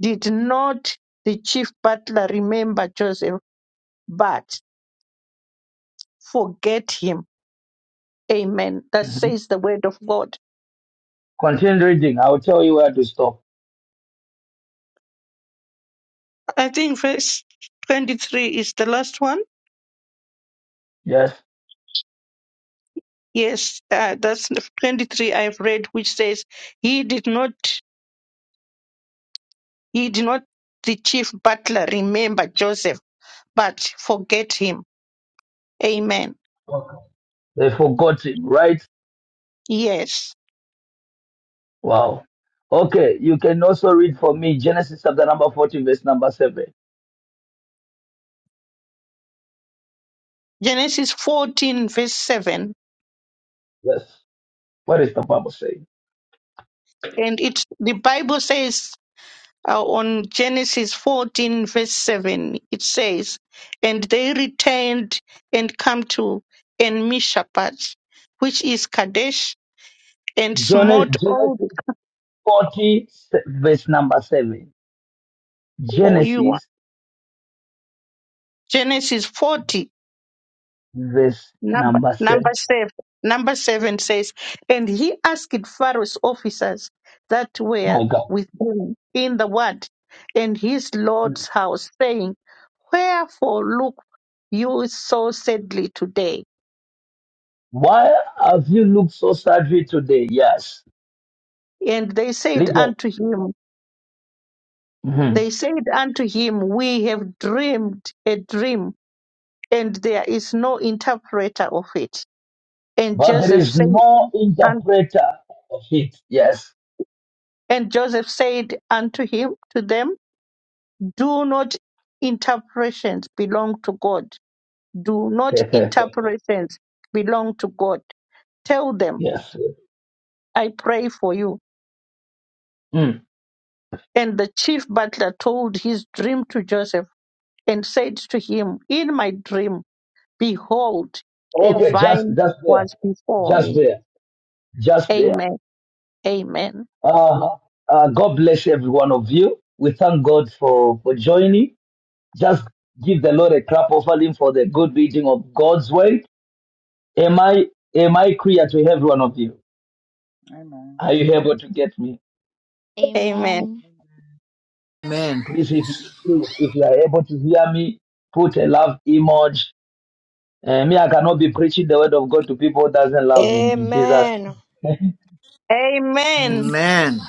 [SPEAKER 3] Did not the chief butler remember Joseph, but forget him? Amen. That
[SPEAKER 5] Mhm.
[SPEAKER 3] says the word of God.
[SPEAKER 5] Continue reading. I'll tell you where to stop.
[SPEAKER 3] I think verse 23 is the last one.
[SPEAKER 5] Yes.
[SPEAKER 3] Yes, uh, that's 23 I've read, which says, He did not, he did not, the chief butler remember Joseph, but forget him. Amen.
[SPEAKER 5] Okay. They forgot him, right?
[SPEAKER 3] Yes.
[SPEAKER 5] Wow. Okay, you can also read for me Genesis chapter number 40, verse number 7.
[SPEAKER 3] Genesis 14, verse 7.
[SPEAKER 5] Yes. What is the Bible saying?
[SPEAKER 3] And it, the Bible says uh, on Genesis 14, verse 7, it says, And they returned and come to En Mishpat, which is Kadesh, and
[SPEAKER 5] Genesis,
[SPEAKER 3] smote all the
[SPEAKER 5] Genesis 40, se- verse number 7.
[SPEAKER 3] Oyua.
[SPEAKER 5] Genesis,
[SPEAKER 3] Genesis 40,
[SPEAKER 5] verse
[SPEAKER 3] number,
[SPEAKER 5] number 7.
[SPEAKER 3] number 7. Number 7 says, And he asked Pharaoh's officers that were
[SPEAKER 5] My God.
[SPEAKER 3] with him in the word and his Lord's house, saying, Wherefore look you so sadly today?
[SPEAKER 5] Why have you looked so sadly today? Yes.
[SPEAKER 3] And they said
[SPEAKER 5] Little.
[SPEAKER 3] unto him,
[SPEAKER 5] Mhm.
[SPEAKER 3] They said unto him, We have dreamed a dream, and there is no interpreter of it. And
[SPEAKER 5] But there
[SPEAKER 3] Joseph
[SPEAKER 5] is
[SPEAKER 3] said,
[SPEAKER 5] no
[SPEAKER 3] and,
[SPEAKER 5] interpreter of it. Yes.
[SPEAKER 3] and Joseph said unto him, to them, Do not interpretations belong to God. Do not
[SPEAKER 5] yes.
[SPEAKER 3] interpretations belong to God. Tell them, I pray for you.
[SPEAKER 5] Mm.
[SPEAKER 3] And the chief butler told his dream to Joseph and said to him, In my dream. Behold, a
[SPEAKER 5] Okay, just,
[SPEAKER 3] vine
[SPEAKER 5] just there.
[SPEAKER 3] was before
[SPEAKER 5] Just
[SPEAKER 3] me.
[SPEAKER 5] there. Just there.
[SPEAKER 3] Amen. Amen.
[SPEAKER 5] Uh, uh, God bless every one of you. We thank God for, for joining. Just give the Lord a clap offering for the good reading of God's word. Am I am I clear to every one of you?
[SPEAKER 19] Amen.
[SPEAKER 5] Are you able to get me?
[SPEAKER 3] Amen.
[SPEAKER 16] Amen.
[SPEAKER 19] Amen.
[SPEAKER 21] Amen.
[SPEAKER 5] Please, if you, please, if you are able to hear me, put a love emoji. Uh, me, I cannot be preaching the word of God to people who doesn't love me in Jesus.
[SPEAKER 12] Amen.
[SPEAKER 3] Amen.
[SPEAKER 21] Amen.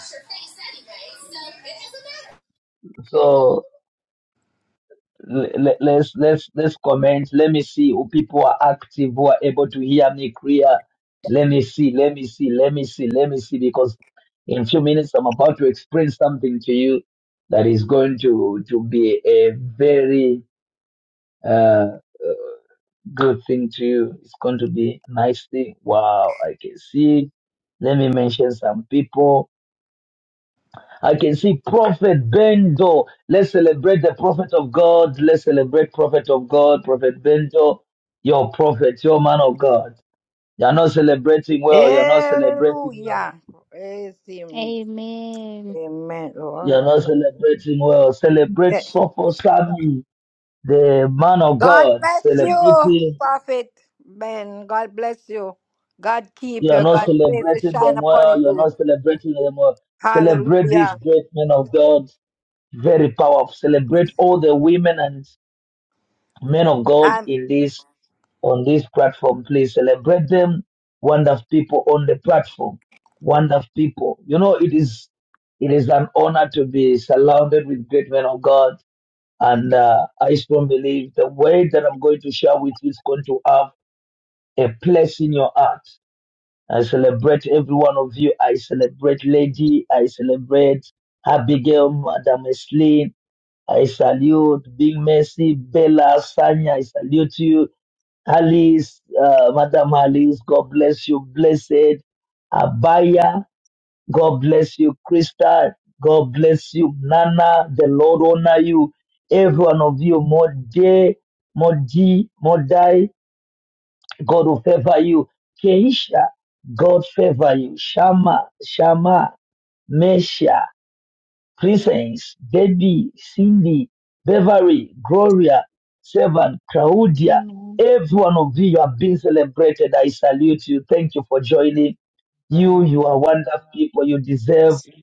[SPEAKER 5] So le- let's let's let's comment. Let me see who people are active who are able to hear me clear. Let me see, let me see, let me see, let me see, because in a few minutes I'm about to explain something to you that is going to to be a very uh good thing to you. It's going to be nice thing. Wow, I can see. Let me mention some people. I can see Prophet Bendo. Let's celebrate the prophet of God. Let's celebrate prophet of God, Prophet Bendo. Your prophet, your man of God. You're not celebrating well. You're not celebrating well.
[SPEAKER 12] Hallelujah. Praise Him.
[SPEAKER 16] Amen.
[SPEAKER 12] Amen, Lord.
[SPEAKER 5] You're not celebrating well. Celebrate
[SPEAKER 12] Yeah.
[SPEAKER 5] Sopho Sami, the man of
[SPEAKER 12] God
[SPEAKER 5] God.
[SPEAKER 12] bless you,
[SPEAKER 5] Celebrating.
[SPEAKER 12] Prophet Ben. God bless you. God keep
[SPEAKER 5] You're
[SPEAKER 12] you.
[SPEAKER 5] not
[SPEAKER 12] God's face to
[SPEAKER 5] celebrating
[SPEAKER 12] shine
[SPEAKER 5] them
[SPEAKER 12] upon
[SPEAKER 5] well. You're
[SPEAKER 12] you.
[SPEAKER 5] not celebrating them well. Celebrate these
[SPEAKER 12] Hallelujah.
[SPEAKER 5] great men of God. Very powerful. Celebrate all the women and men of God
[SPEAKER 12] And
[SPEAKER 5] in this on this platform. Please celebrate them. Wonderful people on the platform. Wonderful people. You know, it is it is an honor to be surrounded with great men of God. And uh, I strongly believe the word that I'm going to share with you is going to have a place in your heart. I celebrate every one of you. I celebrate Lady. I celebrate Abigail, Madam Esleen. I salute Big Mercy, Bella, Sanya. I salute you. Alice, uh, Madam Alice, God bless you. Blessed Abaya, God bless you. Krista, God bless you. Nana, the Lord honor you. Every one of you, Mode, Modi, Modai. God will favor you. Keisha, God favor you. Shama, Shama, Mesha, Presence, Debbie, Cindy, Beverly, Gloria, Seven, Claudia.
[SPEAKER 16] Amen.
[SPEAKER 5] Every one of you, you have been celebrated. I salute you. Thank you for joining. You,
[SPEAKER 19] Amen.
[SPEAKER 5] you are wonderful people. You deserve
[SPEAKER 19] Bless you,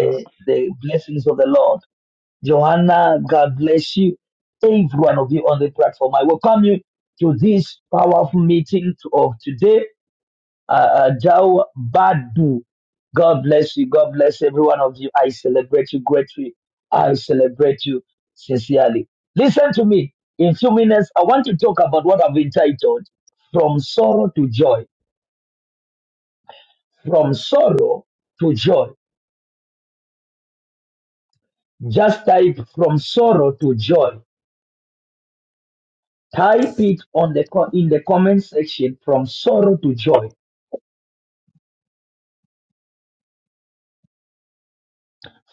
[SPEAKER 19] God.
[SPEAKER 5] the blessings of the Lord. Johanna, God bless you. Every one of you on the platform. I welcome you to this powerful meeting to- of today. Uh, uh, Jao Badu. God bless you. God bless every one of you. I celebrate you greatly. I celebrate you sincerely. Listen to me. In few minutes, I want to talk about what I've entitled From Sorrow to Joy. From Sorrow to Joy. Just type From Sorrow to Joy Type it on the co- in the comment section from sorrow to joy.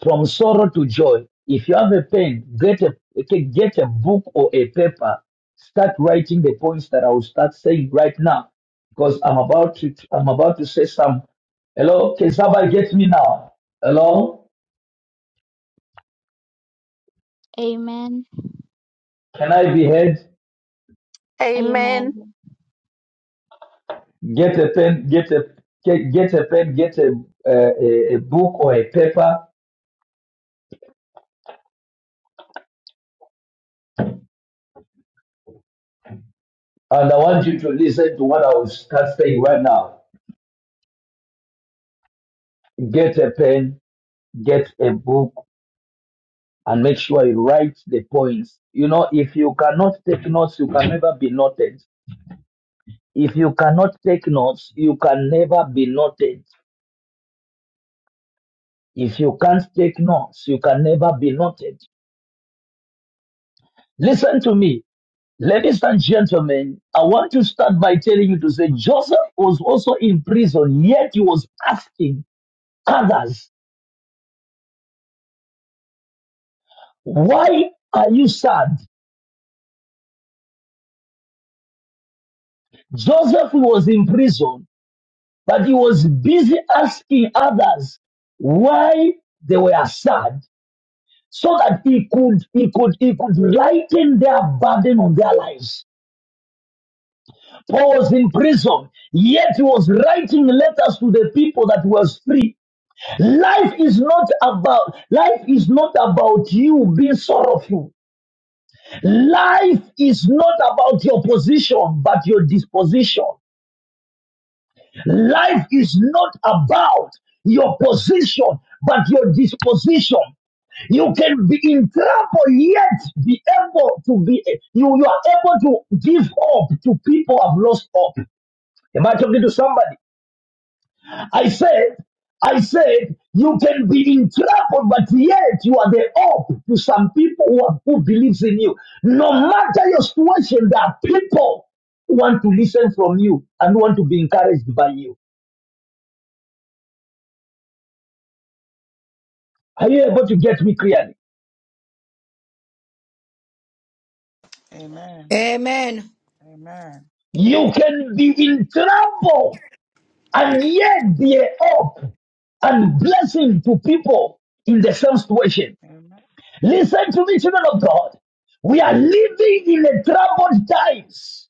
[SPEAKER 5] From sorrow to joy. If you have a pen, get a okay, get a book or a paper. Start writing the points that I will start saying right now because I'm about to I'm about to say some. Hello, can somebody get me now? Hello,
[SPEAKER 16] Amen.
[SPEAKER 5] can I be heard?
[SPEAKER 3] Amen.
[SPEAKER 16] Amen.
[SPEAKER 5] Get a pen, get a get, get a pen, get a, uh, a a book or a paper, and I want you to listen to what I will start saying right now. Get a pen, get a book, and make sure you write the points. You know, if you cannot take notes, you can never be noted. If you cannot take notes, you can never be noted. If you can't take notes, you can never be noted. Listen to me. Ladies and gentlemen, I want to start by telling you to say Joseph was also in prison, yet he was asking others, Why are you sad? Joseph was in prison But he was busy asking others why they were sad so that he could, he could, he could lighten their burden on their lives. Paul was in prison, yet he was writing letters to the people that was free. Life is not about life is not about you being sorrowful. Life is not about your position, but your disposition. Life is not about your position, but your disposition. You can be in trouble, yet be able to be, you, you are able to give hope to people who have lost hope. Am I talking to somebody? I said, I said, you can be in trouble, but yet you are the hope to some people who, have, who believes in you. No matter your situation, there are people who want to listen from you and want to be encouraged by you. Are you able to get me clearly?
[SPEAKER 19] Amen.
[SPEAKER 12] Amen.
[SPEAKER 19] Amen.
[SPEAKER 5] You can be in trouble and yet be a hope and blessing to people in the same situation.
[SPEAKER 19] Amen.
[SPEAKER 5] Listen to me, children of God. We are living in a troubled times.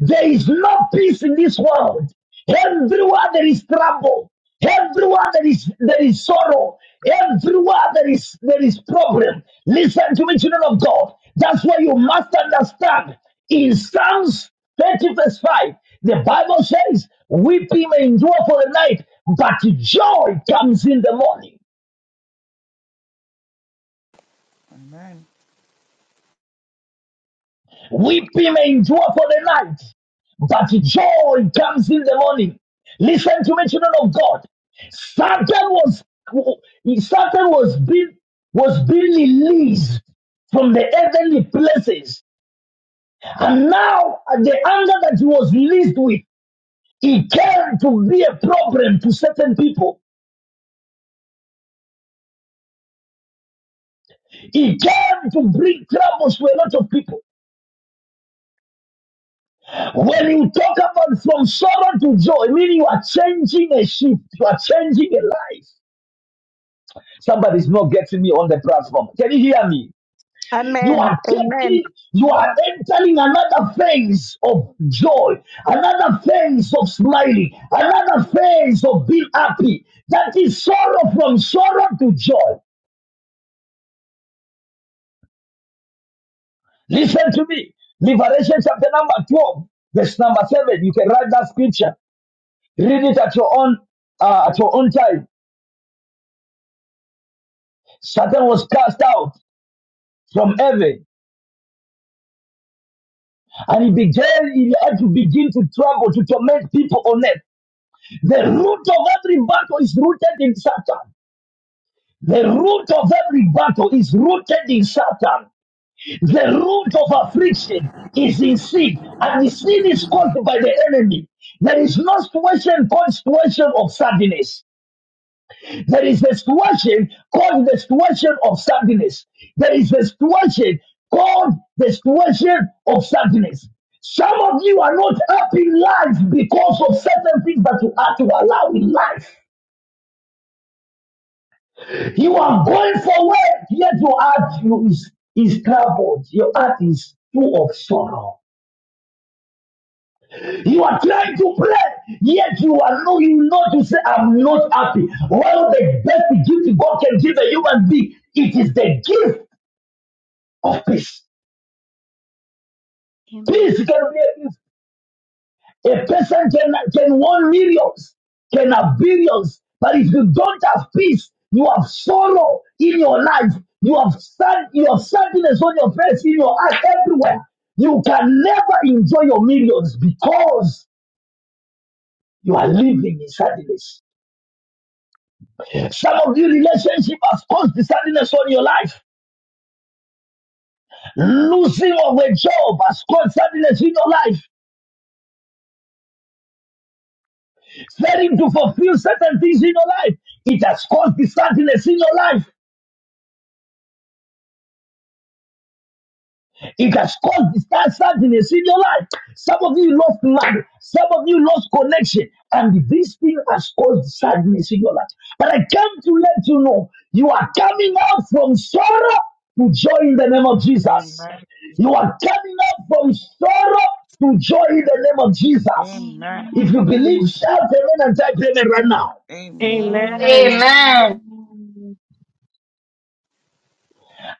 [SPEAKER 5] There is no peace in this world. Everywhere there is trouble. Everywhere there is there is sorrow. Everywhere there is there is problem. Listen to me, children of God. That's why you must understand. In Psalms 30 verse 5, the Bible says, "Weeping may endure for the night, but joy comes in the morning."
[SPEAKER 19] Amen.
[SPEAKER 5] Weeping may endure for the night, but joy comes in the morning. Listen to me, children of God. Satan was Satan was being was being released from the heavenly places, and now at the anger that he was released with, he came to be a problem to certain people. He came to bring troubles to a lot of people. When you talk about from sorrow to joy, meaning you are changing a shift, you are changing a life. Somebody's not getting me on the platform. Can you hear me?
[SPEAKER 3] Amen.
[SPEAKER 5] You are
[SPEAKER 3] Amen.
[SPEAKER 5] taking, you are entering another phase of joy, another phase of smiling, another phase of being happy. That is sorrow from sorrow to joy. Listen to me. Liberation chapter number 12, verse number 7. You can write that scripture. Read it at your own uh, at your own time. Satan was cast out from heaven and he began he had to begin to trouble to torment people on earth. The root of every battle is rooted in Satan. The root of every battle is rooted in Satan. The root of affliction is in sin, and the sin is caused by the enemy. There is no situation called situation of sadness. There is a situation called the situation of sadness. There is a situation called the situation of sadness. Some of you are not happy in life because of certain things that you have to allow in life. You are going forward, yet your heart is, is troubled. Your heart is full of sorrow. You are trying to pray, yet you are not. you know to say, I'm not happy. One of the best gifts God can give a human being, it is the gift of peace.
[SPEAKER 16] Amen.
[SPEAKER 5] Peace can be a gift. A person can, can want millions, can have billions, but if you don't have peace, you have sorrow in your life, you have sad, you have sadness on your face, in your heart, everywhere. You can never enjoy your millions because you are living in sadness. Some of your relationship has caused the sadness on your life. Losing of a job has caused sadness in your life. Failing to fulfill certain things in your life, it has caused the sadness in your life. It has caused disasters in a single life. Some of you lost money. Some of you lost connection. And this thing has caused sadness in a single life. But I came to let you know you are coming out from sorrow to joy in the name of Jesus.
[SPEAKER 19] Amen.
[SPEAKER 5] You are coming out from sorrow to joy in the name of Jesus.
[SPEAKER 16] Amen.
[SPEAKER 19] Amen.
[SPEAKER 5] If you
[SPEAKER 16] Amen. Amen.
[SPEAKER 5] believe, shout amen and type amen right now.
[SPEAKER 6] Amen.
[SPEAKER 19] Amen.
[SPEAKER 2] Amen.
[SPEAKER 16] Amen.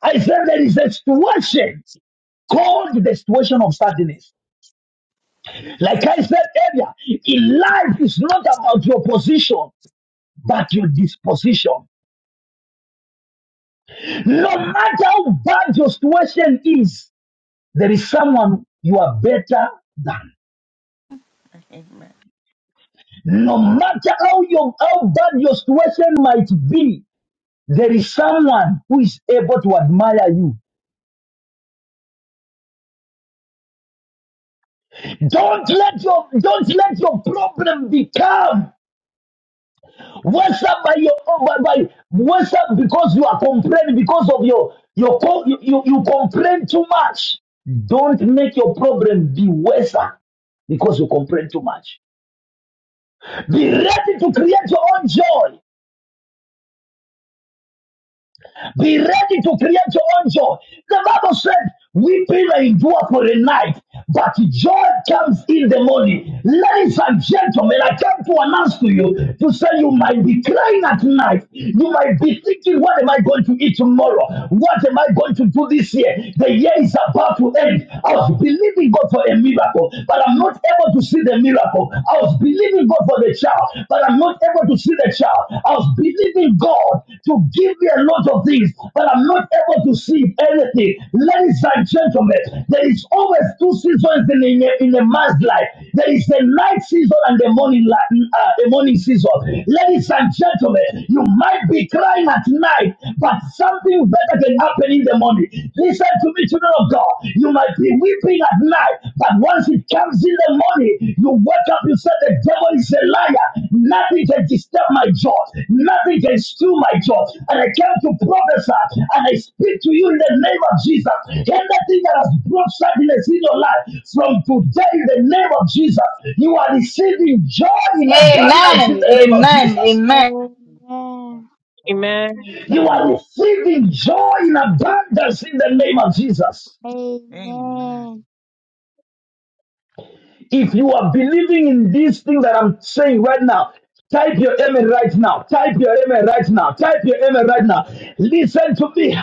[SPEAKER 5] I said there is a situation called the situation of sadness. Like I said earlier, in life is not about your position, but your disposition. No matter how bad your situation is, there is someone you are better than.
[SPEAKER 19] Amen.
[SPEAKER 5] No matter how your how bad your situation might be, there is someone who is able to admire you. Don't let your don't let your problem become What's up by your oh, by, by what's up because you are complaining because of your your co- you, you, you complain too much. Don't make your problem be worse because you complain too much. Be ready to create your own joy. Be ready to create your own joy. The Bible said, Weeping may endure for a night, but joy comes in the morning. Ladies and gentlemen, I came to announce to you to say you might be crying at night. You might be thinking, What am I going to eat tomorrow? What am I going to do this year? The year is about to end. I was believing God for a miracle, but I'm not able to see the miracle. I was believing believing God for the child, but I'm not able to see the child. I was believing God to give me a lot of things, but I'm not able to see anything. Ladies and gentlemen, there is always two seasons in a, in a man's life. There is a night season and a morning li- uh, a morning season. Ladies and gentlemen, you might be crying at night, but something better can happen in the morning. Listen to be children of God. You might be weeping at night, but once it comes in the morning, you wake up, you say, The devil is a liar. Nothing can disturb my joy. Nothing can steal my joy. And I came to prophesy and I speak to you in the name of Jesus. Anything that has brought sadness in your life, from today, in the name of Jesus, you are receiving joy in abundance in
[SPEAKER 2] Amen.
[SPEAKER 5] the name of
[SPEAKER 2] Amen.
[SPEAKER 5] Jesus.
[SPEAKER 2] Amen.
[SPEAKER 19] Thank you, Lord.
[SPEAKER 6] Amen.
[SPEAKER 5] You
[SPEAKER 19] Amen.
[SPEAKER 5] are receiving joy in abundance in the name of Jesus.
[SPEAKER 19] Amen. Amen.
[SPEAKER 5] If you are believing in these things that I'm saying right now, type your amen right now. Type your amen right now. Type your amen right now. Listen to me,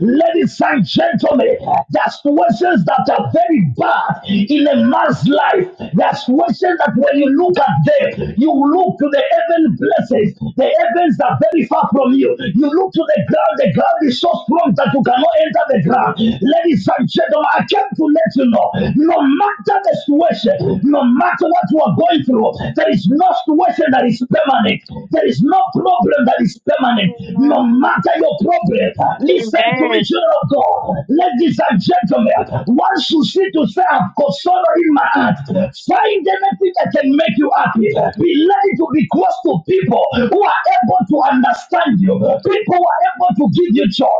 [SPEAKER 5] ladies and gentlemen. There's situations that are very bad in a man's life. There's situations that when you look at them, you look to the heaven blessings. The heavens are very far from you. You look to the ground. The ground is so strong that you cannot enter the ground. Ladies and gentlemen, I came to let you know. No no matter the situation, no matter what you are going through, there is no situation that is permanent. There is no problem that is permanent. No matter your problem, listen to me,
[SPEAKER 6] Amen.
[SPEAKER 5] children of God. Ladies and gentlemen, once you see to say, I've got sorrow in my heart, find anything that can make you happy. Be ready to be close to people who are able to understand you, people who are able to give you joy.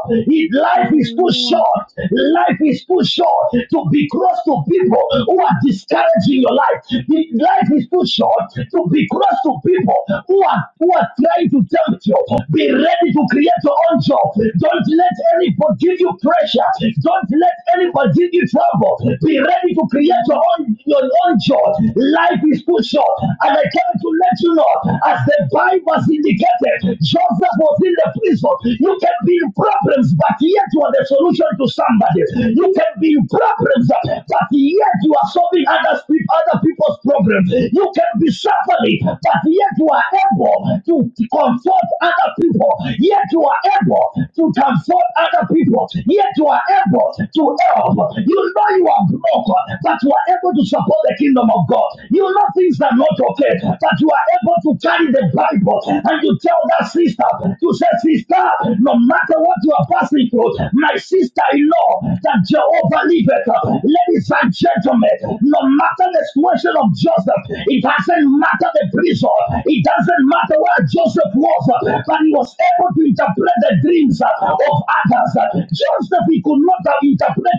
[SPEAKER 5] Life
[SPEAKER 16] Amen.
[SPEAKER 5] is too short. Life is too short. God, to be close to people who are discouraging your life. The life is too short to be close to people who are who are trying to tempt you. Be ready to create your own job. Don't let anybody give you pressure. Don't let anybody give you trouble. Be ready to create your
[SPEAKER 16] Amen.
[SPEAKER 5] own your own job. Life is too short. And I came to let you know, as the Bible indicated, Joseph was in the prison. You can be in problems, but yet you are the solution to something somebody. You can be in problems, but yet you are solving other, other people's problems. You can be suffering, but yet you are able to comfort other people. Yet you are able to comfort other people. Yet you are able to help. You know you are broken, but you are able to support the kingdom of God. You know things are not okay, but you are able to carry the Bible and you tell that sister, to say, sister, no matter what you are passing people, my sister in law, that Jehovah liveth. Ladies and gentlemen, no matter the situation of Joseph, it doesn't matter the prison, it doesn't matter where Joseph was, but he was able to interpret the dreams of others. Joseph, he could not interpret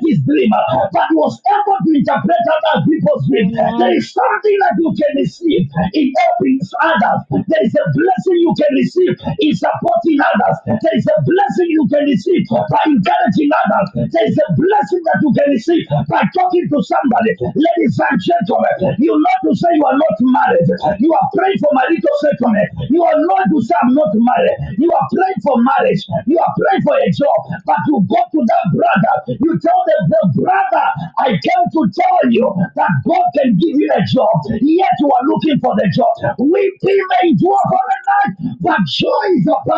[SPEAKER 5] his dream, but he was able to interpret other people's dreams. There
[SPEAKER 16] Amen.
[SPEAKER 5] is something that you can receive in helping others. There is a blessing you can receive in supporting others. There is a blessing you can receive by encouraging others. There is a blessing that you can receive by talking to somebody. Ladies and gentlemen, you not to say you are not married. You are praying for marital settlement. You are not to say I'm not married. You are praying for marriage. You are praying for a job. But you go to that brother. You tell them, the brother, I came to tell you that God can give you a job. Yet you are looking for the job. Weeping may endure for a night, but joy is upon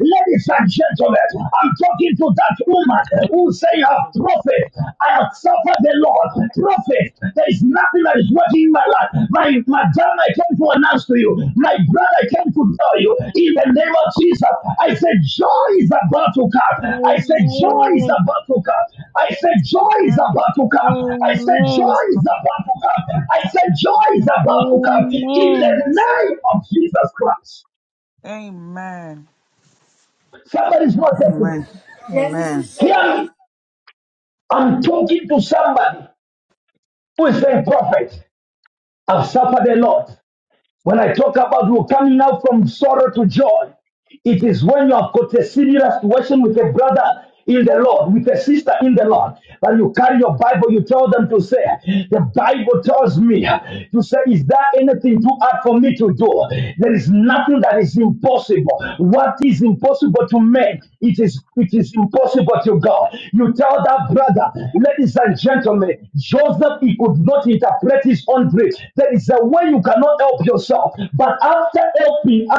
[SPEAKER 5] Ladies
[SPEAKER 19] Amen.
[SPEAKER 5] and
[SPEAKER 19] Amen.
[SPEAKER 5] gentlemen, I'm talking to that woman who
[SPEAKER 19] Yes,
[SPEAKER 5] say, "Ah, Prophet, I have suffered the Lord. Prophet, there is nothing that is working in my life. My, my dad, I came to announce to you. My brother, I came to tell you. In the name of Jesus, I said, Joy is about to come. I said, Joy is
[SPEAKER 16] Amen.
[SPEAKER 5] about to come. I said, Joy is about to come. I said, Joy
[SPEAKER 16] Amen.
[SPEAKER 5] is
[SPEAKER 19] Lord.
[SPEAKER 5] about to come. I said,
[SPEAKER 19] Yes,
[SPEAKER 5] Joy is
[SPEAKER 19] Lord.
[SPEAKER 5] about to come. In the
[SPEAKER 16] Amen.
[SPEAKER 19] Yes.
[SPEAKER 5] name of Jesus Christ.
[SPEAKER 19] Amen.
[SPEAKER 5] Somebody's not happy.
[SPEAKER 21] Amen. Amen.
[SPEAKER 5] Hear me. I'm talking to somebody who is saying, Prophet, I've suffered a lot. When I talk about you coming out from sorrow to joy, it is when you have got a similar situation with a brother in the Lord, with a sister in the Lord, but you carry your Bible, you tell them to say, The Bible tells me, you say, Is there anything too hard for me to do? There is nothing that is impossible. What is impossible to men, it is it is impossible to God. You tell that brother, ladies and gentlemen, Joseph, he could not interpret his own dream. There is a way you cannot help yourself. But after helping,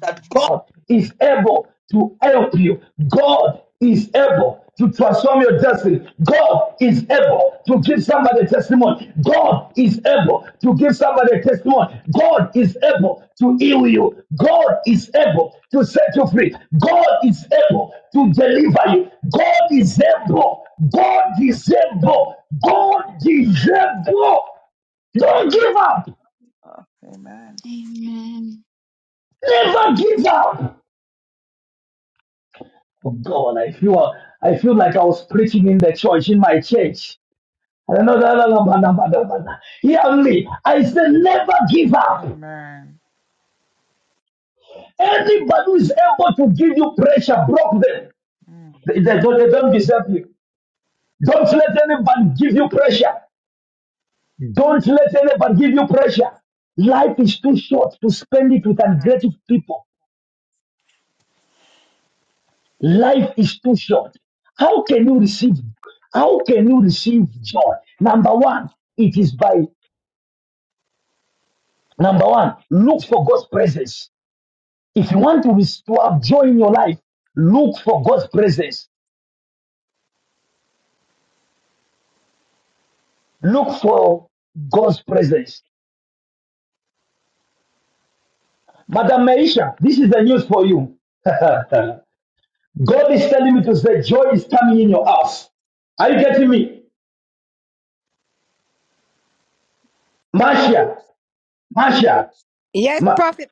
[SPEAKER 5] that God is able to help you. God is able to transform your destiny. God is able to give somebody a testimony. God is able to give somebody a testimony. God is able to heal you. God is able to set you free. God is able to deliver you. God is able. God is able. God
[SPEAKER 19] Amen.
[SPEAKER 5] is able. Don't
[SPEAKER 19] God is
[SPEAKER 5] give up.
[SPEAKER 19] love. Amen.
[SPEAKER 16] Amen.
[SPEAKER 5] Never give up. Oh God, I feel I feel like I was preaching in the church in my church. Hear me. I said never give up.
[SPEAKER 19] Amen.
[SPEAKER 5] Anybody who is able to give you pressure, block them.
[SPEAKER 19] Mm,
[SPEAKER 5] They, they don't, they don't deserve you. Don't let anybody give you pressure. Don't let anybody give you pressure. Life is too short to spend it with
[SPEAKER 19] Amen.
[SPEAKER 5] ungrateful people. Life is too short. How can you receive? How can you receive joy? Number one, it is by Number one, look for God's presence. If you want to, res- to have joy in your life, look for God's presence. Look for God's presence. Madam Maisha, this is the news for you. God is telling me to say joy is coming in your house. Are you getting me? Marcia, Marcia,
[SPEAKER 12] Yes,
[SPEAKER 5] Ma-
[SPEAKER 12] Prophet,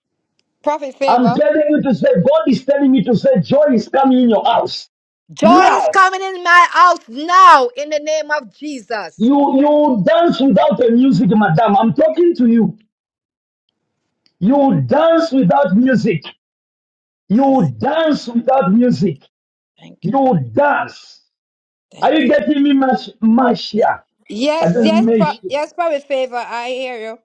[SPEAKER 12] Prophet
[SPEAKER 5] I'm
[SPEAKER 12] Favor.
[SPEAKER 5] telling you to say, God is telling me to say joy is coming in your house.
[SPEAKER 12] Joy is
[SPEAKER 5] Now,
[SPEAKER 12] coming in my house now in the name of Jesus.
[SPEAKER 5] you you dance without a music, madam. I'm talking to you. You dance without music.
[SPEAKER 19] mm,
[SPEAKER 5] You dance without music.
[SPEAKER 12] Thank you.
[SPEAKER 5] You
[SPEAKER 19] Mm.
[SPEAKER 5] dance. Are
[SPEAKER 12] Thank
[SPEAKER 5] you
[SPEAKER 12] you.
[SPEAKER 5] getting me, Mas- Marcia? I
[SPEAKER 12] Yes, yes,
[SPEAKER 5] don't
[SPEAKER 12] pro-
[SPEAKER 5] make you
[SPEAKER 12] yes, Prophet Favor. I hear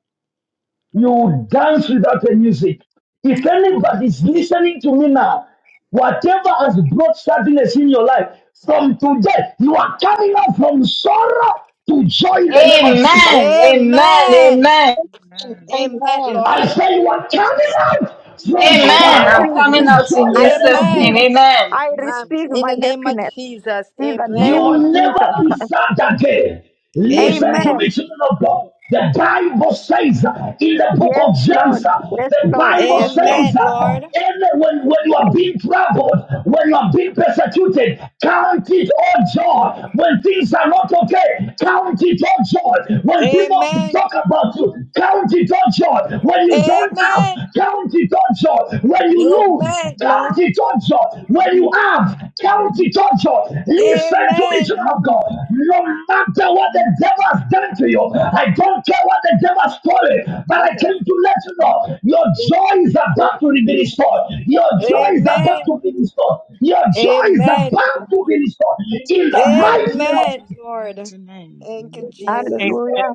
[SPEAKER 5] you dance without the music. If anybody is
[SPEAKER 12] you.
[SPEAKER 5] listening to me now, whatever has brought sadness in your life, from today, you are coming out from sorrow to joy in the
[SPEAKER 19] Amen.
[SPEAKER 5] name of Jesus.
[SPEAKER 2] Amen. Amen.
[SPEAKER 12] Amen.
[SPEAKER 2] Amen.
[SPEAKER 19] Amen.
[SPEAKER 12] Amen,
[SPEAKER 3] Amen.
[SPEAKER 5] I
[SPEAKER 12] Lord.
[SPEAKER 19] Thank you,
[SPEAKER 5] say you are
[SPEAKER 19] Jesus.
[SPEAKER 5] coming out from
[SPEAKER 6] Amen.
[SPEAKER 2] Amen. I'm
[SPEAKER 5] sorrow
[SPEAKER 2] coming
[SPEAKER 5] to
[SPEAKER 2] out
[SPEAKER 5] joy
[SPEAKER 2] in
[SPEAKER 5] in
[SPEAKER 3] I
[SPEAKER 5] the name
[SPEAKER 19] Mhm.
[SPEAKER 2] Jesus'
[SPEAKER 5] of
[SPEAKER 12] Amen.
[SPEAKER 2] name.
[SPEAKER 3] receive.
[SPEAKER 5] Jesus.
[SPEAKER 2] Amen.
[SPEAKER 3] I
[SPEAKER 12] Um,
[SPEAKER 19] Jesus.
[SPEAKER 3] receive
[SPEAKER 12] in
[SPEAKER 3] my
[SPEAKER 12] the name of
[SPEAKER 3] happiness
[SPEAKER 12] Jesus.
[SPEAKER 3] in the
[SPEAKER 5] You
[SPEAKER 3] name
[SPEAKER 12] Amen.
[SPEAKER 3] of
[SPEAKER 19] Amen.
[SPEAKER 5] will never
[SPEAKER 3] Jesus
[SPEAKER 5] be
[SPEAKER 3] Christ.
[SPEAKER 5] sad again. Listen to
[SPEAKER 12] Amen.
[SPEAKER 3] Amen.
[SPEAKER 5] me, children of God. The Bible says uh, in the book
[SPEAKER 3] Yes,
[SPEAKER 5] of
[SPEAKER 3] Lord.
[SPEAKER 5] James, uh,
[SPEAKER 3] Yes,
[SPEAKER 5] the
[SPEAKER 3] Lord.
[SPEAKER 5] Bible
[SPEAKER 3] Yes, Lord.
[SPEAKER 5] says,
[SPEAKER 12] Amen,
[SPEAKER 5] uh,
[SPEAKER 12] Lord.
[SPEAKER 5] and when, when you are being troubled, when you are being persecuted, count it all joy. When things are not okay, count it all joy. When people
[SPEAKER 12] Amen.
[SPEAKER 5] talk about you, count it all joy. When you don't have,
[SPEAKER 12] Amen.
[SPEAKER 5] count it on joy. When you lose,
[SPEAKER 12] Amen, Lord.
[SPEAKER 5] count it on joy. When you have, count it on joy. Listen to me,
[SPEAKER 12] Amen.
[SPEAKER 5] children of God. No matter what the devil has done to you, I don't care what the devil has stolen, but I came to let you know your joy is about to be restored. Your joy is
[SPEAKER 19] Amen.
[SPEAKER 5] about
[SPEAKER 12] Amen.
[SPEAKER 5] to be restored. Your joy is
[SPEAKER 12] Amen.
[SPEAKER 5] about to be restored. In the
[SPEAKER 19] In
[SPEAKER 5] mighty name of
[SPEAKER 12] Amen,
[SPEAKER 19] Jesus'
[SPEAKER 12] Lord.
[SPEAKER 19] mighty name.
[SPEAKER 12] Thank you,
[SPEAKER 19] Amen.
[SPEAKER 12] Jesus.
[SPEAKER 6] Amen.
[SPEAKER 3] Hallelujah.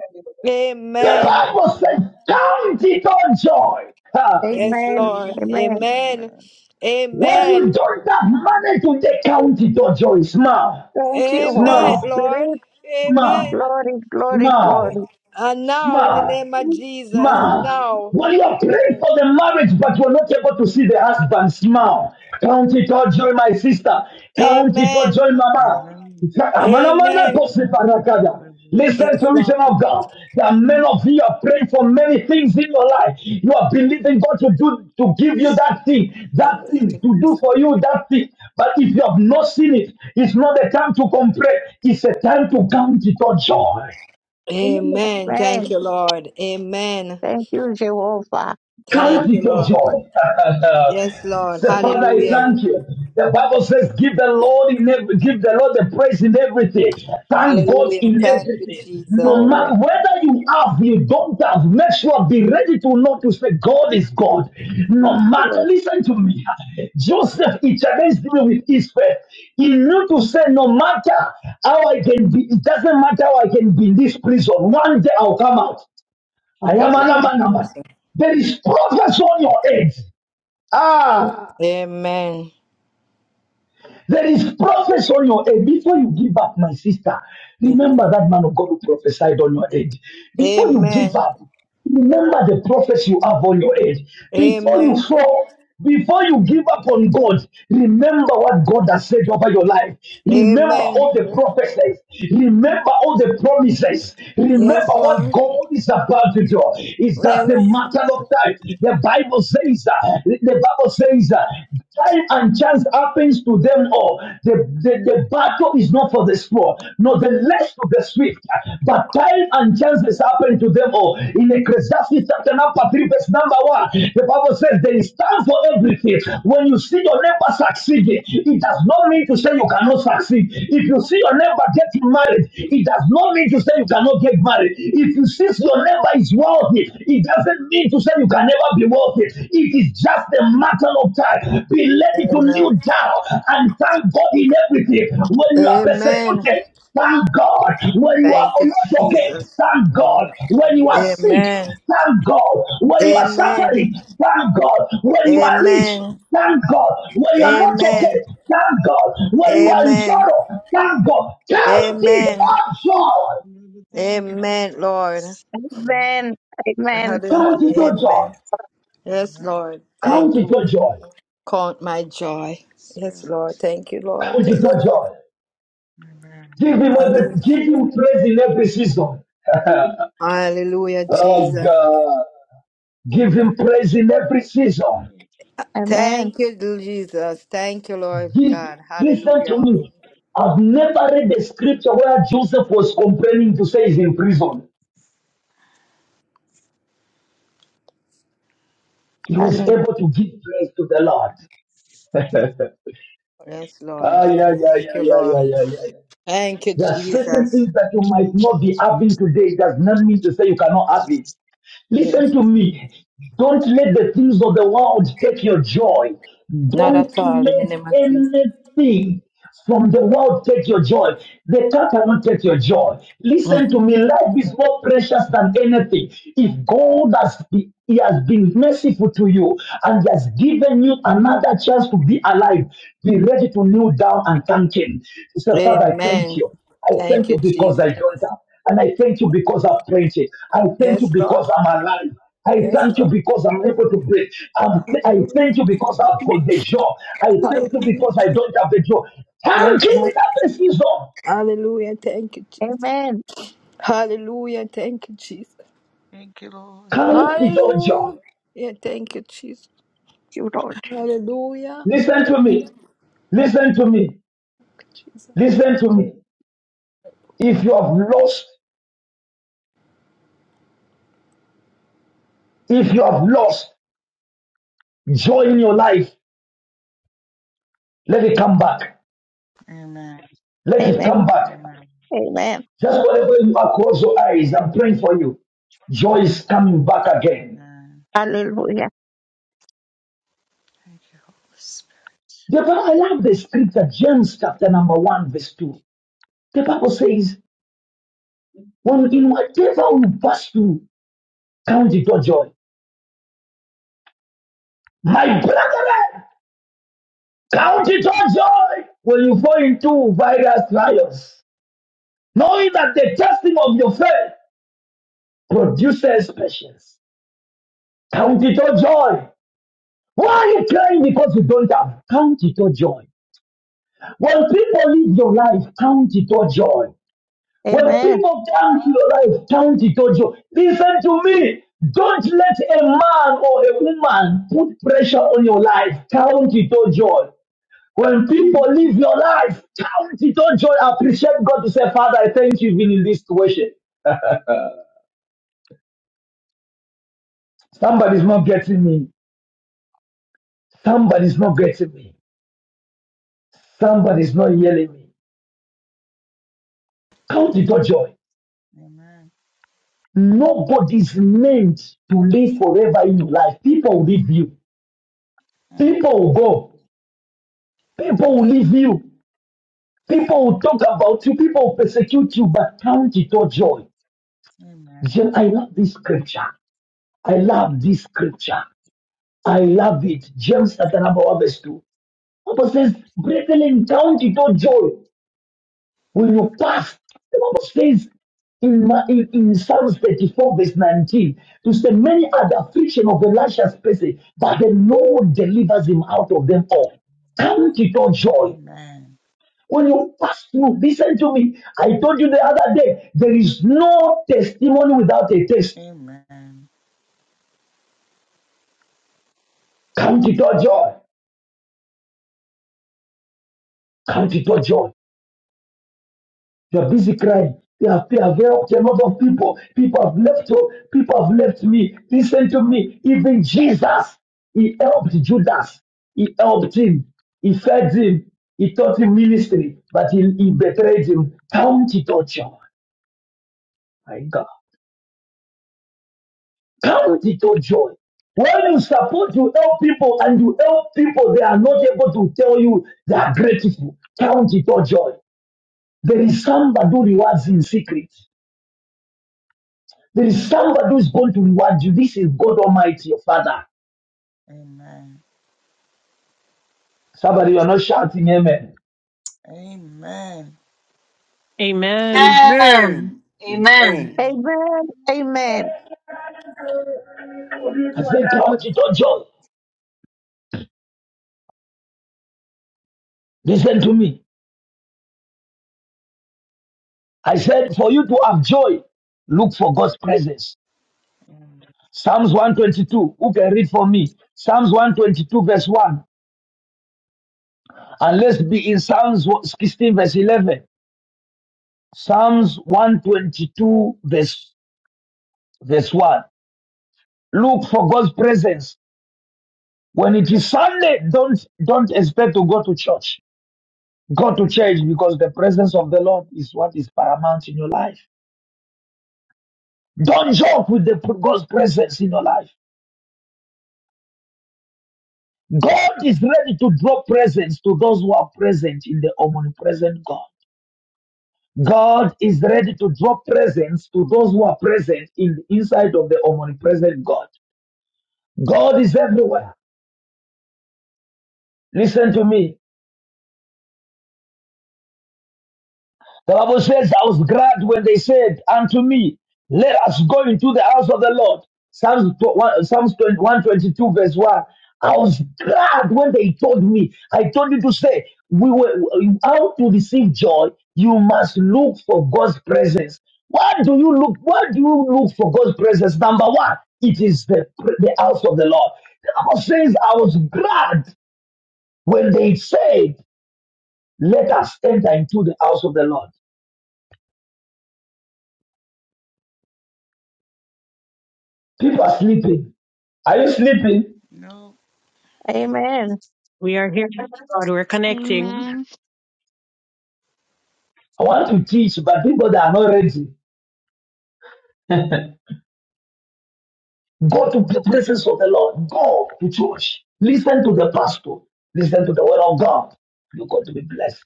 [SPEAKER 5] the
[SPEAKER 12] Amen.
[SPEAKER 5] Bible says, count it on joy. Ha.
[SPEAKER 12] Yes,
[SPEAKER 3] Amen.
[SPEAKER 12] Lord.
[SPEAKER 3] Amen.
[SPEAKER 12] Amen.
[SPEAKER 19] Amen.
[SPEAKER 5] When you
[SPEAKER 12] Amen.
[SPEAKER 5] don't have money to take count it or joy, smile,
[SPEAKER 3] Thank you, Holy
[SPEAKER 12] Amen,
[SPEAKER 5] smile,
[SPEAKER 12] Lord.
[SPEAKER 3] Spirit.
[SPEAKER 5] smile,
[SPEAKER 12] Amen.
[SPEAKER 3] Glory, glory,
[SPEAKER 5] smile,
[SPEAKER 3] glory.
[SPEAKER 12] And now, in the
[SPEAKER 5] smile.
[SPEAKER 12] name of Jesus,
[SPEAKER 5] Smile.
[SPEAKER 12] now.
[SPEAKER 5] While you are praying for the marriage, but you're not able to see the husband, smile. Count it all, joy, my sister. Count it all,
[SPEAKER 12] Amen.
[SPEAKER 5] joy, mama.
[SPEAKER 19] Amen.
[SPEAKER 5] Amanamana
[SPEAKER 12] Amen.
[SPEAKER 5] kose parakada.
[SPEAKER 19] Hallelujah.
[SPEAKER 5] Listen
[SPEAKER 12] Yes,
[SPEAKER 5] to me,
[SPEAKER 12] Lord.
[SPEAKER 5] children of God. There are many of you are praying for many things in your life. You are believing God to do to give you that thing,
[SPEAKER 12] Amen.
[SPEAKER 5] that
[SPEAKER 12] Thank
[SPEAKER 5] thing
[SPEAKER 12] you,
[SPEAKER 5] to do
[SPEAKER 12] Jesus.
[SPEAKER 5] for you that thing. But if you have not seen it, it's not a time to complain. It's a time to count it all joy.
[SPEAKER 12] Amen. Thank
[SPEAKER 3] Amen.
[SPEAKER 12] you, Lord. Amen.
[SPEAKER 3] Thank you, Jehovah.
[SPEAKER 5] Count
[SPEAKER 12] Thank you,
[SPEAKER 5] it your
[SPEAKER 12] Lord.
[SPEAKER 5] joy.
[SPEAKER 12] Yes, Lord.
[SPEAKER 5] Say, Father, I
[SPEAKER 12] Hallelujah.
[SPEAKER 5] thank you. The Bible says, give the Lord in every, give the Lord the praise in everything. Thank God
[SPEAKER 12] Hallelujah.
[SPEAKER 5] in
[SPEAKER 12] Thank you,
[SPEAKER 5] everything.
[SPEAKER 12] Jesus.
[SPEAKER 5] No
[SPEAKER 3] Oh, yes.
[SPEAKER 5] matter whether you have, you don't have, make sure be ready to know to say God is God. No matter, listen to me. Joseph, he challenged me with his faith. He knew to say, no matter how I can be, it doesn't matter how I can be in this prison. One day I'll come out. I am
[SPEAKER 3] Amen.
[SPEAKER 5] an Number.
[SPEAKER 12] Yes, Lord.
[SPEAKER 5] There is progress on your head. Ah.
[SPEAKER 12] Amen.
[SPEAKER 5] There is prophecy on your head. Before you give up, my sister, remember that man of God who prophesied on your head. Before you give
[SPEAKER 12] Amen.
[SPEAKER 5] up, remember the prophecy you have on your head. Before you
[SPEAKER 12] Amen.
[SPEAKER 5] fall, before you give up on God, remember what God has said over your life. Remember
[SPEAKER 19] Amen.
[SPEAKER 12] Amen.
[SPEAKER 5] all the prophecies. Remember all the promises. Remember
[SPEAKER 12] Yes,
[SPEAKER 19] Amen.
[SPEAKER 5] what
[SPEAKER 12] Lord.
[SPEAKER 5] God is about to do. It's just
[SPEAKER 12] Yes.
[SPEAKER 5] a matter of time. The Bible says that. The Bible says that time and chance happens to them all. The, the, the battle is not for the small, not the less to the swift, but time and chance is happening to them all. In Ecclesiastes chapter number 3, verse number 1, the Bible says there is time for everything. When you see your neighbor succeeding, it does not mean to say you cannot succeed. If you see your neighbor getting married, it does not mean to say you cannot get married. If you see your neighbor is wealthy, it doesn't mean to say you can never be wealthy. It is just a matter of time. Be ready to kneel
[SPEAKER 12] Amen.
[SPEAKER 5] down and thank God in everything. When you are
[SPEAKER 12] Amen.
[SPEAKER 5] persecuted, thank God. When you are
[SPEAKER 12] Thank you,
[SPEAKER 5] not okay,
[SPEAKER 12] Jesus.
[SPEAKER 5] thank God.
[SPEAKER 19] Amen.
[SPEAKER 5] When you are
[SPEAKER 19] Amen.
[SPEAKER 5] sick,
[SPEAKER 12] Amen.
[SPEAKER 5] thank God. When you are
[SPEAKER 19] Yes, Lord.
[SPEAKER 12] Amen.
[SPEAKER 5] suffering, thank God. When you are rich,
[SPEAKER 12] Amen.
[SPEAKER 5] thank
[SPEAKER 19] Thank
[SPEAKER 5] God.
[SPEAKER 19] you,
[SPEAKER 5] When you are not
[SPEAKER 12] Amen.
[SPEAKER 5] okay,
[SPEAKER 19] Jesus.
[SPEAKER 5] thank God. When you are in
[SPEAKER 12] Amen.
[SPEAKER 5] sorrow, thank God. Count it
[SPEAKER 12] Amen.
[SPEAKER 5] all joy.
[SPEAKER 19] Everything about
[SPEAKER 12] Amen, Lord.
[SPEAKER 19] us. Amen.
[SPEAKER 3] Amen. Amen.
[SPEAKER 12] Hallelujah.
[SPEAKER 5] Count it all joy.
[SPEAKER 12] Amen. Yes,
[SPEAKER 19] Amen.
[SPEAKER 12] Lord.
[SPEAKER 5] Count
[SPEAKER 12] Thank you.
[SPEAKER 5] it all joy.
[SPEAKER 12] Count my joy. Yes,
[SPEAKER 19] Spirit.
[SPEAKER 12] Lord. Thank you, Lord.
[SPEAKER 5] which is
[SPEAKER 12] Thank
[SPEAKER 5] your
[SPEAKER 12] you.
[SPEAKER 5] joy.
[SPEAKER 19] Amen.
[SPEAKER 5] Give him
[SPEAKER 12] Hallelujah,
[SPEAKER 5] every, give him praise in every season.
[SPEAKER 12] Hallelujah,
[SPEAKER 5] oh
[SPEAKER 12] Jesus.
[SPEAKER 5] God. Give him praise in every season.
[SPEAKER 3] Amen.
[SPEAKER 12] Thank you, Jesus. Thank you, Lord
[SPEAKER 5] Give,
[SPEAKER 12] God.
[SPEAKER 5] listen
[SPEAKER 12] Hallelujah.
[SPEAKER 5] to me. I've never read the scripture where Joseph was complaining to say he's in prison. He was able
[SPEAKER 3] Hallelujah.
[SPEAKER 5] to give praise to the Lord.
[SPEAKER 12] Yes, Lord.
[SPEAKER 5] Ah, yeah, yeah, yeah,
[SPEAKER 12] Thank you,
[SPEAKER 5] yeah,
[SPEAKER 12] Lord.
[SPEAKER 5] yeah, yeah, yeah. yeah.
[SPEAKER 12] Thank you,
[SPEAKER 5] There are certain
[SPEAKER 12] Jesus.
[SPEAKER 5] things that you might not be having today. It does not mean to say you cannot have it.
[SPEAKER 12] Yes.
[SPEAKER 5] Listen to me. Don't let the things of the world take your joy.
[SPEAKER 12] Not
[SPEAKER 5] Don't
[SPEAKER 12] at all in the
[SPEAKER 5] let
[SPEAKER 12] name of Jesus.
[SPEAKER 5] anything from the world take your joy. The cat cannot take your joy.
[SPEAKER 12] Mm.
[SPEAKER 5] Listen to me. Life is more precious than anything. If God has be- he has been merciful to you and he has given you another chance to be alive, be ready to kneel down and thank him. Say, Father, I thank
[SPEAKER 12] Amen.
[SPEAKER 5] you. I thank
[SPEAKER 12] Thank
[SPEAKER 5] you
[SPEAKER 12] you,
[SPEAKER 5] because
[SPEAKER 12] Jesus.
[SPEAKER 5] I don't have. And I thank you because I've prayed it. I thank you
[SPEAKER 12] Yes, Lord.
[SPEAKER 5] because I'm alive. I
[SPEAKER 12] Yes,
[SPEAKER 5] thank you
[SPEAKER 12] Lord.
[SPEAKER 5] because I'm able to breathe. I'm th- I thank you because I've got the job. I thank you
[SPEAKER 12] Hallelujah.
[SPEAKER 5] because I don't have the job. Thank
[SPEAKER 12] Yes,
[SPEAKER 5] you
[SPEAKER 12] Lord.
[SPEAKER 5] without a season.
[SPEAKER 12] Hallelujah. Thank you, Jesus.
[SPEAKER 3] Amen.
[SPEAKER 12] Hallelujah. Thank you, Jesus.
[SPEAKER 19] Thank you, Lord.
[SPEAKER 5] Thank it all job.
[SPEAKER 12] Hallelujah. Yeah, thank you, Jesus.
[SPEAKER 3] You Lord.
[SPEAKER 12] Hallelujah.
[SPEAKER 5] Listen to me. Listen to me.
[SPEAKER 12] Jesus.
[SPEAKER 5] Listen to me. If you have lost, if you have lost joy in your life, let it come back.
[SPEAKER 19] Amen.
[SPEAKER 5] Let it come
[SPEAKER 3] Amen.
[SPEAKER 5] back.
[SPEAKER 19] Amen.
[SPEAKER 3] Amen.
[SPEAKER 5] Just wherever you are, close your eyes. I'm praying for you. Joy is coming back again.
[SPEAKER 19] Amen.
[SPEAKER 3] Hallelujah.
[SPEAKER 19] Thank you, Holy Spirit.
[SPEAKER 5] The Bible, I love the scripture, James chapter number 1, verse 2. The Bible says, When in whatever we pass through, count it all joy. My brethren, count it all joy when you fall into various trials, knowing that the testing of your faith produces patience. Count it all joy. Why are you crying because you don't have? Count it all joy. When people live your life, count it all joy. When
[SPEAKER 3] Amen.
[SPEAKER 5] people count your life, count it all joy. Listen to me. Don't let a man or a woman put pressure on your life. Count it all joy. When people live
[SPEAKER 16] Amen.
[SPEAKER 5] your life, count it all joy. Appreciate God to say, Father, I thank you even in this situation. Uh, Somebody's not getting me. Somebody's not getting me. Somebody's not yelling me. Count it all
[SPEAKER 19] We-
[SPEAKER 5] joy.
[SPEAKER 19] Amen.
[SPEAKER 5] Nobody's meant to live forever in your life. People will leave you.
[SPEAKER 19] Mm.
[SPEAKER 5] People will go. People will
[SPEAKER 19] Yes.
[SPEAKER 5] leave you. People will talk about you. People will persecute you, but count it all joy.
[SPEAKER 19] Amen.
[SPEAKER 5] James, I love this scripture. I love this scripture. I love it. James chapter number one, verse 2. Papa says, Brethren, count it all joy When you fast, the Bible says in, in, in Psalms 34, verse 19, to say, Many are the affliction of Elisha's person, but the Lord delivers him out of them all.
[SPEAKER 19] A-
[SPEAKER 5] Count it all joy.
[SPEAKER 19] Amen.
[SPEAKER 5] When you pass through, listen to me. I told you the other day, there is no testimony without a test.
[SPEAKER 19] Amen.
[SPEAKER 5] Count it all joy. Count it all joy. They're busy crying. They are, they are there. There are a lot of people. People have left. oh, People have left me. Listen to me. Even Jesus, he helped Judas. He helped him. He fed him. He taught him ministry, but he, he betrayed him. Count it all joy, my God. Count it all joy. When you support, you help people, and you help people, they are not able to tell you they are grateful. Count it all joy. There is somebody who rewards in secret. There is somebody who is going to reward you. This is God Almighty, your Father.
[SPEAKER 19] Amen.
[SPEAKER 5] Somebody, you are not shouting amen.
[SPEAKER 19] Amen.
[SPEAKER 6] Amen.
[SPEAKER 2] Amen.
[SPEAKER 22] Amen.
[SPEAKER 2] Amen.
[SPEAKER 22] Amen.
[SPEAKER 3] Amen. Amen.
[SPEAKER 5] I said, count it all joy. Listen to me. I said, for you to have joy, look for God's presence.
[SPEAKER 19] Amen.
[SPEAKER 5] Psalms 122. Who can read for me? Psalms 122, verse 1. And let's be in Psalms 16, verse 11. Psalms 122, verse, verse 1. Look for God's presence. When it is Sunday, don't, don't expect to go to church. God to change because the presence of the Lord is what is paramount in your life. Don't joke with the God's presence in your life. God is ready to drop presents to those who are present in the omnipresent God. God is ready to drop presents to those who are present in inside of the omnipresent God. God is everywhere. Listen to me. The Bible says, I was glad when they said unto me, Let us go into the house of the Lord. Psalms 21 Psalms 122, verse 1. I was glad when they told me, I told you to say, we were how to receive joy, you must look for God's presence. What do you look? What do you look for God's presence? Number one, it is the, the house of the Lord. The Bible says, I was glad when they said, Let us enter into the house of the Lord. People are sleeping. Are you sleeping?
[SPEAKER 19] No.
[SPEAKER 3] Amen.
[SPEAKER 6] We are here, God. We're connecting.
[SPEAKER 16] Amen.
[SPEAKER 5] I want to teach, but people that are not ready, go to the presence of the Lord. Go to church. Listen to the pastor. Listen to the word of God. You're going to be blessed.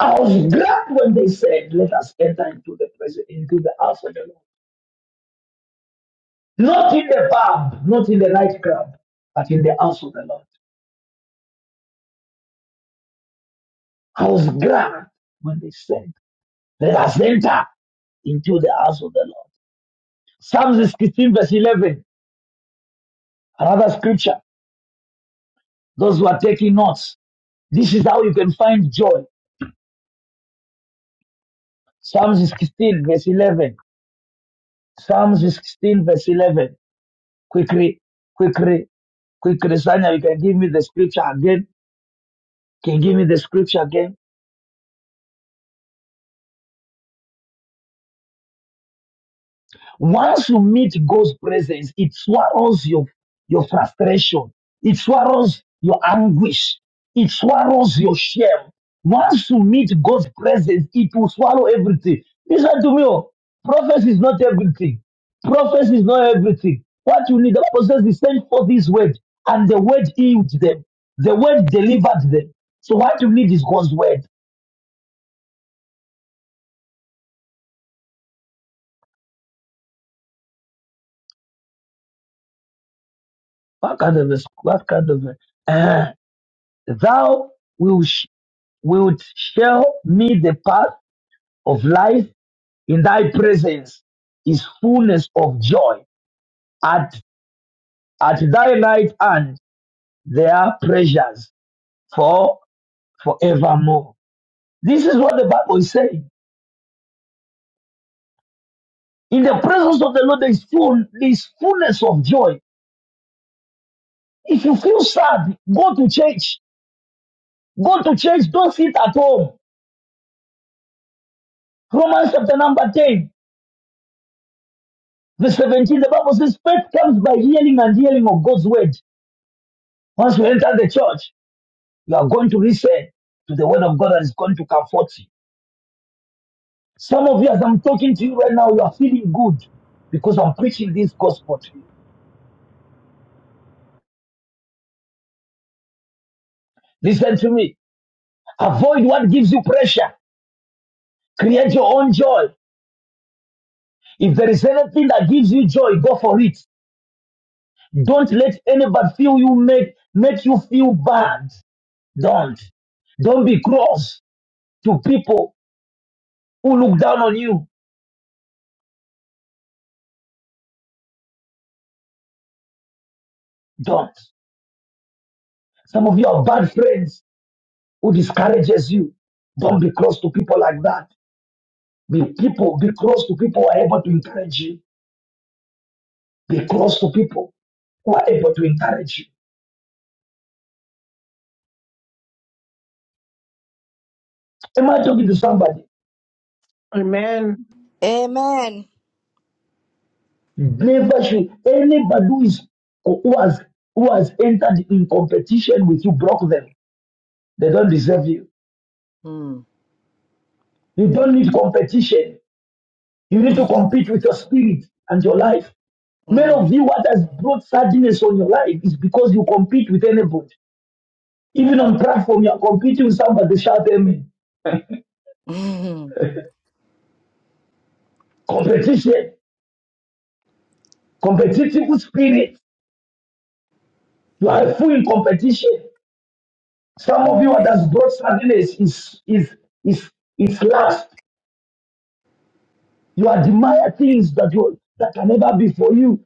[SPEAKER 5] I was glad when they said, let us enter into the presence, into the house of the Lord. Not in the pub, not in the nightclub, but in the house of the Lord. I was glad when they said, let us enter into the house of the Lord. Psalms 16, verse 11, another scripture. Those who are taking notes, this is how you can find joy. Psalms 16, verse 11. Psalms 16, verse 11. Quickly, quickly, quickly, Sanya, you can give me the scripture again. Can you give me the scripture again? Once you meet God's presence, it swallows your, your frustration. It swallows your anguish. It swallows your shame. Once you meet God's presence, it will swallow everything. Listen to me. Oh. Prophecy is not everything. Prophecy is not everything. What you need, the Bible says, he sent forth his word, and the word healed them. The word delivered them. So what you need is God's word. What kind of, what kind of, uh, thou will will show me the path of life. In thy presence is fullness of joy. At, at thy right hand there are pleasures for forevermore. This is what the Bible is saying. In the presence of the Lord there is full, there is fullness of joy. If you feel sad, go to church. Go to church. Don't sit at home. Romans chapter number 10, verse 17, the Bible says, faith comes by hearing and hearing of God's word. Once we enter the church, You are going to listen to the word of God that is going to comfort you. Some of you, as I'm talking to you right now, you are feeling good because I'm preaching this gospel to you. Listen to me. Avoid what gives you pressure. Create your own joy. If there is anything that gives you joy, go for it. Don't let anybody feel you make make you feel bad. Don't. Don't be cross to people who look down on you. Don't. Some of you are bad friends who discourages you. Don't be cross to people like that. Be people, be close to people who are able to encourage you. Be close to people who are able to encourage you. Am I talking to somebody?
[SPEAKER 6] Amen.
[SPEAKER 12] Amen.
[SPEAKER 5] Never should anybody who is who has who has entered in competition with you block them. They don't deserve you.
[SPEAKER 12] Mm.
[SPEAKER 5] You don't need competition. You need to compete with your spirit and your life. Many
[SPEAKER 12] Hmm.
[SPEAKER 5] of you, what has brought sadness on your life is because you compete with anybody. Even on platform, you are competing with somebody. Shout amen.
[SPEAKER 12] Mm. Hmm.
[SPEAKER 5] Competition, competitive spirit You are a fool in competition. Some of
[SPEAKER 12] Mm.
[SPEAKER 5] you are that's brought sadness is is is is lust. You admire things that you that can never be for you.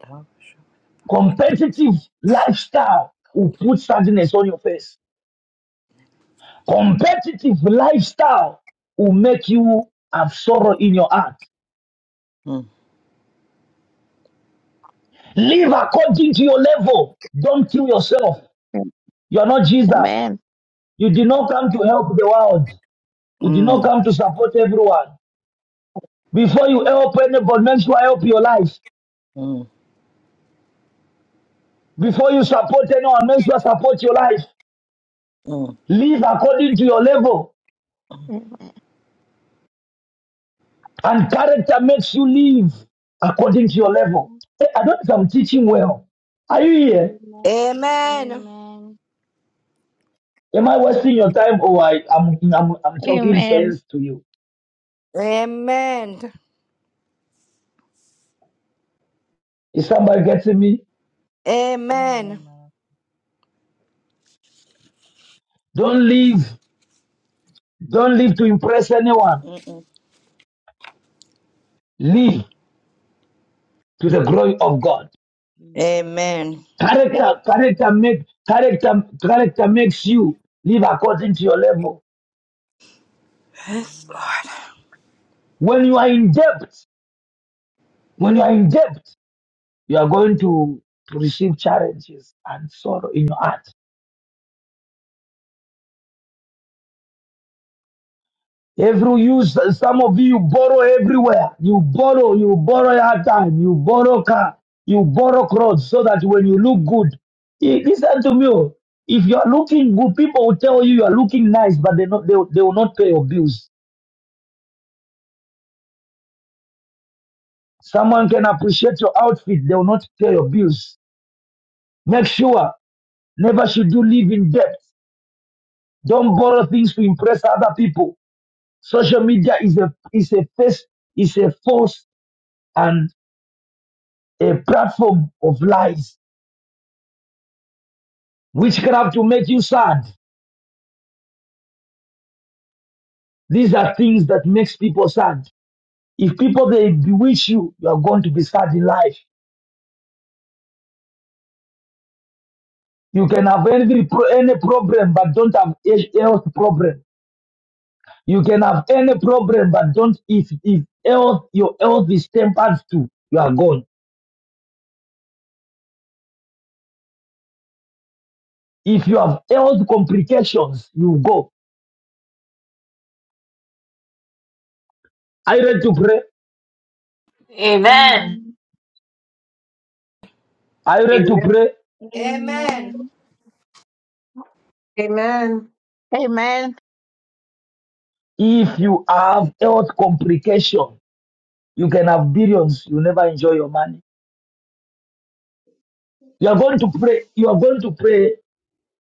[SPEAKER 12] Thou shalt-
[SPEAKER 5] Competitive lifestyle will put sadness on your face. Competitive lifestyle will make you have sorrow in your heart.
[SPEAKER 12] Mm.
[SPEAKER 5] Live according to your level. Don't kill yourself. You are not Jesus.
[SPEAKER 3] Amen.
[SPEAKER 5] You did not come to help the world. You did not
[SPEAKER 12] Mm.
[SPEAKER 5] come to support everyone. Before you help anybody, make sure help your life.
[SPEAKER 12] Mm.
[SPEAKER 5] Before you support anyone, make sure support your life.
[SPEAKER 12] Mm.
[SPEAKER 5] Live according to your level. And character makes you live according to your level.
[SPEAKER 16] Amen.
[SPEAKER 5] Hey, I don't think I'm teaching well. Are you here?
[SPEAKER 16] Amen.
[SPEAKER 12] Amen.
[SPEAKER 16] Amen.
[SPEAKER 5] Am I wasting your time or I, I'm, I'm, I'm talking
[SPEAKER 3] Amen.
[SPEAKER 5] sense to you?
[SPEAKER 12] Amen.
[SPEAKER 5] Is somebody getting me?
[SPEAKER 12] Amen.
[SPEAKER 19] Amen. Lord.
[SPEAKER 5] Don't live. Don't live to impress anyone.
[SPEAKER 12] Mm-mm.
[SPEAKER 5] Live to the glory of God.
[SPEAKER 19] Please, oh Lord.
[SPEAKER 12] Amen.
[SPEAKER 5] Character, character, make, character, character makes you live according to your level.
[SPEAKER 12] Yes,
[SPEAKER 19] Amen.
[SPEAKER 12] Lord.
[SPEAKER 5] When you are in debt, when you are in debt, you are going to, to receive challenges and sorrow in your heart. Every use, some of you borrow everywhere. You borrow, you borrow your time, you borrow car, you borrow clothes so that when you look good, Eh, listen to me. oh. If you are looking good, people will tell you you are looking nice, but they, not, they, will- they will not pay your bills. Someone can appreciate your outfit, they will not pay your bills. Make sure never should you live in debt. Don't borrow things to impress other people. Social media is a is a face, is a force and a platform of lies. Witchcraft will make you sad. These are things that makes people sad. If people they bewitch you, you are going to be sad in life. You can have every pro- any problem, but don't have a- health problem. You can have any problem, but don't if if health your health is tempered to, you are gone. If you have health complications, you go. Are you ready to pray?
[SPEAKER 2] Amen.
[SPEAKER 16] Amen.
[SPEAKER 5] Are you ready to
[SPEAKER 6] Amen.
[SPEAKER 5] pray?
[SPEAKER 12] Amen.
[SPEAKER 3] Amen.
[SPEAKER 5] If you have health complication, you can have billions, you never enjoy your money. You are going to pray, you are going to pray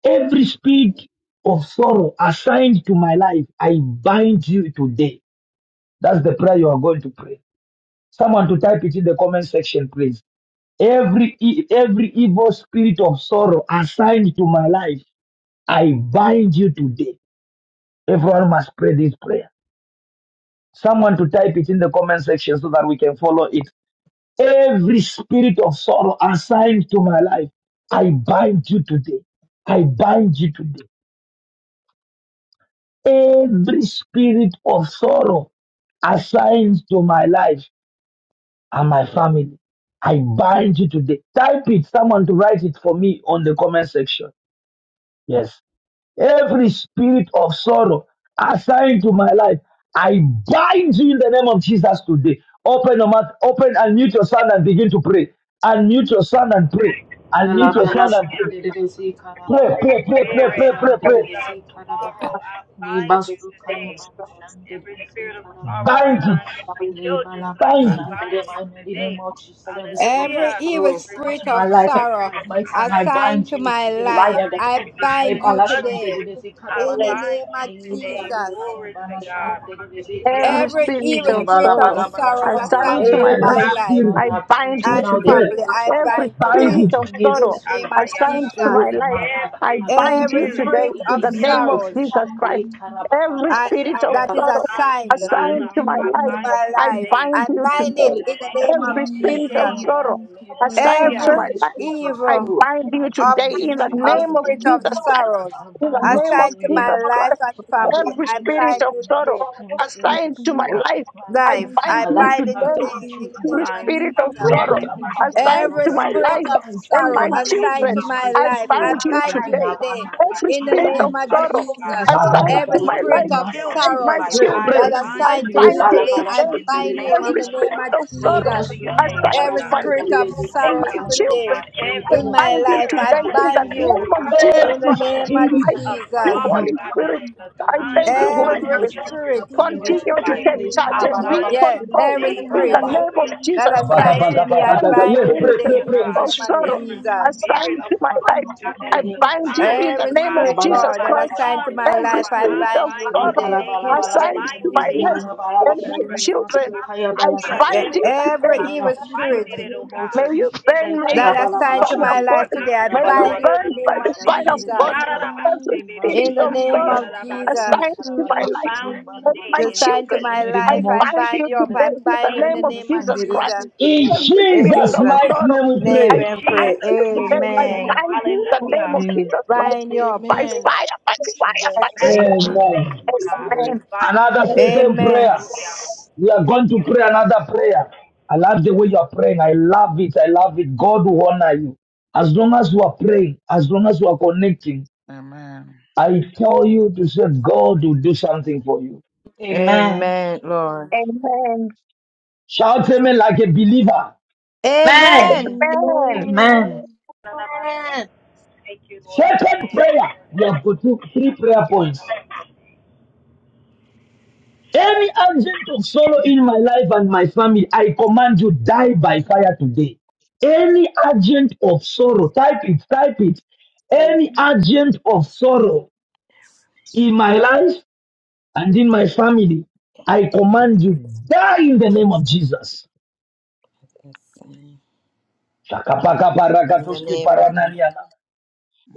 [SPEAKER 5] every speed of sorrow assigned to my life, I bind you today. That's the prayer you are going to pray. Someone to type it in the comment section, please. Every e- every evil spirit of sorrow assigned to my life, I bind you today. Everyone must pray this prayer. Someone to type it in the comment section so that we can follow it. Every spirit of sorrow assigned to my life, I bind you today. I bind you today. Every spirit of sorrow assigned to my life and my family, I bind you today. Type it, someone to write it for me on the comment section. Yes. Every spirit of sorrow assigned to my life, I bind you in the name of Jesus today. Open your mouth, open and mute your sound and begin to pray. And mute your sound and pray. And mute your
[SPEAKER 23] Hallelujah.
[SPEAKER 5] sound and
[SPEAKER 2] Alabalashan
[SPEAKER 5] pray.
[SPEAKER 2] dedesi
[SPEAKER 5] Pray, pray, pray, pray,
[SPEAKER 23] Spirit,
[SPEAKER 5] pray,
[SPEAKER 2] karabalabalabashan
[SPEAKER 5] pray, pray.
[SPEAKER 2] dedesi
[SPEAKER 23] of
[SPEAKER 2] karabaha
[SPEAKER 23] sorrow, I bind you
[SPEAKER 2] nibasu
[SPEAKER 23] today.
[SPEAKER 2] kayabalashan
[SPEAKER 23] Every
[SPEAKER 2] dedesi
[SPEAKER 23] spirit of sorrow
[SPEAKER 5] Bind it,
[SPEAKER 2] karabalabalaba
[SPEAKER 23] assigned to children's life,
[SPEAKER 5] bind
[SPEAKER 23] I
[SPEAKER 2] lebalabalashan
[SPEAKER 5] it.
[SPEAKER 23] bind
[SPEAKER 2] dede
[SPEAKER 23] you
[SPEAKER 2] my mighty name
[SPEAKER 23] today.
[SPEAKER 2] of Jesus every spirit of
[SPEAKER 12] Every
[SPEAKER 23] Hallelujah.
[SPEAKER 12] evil
[SPEAKER 2] sorrow
[SPEAKER 23] Every
[SPEAKER 2] assigned
[SPEAKER 12] spirit
[SPEAKER 2] to my
[SPEAKER 12] of
[SPEAKER 23] children,
[SPEAKER 2] life
[SPEAKER 23] every
[SPEAKER 12] sorrow
[SPEAKER 2] I
[SPEAKER 23] time,
[SPEAKER 2] might name I
[SPEAKER 12] assigned
[SPEAKER 2] bind
[SPEAKER 12] to
[SPEAKER 2] you
[SPEAKER 12] my
[SPEAKER 2] today right
[SPEAKER 12] life,
[SPEAKER 2] at the
[SPEAKER 12] I
[SPEAKER 2] pelvis
[SPEAKER 12] bind you
[SPEAKER 23] us,
[SPEAKER 2] lebalashan
[SPEAKER 12] today
[SPEAKER 2] dedesi
[SPEAKER 23] I
[SPEAKER 12] in the
[SPEAKER 2] karabalaba
[SPEAKER 12] name
[SPEAKER 23] bind you
[SPEAKER 12] of
[SPEAKER 23] today.
[SPEAKER 2] nibasu
[SPEAKER 12] Jesus.
[SPEAKER 23] Glory to
[SPEAKER 2] kayabalashan
[SPEAKER 23] God.
[SPEAKER 2] dedesi
[SPEAKER 23] Hallelujah.
[SPEAKER 3] every
[SPEAKER 2] karabaha
[SPEAKER 12] Every
[SPEAKER 3] spirit
[SPEAKER 12] evil
[SPEAKER 3] of
[SPEAKER 12] spirit of
[SPEAKER 3] sorrow
[SPEAKER 12] sorrows
[SPEAKER 2] lebalabalabashan the
[SPEAKER 3] assigned
[SPEAKER 12] assigned
[SPEAKER 2] mighty
[SPEAKER 3] to
[SPEAKER 12] to
[SPEAKER 3] my
[SPEAKER 2] name of
[SPEAKER 5] Every
[SPEAKER 12] my
[SPEAKER 3] life,
[SPEAKER 2] Jesus
[SPEAKER 12] life
[SPEAKER 5] spirit,
[SPEAKER 2] right
[SPEAKER 3] I
[SPEAKER 2] now I bind
[SPEAKER 3] bind
[SPEAKER 2] you
[SPEAKER 3] you
[SPEAKER 12] and
[SPEAKER 2] now the
[SPEAKER 3] today.
[SPEAKER 5] pray,
[SPEAKER 2] name
[SPEAKER 12] family,
[SPEAKER 2] of
[SPEAKER 12] I
[SPEAKER 2] Jesus
[SPEAKER 3] Every
[SPEAKER 12] bind
[SPEAKER 2] I
[SPEAKER 5] bind
[SPEAKER 12] today
[SPEAKER 3] spirit
[SPEAKER 2] bind you
[SPEAKER 3] of
[SPEAKER 5] it.
[SPEAKER 2] any evil
[SPEAKER 12] in
[SPEAKER 3] sorrow
[SPEAKER 12] the name
[SPEAKER 2] spirit uh,
[SPEAKER 12] of
[SPEAKER 2] of
[SPEAKER 3] assigned to
[SPEAKER 12] Jesus.
[SPEAKER 2] sorrow
[SPEAKER 3] my
[SPEAKER 2] in
[SPEAKER 3] life,
[SPEAKER 2] my life.
[SPEAKER 3] I
[SPEAKER 23] Every
[SPEAKER 2] uh, I
[SPEAKER 3] bind
[SPEAKER 2] bind
[SPEAKER 12] Every
[SPEAKER 3] you
[SPEAKER 2] you
[SPEAKER 23] spirit,
[SPEAKER 2] today
[SPEAKER 3] today
[SPEAKER 12] spirit
[SPEAKER 2] in
[SPEAKER 3] in
[SPEAKER 12] of
[SPEAKER 2] the
[SPEAKER 3] the
[SPEAKER 2] name
[SPEAKER 23] hallelujah,
[SPEAKER 3] name of
[SPEAKER 2] of
[SPEAKER 12] sorrows
[SPEAKER 2] Jesus.
[SPEAKER 3] Jesus Christ.
[SPEAKER 2] Le
[SPEAKER 3] Every
[SPEAKER 23] of
[SPEAKER 2] karabalabala
[SPEAKER 12] I,
[SPEAKER 3] spirit of
[SPEAKER 23] sorrow,
[SPEAKER 12] that is
[SPEAKER 3] sorrow
[SPEAKER 2] shandarabaha.
[SPEAKER 23] assigned to
[SPEAKER 12] assigned
[SPEAKER 23] my
[SPEAKER 12] to
[SPEAKER 2] Le
[SPEAKER 3] assigned to
[SPEAKER 23] life, I
[SPEAKER 3] my life,
[SPEAKER 23] bind
[SPEAKER 12] my
[SPEAKER 23] you
[SPEAKER 3] I
[SPEAKER 2] basukayabala
[SPEAKER 12] life,
[SPEAKER 23] today.
[SPEAKER 3] bind
[SPEAKER 12] I
[SPEAKER 3] you
[SPEAKER 12] bind
[SPEAKER 2] shandezi
[SPEAKER 12] it
[SPEAKER 3] today.
[SPEAKER 12] in the name
[SPEAKER 2] karabalaba.
[SPEAKER 12] of
[SPEAKER 3] Every
[SPEAKER 23] um,
[SPEAKER 2] Le
[SPEAKER 3] spirit
[SPEAKER 12] Jesus.
[SPEAKER 23] share
[SPEAKER 3] of
[SPEAKER 23] your
[SPEAKER 2] kayaba
[SPEAKER 3] sorrow
[SPEAKER 2] le baraba.
[SPEAKER 3] assigned
[SPEAKER 23] prayer
[SPEAKER 3] to my
[SPEAKER 12] Every
[SPEAKER 6] Amen.
[SPEAKER 2] Any
[SPEAKER 3] life,
[SPEAKER 2] spirit of
[SPEAKER 3] I
[SPEAKER 12] evil
[SPEAKER 2] sorrow,
[SPEAKER 3] bind
[SPEAKER 2] I
[SPEAKER 3] you
[SPEAKER 12] of,
[SPEAKER 3] today
[SPEAKER 2] bind you
[SPEAKER 3] in the
[SPEAKER 12] of
[SPEAKER 2] today
[SPEAKER 3] name
[SPEAKER 2] in
[SPEAKER 3] of
[SPEAKER 2] the
[SPEAKER 12] spirit of
[SPEAKER 2] name
[SPEAKER 3] Jesus
[SPEAKER 2] of Jesus.
[SPEAKER 3] Christ.
[SPEAKER 12] sorrows
[SPEAKER 2] I
[SPEAKER 3] In the
[SPEAKER 2] bind you
[SPEAKER 3] name of
[SPEAKER 12] assigned
[SPEAKER 2] today in
[SPEAKER 12] to
[SPEAKER 2] the
[SPEAKER 12] my
[SPEAKER 3] Jesus
[SPEAKER 2] name of
[SPEAKER 12] life
[SPEAKER 3] Christ,
[SPEAKER 2] Jesus.
[SPEAKER 12] and
[SPEAKER 2] I
[SPEAKER 12] family,
[SPEAKER 3] every
[SPEAKER 2] bind
[SPEAKER 12] I
[SPEAKER 2] you
[SPEAKER 3] spirit
[SPEAKER 12] bind
[SPEAKER 2] today in
[SPEAKER 3] of
[SPEAKER 2] the
[SPEAKER 12] you
[SPEAKER 2] name of
[SPEAKER 3] sorrow
[SPEAKER 12] today.
[SPEAKER 2] Jesus. Every
[SPEAKER 16] Amen.
[SPEAKER 2] spirit of
[SPEAKER 3] assigned to
[SPEAKER 16] Amen.
[SPEAKER 3] my
[SPEAKER 2] sorrow
[SPEAKER 3] life.
[SPEAKER 2] my
[SPEAKER 16] The
[SPEAKER 3] I
[SPEAKER 2] son
[SPEAKER 12] Life,
[SPEAKER 2] to
[SPEAKER 3] bind
[SPEAKER 12] I
[SPEAKER 2] my
[SPEAKER 3] you
[SPEAKER 2] life.
[SPEAKER 16] mitigation
[SPEAKER 12] bind it
[SPEAKER 2] I
[SPEAKER 3] today.
[SPEAKER 12] today
[SPEAKER 2] bind
[SPEAKER 16] skills
[SPEAKER 2] you
[SPEAKER 12] in the
[SPEAKER 2] in
[SPEAKER 16] that
[SPEAKER 12] name
[SPEAKER 2] the
[SPEAKER 3] Every
[SPEAKER 12] of
[SPEAKER 23] signs
[SPEAKER 2] name
[SPEAKER 23] to
[SPEAKER 2] of
[SPEAKER 3] spirit
[SPEAKER 16] bind
[SPEAKER 23] my
[SPEAKER 16] the
[SPEAKER 3] of
[SPEAKER 2] Jesus.
[SPEAKER 12] Jesus.
[SPEAKER 2] I
[SPEAKER 3] sorrow
[SPEAKER 23] family, to my,
[SPEAKER 2] bind you
[SPEAKER 16] intermediate
[SPEAKER 2] in the name
[SPEAKER 3] assigned
[SPEAKER 2] of
[SPEAKER 12] Every
[SPEAKER 3] to
[SPEAKER 2] Jesus.
[SPEAKER 3] my
[SPEAKER 23] my
[SPEAKER 16] electrons to
[SPEAKER 2] I
[SPEAKER 12] spirit
[SPEAKER 16] the
[SPEAKER 3] life
[SPEAKER 23] mother,
[SPEAKER 12] of
[SPEAKER 2] bind you in
[SPEAKER 3] and
[SPEAKER 2] the
[SPEAKER 12] sorrow
[SPEAKER 3] my
[SPEAKER 2] name of Jesus.
[SPEAKER 23] hallelujah,
[SPEAKER 12] assigned
[SPEAKER 3] children,
[SPEAKER 2] Any
[SPEAKER 12] to
[SPEAKER 16] services
[SPEAKER 12] my
[SPEAKER 2] spirit
[SPEAKER 3] I
[SPEAKER 2] of
[SPEAKER 12] life,
[SPEAKER 16] expression
[SPEAKER 12] I
[SPEAKER 2] sorrow
[SPEAKER 3] bind you
[SPEAKER 12] bind
[SPEAKER 2] moving
[SPEAKER 12] you
[SPEAKER 3] today.
[SPEAKER 2] around
[SPEAKER 12] today
[SPEAKER 2] my
[SPEAKER 23] my
[SPEAKER 2] life.
[SPEAKER 3] Every
[SPEAKER 12] in
[SPEAKER 2] I
[SPEAKER 12] the
[SPEAKER 3] spirit of
[SPEAKER 12] name
[SPEAKER 2] bind
[SPEAKER 23] children's
[SPEAKER 2] you
[SPEAKER 12] of
[SPEAKER 16] is
[SPEAKER 23] life,
[SPEAKER 3] sorrow
[SPEAKER 2] today
[SPEAKER 23] oh
[SPEAKER 2] in
[SPEAKER 23] God,
[SPEAKER 2] the
[SPEAKER 12] Jesus.
[SPEAKER 2] spirit
[SPEAKER 23] to
[SPEAKER 2] of
[SPEAKER 3] assigned
[SPEAKER 23] my
[SPEAKER 12] Every
[SPEAKER 3] to
[SPEAKER 2] sorrow
[SPEAKER 3] my
[SPEAKER 12] spirit
[SPEAKER 2] in
[SPEAKER 3] life
[SPEAKER 12] of
[SPEAKER 2] my
[SPEAKER 3] and
[SPEAKER 23] children's
[SPEAKER 2] family.
[SPEAKER 16] infused
[SPEAKER 3] my
[SPEAKER 12] sorrows
[SPEAKER 2] I
[SPEAKER 23] life.
[SPEAKER 5] Yes,
[SPEAKER 23] I
[SPEAKER 2] bind
[SPEAKER 5] pray.
[SPEAKER 2] you
[SPEAKER 12] that
[SPEAKER 3] children,
[SPEAKER 2] today.
[SPEAKER 23] bind
[SPEAKER 3] I
[SPEAKER 12] assigned
[SPEAKER 23] you
[SPEAKER 12] to
[SPEAKER 16] in
[SPEAKER 2] Le
[SPEAKER 3] bind
[SPEAKER 12] me
[SPEAKER 2] bala
[SPEAKER 3] you
[SPEAKER 23] today
[SPEAKER 12] today,
[SPEAKER 2] bala
[SPEAKER 12] I
[SPEAKER 3] today.
[SPEAKER 23] in the
[SPEAKER 16] protein
[SPEAKER 12] bind
[SPEAKER 2] shandelele
[SPEAKER 12] you
[SPEAKER 23] name
[SPEAKER 16] to
[SPEAKER 23] of
[SPEAKER 12] in
[SPEAKER 3] Every
[SPEAKER 12] the name
[SPEAKER 3] spirit
[SPEAKER 2] zikarabaha.
[SPEAKER 23] Jesus.
[SPEAKER 12] of
[SPEAKER 3] of
[SPEAKER 2] Le
[SPEAKER 23] Glory
[SPEAKER 3] sorrow
[SPEAKER 12] Jesus.
[SPEAKER 23] to your
[SPEAKER 2] basuka ya
[SPEAKER 23] name,
[SPEAKER 16] service
[SPEAKER 3] assigned
[SPEAKER 23] Lord
[SPEAKER 2] bala
[SPEAKER 12] Every
[SPEAKER 3] to
[SPEAKER 16] or
[SPEAKER 3] my
[SPEAKER 23] God.
[SPEAKER 12] spirit
[SPEAKER 3] life
[SPEAKER 12] of
[SPEAKER 2] shandelele
[SPEAKER 3] and
[SPEAKER 23] Thank
[SPEAKER 3] my
[SPEAKER 12] sorrows
[SPEAKER 23] you,
[SPEAKER 2] zikarabala
[SPEAKER 23] Lord
[SPEAKER 2] bala ba.
[SPEAKER 3] children,
[SPEAKER 12] today
[SPEAKER 23] God.
[SPEAKER 2] Le
[SPEAKER 3] I
[SPEAKER 23] Every
[SPEAKER 12] in
[SPEAKER 2] bala
[SPEAKER 12] my
[SPEAKER 3] bind
[SPEAKER 2] bala
[SPEAKER 3] you
[SPEAKER 12] life,
[SPEAKER 2] bala
[SPEAKER 23] spirit,
[SPEAKER 12] I
[SPEAKER 3] today
[SPEAKER 2] shande.
[SPEAKER 3] in the
[SPEAKER 12] bind
[SPEAKER 2] Any
[SPEAKER 23] hallelujah,
[SPEAKER 12] you
[SPEAKER 3] name
[SPEAKER 2] spirit
[SPEAKER 23] God,
[SPEAKER 2] of
[SPEAKER 3] of
[SPEAKER 2] sorrow
[SPEAKER 3] Jesus
[SPEAKER 12] in the
[SPEAKER 5] Every
[SPEAKER 3] Christ.
[SPEAKER 2] inside
[SPEAKER 12] name of
[SPEAKER 2] my
[SPEAKER 3] I
[SPEAKER 5] spirit.
[SPEAKER 3] thank
[SPEAKER 2] life.
[SPEAKER 23] of
[SPEAKER 3] you,
[SPEAKER 12] Jesus.
[SPEAKER 2] Right now,
[SPEAKER 23] sorrow,
[SPEAKER 2] the
[SPEAKER 3] Holy
[SPEAKER 23] God, that
[SPEAKER 2] police
[SPEAKER 3] Spirit.
[SPEAKER 23] is
[SPEAKER 2] I
[SPEAKER 23] the
[SPEAKER 3] I
[SPEAKER 2] bind you
[SPEAKER 23] time
[SPEAKER 3] thank
[SPEAKER 2] now.
[SPEAKER 3] you,
[SPEAKER 2] These
[SPEAKER 23] my
[SPEAKER 3] Holy
[SPEAKER 16] Multiple
[SPEAKER 12] Every
[SPEAKER 3] Spirit.
[SPEAKER 2] emojis
[SPEAKER 23] children's
[SPEAKER 2] I
[SPEAKER 12] spirit,
[SPEAKER 2] bind you
[SPEAKER 16] levels
[SPEAKER 23] children's
[SPEAKER 16] of
[SPEAKER 3] Continue
[SPEAKER 2] today.
[SPEAKER 3] to
[SPEAKER 23] life.
[SPEAKER 3] take
[SPEAKER 2] Le
[SPEAKER 16] expansion
[SPEAKER 3] charge
[SPEAKER 23] I
[SPEAKER 3] and
[SPEAKER 16] are
[SPEAKER 2] karabala
[SPEAKER 3] be
[SPEAKER 23] bind
[SPEAKER 2] bala
[SPEAKER 12] yeah,
[SPEAKER 23] you
[SPEAKER 3] control
[SPEAKER 16] in
[SPEAKER 2] shandelele
[SPEAKER 12] every
[SPEAKER 16] the
[SPEAKER 23] today,
[SPEAKER 3] in the
[SPEAKER 12] spirit
[SPEAKER 2] zikarabaha.
[SPEAKER 3] name of
[SPEAKER 16] multiple
[SPEAKER 23] hallelujah,
[SPEAKER 12] that
[SPEAKER 3] Jesus
[SPEAKER 23] Jesus
[SPEAKER 16] function
[SPEAKER 3] Christ.
[SPEAKER 12] assigned to
[SPEAKER 23] Every
[SPEAKER 12] me,
[SPEAKER 2] Ribazuka
[SPEAKER 12] I
[SPEAKER 2] ya
[SPEAKER 3] All the
[SPEAKER 12] bind
[SPEAKER 5] Yes,
[SPEAKER 12] you
[SPEAKER 5] pray, pray,
[SPEAKER 3] spirit
[SPEAKER 12] today
[SPEAKER 23] Hallelujah,
[SPEAKER 2] Every
[SPEAKER 16] capable
[SPEAKER 12] in
[SPEAKER 5] pray.
[SPEAKER 12] the
[SPEAKER 23] God.
[SPEAKER 16] to
[SPEAKER 2] evil
[SPEAKER 3] of
[SPEAKER 12] name
[SPEAKER 16] the
[SPEAKER 12] of
[SPEAKER 2] spirit
[SPEAKER 3] sorrow
[SPEAKER 23] Every
[SPEAKER 12] Jesus.
[SPEAKER 16] parallel
[SPEAKER 2] assigned to my
[SPEAKER 23] spirit
[SPEAKER 3] assigned
[SPEAKER 2] life,
[SPEAKER 23] of
[SPEAKER 3] to my
[SPEAKER 2] I
[SPEAKER 3] life,
[SPEAKER 23] trouble,
[SPEAKER 16] and
[SPEAKER 2] bind you
[SPEAKER 23] God,
[SPEAKER 2] in
[SPEAKER 23] that
[SPEAKER 2] the
[SPEAKER 3] I
[SPEAKER 23] is
[SPEAKER 2] name
[SPEAKER 16] available
[SPEAKER 2] of
[SPEAKER 3] bind
[SPEAKER 16] to
[SPEAKER 3] you
[SPEAKER 16] the
[SPEAKER 2] Jesus.
[SPEAKER 23] assigned
[SPEAKER 3] in
[SPEAKER 23] to
[SPEAKER 3] the
[SPEAKER 12] Every
[SPEAKER 3] name of
[SPEAKER 16] parallel.
[SPEAKER 12] spirit,
[SPEAKER 23] my
[SPEAKER 3] Jesus
[SPEAKER 12] Lord,
[SPEAKER 23] my son's
[SPEAKER 12] that
[SPEAKER 2] Ikarabalabalabala
[SPEAKER 3] Christ.
[SPEAKER 12] assigned to my
[SPEAKER 2] shandelele
[SPEAKER 23] my
[SPEAKER 2] ze
[SPEAKER 3] Every
[SPEAKER 12] life,
[SPEAKER 23] God,
[SPEAKER 12] I
[SPEAKER 23] I
[SPEAKER 3] spirit
[SPEAKER 2] ikarabaha.
[SPEAKER 3] of
[SPEAKER 12] bind you
[SPEAKER 23] bind it
[SPEAKER 3] sorrow
[SPEAKER 12] today.
[SPEAKER 23] today in the
[SPEAKER 2] Libalabalabala
[SPEAKER 3] assigned to
[SPEAKER 23] mighty
[SPEAKER 2] shandelele
[SPEAKER 3] my
[SPEAKER 2] ze
[SPEAKER 23] name
[SPEAKER 3] life
[SPEAKER 23] of
[SPEAKER 12] Be
[SPEAKER 2] ikarabalaba.
[SPEAKER 3] and my
[SPEAKER 12] every,
[SPEAKER 3] children,
[SPEAKER 23] God.
[SPEAKER 2] Ribazuka ya
[SPEAKER 3] I
[SPEAKER 2] bala
[SPEAKER 23] We are
[SPEAKER 12] yeah,
[SPEAKER 3] bind you
[SPEAKER 23] thanking
[SPEAKER 2] shandelele ze
[SPEAKER 12] every
[SPEAKER 3] today.
[SPEAKER 23] God.
[SPEAKER 2] ikarabalaba.
[SPEAKER 12] evil
[SPEAKER 23] Bind
[SPEAKER 2] In
[SPEAKER 12] spirit
[SPEAKER 2] the
[SPEAKER 23] it, oh
[SPEAKER 2] name of
[SPEAKER 3] May
[SPEAKER 23] God,
[SPEAKER 3] you
[SPEAKER 2] Jesus.
[SPEAKER 23] in the
[SPEAKER 3] burn my
[SPEAKER 23] name
[SPEAKER 12] that
[SPEAKER 23] of
[SPEAKER 2] Ikarabalabala
[SPEAKER 12] assigned to
[SPEAKER 3] Father of
[SPEAKER 12] my
[SPEAKER 16] Multiple
[SPEAKER 2] shandelele
[SPEAKER 3] God,
[SPEAKER 12] life
[SPEAKER 2] ze
[SPEAKER 12] today,
[SPEAKER 23] God.
[SPEAKER 12] I
[SPEAKER 3] may be
[SPEAKER 16] Amen. Mandere
[SPEAKER 12] bind you in
[SPEAKER 3] burned
[SPEAKER 12] the
[SPEAKER 3] by
[SPEAKER 12] name
[SPEAKER 2] ikarabalabalabalabala
[SPEAKER 3] the
[SPEAKER 12] of
[SPEAKER 23] Shatayarabasi.
[SPEAKER 3] fire of
[SPEAKER 2] shandelele ze
[SPEAKER 12] Jesus.
[SPEAKER 3] God.
[SPEAKER 2] ikarabaha.
[SPEAKER 23] Shararabasi,
[SPEAKER 3] Every
[SPEAKER 23] baby.
[SPEAKER 12] In
[SPEAKER 3] spirit
[SPEAKER 12] the
[SPEAKER 2] Ribazuka
[SPEAKER 3] of
[SPEAKER 2] ya
[SPEAKER 12] name
[SPEAKER 2] bala
[SPEAKER 3] sorrow
[SPEAKER 12] of
[SPEAKER 2] shandelele
[SPEAKER 23] Shatayarabasi.
[SPEAKER 12] Jesus,
[SPEAKER 2] ze
[SPEAKER 3] assigned to my
[SPEAKER 2] ikarabalaba.
[SPEAKER 3] life
[SPEAKER 23] Bound
[SPEAKER 3] and
[SPEAKER 23] today
[SPEAKER 3] my
[SPEAKER 12] the
[SPEAKER 23] in
[SPEAKER 2] Libalabalabalaba.
[SPEAKER 23] the
[SPEAKER 12] sign to
[SPEAKER 3] children,
[SPEAKER 2] In
[SPEAKER 12] my
[SPEAKER 2] the
[SPEAKER 3] I
[SPEAKER 2] name
[SPEAKER 12] life, I
[SPEAKER 2] of
[SPEAKER 3] bind
[SPEAKER 2] Jesus.
[SPEAKER 12] bind
[SPEAKER 3] you
[SPEAKER 12] you up. I
[SPEAKER 3] today in the
[SPEAKER 12] bind you
[SPEAKER 23] name of
[SPEAKER 12] in
[SPEAKER 3] name
[SPEAKER 12] the
[SPEAKER 3] of
[SPEAKER 12] name of
[SPEAKER 3] Jesus
[SPEAKER 12] Jesus.
[SPEAKER 3] Christ.
[SPEAKER 5] In
[SPEAKER 3] Every
[SPEAKER 12] In
[SPEAKER 3] spirit
[SPEAKER 5] Jesus'
[SPEAKER 3] of
[SPEAKER 12] Jesus'
[SPEAKER 5] mighty
[SPEAKER 3] sorrow,
[SPEAKER 5] name we
[SPEAKER 12] name
[SPEAKER 3] I
[SPEAKER 12] we
[SPEAKER 5] pray.
[SPEAKER 12] pray.
[SPEAKER 3] bind you
[SPEAKER 23] Jesus'
[SPEAKER 2] Jesus
[SPEAKER 3] today. I
[SPEAKER 20] Amen.
[SPEAKER 2] Christ.
[SPEAKER 12] Amen.
[SPEAKER 23] name.
[SPEAKER 3] bind
[SPEAKER 20] Amen.
[SPEAKER 3] you in the name
[SPEAKER 23] Hallelujah.
[SPEAKER 3] of
[SPEAKER 2] Amen.
[SPEAKER 3] Jesus
[SPEAKER 20] We
[SPEAKER 3] Christ.
[SPEAKER 12] Bind you
[SPEAKER 20] pray,
[SPEAKER 12] up.
[SPEAKER 3] By
[SPEAKER 20] Amen.
[SPEAKER 3] fire, by fire,
[SPEAKER 23] Your
[SPEAKER 2] Jesus.
[SPEAKER 3] by fire.
[SPEAKER 12] In
[SPEAKER 23] master,
[SPEAKER 19] In the
[SPEAKER 5] Amen.
[SPEAKER 19] mighty
[SPEAKER 23] God, we
[SPEAKER 3] Amen.
[SPEAKER 19] name.
[SPEAKER 23] bind it
[SPEAKER 5] Another
[SPEAKER 23] today.
[SPEAKER 5] second
[SPEAKER 12] Amen.
[SPEAKER 5] prayer.
[SPEAKER 23] Hallelujah.
[SPEAKER 5] We are going
[SPEAKER 23] Thank
[SPEAKER 5] to
[SPEAKER 23] you.
[SPEAKER 5] pray another prayer. I love the way you are praying. I love it. I love it. God will honor you. As long as you are praying, as long as you are connecting,
[SPEAKER 19] Amen.
[SPEAKER 5] I tell you to say God will do something for you.
[SPEAKER 19] Amen.
[SPEAKER 2] Amen.
[SPEAKER 12] Amen, Lord.
[SPEAKER 3] Amen.
[SPEAKER 5] Shout amen like a believer.
[SPEAKER 2] Amen.
[SPEAKER 19] Amen.
[SPEAKER 12] Amen.
[SPEAKER 3] Amen.
[SPEAKER 2] Amen.
[SPEAKER 23] Thank
[SPEAKER 20] Amen.
[SPEAKER 23] you, Lord.
[SPEAKER 5] Second
[SPEAKER 23] Amen.
[SPEAKER 5] prayer. We have got two, three prayer points. Any agent of sorrow in my life and my family, I command you, die by fire today. Any agent of sorrow, type it, type it.
[SPEAKER 20] In
[SPEAKER 5] Any agent of sorrow in my life and in my family, I command you, die in the name of Jesus.
[SPEAKER 12] Yes, Lord.
[SPEAKER 19] Amen.
[SPEAKER 12] In the name of Jesus.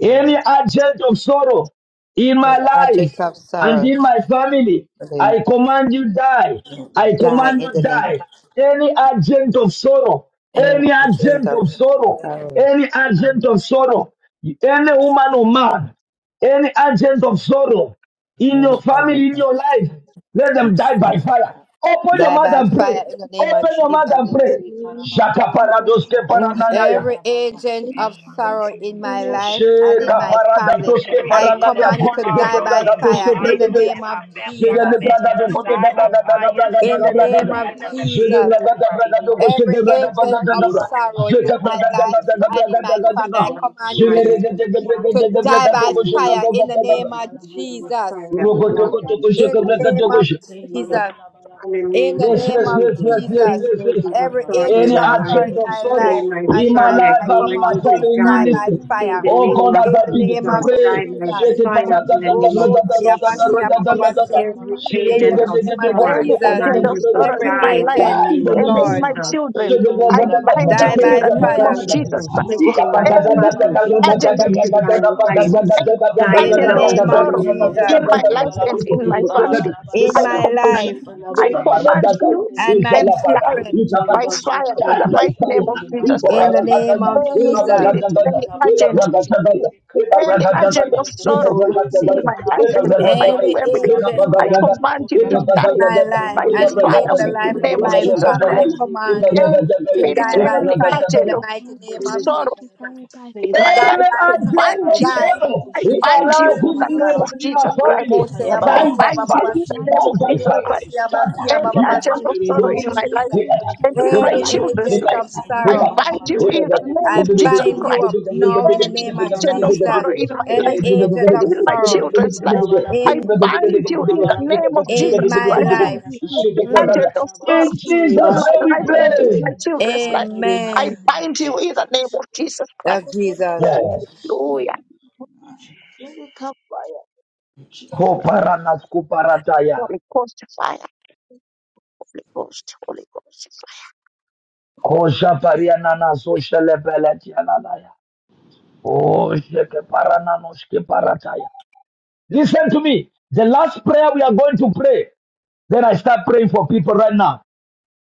[SPEAKER 5] Any agent of sorrow in my
[SPEAKER 12] every
[SPEAKER 5] life
[SPEAKER 12] object of
[SPEAKER 5] and
[SPEAKER 12] sorrow,
[SPEAKER 5] in my family,
[SPEAKER 12] they
[SPEAKER 5] I command you die. I
[SPEAKER 12] die
[SPEAKER 5] command
[SPEAKER 12] in
[SPEAKER 5] you
[SPEAKER 12] the name.
[SPEAKER 5] die. Any agent of sorrow,
[SPEAKER 12] Every
[SPEAKER 5] any
[SPEAKER 12] object
[SPEAKER 5] agent
[SPEAKER 12] of
[SPEAKER 5] of sorrow,
[SPEAKER 12] sorrows,
[SPEAKER 5] any agent of sorrow, any woman or man, any agent of sorrow in your
[SPEAKER 12] every
[SPEAKER 5] family,
[SPEAKER 12] object
[SPEAKER 5] in your life, let
[SPEAKER 12] of
[SPEAKER 5] them die by
[SPEAKER 12] sorrow,
[SPEAKER 5] fire. Open your
[SPEAKER 12] die
[SPEAKER 5] mouth
[SPEAKER 12] by
[SPEAKER 5] and
[SPEAKER 12] fire
[SPEAKER 5] pray.
[SPEAKER 12] in the name of
[SPEAKER 5] Open your mouth
[SPEAKER 12] Jesus.
[SPEAKER 5] and pray.
[SPEAKER 20] the
[SPEAKER 2] Shandelizi
[SPEAKER 20] name of
[SPEAKER 2] karabala
[SPEAKER 5] Shaka
[SPEAKER 2] bala bala
[SPEAKER 20] Jesus,
[SPEAKER 5] paradoske
[SPEAKER 20] I
[SPEAKER 12] Oh,
[SPEAKER 2] shandelizi
[SPEAKER 5] parananaya.
[SPEAKER 12] every
[SPEAKER 2] karabala bala
[SPEAKER 12] agent
[SPEAKER 20] pray
[SPEAKER 2] one
[SPEAKER 12] of
[SPEAKER 2] in the
[SPEAKER 20] that
[SPEAKER 12] sorrow
[SPEAKER 2] mighty
[SPEAKER 12] in
[SPEAKER 2] name
[SPEAKER 20] the
[SPEAKER 2] of
[SPEAKER 12] my
[SPEAKER 20] Lord
[SPEAKER 2] Jesus
[SPEAKER 20] is
[SPEAKER 12] life
[SPEAKER 2] le
[SPEAKER 20] the
[SPEAKER 12] and in
[SPEAKER 5] Sheka
[SPEAKER 2] karabala
[SPEAKER 20] Lamb
[SPEAKER 12] my
[SPEAKER 20] of God
[SPEAKER 2] bala bala
[SPEAKER 12] family,
[SPEAKER 5] paradatoske
[SPEAKER 23] Every
[SPEAKER 20] in
[SPEAKER 12] I
[SPEAKER 20] the
[SPEAKER 2] shandelizi
[SPEAKER 23] agent
[SPEAKER 5] paragade
[SPEAKER 23] of
[SPEAKER 12] command you
[SPEAKER 20] room,
[SPEAKER 2] karabala
[SPEAKER 12] to
[SPEAKER 5] azule
[SPEAKER 12] die
[SPEAKER 5] zete
[SPEAKER 23] sorrow
[SPEAKER 2] le
[SPEAKER 12] by
[SPEAKER 23] in my
[SPEAKER 5] bragatoske
[SPEAKER 12] fire in
[SPEAKER 2] basukaya
[SPEAKER 23] life
[SPEAKER 12] the
[SPEAKER 20] in
[SPEAKER 23] and
[SPEAKER 2] bala
[SPEAKER 5] bregedea.
[SPEAKER 12] name
[SPEAKER 23] in
[SPEAKER 12] of
[SPEAKER 23] my
[SPEAKER 2] shande
[SPEAKER 23] family, I
[SPEAKER 12] Jesus.
[SPEAKER 5] Zede
[SPEAKER 2] in
[SPEAKER 5] de
[SPEAKER 23] command you
[SPEAKER 2] agents
[SPEAKER 5] bragado
[SPEAKER 2] of
[SPEAKER 23] to
[SPEAKER 5] kote
[SPEAKER 20] the
[SPEAKER 5] da
[SPEAKER 23] die
[SPEAKER 2] sorrow
[SPEAKER 20] place
[SPEAKER 23] by
[SPEAKER 2] in my
[SPEAKER 5] bragada da
[SPEAKER 2] life
[SPEAKER 23] fire
[SPEAKER 5] bragada
[SPEAKER 12] In
[SPEAKER 5] da
[SPEAKER 2] and
[SPEAKER 12] the
[SPEAKER 2] my
[SPEAKER 23] in the
[SPEAKER 12] name
[SPEAKER 5] bragada.
[SPEAKER 2] family
[SPEAKER 12] of
[SPEAKER 2] I
[SPEAKER 23] name of
[SPEAKER 2] command you
[SPEAKER 5] Zede
[SPEAKER 12] Jesus,
[SPEAKER 2] to
[SPEAKER 23] Jesus
[SPEAKER 2] die
[SPEAKER 5] bragada
[SPEAKER 2] in
[SPEAKER 23] Christ.
[SPEAKER 2] the
[SPEAKER 5] bragado
[SPEAKER 2] name of
[SPEAKER 5] kote
[SPEAKER 12] every
[SPEAKER 5] de
[SPEAKER 2] Jesus
[SPEAKER 5] braga
[SPEAKER 2] Christ
[SPEAKER 12] agent
[SPEAKER 5] bagada
[SPEAKER 12] of
[SPEAKER 5] da
[SPEAKER 2] le
[SPEAKER 5] bra.
[SPEAKER 12] sorrow
[SPEAKER 2] karabala
[SPEAKER 12] in
[SPEAKER 5] Zeka
[SPEAKER 2] bala
[SPEAKER 12] my
[SPEAKER 5] bragada
[SPEAKER 12] life
[SPEAKER 5] gada
[SPEAKER 2] shandelizi
[SPEAKER 5] da
[SPEAKER 12] and in
[SPEAKER 2] bala
[SPEAKER 5] bragada
[SPEAKER 12] my
[SPEAKER 2] bala
[SPEAKER 5] gada
[SPEAKER 12] family,
[SPEAKER 5] da.
[SPEAKER 12] I
[SPEAKER 2] le
[SPEAKER 12] command you
[SPEAKER 5] Zede
[SPEAKER 12] to
[SPEAKER 5] de
[SPEAKER 2] basukaya
[SPEAKER 5] de de
[SPEAKER 2] bala
[SPEAKER 5] de de de
[SPEAKER 12] to
[SPEAKER 5] de
[SPEAKER 12] die
[SPEAKER 2] shandelizi
[SPEAKER 5] bragado
[SPEAKER 6] In
[SPEAKER 12] by
[SPEAKER 6] the
[SPEAKER 5] kote da
[SPEAKER 2] karabala
[SPEAKER 12] fire
[SPEAKER 6] name
[SPEAKER 5] da
[SPEAKER 6] of
[SPEAKER 2] bala
[SPEAKER 12] in the
[SPEAKER 5] da da da.
[SPEAKER 2] le
[SPEAKER 12] name
[SPEAKER 6] Jesus,
[SPEAKER 12] of
[SPEAKER 2] bala
[SPEAKER 6] we
[SPEAKER 2] bala
[SPEAKER 6] will
[SPEAKER 2] bala
[SPEAKER 12] Jesus.
[SPEAKER 2] bala
[SPEAKER 6] find that
[SPEAKER 20] of the
[SPEAKER 2] bala
[SPEAKER 5] Rogo
[SPEAKER 20] Lord,
[SPEAKER 5] toko
[SPEAKER 6] water.
[SPEAKER 20] that
[SPEAKER 5] toko
[SPEAKER 2] shandelizi
[SPEAKER 12] In
[SPEAKER 5] sheka
[SPEAKER 12] the name
[SPEAKER 5] bragado
[SPEAKER 2] karabala bala
[SPEAKER 12] of
[SPEAKER 5] kote.
[SPEAKER 2] le bala
[SPEAKER 12] Jesus.
[SPEAKER 2] bala bala bala
[SPEAKER 6] in the
[SPEAKER 2] bala
[SPEAKER 12] In
[SPEAKER 6] name
[SPEAKER 12] the
[SPEAKER 6] of
[SPEAKER 20] we
[SPEAKER 5] Yes,
[SPEAKER 12] name
[SPEAKER 20] may
[SPEAKER 5] yes,
[SPEAKER 12] of
[SPEAKER 20] be
[SPEAKER 5] yes,
[SPEAKER 6] Jesus.
[SPEAKER 5] yes, yes,
[SPEAKER 6] This
[SPEAKER 2] Ekayabalamalashan,
[SPEAKER 12] Jesus.
[SPEAKER 5] yes,
[SPEAKER 6] is
[SPEAKER 5] yes.
[SPEAKER 2] By
[SPEAKER 6] of
[SPEAKER 2] the
[SPEAKER 19] In
[SPEAKER 12] Every
[SPEAKER 2] name
[SPEAKER 6] thorn
[SPEAKER 2] of
[SPEAKER 6] in
[SPEAKER 12] angel
[SPEAKER 5] Any
[SPEAKER 6] my
[SPEAKER 12] of
[SPEAKER 2] Jesus,
[SPEAKER 6] life
[SPEAKER 12] sorrow
[SPEAKER 5] agent
[SPEAKER 12] in
[SPEAKER 2] any
[SPEAKER 5] of
[SPEAKER 12] my
[SPEAKER 2] agent
[SPEAKER 6] and
[SPEAKER 2] of
[SPEAKER 5] sorrow
[SPEAKER 12] life
[SPEAKER 6] in my
[SPEAKER 2] sorrow,
[SPEAKER 12] and
[SPEAKER 5] in
[SPEAKER 12] in
[SPEAKER 5] my
[SPEAKER 12] my life,
[SPEAKER 6] family. I
[SPEAKER 5] life
[SPEAKER 12] I
[SPEAKER 5] and
[SPEAKER 12] come
[SPEAKER 5] in
[SPEAKER 6] command
[SPEAKER 5] my
[SPEAKER 12] on
[SPEAKER 6] you
[SPEAKER 12] you
[SPEAKER 2] Lebalabalashande,
[SPEAKER 12] to
[SPEAKER 6] to
[SPEAKER 5] family
[SPEAKER 2] in my
[SPEAKER 12] die
[SPEAKER 6] die
[SPEAKER 12] by
[SPEAKER 2] life,
[SPEAKER 5] ministry.
[SPEAKER 2] in
[SPEAKER 6] in
[SPEAKER 12] fire.
[SPEAKER 2] my
[SPEAKER 6] the
[SPEAKER 5] Oh
[SPEAKER 6] name
[SPEAKER 5] God,
[SPEAKER 2] family,
[SPEAKER 19] the
[SPEAKER 6] of
[SPEAKER 5] as
[SPEAKER 12] In
[SPEAKER 5] I
[SPEAKER 2] by
[SPEAKER 12] the
[SPEAKER 2] my
[SPEAKER 5] begin
[SPEAKER 12] name
[SPEAKER 5] to
[SPEAKER 12] of
[SPEAKER 2] dad,
[SPEAKER 6] Jesus.
[SPEAKER 2] by
[SPEAKER 5] pray,
[SPEAKER 6] Die
[SPEAKER 2] fire,
[SPEAKER 6] by
[SPEAKER 2] in the
[SPEAKER 5] shake
[SPEAKER 12] Jesus.
[SPEAKER 5] it.
[SPEAKER 2] name
[SPEAKER 5] para-
[SPEAKER 19] mighty
[SPEAKER 6] fire
[SPEAKER 2] of
[SPEAKER 6] in
[SPEAKER 19] name of Jesus, in the mighty name of
[SPEAKER 6] the
[SPEAKER 5] da-
[SPEAKER 2] Jesus,
[SPEAKER 5] da-
[SPEAKER 6] name
[SPEAKER 5] da- da-
[SPEAKER 6] of
[SPEAKER 5] da-
[SPEAKER 12] Robo
[SPEAKER 5] da- da- da-
[SPEAKER 6] Jesus.
[SPEAKER 19] Jesus.
[SPEAKER 2] Lebalashande,
[SPEAKER 12] Yabasi
[SPEAKER 5] da- da- da- da- da- da.
[SPEAKER 12] Abababasi.
[SPEAKER 6] Every
[SPEAKER 2] Zekarabalaba,
[SPEAKER 5] Shake
[SPEAKER 19] In
[SPEAKER 12] In
[SPEAKER 5] it,
[SPEAKER 19] the
[SPEAKER 12] the
[SPEAKER 6] agent
[SPEAKER 5] da-
[SPEAKER 19] mighty name of
[SPEAKER 6] of
[SPEAKER 5] da- da-
[SPEAKER 12] name of
[SPEAKER 5] da- da-
[SPEAKER 6] sorrow,
[SPEAKER 5] da- da-
[SPEAKER 6] I
[SPEAKER 3] any
[SPEAKER 5] da-
[SPEAKER 12] Jesus.
[SPEAKER 5] da-
[SPEAKER 2] Lebasukayabalashande,
[SPEAKER 3] agent
[SPEAKER 6] command
[SPEAKER 3] of
[SPEAKER 6] you
[SPEAKER 5] da- da-
[SPEAKER 6] to
[SPEAKER 3] sorrow
[SPEAKER 5] da.
[SPEAKER 12] Every
[SPEAKER 3] in my
[SPEAKER 6] die
[SPEAKER 19] Jesus.
[SPEAKER 6] in
[SPEAKER 5] Die
[SPEAKER 3] life
[SPEAKER 6] the
[SPEAKER 12] agent,
[SPEAKER 5] in
[SPEAKER 2] Zekarabalashande,
[SPEAKER 6] name
[SPEAKER 5] the
[SPEAKER 6] of
[SPEAKER 3] and
[SPEAKER 5] name of
[SPEAKER 3] in
[SPEAKER 5] Jesus.
[SPEAKER 12] Lord,
[SPEAKER 3] my
[SPEAKER 2] Zekarabaha,
[SPEAKER 6] Jesus.
[SPEAKER 3] children, I
[SPEAKER 19] In the mighty name of
[SPEAKER 3] bind
[SPEAKER 12] die
[SPEAKER 3] you
[SPEAKER 6] Agent
[SPEAKER 3] in
[SPEAKER 12] by
[SPEAKER 2] Lebalabalabalabalabalaba,
[SPEAKER 3] the
[SPEAKER 6] of
[SPEAKER 3] name of
[SPEAKER 2] any
[SPEAKER 12] fire.
[SPEAKER 6] sorrow is
[SPEAKER 2] agent
[SPEAKER 3] Jesus
[SPEAKER 2] of
[SPEAKER 19] Jesus.
[SPEAKER 3] Christ.
[SPEAKER 2] sorrow,
[SPEAKER 6] afflicting my
[SPEAKER 3] Any
[SPEAKER 19] In
[SPEAKER 6] family,
[SPEAKER 19] the
[SPEAKER 2] Lebalabalashande,
[SPEAKER 16] the
[SPEAKER 19] mighty
[SPEAKER 3] agent,
[SPEAKER 19] name
[SPEAKER 16] boss,
[SPEAKER 19] of
[SPEAKER 6] afflicting my
[SPEAKER 2] Zekarabalaba,
[SPEAKER 6] life.
[SPEAKER 19] Jesus.
[SPEAKER 3] any
[SPEAKER 6] Die
[SPEAKER 12] In the
[SPEAKER 3] agent of
[SPEAKER 6] now
[SPEAKER 12] name
[SPEAKER 6] in the
[SPEAKER 12] of
[SPEAKER 3] sorrow
[SPEAKER 2] Lebasukayabalashande,
[SPEAKER 6] name of
[SPEAKER 12] Jesus.
[SPEAKER 3] in
[SPEAKER 19] In
[SPEAKER 3] my
[SPEAKER 19] the mighty
[SPEAKER 16] the
[SPEAKER 19] name
[SPEAKER 3] life
[SPEAKER 6] Jesus.
[SPEAKER 19] of Jesus. In the mighty name of Jesus.
[SPEAKER 3] and in my family,
[SPEAKER 12] In
[SPEAKER 3] I
[SPEAKER 12] my
[SPEAKER 2] Zekarabalaba,
[SPEAKER 16] In
[SPEAKER 3] command,
[SPEAKER 12] life
[SPEAKER 16] the
[SPEAKER 2] Lebala
[SPEAKER 3] I
[SPEAKER 2] bala
[SPEAKER 16] mighty
[SPEAKER 2] bala bala
[SPEAKER 3] command you
[SPEAKER 2] shante
[SPEAKER 12] and
[SPEAKER 2] berezi
[SPEAKER 12] my
[SPEAKER 3] and die
[SPEAKER 2] karabaha.
[SPEAKER 12] children.
[SPEAKER 3] by
[SPEAKER 2] Leba
[SPEAKER 3] fire in
[SPEAKER 2] sukaya
[SPEAKER 3] the
[SPEAKER 2] bala
[SPEAKER 3] mighty name
[SPEAKER 2] shante.
[SPEAKER 3] of
[SPEAKER 19] In the mighty name of Jesus. In the mighty name of Jesus. In
[SPEAKER 2] Right
[SPEAKER 3] Jesus
[SPEAKER 2] now,
[SPEAKER 12] in
[SPEAKER 3] Christ
[SPEAKER 2] in
[SPEAKER 12] the
[SPEAKER 2] the
[SPEAKER 12] name
[SPEAKER 2] name of
[SPEAKER 12] of
[SPEAKER 2] Jesus,
[SPEAKER 3] any
[SPEAKER 12] Jesus.
[SPEAKER 2] le
[SPEAKER 3] spirit, any
[SPEAKER 2] karabala bala
[SPEAKER 3] agent,
[SPEAKER 2] shante berezi karaba.
[SPEAKER 3] any
[SPEAKER 2] In the
[SPEAKER 3] agent of
[SPEAKER 2] agent of
[SPEAKER 3] sorrow
[SPEAKER 2] sorrow,
[SPEAKER 3] in
[SPEAKER 2] le
[SPEAKER 3] my
[SPEAKER 2] bala
[SPEAKER 3] life
[SPEAKER 19] the
[SPEAKER 2] bala
[SPEAKER 3] and in
[SPEAKER 19] mighty
[SPEAKER 2] bala
[SPEAKER 3] my
[SPEAKER 19] name
[SPEAKER 2] bala
[SPEAKER 12] Any
[SPEAKER 3] family.
[SPEAKER 2] bala bala
[SPEAKER 16] creation
[SPEAKER 2] bala
[SPEAKER 12] agent
[SPEAKER 16] of
[SPEAKER 3] I
[SPEAKER 2] bala
[SPEAKER 16] peace,
[SPEAKER 19] of
[SPEAKER 2] bala bala
[SPEAKER 3] command you to
[SPEAKER 16] only
[SPEAKER 2] shante
[SPEAKER 16] I
[SPEAKER 12] in
[SPEAKER 3] die
[SPEAKER 2] ze
[SPEAKER 16] should
[SPEAKER 12] my
[SPEAKER 16] discover
[SPEAKER 12] life
[SPEAKER 3] by
[SPEAKER 2] karabaha.
[SPEAKER 3] the
[SPEAKER 16] in
[SPEAKER 12] and
[SPEAKER 16] my
[SPEAKER 3] fire
[SPEAKER 12] in
[SPEAKER 5] Thank
[SPEAKER 2] Leba
[SPEAKER 3] of
[SPEAKER 12] the
[SPEAKER 5] you.
[SPEAKER 16] family,
[SPEAKER 3] the
[SPEAKER 12] life of
[SPEAKER 2] sukaya
[SPEAKER 3] name of
[SPEAKER 2] bala
[SPEAKER 12] my
[SPEAKER 3] Jesus
[SPEAKER 2] shante
[SPEAKER 12] family,
[SPEAKER 16] in
[SPEAKER 12] I
[SPEAKER 16] my
[SPEAKER 3] Christ.
[SPEAKER 5] Ikaragadabaria,
[SPEAKER 2] berezi
[SPEAKER 16] life,
[SPEAKER 12] command you
[SPEAKER 2] karabala.
[SPEAKER 3] Any
[SPEAKER 19] Jesus.
[SPEAKER 12] to
[SPEAKER 5] Ikaragadabaria,
[SPEAKER 2] Le
[SPEAKER 16] and
[SPEAKER 3] spirit,
[SPEAKER 12] die
[SPEAKER 16] in
[SPEAKER 2] bala
[SPEAKER 16] my
[SPEAKER 12] by
[SPEAKER 2] bala
[SPEAKER 3] any
[SPEAKER 16] home.
[SPEAKER 12] fire
[SPEAKER 2] bala
[SPEAKER 12] in
[SPEAKER 2] bala
[SPEAKER 3] agent
[SPEAKER 12] the
[SPEAKER 5] Ikaragadabaria,
[SPEAKER 3] of
[SPEAKER 2] bala
[SPEAKER 12] mighty
[SPEAKER 16] I
[SPEAKER 2] shante
[SPEAKER 12] name of
[SPEAKER 16] command
[SPEAKER 2] berezi
[SPEAKER 16] you
[SPEAKER 3] sorrow
[SPEAKER 12] Jesus.
[SPEAKER 16] to die
[SPEAKER 2] karaba.
[SPEAKER 16] by
[SPEAKER 2] Le
[SPEAKER 3] in my
[SPEAKER 16] fire.
[SPEAKER 12] Die
[SPEAKER 2] kaya
[SPEAKER 5] any
[SPEAKER 3] life,
[SPEAKER 2] bala
[SPEAKER 12] by
[SPEAKER 3] I
[SPEAKER 2] bala bala.
[SPEAKER 16] In
[SPEAKER 12] fire,
[SPEAKER 5] agent
[SPEAKER 16] the
[SPEAKER 3] bind
[SPEAKER 2] I
[SPEAKER 5] of
[SPEAKER 3] you.
[SPEAKER 2] know
[SPEAKER 16] mighty
[SPEAKER 2] the
[SPEAKER 12] die
[SPEAKER 2] power of
[SPEAKER 5] sorrow
[SPEAKER 12] in
[SPEAKER 3] I
[SPEAKER 2] God.
[SPEAKER 5] in
[SPEAKER 12] the
[SPEAKER 16] creation
[SPEAKER 5] my
[SPEAKER 12] name
[SPEAKER 19] Amen.
[SPEAKER 3] bind you
[SPEAKER 12] of
[SPEAKER 5] life,
[SPEAKER 3] in
[SPEAKER 5] in
[SPEAKER 3] the
[SPEAKER 12] Jesus.
[SPEAKER 3] name
[SPEAKER 2] bala.
[SPEAKER 16] of
[SPEAKER 3] of
[SPEAKER 5] ministry, in my
[SPEAKER 3] Jesus
[SPEAKER 16] peace,
[SPEAKER 3] Christ.
[SPEAKER 5] family,
[SPEAKER 12] Robo se
[SPEAKER 2] Ekaya
[SPEAKER 3] I
[SPEAKER 2] bala
[SPEAKER 5] die
[SPEAKER 12] abasi
[SPEAKER 5] by
[SPEAKER 2] bala
[SPEAKER 3] bind
[SPEAKER 2] bala ba.
[SPEAKER 5] fire,
[SPEAKER 3] you in
[SPEAKER 12] abababasi.
[SPEAKER 3] the
[SPEAKER 2] In
[SPEAKER 3] name
[SPEAKER 5] die
[SPEAKER 3] of
[SPEAKER 2] my
[SPEAKER 5] by
[SPEAKER 16] Mandere
[SPEAKER 2] mighty
[SPEAKER 3] Jesus
[SPEAKER 2] name
[SPEAKER 12] Yoko
[SPEAKER 3] Christ
[SPEAKER 5] fire,
[SPEAKER 2] of
[SPEAKER 16] Boshi
[SPEAKER 12] se
[SPEAKER 2] Jesus, I
[SPEAKER 5] scatter,
[SPEAKER 12] abasi
[SPEAKER 19] Amen.
[SPEAKER 16] Kataraga,
[SPEAKER 2] bind
[SPEAKER 3] any
[SPEAKER 5] hit
[SPEAKER 2] you
[SPEAKER 5] the
[SPEAKER 12] abababasi
[SPEAKER 2] now
[SPEAKER 5] fire,
[SPEAKER 3] agent
[SPEAKER 12] in
[SPEAKER 3] of
[SPEAKER 2] in the
[SPEAKER 12] the
[SPEAKER 2] name
[SPEAKER 12] name
[SPEAKER 5] hit
[SPEAKER 3] sorrow
[SPEAKER 5] the
[SPEAKER 2] of
[SPEAKER 12] of
[SPEAKER 5] fire,
[SPEAKER 3] in
[SPEAKER 2] Jesus.
[SPEAKER 3] my
[SPEAKER 16] Mandere
[SPEAKER 12] Jesus.
[SPEAKER 3] life
[SPEAKER 2] I bind
[SPEAKER 3] and
[SPEAKER 2] you
[SPEAKER 3] in
[SPEAKER 5] hit the fire, hit
[SPEAKER 2] now in
[SPEAKER 3] my
[SPEAKER 5] the
[SPEAKER 12] Any
[SPEAKER 2] the
[SPEAKER 5] fire, hit the fire,
[SPEAKER 2] name of
[SPEAKER 16] Boshi
[SPEAKER 3] children's
[SPEAKER 2] Jesus.
[SPEAKER 12] agent
[SPEAKER 3] life.
[SPEAKER 12] of
[SPEAKER 2] Le
[SPEAKER 3] I
[SPEAKER 12] sorrow,
[SPEAKER 2] karabala
[SPEAKER 3] bind
[SPEAKER 16] Mandace
[SPEAKER 2] bala
[SPEAKER 5] hit
[SPEAKER 3] you
[SPEAKER 5] the
[SPEAKER 3] in
[SPEAKER 5] fire,
[SPEAKER 3] the
[SPEAKER 2] shande
[SPEAKER 16] boshsha
[SPEAKER 2] le le
[SPEAKER 3] name
[SPEAKER 12] I
[SPEAKER 2] se
[SPEAKER 3] of Jesus
[SPEAKER 12] bind
[SPEAKER 2] karabala
[SPEAKER 16] katarabahai,
[SPEAKER 2] ba.
[SPEAKER 12] you
[SPEAKER 3] Christ.
[SPEAKER 12] up
[SPEAKER 2] Le
[SPEAKER 12] now in the
[SPEAKER 2] basu
[SPEAKER 3] Any
[SPEAKER 12] name
[SPEAKER 16] mandere
[SPEAKER 12] of
[SPEAKER 2] kaya
[SPEAKER 3] agent
[SPEAKER 2] bala
[SPEAKER 3] of
[SPEAKER 16] boshsha
[SPEAKER 12] Jesus.
[SPEAKER 3] sorrow
[SPEAKER 2] shande
[SPEAKER 3] in my
[SPEAKER 2] le
[SPEAKER 12] Any
[SPEAKER 3] life
[SPEAKER 16] katarabahai,
[SPEAKER 2] kaya
[SPEAKER 12] agent
[SPEAKER 2] bala
[SPEAKER 3] and
[SPEAKER 12] of
[SPEAKER 3] in
[SPEAKER 2] bala
[SPEAKER 3] my
[SPEAKER 2] ba.
[SPEAKER 16] zete
[SPEAKER 12] sorrow
[SPEAKER 2] Le
[SPEAKER 3] children's
[SPEAKER 2] bala
[SPEAKER 3] life.
[SPEAKER 16] boshsha
[SPEAKER 2] bala
[SPEAKER 3] I
[SPEAKER 2] bala
[SPEAKER 12] in.
[SPEAKER 2] ba. Le
[SPEAKER 16] katarabahai.
[SPEAKER 3] bind you
[SPEAKER 2] bala
[SPEAKER 3] in the
[SPEAKER 2] bala bala
[SPEAKER 3] name
[SPEAKER 2] ba.
[SPEAKER 3] of
[SPEAKER 12] in
[SPEAKER 2] Le
[SPEAKER 3] Jesus
[SPEAKER 12] my
[SPEAKER 2] bala
[SPEAKER 3] Christ.
[SPEAKER 2] bala
[SPEAKER 16] Amen.
[SPEAKER 12] life.
[SPEAKER 2] bala
[SPEAKER 5] hit the
[SPEAKER 2] shande
[SPEAKER 3] Any
[SPEAKER 2] le le se
[SPEAKER 3] agent
[SPEAKER 5] fire.
[SPEAKER 3] of
[SPEAKER 2] karabaha.
[SPEAKER 3] sorrow
[SPEAKER 5] In
[SPEAKER 2] Le
[SPEAKER 3] in
[SPEAKER 5] Jesus'
[SPEAKER 3] my
[SPEAKER 5] name
[SPEAKER 2] basu
[SPEAKER 5] we
[SPEAKER 3] life
[SPEAKER 2] kaya
[SPEAKER 3] and
[SPEAKER 2] bala
[SPEAKER 3] in
[SPEAKER 5] pray.
[SPEAKER 3] my
[SPEAKER 2] shande.
[SPEAKER 3] children's
[SPEAKER 2] By
[SPEAKER 3] life.
[SPEAKER 2] the
[SPEAKER 3] I
[SPEAKER 12] Amen.
[SPEAKER 2] mighty name of
[SPEAKER 3] bind you in
[SPEAKER 2] Jesus
[SPEAKER 3] the
[SPEAKER 20] able
[SPEAKER 3] name
[SPEAKER 20] to
[SPEAKER 2] Christ.
[SPEAKER 3] of Jesus
[SPEAKER 20] see
[SPEAKER 12] Of
[SPEAKER 20] the
[SPEAKER 3] Christ.
[SPEAKER 20] Lord of
[SPEAKER 12] Jesus.
[SPEAKER 20] Jesus.
[SPEAKER 2] Jesus.
[SPEAKER 5] Yes.
[SPEAKER 3] Hallelujah.
[SPEAKER 20] Let
[SPEAKER 2] Jesus.
[SPEAKER 20] it come fire, Jesus.
[SPEAKER 5] Koparana skuparataya.
[SPEAKER 3] Holy Ghost fire. Holy Ghost. Holy Ghost fire.
[SPEAKER 5] Oh, Japariana na so shelebeletianaya. Oh, sheke paranano shke parataya. Listen to me. The last prayer we are going to pray. Then I start praying for people right now.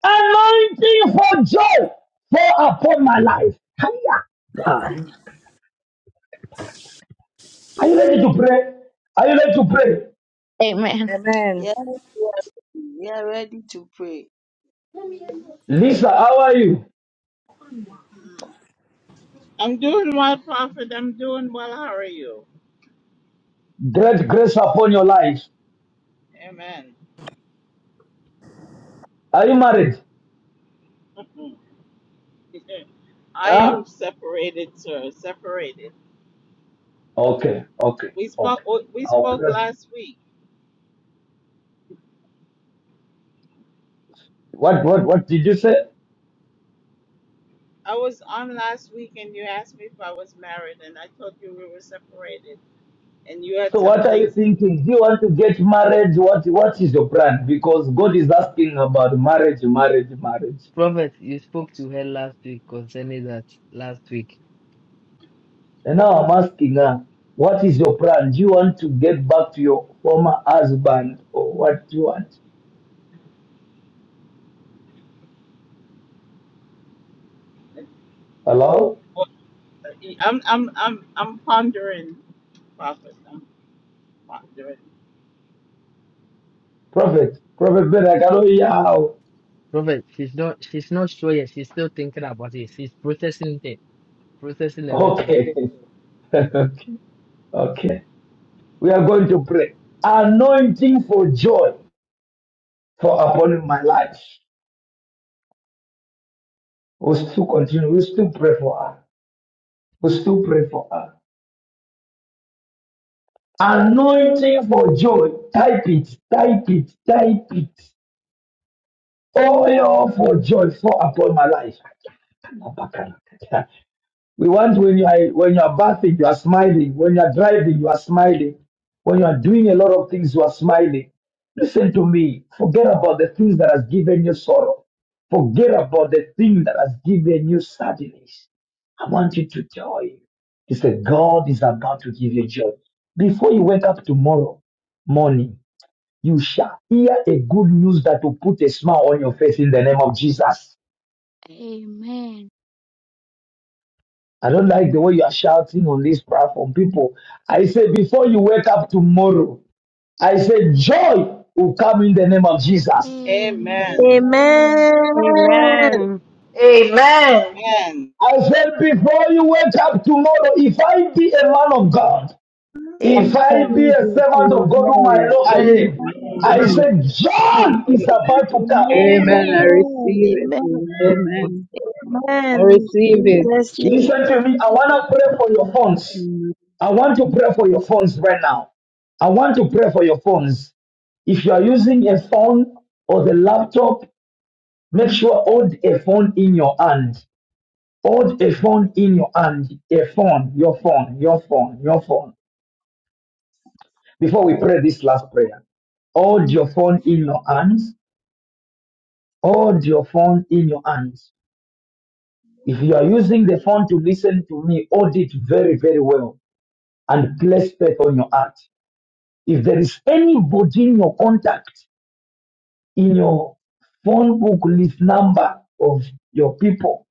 [SPEAKER 5] Anointing for joy fall upon my life. Hiya. Hi. Are you ready to pray? Are you ready to pray?
[SPEAKER 12] Amen.
[SPEAKER 20] Yes, we are ready We are ready to pray. Amen.
[SPEAKER 5] Lisa, how are you? Great grace upon your life. Are you married? Huh? Okay, okay, okay. I'll pray. What what what did you say? So what are you thinking? Do you want to get married? What what is your plan? Because God is asking about marriage, marriage, marriage.
[SPEAKER 1] Prophet, you spoke to her last week concerning that last week.
[SPEAKER 5] And now I'm asking her, what is your plan? Do you want to get back to your former husband or what do you want? Hello? Prophet. Prophet Ben, I cannot hear how.
[SPEAKER 1] Prophet, she's not she's not sure yet. She's still thinking about it. She's processing it. processing everything.
[SPEAKER 5] Okay.
[SPEAKER 1] Yeah.
[SPEAKER 5] okay. We are going to pray. Anointing for joy for upon my life. We still continue. We still pray for her. We still pray for her. Anointing for joy. Type it, type it, type it. Oil for joy fall upon my life. We want when you are when you are bathing, you are smiling. When you are driving, you are smiling. When you are doing a lot of things, you are smiling. Listen to me. Forget about the things that has given you sorrow. Forget about the thing that has given you sadness. I want you to joy. He said, God is about to give you joy. Before you wake up tomorrow morning, you shall hear a good news that will put a smile on your face in the name of Jesus. I don't like the way you are shouting on this platform, people. I say, before you wake up tomorrow, I say, joy will come in the name of Jesus.
[SPEAKER 16] Amen. Amen.
[SPEAKER 20] Amen.
[SPEAKER 6] Amen.
[SPEAKER 2] Amen.
[SPEAKER 5] I said, before you wake up tomorrow, if I be a man of God, if
[SPEAKER 6] And
[SPEAKER 5] I be a
[SPEAKER 6] Jesus
[SPEAKER 5] servant of
[SPEAKER 6] is
[SPEAKER 5] God whom I
[SPEAKER 6] made.
[SPEAKER 5] know I
[SPEAKER 10] Amen.
[SPEAKER 5] am, I
[SPEAKER 10] Amen.
[SPEAKER 5] said, joy is about to
[SPEAKER 10] Amen.
[SPEAKER 5] come.
[SPEAKER 10] Amen. I
[SPEAKER 20] Amen.
[SPEAKER 10] receive it.
[SPEAKER 20] Amen.
[SPEAKER 10] Amen. I
[SPEAKER 20] Amen.
[SPEAKER 10] receive
[SPEAKER 20] In
[SPEAKER 10] it.
[SPEAKER 20] Jesus' name.
[SPEAKER 5] Listen to me. I want to pray for your phones.
[SPEAKER 10] Amen.
[SPEAKER 5] I want to pray for your phones right now. I want to pray for your phones. If you are using a phone or the laptop, make sure hold a phone in your hand. Hold a phone in your hand. A phone, your phone, your phone, your phone. Before we pray this last prayer, hold your phone in your hands. Hold your phone in your hands. If you are using the phone to listen to me, hold it very, very well and place faith on your heart. If there is anybody in your contact, in your phone book list number of your people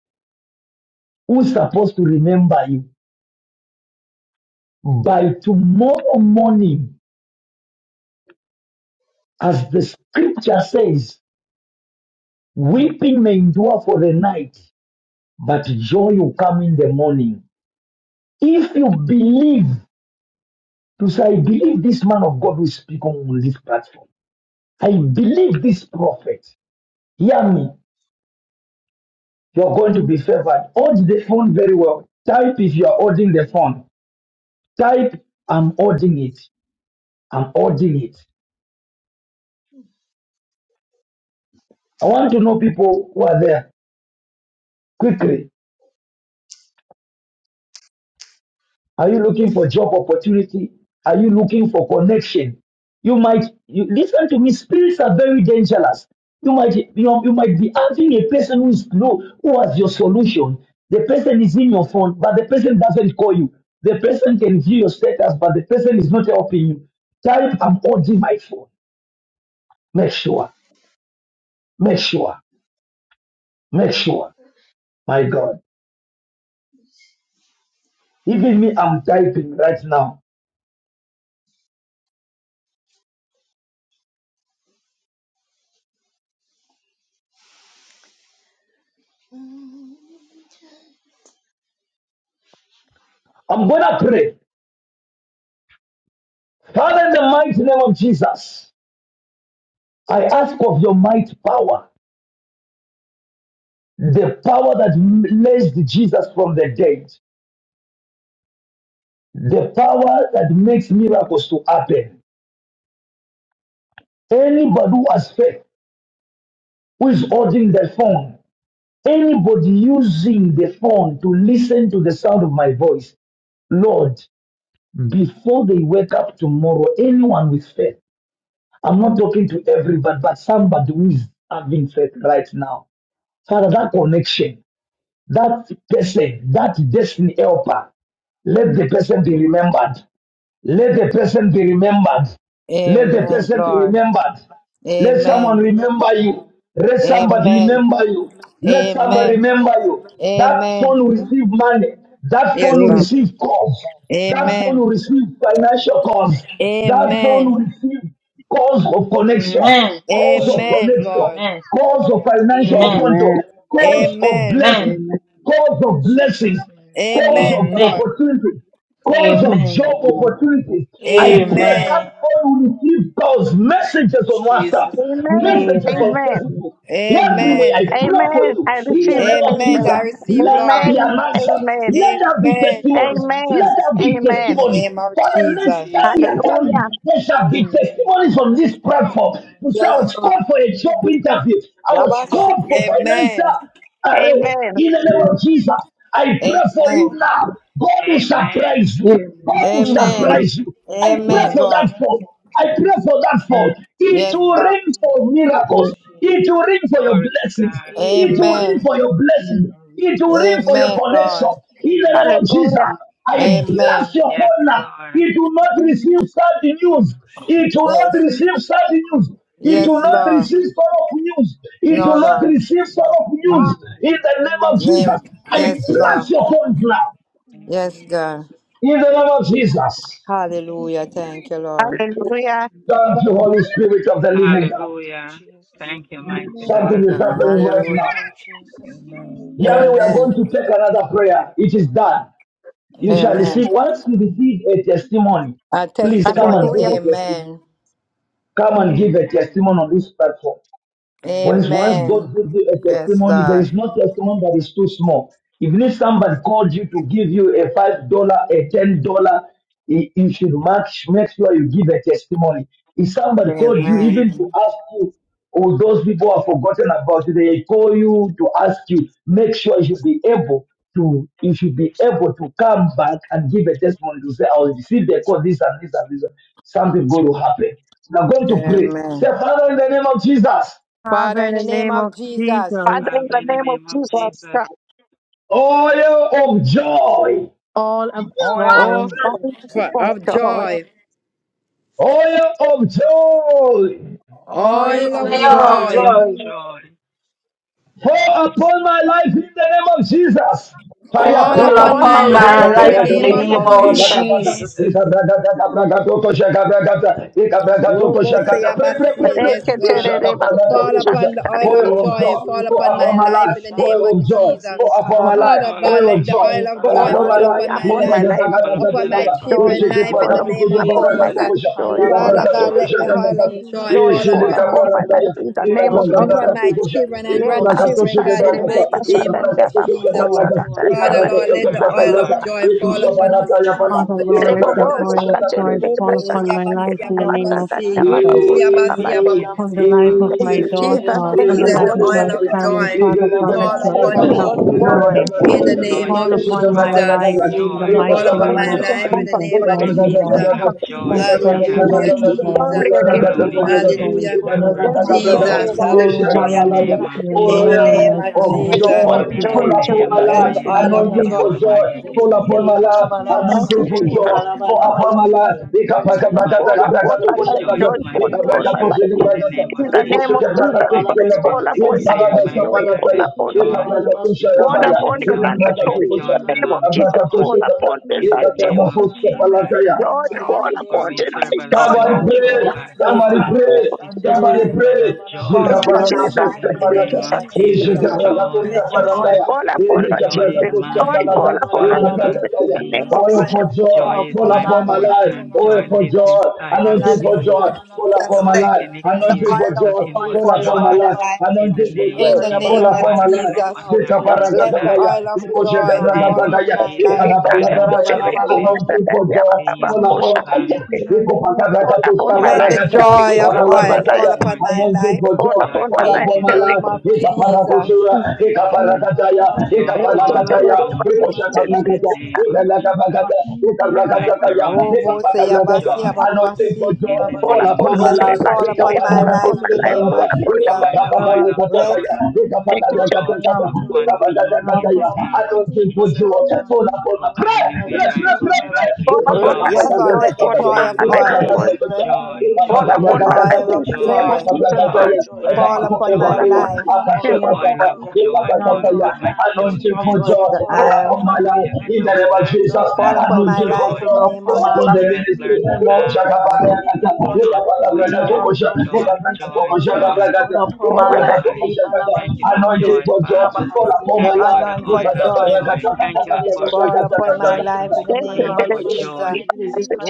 [SPEAKER 5] who's supposed to remember you, by tomorrow morning, as the scripture says, weeping may endure for the night, but joy will come in the morning. If you believe, to say, I believe this man of God will speak on this platform. I believe this prophet. Hear me. You're going to be favored. Hold the phone very well. Type if you are holding the phone. Type, I'm holding it. I'm holding it. I want to know people who are there quickly. Are you looking for job opportunity? Are you looking for connection? You might you listen to me. Spirits are very dangerous. You might you, know, you might be having a person who is no who has your solution. The person is in your phone, but the person doesn't call you. The person can view your status, but the person is not helping you. Type I'm holding my phone. Make sure, make sure, make sure. My God, even me, I'm typing right now.
[SPEAKER 20] Amen.
[SPEAKER 5] I'm gonna pray. Father, in the mighty name of Jesus. I ask of your might power, the power that raised Jesus from the dead, the power that makes miracles to happen. Anybody who has faith, who is holding the phone, anybody using the phone to listen to the sound of my voice, Lord, before they wake up tomorrow, anyone with faith, I'm not talking to everybody, but somebody who is having faith right now. Father, that connection. that person, that destiny helper, let the person be remembered. Let the person be remembered. Let the
[SPEAKER 12] Amen,
[SPEAKER 5] person be
[SPEAKER 12] Lord.
[SPEAKER 5] remembered. Let someone
[SPEAKER 12] Amen.
[SPEAKER 20] Amen.
[SPEAKER 5] remember you. Let somebody
[SPEAKER 20] Amen.
[SPEAKER 12] Amen.
[SPEAKER 5] remember you. Let somebody
[SPEAKER 12] Amen.
[SPEAKER 5] remember
[SPEAKER 20] Amen.
[SPEAKER 5] you. That
[SPEAKER 16] Amen. Amen.
[SPEAKER 12] Amen.
[SPEAKER 5] phone will receive money. That phone
[SPEAKER 12] Yes,
[SPEAKER 5] will
[SPEAKER 12] Lord.
[SPEAKER 5] receive
[SPEAKER 20] Amen.
[SPEAKER 5] calls. That phone
[SPEAKER 12] Amen.
[SPEAKER 5] will
[SPEAKER 20] Amen.
[SPEAKER 5] receive financial calls. That
[SPEAKER 16] Amen.
[SPEAKER 5] phone
[SPEAKER 12] Amen.
[SPEAKER 5] will receive cause of connection,
[SPEAKER 10] Amen.
[SPEAKER 2] Amen.
[SPEAKER 5] cause of
[SPEAKER 12] Amen,
[SPEAKER 2] Jesus' name.
[SPEAKER 5] connection,
[SPEAKER 12] Lord.
[SPEAKER 2] Amen.
[SPEAKER 5] cause of
[SPEAKER 16] Amen.
[SPEAKER 5] financial
[SPEAKER 2] Amen.
[SPEAKER 5] appointment,
[SPEAKER 10] Amen. Yes,
[SPEAKER 5] cause of
[SPEAKER 12] Amen.
[SPEAKER 10] Lord.
[SPEAKER 2] Amen.
[SPEAKER 5] blessing,
[SPEAKER 10] Amen.
[SPEAKER 5] cause of
[SPEAKER 2] Jesus'
[SPEAKER 5] blessings,
[SPEAKER 2] name.
[SPEAKER 5] cause
[SPEAKER 12] Amen,
[SPEAKER 5] of
[SPEAKER 12] Lord.
[SPEAKER 2] Amen.
[SPEAKER 5] opportunities, cause of
[SPEAKER 2] Amen.
[SPEAKER 5] job
[SPEAKER 10] Amen.
[SPEAKER 5] opportunities. I pray that
[SPEAKER 12] Amen.
[SPEAKER 5] God
[SPEAKER 2] Amen.
[SPEAKER 5] will receive those messages on WhatsApp,
[SPEAKER 2] Jesus' name.
[SPEAKER 3] Amen.
[SPEAKER 5] messages
[SPEAKER 2] Amen.
[SPEAKER 5] on
[SPEAKER 3] Amen.
[SPEAKER 5] Facebook. Every way
[SPEAKER 2] Amen.
[SPEAKER 5] I
[SPEAKER 12] Amen.
[SPEAKER 5] pray for
[SPEAKER 3] Amen.
[SPEAKER 5] you
[SPEAKER 3] I
[SPEAKER 5] in the
[SPEAKER 3] receive.
[SPEAKER 2] Jesus'
[SPEAKER 5] name of
[SPEAKER 2] name.
[SPEAKER 12] Amen.
[SPEAKER 5] Jesus.
[SPEAKER 12] I
[SPEAKER 3] Amen.
[SPEAKER 12] receive,
[SPEAKER 5] Let
[SPEAKER 2] Amen.
[SPEAKER 5] there
[SPEAKER 2] In the
[SPEAKER 5] be
[SPEAKER 12] Lord.
[SPEAKER 3] Amen.
[SPEAKER 5] an
[SPEAKER 2] name of
[SPEAKER 5] answer.
[SPEAKER 2] Jesus'
[SPEAKER 3] Amen.
[SPEAKER 2] name.
[SPEAKER 5] Let there be
[SPEAKER 12] Amen.
[SPEAKER 5] testimonies.
[SPEAKER 2] In
[SPEAKER 5] Let
[SPEAKER 3] Amen.
[SPEAKER 2] Jesus'
[SPEAKER 5] there
[SPEAKER 2] name.
[SPEAKER 5] be
[SPEAKER 12] In
[SPEAKER 3] Amen.
[SPEAKER 12] the
[SPEAKER 2] Amen.
[SPEAKER 5] testimonies.
[SPEAKER 12] name of
[SPEAKER 5] For the next
[SPEAKER 12] Jesus.
[SPEAKER 5] time we
[SPEAKER 2] Jesus.
[SPEAKER 5] are
[SPEAKER 3] Hallelujah.
[SPEAKER 5] coming, there shall be
[SPEAKER 2] Amen.
[SPEAKER 5] testimonies on this platform.
[SPEAKER 2] Amen.
[SPEAKER 5] You say,
[SPEAKER 2] In
[SPEAKER 5] I
[SPEAKER 12] Yes,
[SPEAKER 5] was
[SPEAKER 2] Jesus'
[SPEAKER 12] Lord.
[SPEAKER 5] called for a
[SPEAKER 2] name.
[SPEAKER 5] job
[SPEAKER 2] Amen.
[SPEAKER 5] interview. I was
[SPEAKER 12] Rabbi,
[SPEAKER 5] called for
[SPEAKER 2] Jesus'
[SPEAKER 5] financial
[SPEAKER 12] Amen.
[SPEAKER 5] arrest.
[SPEAKER 3] Amen.
[SPEAKER 5] In the name of Jesus, I pray for you
[SPEAKER 12] Amen.
[SPEAKER 5] now. God will
[SPEAKER 24] Amen.
[SPEAKER 5] surprise you. God will
[SPEAKER 2] name. Amen.
[SPEAKER 12] Amen.
[SPEAKER 5] surprise you. I pray
[SPEAKER 12] Amen,
[SPEAKER 5] for
[SPEAKER 24] Amen.
[SPEAKER 2] Amen.
[SPEAKER 12] Lord.
[SPEAKER 5] that phone. I pray for that phone.
[SPEAKER 24] Amen.
[SPEAKER 5] It
[SPEAKER 12] Yes,
[SPEAKER 24] Amen.
[SPEAKER 5] will
[SPEAKER 2] Amen.
[SPEAKER 12] Lord.
[SPEAKER 5] ring for
[SPEAKER 24] Amen.
[SPEAKER 5] miracles. It will
[SPEAKER 2] Jesus.
[SPEAKER 5] ring for your
[SPEAKER 24] Glory to
[SPEAKER 5] blessings.
[SPEAKER 24] God.
[SPEAKER 5] It will ring
[SPEAKER 12] Amen.
[SPEAKER 5] for
[SPEAKER 2] Amen.
[SPEAKER 5] your
[SPEAKER 2] I
[SPEAKER 5] blessing. It will
[SPEAKER 2] receive
[SPEAKER 5] ring
[SPEAKER 2] it.
[SPEAKER 5] for your
[SPEAKER 12] Amen,
[SPEAKER 5] connection.
[SPEAKER 12] Lord.
[SPEAKER 5] In the name of
[SPEAKER 2] Amen.
[SPEAKER 5] Jesus,
[SPEAKER 3] Hallelujah.
[SPEAKER 5] I
[SPEAKER 12] Amen.
[SPEAKER 5] bless your
[SPEAKER 2] Amen.
[SPEAKER 24] Yes,
[SPEAKER 5] phone now.
[SPEAKER 24] Lord.
[SPEAKER 5] It will not receive sad news. It will
[SPEAKER 2] Jesus.
[SPEAKER 5] not
[SPEAKER 12] Yes.
[SPEAKER 5] receive sad news. It will
[SPEAKER 12] Yes,
[SPEAKER 5] not
[SPEAKER 24] Amen.
[SPEAKER 12] Lord.
[SPEAKER 2] Jesus.
[SPEAKER 5] receive sorrow news. It
[SPEAKER 12] No,
[SPEAKER 5] will not
[SPEAKER 24] Glory
[SPEAKER 12] Lord.
[SPEAKER 24] to
[SPEAKER 5] receive
[SPEAKER 2] Jesus.
[SPEAKER 24] God.
[SPEAKER 5] sorrow news. In
[SPEAKER 24] Hallelujah.
[SPEAKER 5] the name of
[SPEAKER 2] Amen.
[SPEAKER 5] Jesus,
[SPEAKER 12] Name.
[SPEAKER 5] I
[SPEAKER 12] Yes, Lord.
[SPEAKER 5] bless your
[SPEAKER 16] Amen.
[SPEAKER 5] phones now.
[SPEAKER 2] Thank
[SPEAKER 12] Yes,
[SPEAKER 24] Amen.
[SPEAKER 2] you,
[SPEAKER 12] God.
[SPEAKER 2] Jesus.
[SPEAKER 5] In the name of Jesus.
[SPEAKER 12] Hallelujah. Thank
[SPEAKER 2] Amen.
[SPEAKER 12] you, Lord.
[SPEAKER 3] Hallelujah.
[SPEAKER 5] Thank you, Holy Spirit of the living God.
[SPEAKER 2] Thank you,
[SPEAKER 24] Hallelujah.
[SPEAKER 2] Jesus.
[SPEAKER 24] Thank you, mighty
[SPEAKER 20] Amen. Amen.
[SPEAKER 5] Something
[SPEAKER 12] Thank
[SPEAKER 24] God.
[SPEAKER 5] is
[SPEAKER 20] Amen.
[SPEAKER 12] God.
[SPEAKER 5] happening right
[SPEAKER 2] Thank
[SPEAKER 12] Hallelujah.
[SPEAKER 2] you,
[SPEAKER 5] now.
[SPEAKER 2] Jesus.
[SPEAKER 19] Amen.
[SPEAKER 5] Hear
[SPEAKER 20] Thank
[SPEAKER 5] me, we
[SPEAKER 20] you,
[SPEAKER 5] are going
[SPEAKER 12] Amen.
[SPEAKER 5] to
[SPEAKER 20] Jesus.
[SPEAKER 5] take another
[SPEAKER 24] Yes,
[SPEAKER 5] prayer. It is
[SPEAKER 24] Lord.
[SPEAKER 5] done. You shall receive,
[SPEAKER 12] Amen.
[SPEAKER 5] once you
[SPEAKER 24] Amen.
[SPEAKER 5] receive a testimony,
[SPEAKER 12] Our
[SPEAKER 5] please come
[SPEAKER 12] testimony.
[SPEAKER 5] and give
[SPEAKER 3] Hallelujah.
[SPEAKER 5] a testimony.
[SPEAKER 12] Amen.
[SPEAKER 5] Come and give a
[SPEAKER 24] Amen.
[SPEAKER 5] testimony on this platform. Once, once
[SPEAKER 12] Amen.
[SPEAKER 5] God gives you a
[SPEAKER 12] Yes,
[SPEAKER 5] testimony, there is
[SPEAKER 12] Lord.
[SPEAKER 24] Amen.
[SPEAKER 5] no testimony that is too small. Even if somebody called you to give you a five dollar, a ten dollar, you should make, make sure you give a testimony. If somebody called you
[SPEAKER 12] Amen.
[SPEAKER 5] even to
[SPEAKER 24] Amen.
[SPEAKER 5] ask you, oh, those people are forgotten about you, they call you to ask you, make sure you be able to, you should be able to come back and give a testimony to say, I will receive the call, this and this and this. Something good will happen. So I'm going to pray. Say,
[SPEAKER 12] Amen.
[SPEAKER 5] Father, in the name of Jesus.
[SPEAKER 6] Father,
[SPEAKER 12] Father,
[SPEAKER 6] in
[SPEAKER 12] in
[SPEAKER 6] the
[SPEAKER 12] the name
[SPEAKER 6] name of
[SPEAKER 12] of Jesus,
[SPEAKER 6] Jesus,
[SPEAKER 3] Father, in
[SPEAKER 24] Father,
[SPEAKER 3] the
[SPEAKER 24] in the
[SPEAKER 3] name of
[SPEAKER 24] name of
[SPEAKER 3] Jesus,
[SPEAKER 24] Jesus,
[SPEAKER 3] God,
[SPEAKER 5] Oil of joy.
[SPEAKER 6] all of
[SPEAKER 19] Oil,
[SPEAKER 6] joy,
[SPEAKER 12] All
[SPEAKER 3] for all of
[SPEAKER 20] Yes,
[SPEAKER 12] of
[SPEAKER 3] God,
[SPEAKER 20] Lord.
[SPEAKER 12] joy,
[SPEAKER 5] Oil of joy.
[SPEAKER 16] Amen. Amen.
[SPEAKER 6] oil
[SPEAKER 19] oil,
[SPEAKER 12] oil
[SPEAKER 20] Oh,
[SPEAKER 6] of
[SPEAKER 12] of
[SPEAKER 24] all
[SPEAKER 20] yes,
[SPEAKER 16] Amen.
[SPEAKER 20] Lord.
[SPEAKER 2] Fire of
[SPEAKER 12] joy,
[SPEAKER 6] joy,
[SPEAKER 24] of
[SPEAKER 2] joy
[SPEAKER 16] Amen.
[SPEAKER 24] joy,
[SPEAKER 5] Pour upon my life in the name of Jesus.
[SPEAKER 3] for
[SPEAKER 5] Fire
[SPEAKER 19] all of
[SPEAKER 12] fall
[SPEAKER 3] all
[SPEAKER 19] it.
[SPEAKER 2] fall
[SPEAKER 6] fall
[SPEAKER 5] prayer.
[SPEAKER 24] all
[SPEAKER 12] upon
[SPEAKER 3] upon my
[SPEAKER 12] my
[SPEAKER 6] upon
[SPEAKER 2] upon
[SPEAKER 16] Thank
[SPEAKER 24] upon
[SPEAKER 6] my
[SPEAKER 2] my
[SPEAKER 24] my
[SPEAKER 12] life
[SPEAKER 3] life,
[SPEAKER 16] you.
[SPEAKER 12] in
[SPEAKER 6] life
[SPEAKER 3] in
[SPEAKER 2] life
[SPEAKER 12] the
[SPEAKER 3] the
[SPEAKER 6] in
[SPEAKER 2] in
[SPEAKER 24] life
[SPEAKER 6] the
[SPEAKER 12] name
[SPEAKER 2] the
[SPEAKER 12] of
[SPEAKER 3] name
[SPEAKER 6] name
[SPEAKER 24] in
[SPEAKER 3] of
[SPEAKER 2] name
[SPEAKER 6] of
[SPEAKER 24] the
[SPEAKER 2] of
[SPEAKER 24] name
[SPEAKER 12] Jesus.
[SPEAKER 3] Jesus,
[SPEAKER 24] of
[SPEAKER 6] Jesus.
[SPEAKER 2] Jesus.
[SPEAKER 24] Jesus.
[SPEAKER 12] Robo
[SPEAKER 2] Jesus,
[SPEAKER 12] Sayabasi, yes, Lord. Fall
[SPEAKER 2] Karabalabalabalashande.
[SPEAKER 12] upon the oil
[SPEAKER 5] Oil
[SPEAKER 12] of
[SPEAKER 5] of
[SPEAKER 2] Leba
[SPEAKER 12] joy,
[SPEAKER 5] joy.
[SPEAKER 12] fall
[SPEAKER 5] Pour
[SPEAKER 12] upon
[SPEAKER 2] sukaya
[SPEAKER 5] upon
[SPEAKER 12] my
[SPEAKER 5] my
[SPEAKER 12] life
[SPEAKER 5] life.
[SPEAKER 12] in the
[SPEAKER 24] Yes,
[SPEAKER 5] Oil
[SPEAKER 12] name of
[SPEAKER 2] balashande
[SPEAKER 5] of joy.
[SPEAKER 24] Lord.
[SPEAKER 2] zi
[SPEAKER 12] Jesus.
[SPEAKER 5] Pour upon my life.
[SPEAKER 12] Father
[SPEAKER 2] karabalaba.
[SPEAKER 24] Fall
[SPEAKER 12] God,
[SPEAKER 5] Oil of
[SPEAKER 12] let
[SPEAKER 24] upon
[SPEAKER 12] the
[SPEAKER 5] joy.
[SPEAKER 24] me,
[SPEAKER 12] oil
[SPEAKER 2] Leba
[SPEAKER 12] of
[SPEAKER 5] Pour
[SPEAKER 24] fall
[SPEAKER 3] all
[SPEAKER 12] joy
[SPEAKER 5] upon
[SPEAKER 3] of
[SPEAKER 24] upon
[SPEAKER 5] my
[SPEAKER 12] fall
[SPEAKER 24] my
[SPEAKER 3] joy
[SPEAKER 12] upon my
[SPEAKER 24] life,
[SPEAKER 3] upon my
[SPEAKER 12] life,
[SPEAKER 3] life,
[SPEAKER 24] fall
[SPEAKER 2] labalabalabalashande
[SPEAKER 24] upon the
[SPEAKER 12] upon
[SPEAKER 2] zi
[SPEAKER 12] my
[SPEAKER 24] life of
[SPEAKER 3] joy,
[SPEAKER 24] my
[SPEAKER 12] children's
[SPEAKER 2] karabaha.
[SPEAKER 12] life in
[SPEAKER 3] all
[SPEAKER 12] the
[SPEAKER 3] of,
[SPEAKER 24] children,
[SPEAKER 12] name of
[SPEAKER 3] upon
[SPEAKER 2] Leba
[SPEAKER 3] my
[SPEAKER 24] for the
[SPEAKER 12] Jesus.
[SPEAKER 3] life,
[SPEAKER 24] life of
[SPEAKER 3] joy,
[SPEAKER 2] sukaya
[SPEAKER 24] my
[SPEAKER 3] all
[SPEAKER 12] Father God,
[SPEAKER 3] upon my
[SPEAKER 12] let
[SPEAKER 24] family,
[SPEAKER 12] the
[SPEAKER 3] life,
[SPEAKER 2] balashande
[SPEAKER 12] oil
[SPEAKER 2] zi
[SPEAKER 12] of
[SPEAKER 5] life.
[SPEAKER 12] joy
[SPEAKER 24] life
[SPEAKER 3] joy,
[SPEAKER 24] of
[SPEAKER 5] Thank
[SPEAKER 12] fall
[SPEAKER 2] kayabaha.
[SPEAKER 24] my
[SPEAKER 3] fall
[SPEAKER 12] upon
[SPEAKER 3] upon
[SPEAKER 12] me.
[SPEAKER 2] Oh
[SPEAKER 3] my
[SPEAKER 24] household.
[SPEAKER 2] Lord,
[SPEAKER 3] life,
[SPEAKER 2] joy
[SPEAKER 3] in the
[SPEAKER 2] fall
[SPEAKER 3] name of
[SPEAKER 24] In the
[SPEAKER 2] upon
[SPEAKER 12] upon
[SPEAKER 2] my
[SPEAKER 3] Jesus.
[SPEAKER 24] name
[SPEAKER 12] my
[SPEAKER 24] of
[SPEAKER 2] life in the
[SPEAKER 12] children
[SPEAKER 24] Jesus,
[SPEAKER 12] and
[SPEAKER 2] name
[SPEAKER 24] let
[SPEAKER 3] Ye
[SPEAKER 2] of
[SPEAKER 24] me host
[SPEAKER 3] basi
[SPEAKER 2] Jesus.
[SPEAKER 12] grandchildren,
[SPEAKER 24] the
[SPEAKER 12] God, in
[SPEAKER 24] house
[SPEAKER 12] the
[SPEAKER 24] of
[SPEAKER 2] Father,
[SPEAKER 3] katerere
[SPEAKER 12] mighty
[SPEAKER 2] in the
[SPEAKER 24] joy.
[SPEAKER 12] name
[SPEAKER 2] name
[SPEAKER 3] bashanda
[SPEAKER 12] of
[SPEAKER 2] of me,
[SPEAKER 3] taba
[SPEAKER 2] the
[SPEAKER 24] In
[SPEAKER 12] Jesus.
[SPEAKER 2] oil
[SPEAKER 24] the
[SPEAKER 2] of
[SPEAKER 3] bosa
[SPEAKER 24] name of
[SPEAKER 2] joy uh,
[SPEAKER 3] katari
[SPEAKER 24] Jesus,
[SPEAKER 12] Father,
[SPEAKER 24] let me
[SPEAKER 2] fall
[SPEAKER 12] Lord,
[SPEAKER 3] mandeli
[SPEAKER 12] let the
[SPEAKER 24] serve
[SPEAKER 2] upon
[SPEAKER 24] your
[SPEAKER 3] baba
[SPEAKER 2] my
[SPEAKER 12] oil of
[SPEAKER 24] car of
[SPEAKER 2] life.
[SPEAKER 3] saka.
[SPEAKER 12] joy fall
[SPEAKER 24] joy.
[SPEAKER 12] upon
[SPEAKER 2] Leba
[SPEAKER 12] us in
[SPEAKER 24] In
[SPEAKER 12] the
[SPEAKER 24] the
[SPEAKER 12] name
[SPEAKER 6] Father,
[SPEAKER 12] of
[SPEAKER 2] lashande
[SPEAKER 24] name of
[SPEAKER 6] Lord, let
[SPEAKER 3] Rebo
[SPEAKER 2] zi
[SPEAKER 6] your
[SPEAKER 12] Jesus.
[SPEAKER 24] Jesus,
[SPEAKER 3] bosa
[SPEAKER 6] oil
[SPEAKER 24] let
[SPEAKER 6] of
[SPEAKER 2] karabaha.
[SPEAKER 6] joy
[SPEAKER 5] you.
[SPEAKER 3] katerere
[SPEAKER 24] everywhere that
[SPEAKER 6] fall
[SPEAKER 12] Robo
[SPEAKER 24] I
[SPEAKER 6] upon
[SPEAKER 3] bashaka
[SPEAKER 2] Leba
[SPEAKER 24] go,
[SPEAKER 6] my life
[SPEAKER 3] mandeli
[SPEAKER 12] siyabasi
[SPEAKER 2] suka
[SPEAKER 24] Father
[SPEAKER 6] in the
[SPEAKER 2] ya
[SPEAKER 24] God,
[SPEAKER 6] name
[SPEAKER 2] bala
[SPEAKER 6] of
[SPEAKER 3] bashanda
[SPEAKER 12] yabababasi,
[SPEAKER 2] shande
[SPEAKER 3] taba
[SPEAKER 24] joy
[SPEAKER 6] Jesus.
[SPEAKER 2] de
[SPEAKER 12] yuku
[SPEAKER 2] de
[SPEAKER 24] goes
[SPEAKER 3] bosa
[SPEAKER 24] with
[SPEAKER 2] zika
[SPEAKER 12] siyabasi
[SPEAKER 2] ya
[SPEAKER 24] me.
[SPEAKER 3] kamande.
[SPEAKER 24] In
[SPEAKER 2] bala
[SPEAKER 24] the
[SPEAKER 12] yabababasi.
[SPEAKER 6] upon
[SPEAKER 2] bala
[SPEAKER 6] the
[SPEAKER 24] name
[SPEAKER 6] life
[SPEAKER 2] bala
[SPEAKER 24] of
[SPEAKER 6] of
[SPEAKER 2] bala
[SPEAKER 3] Thank
[SPEAKER 12] In
[SPEAKER 2] ba.
[SPEAKER 6] my
[SPEAKER 12] the
[SPEAKER 3] you,
[SPEAKER 24] Jesus.
[SPEAKER 3] Jesus.
[SPEAKER 12] name of
[SPEAKER 6] daughter,
[SPEAKER 2] Leba
[SPEAKER 3] Thank
[SPEAKER 2] la
[SPEAKER 6] upon the
[SPEAKER 3] you,
[SPEAKER 24] Let
[SPEAKER 12] Jesus,
[SPEAKER 2] bala
[SPEAKER 24] it
[SPEAKER 6] life
[SPEAKER 12] the
[SPEAKER 24] be
[SPEAKER 6] of
[SPEAKER 3] Holy
[SPEAKER 6] my
[SPEAKER 12] oil of
[SPEAKER 2] shande
[SPEAKER 3] Spirit.
[SPEAKER 24] praised
[SPEAKER 6] family.
[SPEAKER 2] zika
[SPEAKER 12] joy
[SPEAKER 2] ra
[SPEAKER 6] Father
[SPEAKER 2] bala
[SPEAKER 6] God,
[SPEAKER 2] ba.
[SPEAKER 6] let
[SPEAKER 24] and
[SPEAKER 12] fall
[SPEAKER 24] I
[SPEAKER 6] your
[SPEAKER 3] Thank
[SPEAKER 12] upon
[SPEAKER 24] face,
[SPEAKER 3] you,
[SPEAKER 2] Leba
[SPEAKER 6] oil of
[SPEAKER 12] me
[SPEAKER 3] Holy
[SPEAKER 2] suka ya
[SPEAKER 3] Ghost.
[SPEAKER 24] There
[SPEAKER 6] joy
[SPEAKER 2] bala
[SPEAKER 3] Thank you,
[SPEAKER 12] in
[SPEAKER 24] be
[SPEAKER 2] shande
[SPEAKER 12] the
[SPEAKER 3] Holy
[SPEAKER 2] de
[SPEAKER 24] Joy
[SPEAKER 2] de
[SPEAKER 12] name
[SPEAKER 3] Spirit.
[SPEAKER 12] of
[SPEAKER 6] fall
[SPEAKER 24] in
[SPEAKER 3] Thank
[SPEAKER 24] it.
[SPEAKER 3] you,
[SPEAKER 2] zika
[SPEAKER 6] upon
[SPEAKER 2] ra
[SPEAKER 6] my
[SPEAKER 2] bala ba.
[SPEAKER 24] Joy,
[SPEAKER 6] life
[SPEAKER 12] Jesus.
[SPEAKER 6] in the
[SPEAKER 2] Leba
[SPEAKER 24] joy,
[SPEAKER 2] la
[SPEAKER 12] Fall
[SPEAKER 6] mighty
[SPEAKER 2] bala
[SPEAKER 24] joy,
[SPEAKER 12] upon
[SPEAKER 3] thank
[SPEAKER 6] name
[SPEAKER 2] bala
[SPEAKER 12] my
[SPEAKER 3] you,
[SPEAKER 6] of
[SPEAKER 2] bala
[SPEAKER 12] life
[SPEAKER 2] ba.
[SPEAKER 24] joy.
[SPEAKER 3] Jehovah
[SPEAKER 12] in the
[SPEAKER 3] for
[SPEAKER 2] Your
[SPEAKER 6] Jesus,
[SPEAKER 12] name
[SPEAKER 3] God.
[SPEAKER 2] joy
[SPEAKER 12] of
[SPEAKER 2] fall
[SPEAKER 24] Let
[SPEAKER 6] mighty
[SPEAKER 3] Thank you,
[SPEAKER 24] me
[SPEAKER 2] upon
[SPEAKER 6] God.
[SPEAKER 24] still
[SPEAKER 12] Jesus.
[SPEAKER 3] Jehovah
[SPEAKER 2] my
[SPEAKER 24] have
[SPEAKER 3] for
[SPEAKER 2] life
[SPEAKER 3] God.
[SPEAKER 2] in
[SPEAKER 6] I
[SPEAKER 16] Mandizi
[SPEAKER 24] joy. Let
[SPEAKER 2] every
[SPEAKER 24] me
[SPEAKER 6] thank
[SPEAKER 24] have
[SPEAKER 6] you,
[SPEAKER 3] I
[SPEAKER 24] the
[SPEAKER 2] aspect of
[SPEAKER 12] Hallelujah,
[SPEAKER 3] give
[SPEAKER 2] my
[SPEAKER 6] mighty
[SPEAKER 3] you
[SPEAKER 24] peace
[SPEAKER 2] life.
[SPEAKER 6] God. I
[SPEAKER 2] Oh
[SPEAKER 3] glory.
[SPEAKER 12] Jesus.
[SPEAKER 3] I
[SPEAKER 2] Lord
[SPEAKER 3] give
[SPEAKER 6] thank
[SPEAKER 2] of
[SPEAKER 24] that
[SPEAKER 3] you
[SPEAKER 6] you,
[SPEAKER 2] joy,
[SPEAKER 24] only
[SPEAKER 2] oh
[SPEAKER 24] you
[SPEAKER 6] blessed
[SPEAKER 3] honor.
[SPEAKER 2] Lord of
[SPEAKER 24] can
[SPEAKER 6] Holy
[SPEAKER 2] joy,
[SPEAKER 12] Hallelujah.
[SPEAKER 24] give
[SPEAKER 2] fall
[SPEAKER 24] that
[SPEAKER 6] Spirit.
[SPEAKER 2] upon
[SPEAKER 24] brings
[SPEAKER 3] Thank
[SPEAKER 2] my
[SPEAKER 3] you,
[SPEAKER 2] life
[SPEAKER 24] joy.
[SPEAKER 2] in
[SPEAKER 12] Jesus,
[SPEAKER 3] Jehovah.
[SPEAKER 2] every
[SPEAKER 3] Thank you,
[SPEAKER 6] Glory,
[SPEAKER 3] Jehovah.
[SPEAKER 24] In
[SPEAKER 2] aspect
[SPEAKER 24] the
[SPEAKER 12] hallelujah.
[SPEAKER 2] of my
[SPEAKER 3] Thank
[SPEAKER 6] hallelujah
[SPEAKER 24] name
[SPEAKER 3] you
[SPEAKER 5] Yes,
[SPEAKER 2] life.
[SPEAKER 6] to
[SPEAKER 24] of
[SPEAKER 3] for
[SPEAKER 6] your
[SPEAKER 3] the
[SPEAKER 5] Oh,
[SPEAKER 12] In
[SPEAKER 2] Leba
[SPEAKER 3] joy.
[SPEAKER 12] the
[SPEAKER 2] la
[SPEAKER 6] name,
[SPEAKER 24] Jesus.
[SPEAKER 5] yeah.
[SPEAKER 12] name
[SPEAKER 2] bala
[SPEAKER 12] of
[SPEAKER 6] mighty
[SPEAKER 5] Of
[SPEAKER 6] God.
[SPEAKER 2] shande
[SPEAKER 6] I
[SPEAKER 2] de
[SPEAKER 3] Thank
[SPEAKER 2] de
[SPEAKER 3] you
[SPEAKER 12] Jesus,
[SPEAKER 3] for
[SPEAKER 5] joy,
[SPEAKER 6] thank
[SPEAKER 3] the
[SPEAKER 2] zika
[SPEAKER 6] you,
[SPEAKER 2] ra
[SPEAKER 5] fall
[SPEAKER 3] joy,
[SPEAKER 2] ba.
[SPEAKER 6] Jesus.
[SPEAKER 5] upon
[SPEAKER 6] I
[SPEAKER 5] my
[SPEAKER 3] Jehovah.
[SPEAKER 12] let
[SPEAKER 2] Leba
[SPEAKER 5] life,
[SPEAKER 6] thank
[SPEAKER 3] Thank
[SPEAKER 12] the
[SPEAKER 3] you
[SPEAKER 24] Yedidididiyamamaya,
[SPEAKER 6] you,
[SPEAKER 3] for
[SPEAKER 12] oil
[SPEAKER 2] suka
[SPEAKER 3] the
[SPEAKER 12] of
[SPEAKER 6] Lord.
[SPEAKER 2] ya
[SPEAKER 3] joy.
[SPEAKER 5] anointing
[SPEAKER 12] joy,
[SPEAKER 2] bala
[SPEAKER 5] for joy,
[SPEAKER 2] shande de
[SPEAKER 5] fall
[SPEAKER 2] de
[SPEAKER 5] upon
[SPEAKER 2] le
[SPEAKER 5] my
[SPEAKER 24] shitiyamamaya,
[SPEAKER 2] kara
[SPEAKER 5] life,
[SPEAKER 2] bala bala
[SPEAKER 3] Thank
[SPEAKER 5] anointing
[SPEAKER 3] you,
[SPEAKER 5] for
[SPEAKER 24] Yes,
[SPEAKER 3] Jesus.
[SPEAKER 5] joy,
[SPEAKER 24] Father
[SPEAKER 5] fall
[SPEAKER 24] God,
[SPEAKER 5] upon my
[SPEAKER 2] Ribalabalabala
[SPEAKER 5] life.
[SPEAKER 24] everything is here.
[SPEAKER 5] Ikabraka
[SPEAKER 24] Oh,
[SPEAKER 2] shanderezi
[SPEAKER 3] Call
[SPEAKER 24] Father,
[SPEAKER 2] karabalaba
[SPEAKER 3] upon my
[SPEAKER 24] that
[SPEAKER 3] life,
[SPEAKER 24] joy is
[SPEAKER 3] joy,
[SPEAKER 2] lebasu
[SPEAKER 24] my
[SPEAKER 3] call upon
[SPEAKER 2] kayabala
[SPEAKER 3] my
[SPEAKER 24] portion.
[SPEAKER 3] life.
[SPEAKER 24] In the name
[SPEAKER 2] shanderezi
[SPEAKER 24] of
[SPEAKER 3] In the name
[SPEAKER 2] karabaha
[SPEAKER 24] Jesus,
[SPEAKER 3] of Jesus
[SPEAKER 24] I
[SPEAKER 3] Christ,
[SPEAKER 24] decree
[SPEAKER 3] call
[SPEAKER 24] and
[SPEAKER 3] upon
[SPEAKER 2] lebalabalabalabala
[SPEAKER 3] my
[SPEAKER 24] declare,
[SPEAKER 3] life,
[SPEAKER 24] mighty
[SPEAKER 3] joy,
[SPEAKER 2] shanderezi
[SPEAKER 24] God,
[SPEAKER 3] call
[SPEAKER 24] that
[SPEAKER 3] upon
[SPEAKER 2] karabaha
[SPEAKER 3] my
[SPEAKER 24] joy
[SPEAKER 3] life.
[SPEAKER 24] is
[SPEAKER 2] lebasu
[SPEAKER 24] the
[SPEAKER 3] Call
[SPEAKER 2] kayabala
[SPEAKER 3] upon
[SPEAKER 24] portion
[SPEAKER 3] your
[SPEAKER 24] of
[SPEAKER 3] land joy.
[SPEAKER 24] children.
[SPEAKER 3] In
[SPEAKER 24] Joy
[SPEAKER 2] shanderezi
[SPEAKER 3] the name of
[SPEAKER 24] belongs
[SPEAKER 2] karabalaba
[SPEAKER 24] to
[SPEAKER 3] Jesus,
[SPEAKER 24] us
[SPEAKER 3] call upon the
[SPEAKER 24] in the
[SPEAKER 2] lebalibasu
[SPEAKER 3] light,
[SPEAKER 24] name of
[SPEAKER 3] Jehovah.
[SPEAKER 2] kayabala
[SPEAKER 12] in the
[SPEAKER 2] shande
[SPEAKER 24] Jesus.
[SPEAKER 12] name of
[SPEAKER 3] Joy,
[SPEAKER 2] Father, in
[SPEAKER 3] call
[SPEAKER 2] the name
[SPEAKER 24] For
[SPEAKER 3] upon
[SPEAKER 24] we
[SPEAKER 2] of
[SPEAKER 3] the
[SPEAKER 24] serve
[SPEAKER 2] Jesus,
[SPEAKER 3] light,
[SPEAKER 24] a
[SPEAKER 2] Son
[SPEAKER 3] joy.
[SPEAKER 24] living
[SPEAKER 5] Somebody
[SPEAKER 24] and
[SPEAKER 2] of
[SPEAKER 5] pray.
[SPEAKER 24] true
[SPEAKER 2] joy,
[SPEAKER 24] God,
[SPEAKER 5] Somebody
[SPEAKER 3] In
[SPEAKER 24] joy.
[SPEAKER 3] the
[SPEAKER 5] pray.
[SPEAKER 2] lebalabala
[SPEAKER 3] name of
[SPEAKER 24] We
[SPEAKER 3] Jesus.
[SPEAKER 12] the
[SPEAKER 24] serve a
[SPEAKER 5] Somebody
[SPEAKER 12] oil,
[SPEAKER 2] shanderezi
[SPEAKER 24] God
[SPEAKER 5] pray.
[SPEAKER 24] of joy.
[SPEAKER 12] fall
[SPEAKER 3] Thank
[SPEAKER 5] Zika
[SPEAKER 3] you,
[SPEAKER 12] upon my
[SPEAKER 3] Jesus.
[SPEAKER 5] paranasos
[SPEAKER 12] life.
[SPEAKER 5] te
[SPEAKER 24] In the
[SPEAKER 3] Thank
[SPEAKER 12] In
[SPEAKER 3] you,
[SPEAKER 12] the
[SPEAKER 5] palata.
[SPEAKER 24] name
[SPEAKER 2] karabalabalabalabalabalabalabalabala
[SPEAKER 12] name
[SPEAKER 24] of
[SPEAKER 16] और
[SPEAKER 3] Jesus.
[SPEAKER 12] of
[SPEAKER 3] Thank
[SPEAKER 16] इसके
[SPEAKER 3] you,
[SPEAKER 24] Jesus,
[SPEAKER 5] Yeshika
[SPEAKER 12] Jesus,
[SPEAKER 2] shanderezi
[SPEAKER 3] Jesus.
[SPEAKER 16] बहुत
[SPEAKER 24] joy,
[SPEAKER 5] ragatos te
[SPEAKER 2] karabaha
[SPEAKER 12] let the
[SPEAKER 24] joy,
[SPEAKER 12] oil
[SPEAKER 5] parataya.
[SPEAKER 12] of
[SPEAKER 3] Call
[SPEAKER 2] lebasu
[SPEAKER 12] joy
[SPEAKER 3] upon my
[SPEAKER 12] fall
[SPEAKER 5] Eleka
[SPEAKER 24] joy
[SPEAKER 12] upon.
[SPEAKER 2] kayabala
[SPEAKER 24] is
[SPEAKER 3] children.
[SPEAKER 5] ragatos
[SPEAKER 2] shande
[SPEAKER 5] te
[SPEAKER 3] Joy,
[SPEAKER 24] mine.
[SPEAKER 3] call
[SPEAKER 5] palata.
[SPEAKER 3] upon
[SPEAKER 24] Joy
[SPEAKER 3] my
[SPEAKER 5] Eleka
[SPEAKER 24] belongs
[SPEAKER 2] lebalabalabalaba.
[SPEAKER 3] children. In
[SPEAKER 24] to
[SPEAKER 3] the
[SPEAKER 5] parataya.
[SPEAKER 3] name
[SPEAKER 12] Let
[SPEAKER 24] me
[SPEAKER 12] the
[SPEAKER 3] of
[SPEAKER 5] Oil
[SPEAKER 12] oil
[SPEAKER 5] for
[SPEAKER 3] Jesus.
[SPEAKER 12] of
[SPEAKER 5] joy.
[SPEAKER 2] Fall
[SPEAKER 24] Joy is
[SPEAKER 5] Fall
[SPEAKER 2] upon
[SPEAKER 24] my
[SPEAKER 2] my
[SPEAKER 5] upon my
[SPEAKER 2] life.
[SPEAKER 5] life.
[SPEAKER 2] Fall
[SPEAKER 24] portion.
[SPEAKER 5] Oil
[SPEAKER 24] Joy
[SPEAKER 2] upon
[SPEAKER 5] for
[SPEAKER 2] every
[SPEAKER 24] lives
[SPEAKER 5] joy.
[SPEAKER 2] aspect of
[SPEAKER 24] inside
[SPEAKER 2] my
[SPEAKER 24] of
[SPEAKER 5] Anointing
[SPEAKER 2] life.
[SPEAKER 5] for
[SPEAKER 24] me.
[SPEAKER 2] Le
[SPEAKER 5] joy.
[SPEAKER 2] bala
[SPEAKER 5] Fall
[SPEAKER 2] bala
[SPEAKER 12] Jesus,
[SPEAKER 5] upon
[SPEAKER 24] So
[SPEAKER 5] my
[SPEAKER 2] bala
[SPEAKER 24] I
[SPEAKER 12] let the,
[SPEAKER 5] life.
[SPEAKER 24] can
[SPEAKER 2] bala bala
[SPEAKER 12] the
[SPEAKER 5] Anointing
[SPEAKER 2] bala
[SPEAKER 24] experience
[SPEAKER 5] for
[SPEAKER 12] oil of
[SPEAKER 2] bala.
[SPEAKER 5] joy.
[SPEAKER 24] nothing
[SPEAKER 2] Ye
[SPEAKER 24] but
[SPEAKER 12] joy
[SPEAKER 5] Fall
[SPEAKER 12] fall
[SPEAKER 2] kaya
[SPEAKER 5] upon
[SPEAKER 12] upon
[SPEAKER 5] my
[SPEAKER 24] joy
[SPEAKER 12] my
[SPEAKER 2] bala
[SPEAKER 5] life.
[SPEAKER 12] life.
[SPEAKER 2] bala bala
[SPEAKER 24] in
[SPEAKER 2] bala.
[SPEAKER 24] the
[SPEAKER 5] Anointing for
[SPEAKER 24] name
[SPEAKER 2] Ye
[SPEAKER 24] of
[SPEAKER 5] joy.
[SPEAKER 12] In the
[SPEAKER 2] kaya
[SPEAKER 24] Jesus.
[SPEAKER 5] Fall
[SPEAKER 12] name
[SPEAKER 2] bala
[SPEAKER 12] of
[SPEAKER 5] upon
[SPEAKER 2] bala
[SPEAKER 5] my
[SPEAKER 24] Father
[SPEAKER 2] bala.
[SPEAKER 24] God,
[SPEAKER 5] life.
[SPEAKER 24] let
[SPEAKER 2] Oil
[SPEAKER 24] my
[SPEAKER 12] Jesus,
[SPEAKER 2] of
[SPEAKER 5] Zika
[SPEAKER 24] heart
[SPEAKER 2] joy,
[SPEAKER 24] be
[SPEAKER 12] let
[SPEAKER 2] anointing
[SPEAKER 12] the
[SPEAKER 2] of
[SPEAKER 24] glad
[SPEAKER 2] joy.
[SPEAKER 5] paragatataya.
[SPEAKER 12] oil of
[SPEAKER 2] Fall
[SPEAKER 5] Iko
[SPEAKER 24] in
[SPEAKER 2] upon
[SPEAKER 5] sheka
[SPEAKER 12] joy
[SPEAKER 2] my
[SPEAKER 24] the
[SPEAKER 2] life
[SPEAKER 12] fall
[SPEAKER 2] in the
[SPEAKER 24] name of
[SPEAKER 2] name
[SPEAKER 12] upon
[SPEAKER 5] ragatataya.
[SPEAKER 2] of
[SPEAKER 12] my
[SPEAKER 2] Jesus.
[SPEAKER 5] Ika
[SPEAKER 24] Jesus.
[SPEAKER 12] life.
[SPEAKER 3] Okay,
[SPEAKER 12] In the
[SPEAKER 24] Glad
[SPEAKER 2] Le
[SPEAKER 12] name
[SPEAKER 3] Rasta,
[SPEAKER 24] and
[SPEAKER 12] of
[SPEAKER 2] bala
[SPEAKER 5] napalatataya.
[SPEAKER 2] bala
[SPEAKER 3] Jerry,
[SPEAKER 12] Jesus,
[SPEAKER 2] bala
[SPEAKER 24] rejoicing
[SPEAKER 2] bala bala
[SPEAKER 3] Rasta,
[SPEAKER 5] Anointing
[SPEAKER 2] bala
[SPEAKER 5] for
[SPEAKER 3] Daria,
[SPEAKER 5] joy.
[SPEAKER 24] to
[SPEAKER 2] bala
[SPEAKER 3] Baba,
[SPEAKER 24] you,
[SPEAKER 5] Fall
[SPEAKER 24] O
[SPEAKER 3] Osha,
[SPEAKER 5] upon
[SPEAKER 2] bala bala
[SPEAKER 24] God.
[SPEAKER 5] fire.
[SPEAKER 2] bala bala.
[SPEAKER 3] Call upon my
[SPEAKER 12] let the
[SPEAKER 3] life,
[SPEAKER 24] Joy.
[SPEAKER 5] Ekopakarakatushabarakata.
[SPEAKER 3] joy,
[SPEAKER 12] joy
[SPEAKER 3] call
[SPEAKER 12] of
[SPEAKER 24] Joy
[SPEAKER 3] upon
[SPEAKER 2] Zikarabala
[SPEAKER 3] my
[SPEAKER 24] cometh
[SPEAKER 12] oil
[SPEAKER 24] in
[SPEAKER 3] life.
[SPEAKER 12] fall
[SPEAKER 5] Ekapalataya.
[SPEAKER 24] the
[SPEAKER 2] Shandel
[SPEAKER 12] upon
[SPEAKER 24] morning.
[SPEAKER 12] my
[SPEAKER 5] Anointing
[SPEAKER 12] life.
[SPEAKER 5] for joy.
[SPEAKER 3] Hola,
[SPEAKER 2] Zikarabalaba
[SPEAKER 24] Joy
[SPEAKER 3] hola,
[SPEAKER 5] Fall
[SPEAKER 3] la
[SPEAKER 12] In
[SPEAKER 24] cometh
[SPEAKER 12] the
[SPEAKER 5] upon
[SPEAKER 24] in
[SPEAKER 5] my
[SPEAKER 24] the
[SPEAKER 2] Lebala
[SPEAKER 3] teoría.
[SPEAKER 5] life.
[SPEAKER 12] name
[SPEAKER 2] Bala
[SPEAKER 12] of
[SPEAKER 2] balabala
[SPEAKER 24] noonday. Joy
[SPEAKER 2] Bala
[SPEAKER 12] Jesus,
[SPEAKER 2] Bala
[SPEAKER 24] cometh in
[SPEAKER 5] Ekaparakoshura.
[SPEAKER 2] Shandel
[SPEAKER 24] the evening.
[SPEAKER 5] Ekaparakataya.
[SPEAKER 2] Zikarabalaba
[SPEAKER 24] Joy all
[SPEAKER 2] Lebala
[SPEAKER 5] Ekapalakataya.
[SPEAKER 2] Bala
[SPEAKER 24] around
[SPEAKER 2] Bala
[SPEAKER 24] me
[SPEAKER 2] Bala
[SPEAKER 24] in the
[SPEAKER 2] Shandel
[SPEAKER 5] Ekoshakabrakata.
[SPEAKER 24] name of Jesus.
[SPEAKER 2] Zikarabalaba
[SPEAKER 5] Ekalakabakata.
[SPEAKER 24] Let my
[SPEAKER 2] Lebala Bala
[SPEAKER 5] Ekabrakataya.
[SPEAKER 24] surroundings
[SPEAKER 2] Bala
[SPEAKER 12] Robo
[SPEAKER 24] be
[SPEAKER 2] Bala
[SPEAKER 24] full
[SPEAKER 12] say
[SPEAKER 24] of
[SPEAKER 2] Bala
[SPEAKER 5] Ekapakabrakata.
[SPEAKER 2] Bala
[SPEAKER 12] abasi
[SPEAKER 24] joy
[SPEAKER 2] Shandel
[SPEAKER 5] Anointing for
[SPEAKER 12] abababasi.
[SPEAKER 5] joy.
[SPEAKER 24] in the
[SPEAKER 3] Hola,
[SPEAKER 5] Fall
[SPEAKER 2] Zikarabalaba
[SPEAKER 24] name
[SPEAKER 5] upon
[SPEAKER 3] hola,
[SPEAKER 24] of
[SPEAKER 5] my
[SPEAKER 12] Yes,
[SPEAKER 5] life.
[SPEAKER 2] Leba
[SPEAKER 3] la
[SPEAKER 12] fall
[SPEAKER 24] Jesus.
[SPEAKER 3] estoy,
[SPEAKER 12] upon my
[SPEAKER 3] hola,
[SPEAKER 2] Sukaya
[SPEAKER 12] life
[SPEAKER 3] hola,
[SPEAKER 16] Thank
[SPEAKER 12] in
[SPEAKER 2] Bala
[SPEAKER 12] the
[SPEAKER 3] la
[SPEAKER 12] name
[SPEAKER 2] Shandel
[SPEAKER 5] Ekaparakatushkibarata.
[SPEAKER 24] Joy,
[SPEAKER 12] of
[SPEAKER 3] hola, hola,
[SPEAKER 12] Jesus.
[SPEAKER 24] joy, the
[SPEAKER 2] Lekaya
[SPEAKER 24] oil of
[SPEAKER 2] Bala
[SPEAKER 12] Let
[SPEAKER 24] joy,
[SPEAKER 2] Bala
[SPEAKER 5] Ekapakabakarakataya.
[SPEAKER 2] Bala Bala
[SPEAKER 24] pour out
[SPEAKER 2] Oya
[SPEAKER 5] Ekapakabrakata.
[SPEAKER 2] Ojoy
[SPEAKER 24] upon me
[SPEAKER 2] Fall
[SPEAKER 24] in the
[SPEAKER 5] Ekapakabrakataya.
[SPEAKER 2] upon
[SPEAKER 24] name
[SPEAKER 2] my
[SPEAKER 24] of
[SPEAKER 2] life
[SPEAKER 5] Anointing for
[SPEAKER 2] Oya
[SPEAKER 24] Jesus.
[SPEAKER 5] joy.
[SPEAKER 2] Ojoy
[SPEAKER 5] Fall
[SPEAKER 16] you.
[SPEAKER 5] upon my
[SPEAKER 24] Oh
[SPEAKER 2] Fall
[SPEAKER 24] God,
[SPEAKER 5] prayer.
[SPEAKER 2] upon every
[SPEAKER 5] Pray,
[SPEAKER 24] anywhere I
[SPEAKER 5] pray,
[SPEAKER 2] aspect
[SPEAKER 24] go,
[SPEAKER 2] of
[SPEAKER 5] pray,
[SPEAKER 2] my
[SPEAKER 16] Mandhari
[SPEAKER 24] that
[SPEAKER 2] life
[SPEAKER 24] I give
[SPEAKER 5] pray.
[SPEAKER 16] yakatara
[SPEAKER 5] Anointing
[SPEAKER 3] hola, hola,
[SPEAKER 24] joy
[SPEAKER 2] Lebala
[SPEAKER 3] la
[SPEAKER 12] yes,
[SPEAKER 20] Hallelujah.
[SPEAKER 16] bahari
[SPEAKER 12] Lord,
[SPEAKER 2] Bala
[SPEAKER 3] estoy,
[SPEAKER 12] let the
[SPEAKER 24] in
[SPEAKER 2] Bala
[SPEAKER 3] hola,
[SPEAKER 24] the
[SPEAKER 12] joy of
[SPEAKER 24] name
[SPEAKER 3] hola,
[SPEAKER 2] Shandel
[SPEAKER 3] la
[SPEAKER 24] of
[SPEAKER 16] matatu
[SPEAKER 12] oil,
[SPEAKER 3] estoy,
[SPEAKER 16] basi
[SPEAKER 24] Jesus.
[SPEAKER 12] let the
[SPEAKER 16] yakatara
[SPEAKER 24] Joy,
[SPEAKER 2] Zikarabalaba
[SPEAKER 16] bahari
[SPEAKER 3] hola,
[SPEAKER 24] joy,
[SPEAKER 12] the
[SPEAKER 2] they
[SPEAKER 3] hola,
[SPEAKER 2] kaya
[SPEAKER 3] la
[SPEAKER 12] oil
[SPEAKER 16] katika
[SPEAKER 3] estoy,
[SPEAKER 12] of
[SPEAKER 24] joy,
[SPEAKER 2] Lekayabalashan,
[SPEAKER 3] tenemos
[SPEAKER 12] joy
[SPEAKER 16] mbele
[SPEAKER 2] oh
[SPEAKER 3] Jesus
[SPEAKER 2] yeah,
[SPEAKER 24] joy
[SPEAKER 2] of
[SPEAKER 24] is
[SPEAKER 3] Christ,
[SPEAKER 16] yakatara
[SPEAKER 2] joy,
[SPEAKER 12] fall
[SPEAKER 16] bahari
[SPEAKER 24] mine,
[SPEAKER 2] fall
[SPEAKER 12] upon my
[SPEAKER 3] hola,
[SPEAKER 2] upon
[SPEAKER 24] joy.
[SPEAKER 16] all
[SPEAKER 3] hola,
[SPEAKER 2] my
[SPEAKER 16] of
[SPEAKER 12] life.
[SPEAKER 2] life,
[SPEAKER 16] us
[SPEAKER 24] Let
[SPEAKER 2] oh
[SPEAKER 24] the
[SPEAKER 3] la
[SPEAKER 2] yeah,
[SPEAKER 16] all of
[SPEAKER 2] of
[SPEAKER 16] us
[SPEAKER 24] oil of
[SPEAKER 2] joy,
[SPEAKER 16] all of
[SPEAKER 24] joy
[SPEAKER 2] oh
[SPEAKER 16] us
[SPEAKER 2] yeah, of
[SPEAKER 24] fall
[SPEAKER 2] joy,
[SPEAKER 24] upon my
[SPEAKER 16] all of
[SPEAKER 2] anointing
[SPEAKER 16] us
[SPEAKER 2] of
[SPEAKER 24] children.
[SPEAKER 5] for joy,
[SPEAKER 2] joy,
[SPEAKER 12] The
[SPEAKER 2] fall
[SPEAKER 5] pull up
[SPEAKER 12] oil
[SPEAKER 5] on
[SPEAKER 2] upon
[SPEAKER 16] all of
[SPEAKER 5] my
[SPEAKER 2] my
[SPEAKER 16] us
[SPEAKER 2] life,
[SPEAKER 5] life
[SPEAKER 16] all
[SPEAKER 24] Hallelujah.
[SPEAKER 16] of
[SPEAKER 5] in
[SPEAKER 24] Let
[SPEAKER 5] the
[SPEAKER 24] our
[SPEAKER 5] name
[SPEAKER 2] anointing
[SPEAKER 5] of
[SPEAKER 2] for
[SPEAKER 24] lives
[SPEAKER 2] joy,
[SPEAKER 5] Jesus.
[SPEAKER 24] be
[SPEAKER 12] fall
[SPEAKER 2] oh
[SPEAKER 24] lives
[SPEAKER 2] yeah,
[SPEAKER 24] of
[SPEAKER 12] upon
[SPEAKER 2] of
[SPEAKER 12] my
[SPEAKER 5] Anointing
[SPEAKER 2] joy,
[SPEAKER 24] joy.
[SPEAKER 5] for
[SPEAKER 12] life in
[SPEAKER 5] joy,
[SPEAKER 12] the
[SPEAKER 2] fall
[SPEAKER 12] name
[SPEAKER 5] pull
[SPEAKER 2] upon
[SPEAKER 12] of
[SPEAKER 5] up
[SPEAKER 2] my
[SPEAKER 5] on
[SPEAKER 12] Jesus.
[SPEAKER 5] the
[SPEAKER 2] life,
[SPEAKER 24] Let
[SPEAKER 16] us
[SPEAKER 24] us
[SPEAKER 2] in
[SPEAKER 16] all
[SPEAKER 2] the
[SPEAKER 24] learn
[SPEAKER 5] ministry.
[SPEAKER 24] to
[SPEAKER 2] name
[SPEAKER 16] of
[SPEAKER 5] Anointing for
[SPEAKER 2] of
[SPEAKER 24] laugh
[SPEAKER 5] joy,
[SPEAKER 2] Jesus,
[SPEAKER 12] Oh,
[SPEAKER 2] in the name
[SPEAKER 24] in
[SPEAKER 2] of
[SPEAKER 16] us
[SPEAKER 24] all
[SPEAKER 2] Jesus, oh
[SPEAKER 16] yakatara
[SPEAKER 2] yeah,
[SPEAKER 24] situations.
[SPEAKER 2] of
[SPEAKER 16] bahari
[SPEAKER 2] joy,
[SPEAKER 24] Joy,
[SPEAKER 2] anointing
[SPEAKER 24] joy,
[SPEAKER 2] for joy,
[SPEAKER 16] box
[SPEAKER 24] joy.
[SPEAKER 2] fall
[SPEAKER 16] yakatara
[SPEAKER 2] upon my
[SPEAKER 3] hola,
[SPEAKER 16] bahari box
[SPEAKER 2] life,
[SPEAKER 3] la
[SPEAKER 24] joy.
[SPEAKER 2] Le
[SPEAKER 24] Thank you
[SPEAKER 16] yakatara
[SPEAKER 24] for
[SPEAKER 2] balabalashan.
[SPEAKER 24] joy,
[SPEAKER 16] bahari
[SPEAKER 2] Desi
[SPEAKER 16] yakatara
[SPEAKER 24] Father.
[SPEAKER 5] pull
[SPEAKER 2] karabaha,
[SPEAKER 5] up on
[SPEAKER 2] Le
[SPEAKER 12] The
[SPEAKER 24] Thank you for the
[SPEAKER 12] unknown for
[SPEAKER 24] oil of
[SPEAKER 12] joy
[SPEAKER 24] joy.
[SPEAKER 2] balabalabalabalashan.
[SPEAKER 24] Thank you for
[SPEAKER 2] Desi
[SPEAKER 12] fall
[SPEAKER 2] karabaha,
[SPEAKER 12] upon
[SPEAKER 5] my
[SPEAKER 2] Lebalabalashan, Dezikarabaha,
[SPEAKER 12] my life
[SPEAKER 24] anointing
[SPEAKER 5] life.
[SPEAKER 12] in
[SPEAKER 2] Lebalabalabalabalabalashan,
[SPEAKER 12] the name
[SPEAKER 24] me
[SPEAKER 12] of
[SPEAKER 24] for
[SPEAKER 2] Dezikarabaha,
[SPEAKER 24] joy
[SPEAKER 12] Jesus.
[SPEAKER 3] estoy,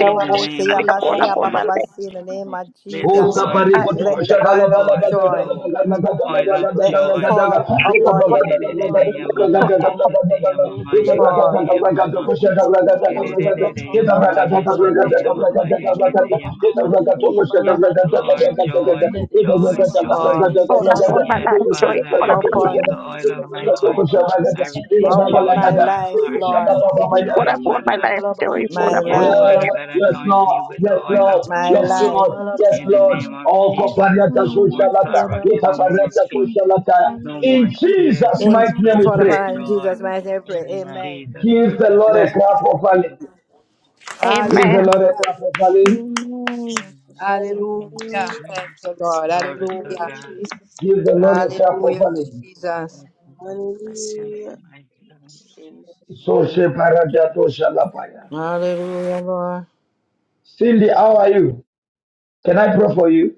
[SPEAKER 24] in the
[SPEAKER 12] say
[SPEAKER 24] name of
[SPEAKER 16] bahari
[SPEAKER 12] abasi
[SPEAKER 3] hola,
[SPEAKER 24] Jesus.
[SPEAKER 3] hola, la
[SPEAKER 12] abababasi in the
[SPEAKER 16] Thank
[SPEAKER 2] Dezikarabalaba,
[SPEAKER 12] name
[SPEAKER 16] you.
[SPEAKER 12] of
[SPEAKER 24] Let the
[SPEAKER 5] Oh,
[SPEAKER 12] Jesus.
[SPEAKER 19] Jesus.
[SPEAKER 24] oil
[SPEAKER 5] sapari koto
[SPEAKER 24] pour,
[SPEAKER 12] Let the
[SPEAKER 24] let
[SPEAKER 5] koshaka
[SPEAKER 24] the
[SPEAKER 5] la
[SPEAKER 12] oil of
[SPEAKER 5] bala
[SPEAKER 24] oil
[SPEAKER 5] bada bada
[SPEAKER 12] joy.
[SPEAKER 2] Ye
[SPEAKER 24] flow.
[SPEAKER 5] bada bada
[SPEAKER 2] karabala bala
[SPEAKER 24] Oil of
[SPEAKER 5] bada
[SPEAKER 12] let
[SPEAKER 2] shande de de
[SPEAKER 5] bada bada
[SPEAKER 24] joy.
[SPEAKER 2] ze
[SPEAKER 5] bada
[SPEAKER 12] fall
[SPEAKER 5] bada. Eka
[SPEAKER 2] karabala ba
[SPEAKER 12] upon
[SPEAKER 5] bada
[SPEAKER 3] Hola,
[SPEAKER 5] bada
[SPEAKER 2] le
[SPEAKER 5] bada
[SPEAKER 24] Yedidididi
[SPEAKER 2] basu ya
[SPEAKER 5] bada
[SPEAKER 24] yamama
[SPEAKER 2] bala
[SPEAKER 5] bada
[SPEAKER 2] shande
[SPEAKER 5] bada
[SPEAKER 24] yeshete
[SPEAKER 5] bada.
[SPEAKER 2] le
[SPEAKER 24] yamama
[SPEAKER 5] Eka
[SPEAKER 2] bala
[SPEAKER 5] bada
[SPEAKER 2] bala ba.
[SPEAKER 24] yekete
[SPEAKER 12] fall
[SPEAKER 5] bada bada
[SPEAKER 24] yamama.
[SPEAKER 2] Anointing
[SPEAKER 5] koshaka
[SPEAKER 2] for
[SPEAKER 5] bada
[SPEAKER 2] joy,
[SPEAKER 5] bada
[SPEAKER 2] fall
[SPEAKER 5] bada.
[SPEAKER 24] Yedidididi
[SPEAKER 2] upon
[SPEAKER 5] Eka
[SPEAKER 2] my
[SPEAKER 5] bada
[SPEAKER 24] yamama
[SPEAKER 2] life.
[SPEAKER 5] bada
[SPEAKER 2] Oil
[SPEAKER 24] yeshete
[SPEAKER 5] bada bada
[SPEAKER 2] for
[SPEAKER 24] yamama
[SPEAKER 2] joy, fall
[SPEAKER 24] yekete
[SPEAKER 5] bada.
[SPEAKER 2] upon my
[SPEAKER 5] Eka
[SPEAKER 24] yamama.
[SPEAKER 2] life.
[SPEAKER 5] bada
[SPEAKER 2] Le
[SPEAKER 5] koshaka
[SPEAKER 2] bala
[SPEAKER 24] Yes,
[SPEAKER 5] bada
[SPEAKER 2] bala
[SPEAKER 5] bada
[SPEAKER 2] bala
[SPEAKER 24] Lord,
[SPEAKER 2] bala
[SPEAKER 5] bada bada.
[SPEAKER 24] joy,
[SPEAKER 2] shande ze
[SPEAKER 5] Eka
[SPEAKER 24] joy,
[SPEAKER 2] karabala
[SPEAKER 24] joy.
[SPEAKER 2] le
[SPEAKER 5] bada bada
[SPEAKER 12] fall
[SPEAKER 5] bada
[SPEAKER 2] bala
[SPEAKER 5] bada.
[SPEAKER 2] bala
[SPEAKER 3] hola, hola,
[SPEAKER 24] Yes,
[SPEAKER 3] la
[SPEAKER 2] bala bala
[SPEAKER 5] Koshaka
[SPEAKER 3] estoy,
[SPEAKER 24] Father, I
[SPEAKER 5] bada
[SPEAKER 2] bala
[SPEAKER 3] hola,
[SPEAKER 2] bala
[SPEAKER 3] hola,
[SPEAKER 24] receive
[SPEAKER 12] upon
[SPEAKER 5] koshaka.
[SPEAKER 24] the
[SPEAKER 2] shande de
[SPEAKER 24] oil of
[SPEAKER 2] de
[SPEAKER 5] Eka
[SPEAKER 19] The
[SPEAKER 2] ze
[SPEAKER 19] mighty
[SPEAKER 5] bada
[SPEAKER 24] joy.
[SPEAKER 19] name of
[SPEAKER 2] karabala
[SPEAKER 5] koshaka
[SPEAKER 2] ba
[SPEAKER 5] bada. Eka bada
[SPEAKER 24] I
[SPEAKER 19] Jesus.
[SPEAKER 2] le
[SPEAKER 24] receive
[SPEAKER 2] bala
[SPEAKER 12] upon
[SPEAKER 24] joy
[SPEAKER 5] bada
[SPEAKER 12] my
[SPEAKER 2] bala
[SPEAKER 24] in my
[SPEAKER 2] bala
[SPEAKER 5] bada.
[SPEAKER 12] life,
[SPEAKER 2] bala
[SPEAKER 24] heart. I
[SPEAKER 2] bala
[SPEAKER 5] Koshaka
[SPEAKER 12] Lord,
[SPEAKER 5] bada
[SPEAKER 24] receive
[SPEAKER 2] shande de
[SPEAKER 5] bada
[SPEAKER 2] de
[SPEAKER 24] joy
[SPEAKER 3] hola,
[SPEAKER 2] ze
[SPEAKER 24] in
[SPEAKER 5] bada.
[SPEAKER 24] my
[SPEAKER 3] hola, hola, la
[SPEAKER 24] life.
[SPEAKER 2] karabala ba
[SPEAKER 3] estoy,
[SPEAKER 2] le
[SPEAKER 3] hola,
[SPEAKER 12] my
[SPEAKER 24] Yes,
[SPEAKER 2] bala
[SPEAKER 3] hola,
[SPEAKER 12] life,
[SPEAKER 2] bala
[SPEAKER 5] Yes,
[SPEAKER 24] Father God,
[SPEAKER 2] bala
[SPEAKER 5] yes,
[SPEAKER 2] shande
[SPEAKER 24] anoint
[SPEAKER 2] de
[SPEAKER 5] Lord,
[SPEAKER 2] de
[SPEAKER 24] me
[SPEAKER 2] ze
[SPEAKER 24] with the
[SPEAKER 5] yes,
[SPEAKER 24] oil of
[SPEAKER 2] karabala
[SPEAKER 5] Lord,
[SPEAKER 2] ba.
[SPEAKER 12] my
[SPEAKER 5] yes,
[SPEAKER 24] joy
[SPEAKER 2] Ne
[SPEAKER 12] life.
[SPEAKER 5] Lord,
[SPEAKER 2] bala
[SPEAKER 5] yes,
[SPEAKER 24] in
[SPEAKER 2] bala
[SPEAKER 24] the
[SPEAKER 5] Lord.
[SPEAKER 2] bala
[SPEAKER 24] name of
[SPEAKER 2] bala
[SPEAKER 5] Oh,
[SPEAKER 2] bala bala
[SPEAKER 24] Jesus.
[SPEAKER 5] Kopariata
[SPEAKER 24] No more
[SPEAKER 2] Nikaya
[SPEAKER 5] Soshalata,
[SPEAKER 24] sorrows,
[SPEAKER 2] bala
[SPEAKER 24] no
[SPEAKER 2] bala
[SPEAKER 24] more
[SPEAKER 2] bala
[SPEAKER 5] Ikapariata
[SPEAKER 16] Hmm.
[SPEAKER 24] pain,
[SPEAKER 2] shandere des.
[SPEAKER 5] Soshalata.
[SPEAKER 16] I was
[SPEAKER 24] no
[SPEAKER 2] Ikaya
[SPEAKER 5] In
[SPEAKER 24] more
[SPEAKER 2] bala
[SPEAKER 16] crucified
[SPEAKER 2] bala bala.
[SPEAKER 24] tears,
[SPEAKER 5] Jesus'
[SPEAKER 24] but
[SPEAKER 16] into
[SPEAKER 12] In
[SPEAKER 5] mighty
[SPEAKER 16] my
[SPEAKER 5] name we
[SPEAKER 24] tears
[SPEAKER 12] fall
[SPEAKER 24] of
[SPEAKER 5] pray.
[SPEAKER 2] Kaya
[SPEAKER 12] upon in
[SPEAKER 16] situation
[SPEAKER 2] bala
[SPEAKER 24] joy
[SPEAKER 12] Jesus'
[SPEAKER 2] bala
[SPEAKER 16] yesterday.
[SPEAKER 12] mighty name, we pray.
[SPEAKER 2] shandere
[SPEAKER 24] in
[SPEAKER 2] des.
[SPEAKER 19] Amen.
[SPEAKER 12] Amen.
[SPEAKER 24] Jesus'
[SPEAKER 5] Give
[SPEAKER 2] Amen.
[SPEAKER 5] the
[SPEAKER 24] precious
[SPEAKER 5] Lord a
[SPEAKER 12] Yes.
[SPEAKER 24] name.
[SPEAKER 5] clap of offering.
[SPEAKER 12] Hallelujah.
[SPEAKER 5] Give
[SPEAKER 3] Amen.
[SPEAKER 5] the Lord a clap of offering.
[SPEAKER 24] Amen.
[SPEAKER 16] Amen.
[SPEAKER 24] Amen.
[SPEAKER 2] Jesus, thank you,
[SPEAKER 19] Thank
[SPEAKER 12] Hallelujah.
[SPEAKER 19] you,
[SPEAKER 12] Thank you,
[SPEAKER 19] Jesus.
[SPEAKER 12] Lord.
[SPEAKER 19] Amen.
[SPEAKER 24] Glory
[SPEAKER 2] thank
[SPEAKER 24] to
[SPEAKER 2] you,
[SPEAKER 12] Hallelujah.
[SPEAKER 24] God.
[SPEAKER 20] Hallelujah.
[SPEAKER 2] Jesus.
[SPEAKER 5] Give the
[SPEAKER 2] Thank
[SPEAKER 24] Hallelujah.
[SPEAKER 2] you,
[SPEAKER 5] Lord a clap
[SPEAKER 2] Jesus.
[SPEAKER 5] of
[SPEAKER 12] Hallelujah,
[SPEAKER 5] offering.
[SPEAKER 12] Jesus.
[SPEAKER 24] Yes, Lord.
[SPEAKER 2] Amen.
[SPEAKER 19] Bless your
[SPEAKER 24] Thank
[SPEAKER 20] Hallelujah. Hallelujah.
[SPEAKER 24] you,
[SPEAKER 19] name.
[SPEAKER 24] mighty God.
[SPEAKER 2] Thank you,
[SPEAKER 20] Amen.
[SPEAKER 2] Jesus.
[SPEAKER 5] So
[SPEAKER 24] Thank you, Spirit
[SPEAKER 5] Sheparata
[SPEAKER 24] of the living
[SPEAKER 5] Soshalapaya.
[SPEAKER 24] God.
[SPEAKER 12] Hallelujah, Lord.
[SPEAKER 5] Cindy, how are you? Can I pray for you?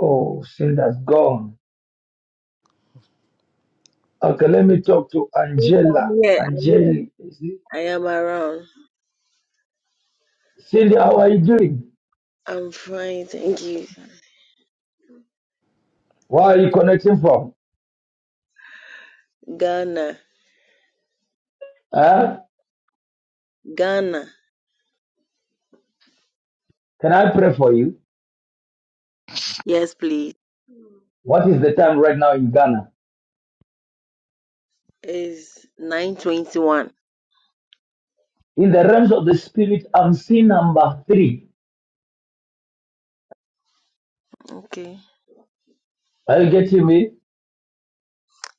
[SPEAKER 5] Oh, Cindy's gone. Okay, let me talk to
[SPEAKER 20] I'm
[SPEAKER 5] Angela.
[SPEAKER 20] here. I'm here.
[SPEAKER 5] Angeli, is it?
[SPEAKER 20] I am around.
[SPEAKER 5] Cindy, how are you doing?
[SPEAKER 20] I'm fine. Thank you.
[SPEAKER 5] Where are you connecting from?
[SPEAKER 20] Ghana.
[SPEAKER 5] Huh?
[SPEAKER 20] Ghana.
[SPEAKER 5] Can I pray for you?
[SPEAKER 20] Yes, please.
[SPEAKER 5] What is the time right now in Ghana?
[SPEAKER 20] It's 921.
[SPEAKER 5] In the realms of the spirit, I'm seeing number three.
[SPEAKER 20] Okay.
[SPEAKER 5] Are you getting me?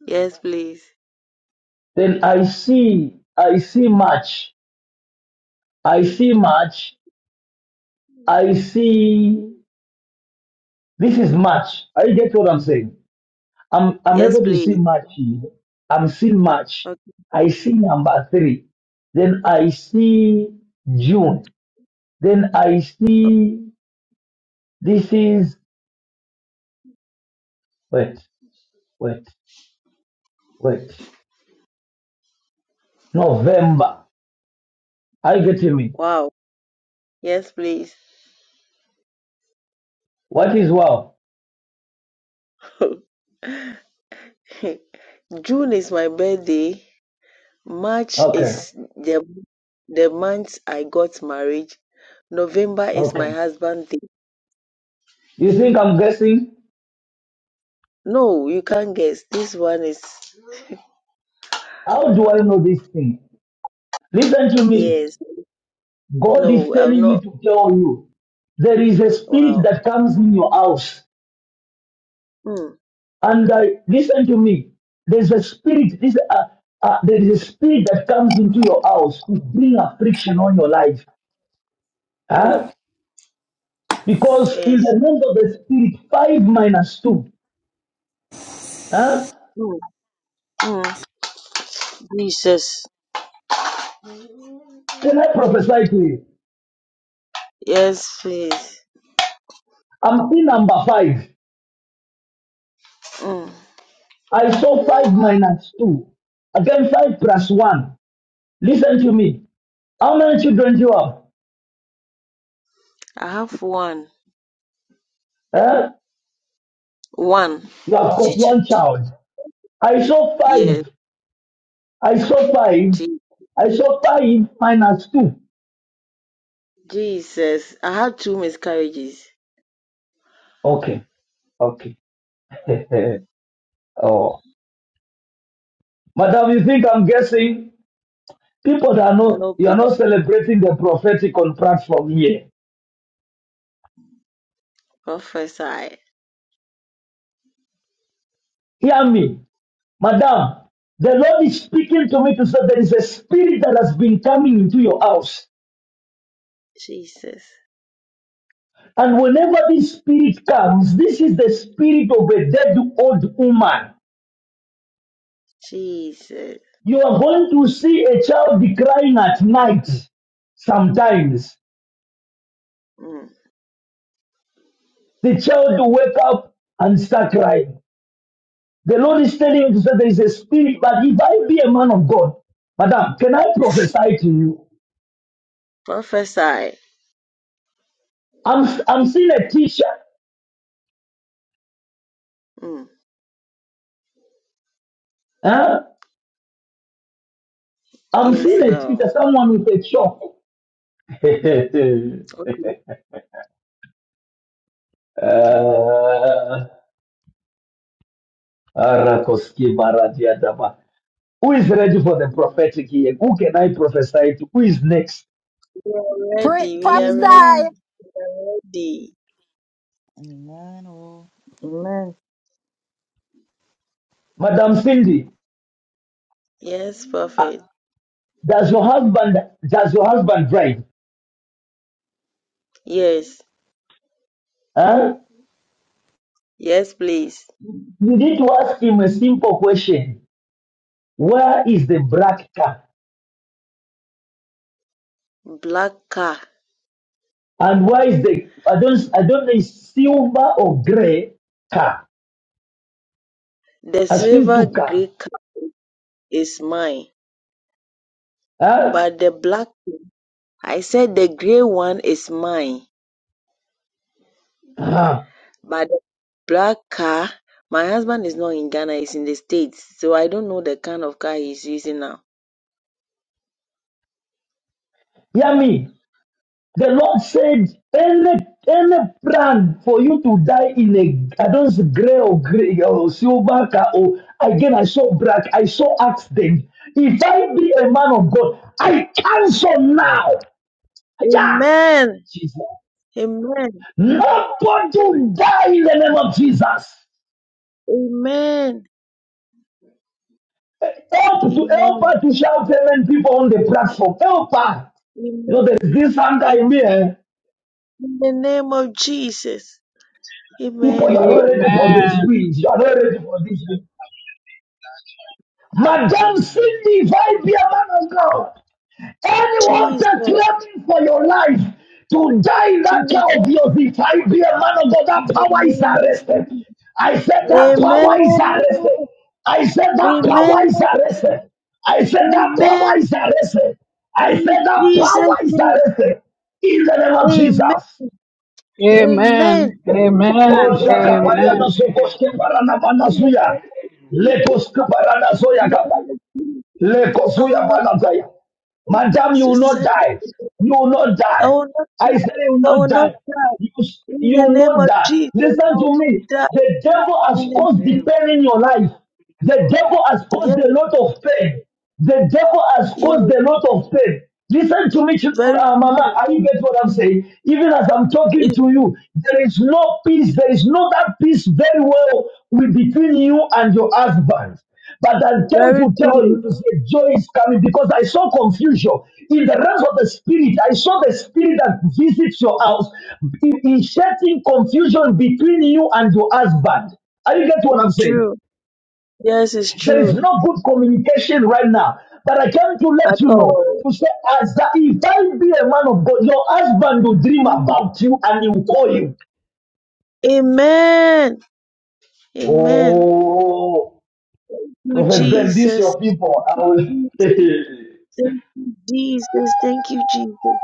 [SPEAKER 20] Yes, please.
[SPEAKER 5] Then I see, I see March. I see March. I see. This is March. Are you getting what I'm saying? I'm I'm
[SPEAKER 20] Yes,
[SPEAKER 5] able to see
[SPEAKER 20] please.
[SPEAKER 5] March. here. I'm seeing March.
[SPEAKER 20] Okay.
[SPEAKER 5] I see number three. Then I see June. Then I see this is wait, wait. Wait. November. Are you getting me?
[SPEAKER 20] Wow. Yes, please.
[SPEAKER 5] What is wow?
[SPEAKER 20] June is my birthday. March
[SPEAKER 5] Okay.
[SPEAKER 20] is the the month I got married. November is
[SPEAKER 5] Okay.
[SPEAKER 20] my husband's day.
[SPEAKER 5] You think I'm guessing?
[SPEAKER 20] No, you can't guess. This one is
[SPEAKER 5] How do I know this thing? Listen to me.
[SPEAKER 20] yes.
[SPEAKER 5] God is
[SPEAKER 20] No, I'm
[SPEAKER 5] telling me
[SPEAKER 20] not.
[SPEAKER 5] to tell you. There is a spirit
[SPEAKER 20] Wow.
[SPEAKER 5] that comes in your house.
[SPEAKER 20] Mm,
[SPEAKER 5] And I, listen to me. There's a spirit. This, uh, uh, there is a spirit that comes into your house to bring affliction on your life.
[SPEAKER 20] mm,
[SPEAKER 5] Huh? Because in
[SPEAKER 20] yes.
[SPEAKER 5] the name of the spirit, five minus two. Huh?
[SPEAKER 20] Mm, mm. Jesus.
[SPEAKER 5] Then I prophesy to you.
[SPEAKER 20] Yes, please.
[SPEAKER 5] I'm still number five.
[SPEAKER 20] Mm.
[SPEAKER 5] I saw five minus two. Again, five plus one. Listen to me. How many children do you have?
[SPEAKER 20] I have one.
[SPEAKER 5] Eh?
[SPEAKER 20] One.
[SPEAKER 5] You have got
[SPEAKER 20] Je-
[SPEAKER 5] one
[SPEAKER 20] je-
[SPEAKER 5] child. I saw five.
[SPEAKER 20] Yes.
[SPEAKER 5] I saw five.
[SPEAKER 20] Je-
[SPEAKER 5] I saw five minus two.
[SPEAKER 20] Jesus. I had two miscarriages.
[SPEAKER 5] Okay. Okay. oh. Madam, you think I'm guessing? People that know
[SPEAKER 20] No
[SPEAKER 5] you're
[SPEAKER 20] please.
[SPEAKER 5] not celebrating the prophetic on platform here.
[SPEAKER 20] Prophesy.
[SPEAKER 5] Hear me. Madam, the Lord is speaking to me to say there is a spirit that has been coming into your house.
[SPEAKER 20] Jesus.
[SPEAKER 5] And whenever this spirit comes, this is the spirit of a dead old woman.
[SPEAKER 20] Jesus.
[SPEAKER 5] You are going to see a child crying at night sometimes.
[SPEAKER 20] Mm.
[SPEAKER 5] The child will wake up and start crying. The Lord is telling you to say there is a spirit, but if I be a man of God, Madam, can I prophesy to you?
[SPEAKER 20] Prophesy.
[SPEAKER 5] I'm I'm seeing a teacher.
[SPEAKER 20] Mm.
[SPEAKER 5] Huh? I'm seeing
[SPEAKER 20] Yes,
[SPEAKER 5] a
[SPEAKER 20] Lord.
[SPEAKER 5] teacher, someone with a chalk.
[SPEAKER 20] Okay. Okay.
[SPEAKER 5] Uh, Arakoski Baradiadaba. Who is ready for the prophetic here? Who can I prophesy to? Who is next?
[SPEAKER 20] We are
[SPEAKER 12] Pray,
[SPEAKER 20] ready. We are ready.
[SPEAKER 12] prophesy.
[SPEAKER 16] Amen.
[SPEAKER 20] We are ready.
[SPEAKER 19] Amen. Oh,
[SPEAKER 12] Amen.
[SPEAKER 5] Madam Cindy,
[SPEAKER 20] Yes,
[SPEAKER 5] uh,
[SPEAKER 20] prophet.
[SPEAKER 5] does your husband does your husband drive?
[SPEAKER 20] Yes.
[SPEAKER 5] Huh?
[SPEAKER 20] Yes, please.
[SPEAKER 5] You need to ask him a simple question. Where is the black car?
[SPEAKER 20] Black car.
[SPEAKER 5] And where is the I don't I don't know is silver or grey car?
[SPEAKER 20] The
[SPEAKER 5] I've seen
[SPEAKER 20] silver
[SPEAKER 5] two cars.
[SPEAKER 20] gray car is mine.
[SPEAKER 5] Huh?
[SPEAKER 20] But the black I said the grey one is mine,
[SPEAKER 5] Uh-huh.
[SPEAKER 20] but the black car, my husband is not in Ghana, he's in the States. So I don't know the kind of car he's using now.
[SPEAKER 5] Hear me. The Lord said, any, any plan for you to die in a, I don't know, gray or gray or silver car, or again, I saw black, I saw accident. If I be a man of God, I cancel now. Yeah.
[SPEAKER 20] Amen.
[SPEAKER 5] Jesus.
[SPEAKER 20] Amen.
[SPEAKER 5] Nobody will die in the name of Jesus.
[SPEAKER 20] Amen.
[SPEAKER 5] Help to help
[SPEAKER 20] Amen.
[SPEAKER 5] her to shout amen, people on the platform. Help her. You
[SPEAKER 20] Amen.
[SPEAKER 5] know, there's this anger in me.
[SPEAKER 20] Amen.
[SPEAKER 5] eh?
[SPEAKER 20] In the name of Jesus.
[SPEAKER 5] People, you
[SPEAKER 20] Amen.
[SPEAKER 5] are not ready for this wind. You are not ready for this wind. Madam
[SPEAKER 24] Amen.
[SPEAKER 5] Cindy, if I be a man of God, anyone
[SPEAKER 20] Jesus.
[SPEAKER 5] claiming for your life to die in that
[SPEAKER 20] Jesus.
[SPEAKER 5] care of yours, if I be a man of God, that
[SPEAKER 20] In the
[SPEAKER 5] power is
[SPEAKER 20] name of
[SPEAKER 5] arrested.
[SPEAKER 20] Jesus.
[SPEAKER 5] I said that
[SPEAKER 20] Amen.
[SPEAKER 5] power is arrested. I said that
[SPEAKER 20] Amen.
[SPEAKER 5] power is arrested. I said that power
[SPEAKER 20] Amen.
[SPEAKER 5] is arrested. I said
[SPEAKER 20] In
[SPEAKER 5] that
[SPEAKER 20] Jesus'
[SPEAKER 5] power is
[SPEAKER 20] name.
[SPEAKER 5] arrested. In the name of
[SPEAKER 20] Amen.
[SPEAKER 5] Jesus.
[SPEAKER 24] Amen. Amen.
[SPEAKER 10] Amen.
[SPEAKER 20] Amen.
[SPEAKER 10] Amen.
[SPEAKER 24] Amen.
[SPEAKER 10] Amen.
[SPEAKER 5] Oh,
[SPEAKER 24] Amen.
[SPEAKER 10] Amen.
[SPEAKER 20] I
[SPEAKER 5] Shaka, Maria,
[SPEAKER 10] Amen.
[SPEAKER 5] no, so,
[SPEAKER 24] Amen.
[SPEAKER 5] Koske, Parana, Manasuya.
[SPEAKER 24] Amen.
[SPEAKER 5] Lekos, Kaparana, Soya, Kapaya.
[SPEAKER 20] will
[SPEAKER 5] Lekosuya
[SPEAKER 20] not
[SPEAKER 5] balataya. Madam, you
[SPEAKER 20] to
[SPEAKER 5] will not
[SPEAKER 20] send.
[SPEAKER 5] die. You will not
[SPEAKER 20] I
[SPEAKER 5] die.
[SPEAKER 20] will not
[SPEAKER 5] I
[SPEAKER 20] die.
[SPEAKER 5] said you will
[SPEAKER 20] I
[SPEAKER 5] not
[SPEAKER 20] will not
[SPEAKER 5] die.
[SPEAKER 20] die.
[SPEAKER 5] You,
[SPEAKER 20] In
[SPEAKER 5] you
[SPEAKER 20] the
[SPEAKER 5] will
[SPEAKER 20] name
[SPEAKER 5] not
[SPEAKER 20] of
[SPEAKER 5] die.
[SPEAKER 20] Jesus, I
[SPEAKER 5] Listen
[SPEAKER 20] will
[SPEAKER 5] to
[SPEAKER 24] Amen.
[SPEAKER 20] not
[SPEAKER 5] me.
[SPEAKER 20] die.
[SPEAKER 5] The
[SPEAKER 24] God
[SPEAKER 5] devil has
[SPEAKER 24] bless
[SPEAKER 20] In the
[SPEAKER 5] caused
[SPEAKER 20] name of
[SPEAKER 5] the
[SPEAKER 24] you.
[SPEAKER 5] pain in your life. The
[SPEAKER 24] Hallelujah.
[SPEAKER 5] devil has caused
[SPEAKER 20] yes,
[SPEAKER 5] a lot of pain. The devil has
[SPEAKER 20] yes,
[SPEAKER 5] caused a lot of pain. Listen to me, chil-
[SPEAKER 20] very
[SPEAKER 5] uh, Mama.
[SPEAKER 20] true.
[SPEAKER 5] Are you get what I'm saying? Even as I'm talking
[SPEAKER 20] It's
[SPEAKER 5] to you, there is no peace. There is no that peace very well with- between you and your husband. But I came
[SPEAKER 20] very
[SPEAKER 5] to tell
[SPEAKER 20] true.
[SPEAKER 5] you to say joy is coming because I saw confusion. In the realms of the spirit, I saw the spirit that visits your house in- inserting confusion between you and your husband. Are you getting what
[SPEAKER 20] It's
[SPEAKER 5] I'm saying?
[SPEAKER 20] true. Yes, it's
[SPEAKER 5] There is
[SPEAKER 20] true.
[SPEAKER 5] no good communication right now. But I came to let
[SPEAKER 20] At
[SPEAKER 5] you know
[SPEAKER 20] all.
[SPEAKER 5] to say, as that if I be a man of God, your husband will dream about you and he will call you.
[SPEAKER 20] Amen. Amen. Thank
[SPEAKER 5] Oh,
[SPEAKER 20] you,
[SPEAKER 5] Prophet Ben, this
[SPEAKER 20] Jesus.
[SPEAKER 5] your people. I
[SPEAKER 20] Jesus.
[SPEAKER 5] will.
[SPEAKER 20] Thank you, Jesus. Thank you, Jesus.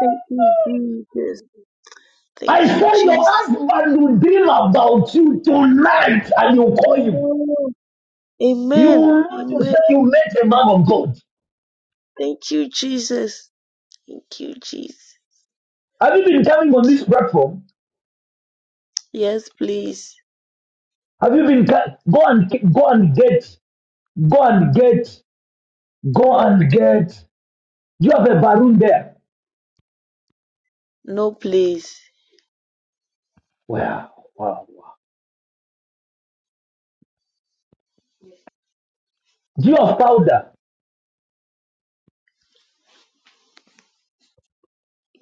[SPEAKER 20] Thank you, Jesus.
[SPEAKER 5] I
[SPEAKER 20] Thank
[SPEAKER 5] said
[SPEAKER 20] you,
[SPEAKER 5] your
[SPEAKER 20] Jesus.
[SPEAKER 5] husband will dream about you tonight and you call him.
[SPEAKER 20] Amen.
[SPEAKER 5] You
[SPEAKER 20] Amen.
[SPEAKER 5] want to say
[SPEAKER 20] Amen.
[SPEAKER 5] you met a man of God.
[SPEAKER 20] Thank you, Jesus. Thank you, Jesus.
[SPEAKER 5] Have you been coming on
[SPEAKER 20] Thank
[SPEAKER 5] this
[SPEAKER 20] you.
[SPEAKER 5] platform?
[SPEAKER 20] Yes, please.
[SPEAKER 5] Have you been ca- go and go and get go and get go and get do you have a balloon there?
[SPEAKER 20] No, please.
[SPEAKER 5] Wow, wow, wow. Do you have powder?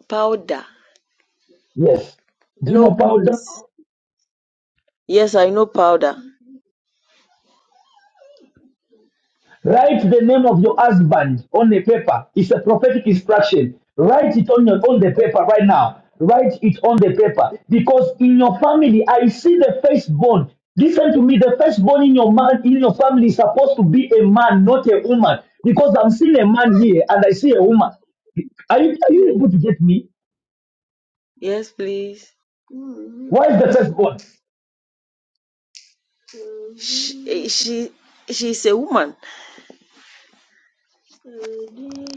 [SPEAKER 20] Powder.
[SPEAKER 5] Yes. Do you know
[SPEAKER 20] No,
[SPEAKER 5] powder?
[SPEAKER 20] please. Yes, I know powder.
[SPEAKER 5] Write the name of your husband on a paper. It's a prophetic instruction. Write it on your on the paper right now. Write it on the paper because in your family, I see the firstborn. Listen to me. The firstborn in your man in your family is supposed to be a man, not a woman, because I'm seeing a man here and I see a woman. Are you are you able to get me?
[SPEAKER 20] Yes, please.
[SPEAKER 5] Why is the firstborn?
[SPEAKER 20] She, eh, she, she's a woman.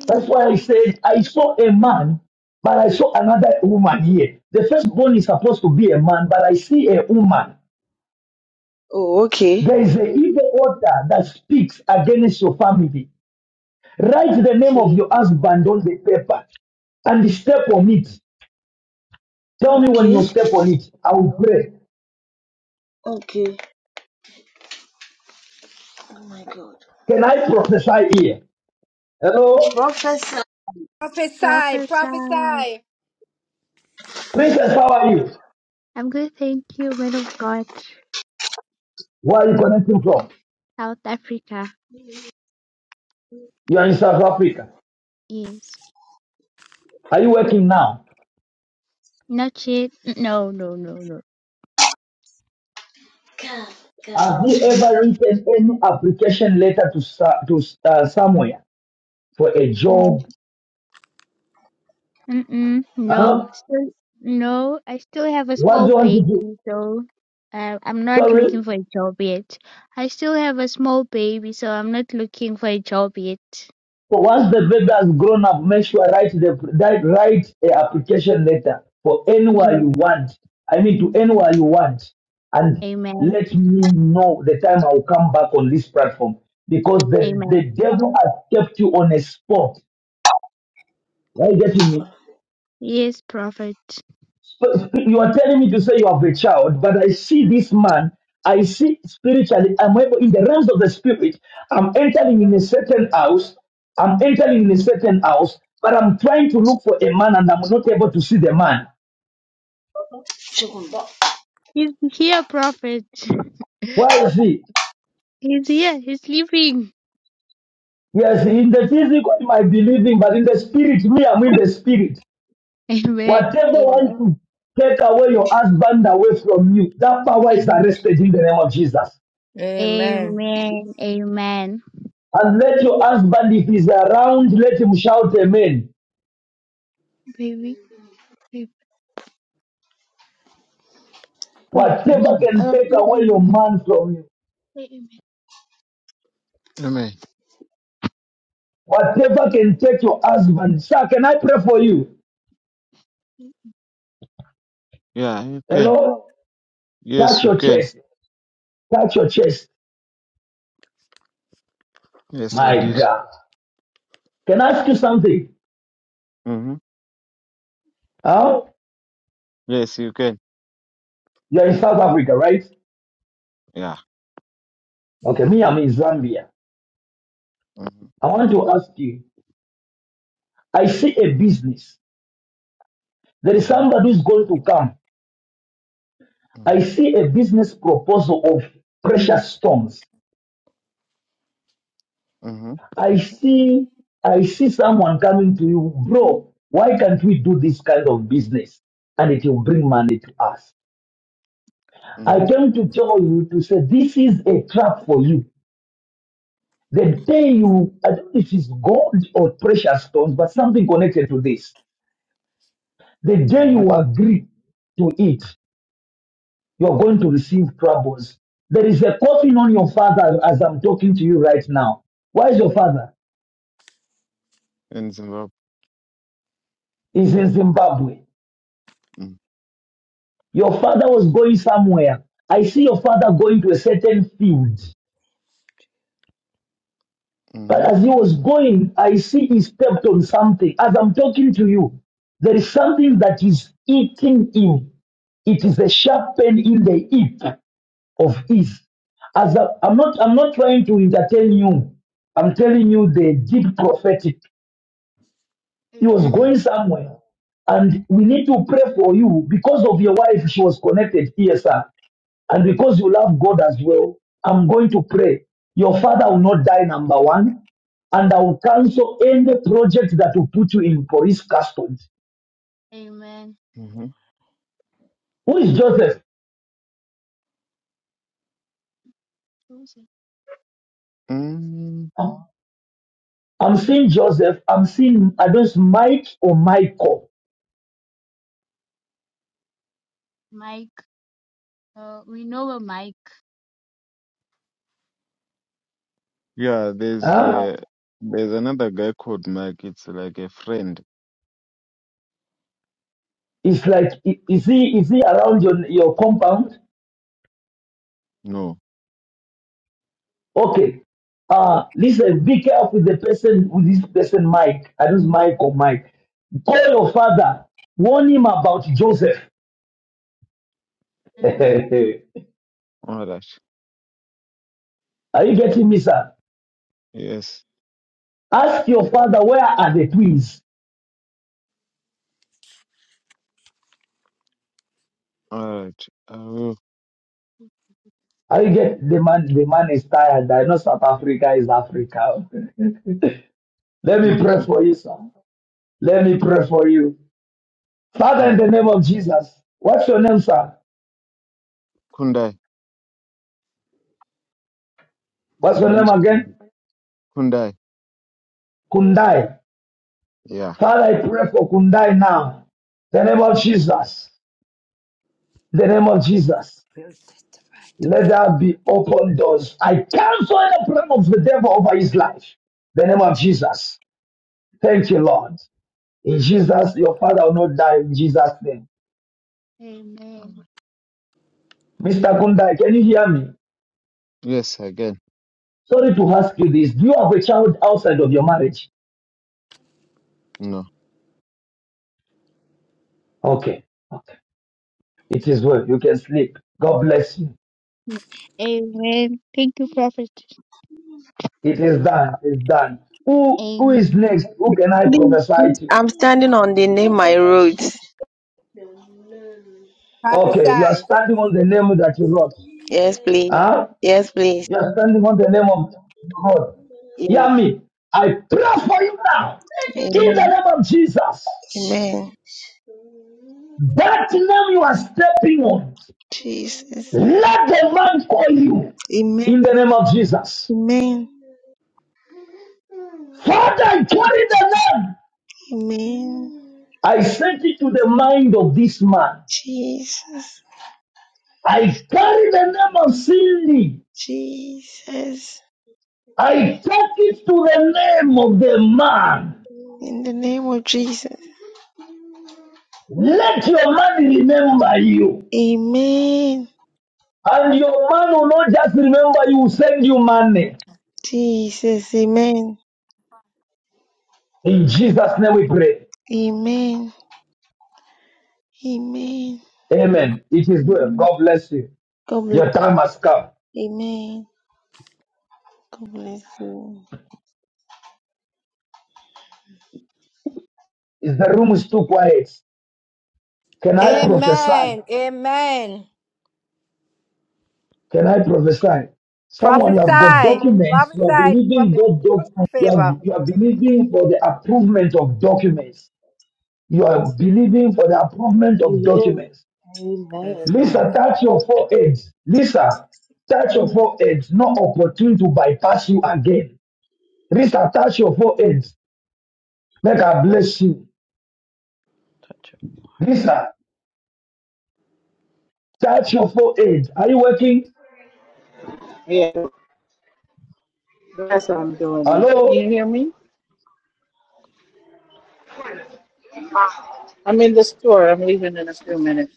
[SPEAKER 5] That's why I said I saw a man, but I saw another woman here. The firstborn is supposed to be a man, but I see a woman.
[SPEAKER 20] Oh, okay.
[SPEAKER 5] There is an evil order that speaks against your family. Write the name of
[SPEAKER 20] She,
[SPEAKER 5] your husband on the paper and step on it. Tell me when you
[SPEAKER 20] okay.
[SPEAKER 5] step on it. I will pray.
[SPEAKER 20] Okay. Oh my God.
[SPEAKER 5] Can I prophesy here? Hello?
[SPEAKER 20] Professor.
[SPEAKER 12] Prophesy.
[SPEAKER 16] Prophesy.
[SPEAKER 12] Prophesy.
[SPEAKER 5] Princess, how are you?
[SPEAKER 16] I'm good, thank you, man of God.
[SPEAKER 5] Where are you connecting from?
[SPEAKER 16] South Africa.
[SPEAKER 5] You are in South Africa.
[SPEAKER 16] Yes.
[SPEAKER 5] Are you working now?
[SPEAKER 16] Not yet. No, no, no, no.
[SPEAKER 20] God, God.
[SPEAKER 5] Have you ever written any application letter to, sa- to uh, somewhere for a
[SPEAKER 16] Mm,
[SPEAKER 5] job?
[SPEAKER 16] Mm-mm. No.
[SPEAKER 5] Huh?
[SPEAKER 16] Still, no. I still have a
[SPEAKER 5] What do
[SPEAKER 16] small
[SPEAKER 5] you want to do?
[SPEAKER 16] baby, so uh, I'm not
[SPEAKER 5] Sorry?
[SPEAKER 16] looking for a job yet. I still have a small baby, so I'm not looking for a job yet.
[SPEAKER 5] So once the baby has grown up, make sure write the that write a application letter for anywhere
[SPEAKER 16] Yes.
[SPEAKER 5] you want. I mean to anywhere you want, and
[SPEAKER 16] Amen.
[SPEAKER 5] let me know the time I will come back on this platform because the
[SPEAKER 16] Amen.
[SPEAKER 5] the devil has kept you on a spot. Are you getting me?
[SPEAKER 16] Yes, prophet.
[SPEAKER 5] So you are telling me to say you have a child, but I see this man. I see spiritually. I'm able in the realms of the spirit. I'm entering in a certain house. I'm entering in a certain house, but I'm trying to look for a man, and I'm not able to see the man.
[SPEAKER 16] He's here, Prophet.
[SPEAKER 5] Why is he?
[SPEAKER 16] He's here. He's sleeping.
[SPEAKER 5] Yes, in the physical, you might be living, but in the spirit, me, I'm in the spirit.
[SPEAKER 16] Amen.
[SPEAKER 5] Whatever wants
[SPEAKER 16] Amen.
[SPEAKER 5] to take away your husband away from you, that power is
[SPEAKER 16] Amen.
[SPEAKER 5] arrested in the name of Jesus.
[SPEAKER 12] Amen.
[SPEAKER 16] Amen. Amen.
[SPEAKER 5] And let your husband, if he's around, let him shout amen.
[SPEAKER 16] Baby. Baby. Baby.
[SPEAKER 5] Whatever
[SPEAKER 16] Mm.
[SPEAKER 5] can take away your
[SPEAKER 16] Amen.
[SPEAKER 5] man from you,
[SPEAKER 16] Amen. Amen.
[SPEAKER 5] whatever can take your husband. Sir, can I pray for you?
[SPEAKER 16] Yeah, you can.
[SPEAKER 5] Hello?
[SPEAKER 16] Yes,
[SPEAKER 5] Touch
[SPEAKER 16] you
[SPEAKER 5] your
[SPEAKER 16] can.
[SPEAKER 5] chest. Touch your chest.
[SPEAKER 16] Yes, I
[SPEAKER 5] My
[SPEAKER 16] did.
[SPEAKER 5] God. Can I ask you something?
[SPEAKER 16] Mm-hmm.
[SPEAKER 5] Huh?
[SPEAKER 16] Yes, you can.
[SPEAKER 5] You're in South Africa, right?
[SPEAKER 16] Yeah.
[SPEAKER 5] Okay, me, I'm in Zambia.
[SPEAKER 16] Mm-hmm.
[SPEAKER 5] I want to ask you. I see a business. There is
[SPEAKER 16] Mm-hmm.
[SPEAKER 5] somebody who's going to come. I see a business proposal of precious stones.
[SPEAKER 16] Mm-hmm.
[SPEAKER 5] I see, I see someone coming to you, bro. Why can't we do this kind of business? And it will bring money to us. I
[SPEAKER 16] Mm-hmm.
[SPEAKER 5] came to tell you to say this is a trap for you. The day you, I don't know if it's gold or precious stones, but something connected to this. The day
[SPEAKER 16] Mm-hmm.
[SPEAKER 5] you agree to it, you are going to receive troubles. There is a coffin on your father as I'm talking to you right now. Where is your father?
[SPEAKER 16] In Zimbabwe.
[SPEAKER 5] He's in Zimbabwe. Your father was going somewhere. I see your father going to a certain field. But
[SPEAKER 16] Mm-hmm.
[SPEAKER 5] as he was going, I see he stepped on something. As I'm talking to you, there is something that is eating him. It is a sharp pain in the hip of his. As I, I'm not, I'm not trying to entertain you. I'm telling you the deep prophetic. He
[SPEAKER 16] Amen.
[SPEAKER 5] was
[SPEAKER 16] mm
[SPEAKER 5] going somewhere, and we need to pray for you because of your wife. She was connected here, sir. And because you love God as well, I'm going to pray. Your father will not die, number one. And I will cancel any project that will put you in police custody.
[SPEAKER 16] Amen. Mm-hmm.
[SPEAKER 5] Who is Joseph?
[SPEAKER 16] Mm-hmm.
[SPEAKER 5] Huh? I'm seeing Joseph. I'm seeing, I don't know, Mike or Michael.
[SPEAKER 16] Mike. Uh, we know a Mike. Yeah, there's
[SPEAKER 5] Huh?
[SPEAKER 16] uh, there's another guy called Mike. It's like a friend.
[SPEAKER 5] It's like, i- is he, is he around your, your compound?
[SPEAKER 16] No.
[SPEAKER 5] Okay. Uh, listen, be careful with the person, with this person, Mike. I don't know, Mike or Mike. Call your father. Warn him about Joseph.
[SPEAKER 16] Amen. All right.
[SPEAKER 5] Are you getting me, sir?
[SPEAKER 16] Yes.
[SPEAKER 5] Ask your father where are the twins?
[SPEAKER 16] All right. I will.
[SPEAKER 5] Are you get the man? The man is tired. I know South Africa is Africa. Let me pray
[SPEAKER 16] Amen.
[SPEAKER 5] for you, sir. Let me pray for you, Father, in
[SPEAKER 16] Uh,
[SPEAKER 5] the name of Jesus. What's your name, sir?
[SPEAKER 16] Kundai.
[SPEAKER 5] What's
[SPEAKER 16] My
[SPEAKER 5] your
[SPEAKER 16] name
[SPEAKER 5] name
[SPEAKER 16] is
[SPEAKER 5] again?
[SPEAKER 16] Kundai. Kundai.
[SPEAKER 5] Kundai.
[SPEAKER 16] Yeah.
[SPEAKER 5] Father, I pray for Kundai now. In the name of Jesus. In the name of Jesus. Let there be open doors. I cancel any plan of the devil over his life. In the name of Jesus. Thank you,
[SPEAKER 16] Amen.
[SPEAKER 5] Lord. In Jesus, your father will not die in Jesus' name.
[SPEAKER 16] Amen.
[SPEAKER 5] Mr. Kundai, can you hear me?
[SPEAKER 16] Yes, again.
[SPEAKER 5] Sorry to ask you this. Do you have a child outside of your marriage?
[SPEAKER 16] No.
[SPEAKER 5] Okay. okay. It is well. You can sleep. God bless you.
[SPEAKER 16] Amen. Thank you, Prophet.
[SPEAKER 5] It is done. It's done. Who who is
[SPEAKER 16] Amen.
[SPEAKER 5] next? Who can I
[SPEAKER 20] Please,
[SPEAKER 5] prophesy to?
[SPEAKER 20] I'm standing on the name I wrote.
[SPEAKER 5] Okay, you
[SPEAKER 19] mm,
[SPEAKER 5] are
[SPEAKER 12] Prophesy.
[SPEAKER 5] standing on the name that you wrote.
[SPEAKER 20] Yes, please.
[SPEAKER 5] Huh?
[SPEAKER 20] Yes, please.
[SPEAKER 5] You are standing on the name of God.
[SPEAKER 20] Yes.
[SPEAKER 5] Hear me. I pray for you now. In the
[SPEAKER 20] Amen.
[SPEAKER 5] name of Jesus.
[SPEAKER 20] Amen.
[SPEAKER 5] That name you are stepping on.
[SPEAKER 20] Jesus.
[SPEAKER 5] Let the man call you
[SPEAKER 20] Amen.
[SPEAKER 5] in the name of Jesus.
[SPEAKER 20] Amen.
[SPEAKER 5] Father, I carry the name.
[SPEAKER 20] Amen.
[SPEAKER 5] I sent it to the mind of this man.
[SPEAKER 20] Jesus.
[SPEAKER 5] I carry the name of Cindy.
[SPEAKER 20] Jesus.
[SPEAKER 5] I take it to the name of the man.
[SPEAKER 20] In the name of Jesus.
[SPEAKER 5] Let your man remember you.
[SPEAKER 20] Amen.
[SPEAKER 5] And your man will not just remember you, will send you money.
[SPEAKER 20] Jesus. Amen.
[SPEAKER 5] In Jesus' name we pray.
[SPEAKER 20] Amen. Amen.
[SPEAKER 5] Amen. It is good. God bless you.
[SPEAKER 20] God bless.
[SPEAKER 5] Your time has come.
[SPEAKER 20] Amen. God bless you.
[SPEAKER 5] Is the room is too quiet? Can I prophesy?
[SPEAKER 12] Amen. Amen.
[SPEAKER 5] Can I prophesy? Someone you have got
[SPEAKER 12] Prophesy.
[SPEAKER 16] Prophesy.
[SPEAKER 5] documents, you are
[SPEAKER 12] Prophesy.
[SPEAKER 5] believing
[SPEAKER 12] Prophet
[SPEAKER 5] God doc, you are,
[SPEAKER 12] favor.
[SPEAKER 5] you are believing for the approval of documents. You are believing for the approval of
[SPEAKER 25] Amen.
[SPEAKER 5] documents.
[SPEAKER 12] Yes,
[SPEAKER 25] Amen.
[SPEAKER 12] Lord.
[SPEAKER 5] Lisa, touch your foreheads. Lisa, touch your foreheads. No opportunity to bypass you again. Lisa, touch your foreheads. Make I bless you. Lisa, touch your forehead. Are you working?
[SPEAKER 26] Yeah, that's what I'm doing. now. Can you
[SPEAKER 5] Hello?
[SPEAKER 26] hear me? I'm in the store. I'm leaving in a few minutes.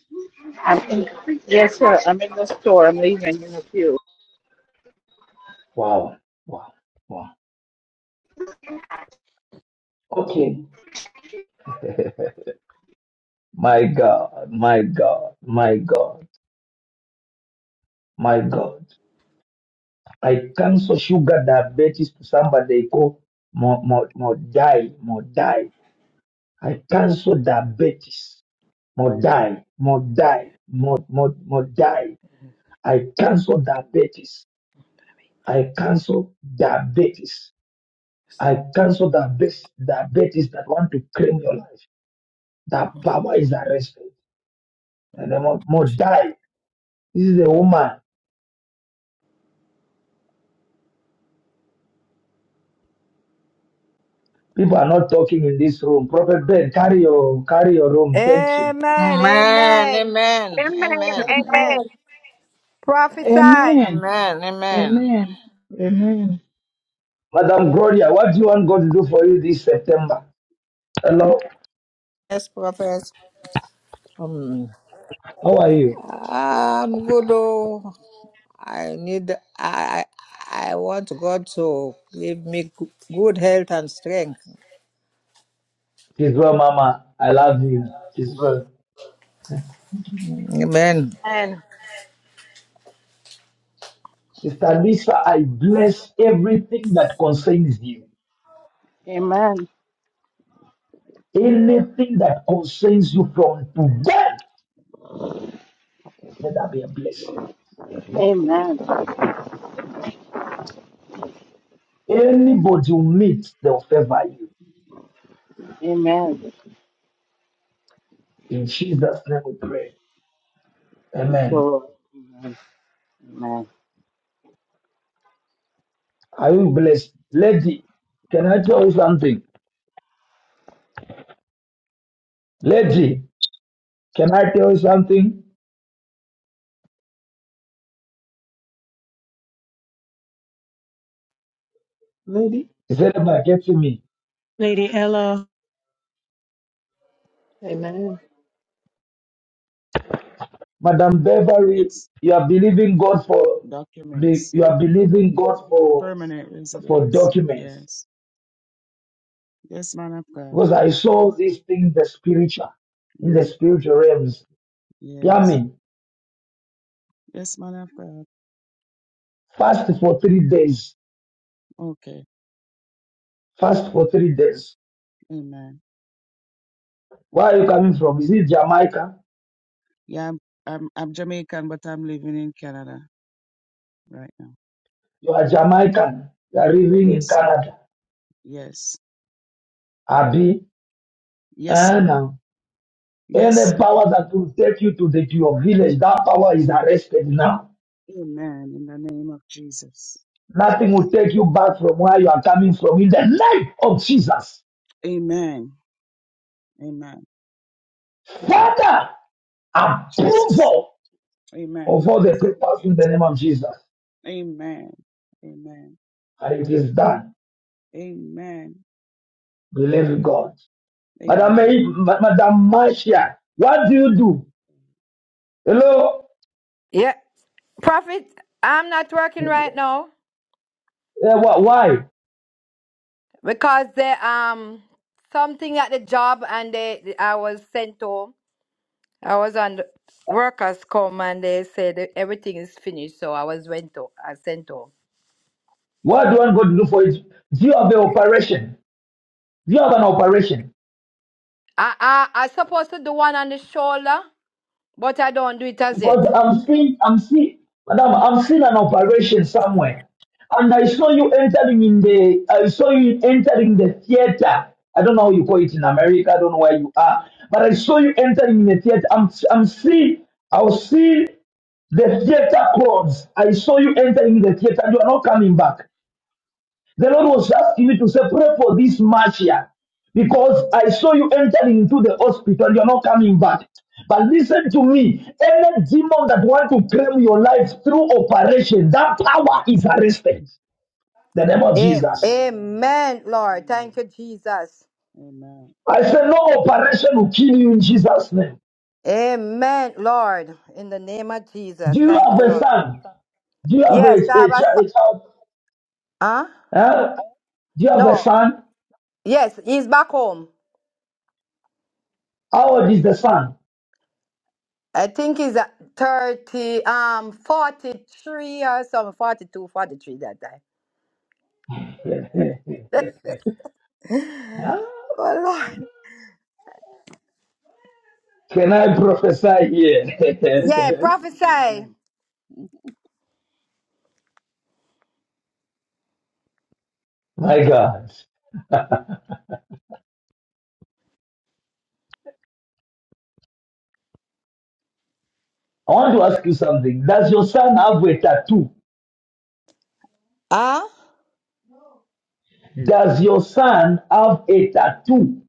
[SPEAKER 26] I'm in, yes, sir. I'm in the store. I'm leaving in a few.
[SPEAKER 5] Wow. Wow. Wow. Okay. My God, my God, my God, my God. I cancel sugar diabetes to somebody called more, more, more die, more die. I cancel diabetes, more die, more die, more, more, more die. I cancel diabetes. I cancel diabetes. I cancel diabetes, diabetes that want to claim your life. That power is arrested. And then more, more die. This is a woman. People are not talking in this room. Prophet Ben, carry your carry your room. Thank you.
[SPEAKER 12] Amen.
[SPEAKER 21] Amen.
[SPEAKER 12] Amen.
[SPEAKER 21] Amen.
[SPEAKER 3] Amen.
[SPEAKER 21] Amen.
[SPEAKER 12] Amen.
[SPEAKER 16] Amen.
[SPEAKER 3] Amen.
[SPEAKER 12] Prophesy.
[SPEAKER 18] Amen.
[SPEAKER 21] Amen. Amen.
[SPEAKER 18] Amen. Amen.
[SPEAKER 5] Madam Gloria, what do you want God to do for you this September? Hello,
[SPEAKER 21] Yes, prophet. Um,
[SPEAKER 5] how are you?
[SPEAKER 21] I'm good. oh. I need. I. I I want God to give me g- good health and strength.
[SPEAKER 5] She's well, Mama. I love you. She's well.
[SPEAKER 21] Amen.
[SPEAKER 12] Amen.
[SPEAKER 5] Mister Lisa, I bless everything that concerns you.
[SPEAKER 26] Amen.
[SPEAKER 5] Anything that concerns you from today, let that be a blessing.
[SPEAKER 26] Amen.
[SPEAKER 5] Anybody you meet, they'll favor you.
[SPEAKER 26] Amen.
[SPEAKER 5] In Jesus' name we pray.
[SPEAKER 26] Thank you,
[SPEAKER 5] Amen.
[SPEAKER 26] Lord. Amen. Amen.
[SPEAKER 5] Are you blessed? Lady, can I tell you something? Lady, can I tell you something?
[SPEAKER 18] Lady.
[SPEAKER 5] He said, "But get to me.
[SPEAKER 6] Lady Ella.
[SPEAKER 25] Amen.
[SPEAKER 5] Madam Beverly,
[SPEAKER 19] yes.
[SPEAKER 5] you are believing God for the
[SPEAKER 19] Documents.
[SPEAKER 5] you are believing God for
[SPEAKER 19] Permanent
[SPEAKER 5] for
[SPEAKER 19] residence.
[SPEAKER 5] documents.
[SPEAKER 19] Yes. Yes, man of God.
[SPEAKER 5] Because I saw these things in the spiritual, in the
[SPEAKER 19] Mm,
[SPEAKER 5] spiritual realms.
[SPEAKER 19] yes.
[SPEAKER 5] Yami,
[SPEAKER 19] Yes, man of God.
[SPEAKER 5] fast for three days.
[SPEAKER 19] Okay.
[SPEAKER 5] Fast for three days.
[SPEAKER 19] Amen.
[SPEAKER 5] Where are you coming from? Is it Jamaica?
[SPEAKER 19] Yeah, I'm, I'm I'm Jamaican, but I'm living in Canada right now.
[SPEAKER 5] You are Jamaican. You are living in
[SPEAKER 19] Yes, sir.
[SPEAKER 5] Canada.
[SPEAKER 19] Yes.
[SPEAKER 5] Abi,
[SPEAKER 19] Yes,
[SPEAKER 5] eh,
[SPEAKER 19] sir.
[SPEAKER 5] now.
[SPEAKER 19] Yes,
[SPEAKER 5] Any
[SPEAKER 19] sir.
[SPEAKER 5] power that will take you to, the, to your village, that power is arrested now.
[SPEAKER 19] Amen. In the name of Jesus.
[SPEAKER 5] Nothing will take you back from where you are coming from in the name of Jesus.
[SPEAKER 19] Amen. Amen.
[SPEAKER 5] Father,
[SPEAKER 19] Jesus.
[SPEAKER 5] approval
[SPEAKER 19] Amen.
[SPEAKER 5] of
[SPEAKER 19] I
[SPEAKER 5] all the
[SPEAKER 19] receive
[SPEAKER 5] papers
[SPEAKER 19] it.
[SPEAKER 5] in the name of Jesus.
[SPEAKER 19] Amen. Amen.
[SPEAKER 5] And it is done.
[SPEAKER 19] Amen.
[SPEAKER 5] Believe God. Madam,
[SPEAKER 19] Amen.
[SPEAKER 5] May, Ma- Madam Marcia, what do
[SPEAKER 19] Thank
[SPEAKER 5] you
[SPEAKER 19] you.
[SPEAKER 5] do? Hello?
[SPEAKER 12] Yeah. Prophet, I'm not working right
[SPEAKER 5] Eh,
[SPEAKER 12] now
[SPEAKER 5] wh- Why?
[SPEAKER 12] because there um something at the job and they I was sent home. I was on the workers come and they said that everything is finished, so I was went to I sent home.
[SPEAKER 5] What do you want God to do for it? Do you have an operation? Do you have an operation?
[SPEAKER 12] I I I supposed to do one on the shoulder. But I don't do it as yet.
[SPEAKER 5] Because I'm seeing, I'm seeing, madam, I'm seeing an operation somewhere. And I saw you entering in the, I saw you entering the theater. I don't know how you call it in America. I don't know where you are. But I saw you entering in the theater. I'm, I'm seeing, I was seeing the theater crowds. I saw you entering the theater. You are not coming back. The Lord was asking me to say, pray for this Marcia because I saw you entering into the hospital. You're not coming back. But listen to me. Any demon that want to claim your life through operation, that power is arrested. The name of
[SPEAKER 12] Am-
[SPEAKER 19] Lord.
[SPEAKER 5] Jesus.
[SPEAKER 19] Amen.
[SPEAKER 12] Amen, Lord.
[SPEAKER 19] Mm.
[SPEAKER 12] Thank you, Jesus.
[SPEAKER 19] Amen.
[SPEAKER 5] I say no operation will kill you in Jesus' name.
[SPEAKER 12] Amen, Lord. In the name of Jesus.
[SPEAKER 5] Do you
[SPEAKER 12] Thank
[SPEAKER 5] have
[SPEAKER 12] you,
[SPEAKER 5] a
[SPEAKER 12] Lord.
[SPEAKER 5] son? Do you have
[SPEAKER 12] Yes, I
[SPEAKER 5] a,
[SPEAKER 12] have
[SPEAKER 5] a, ch-
[SPEAKER 12] was.
[SPEAKER 5] a child?
[SPEAKER 12] Huh?
[SPEAKER 5] Huh? Do you have a
[SPEAKER 12] No.
[SPEAKER 5] son?
[SPEAKER 12] Yes, he's back home.
[SPEAKER 5] How old is the son?
[SPEAKER 12] I think he's at 30, um, 43 or something, 42, 43 that time.
[SPEAKER 5] Huh?
[SPEAKER 12] Oh, Lord.
[SPEAKER 5] Can I prophesy
[SPEAKER 12] Yeah,
[SPEAKER 5] here?
[SPEAKER 12] prophesy.
[SPEAKER 19] Amen.
[SPEAKER 5] My God. I want to ask you something. Does your son have a tattoo?
[SPEAKER 12] Huh?
[SPEAKER 5] Does your son have a tattoo?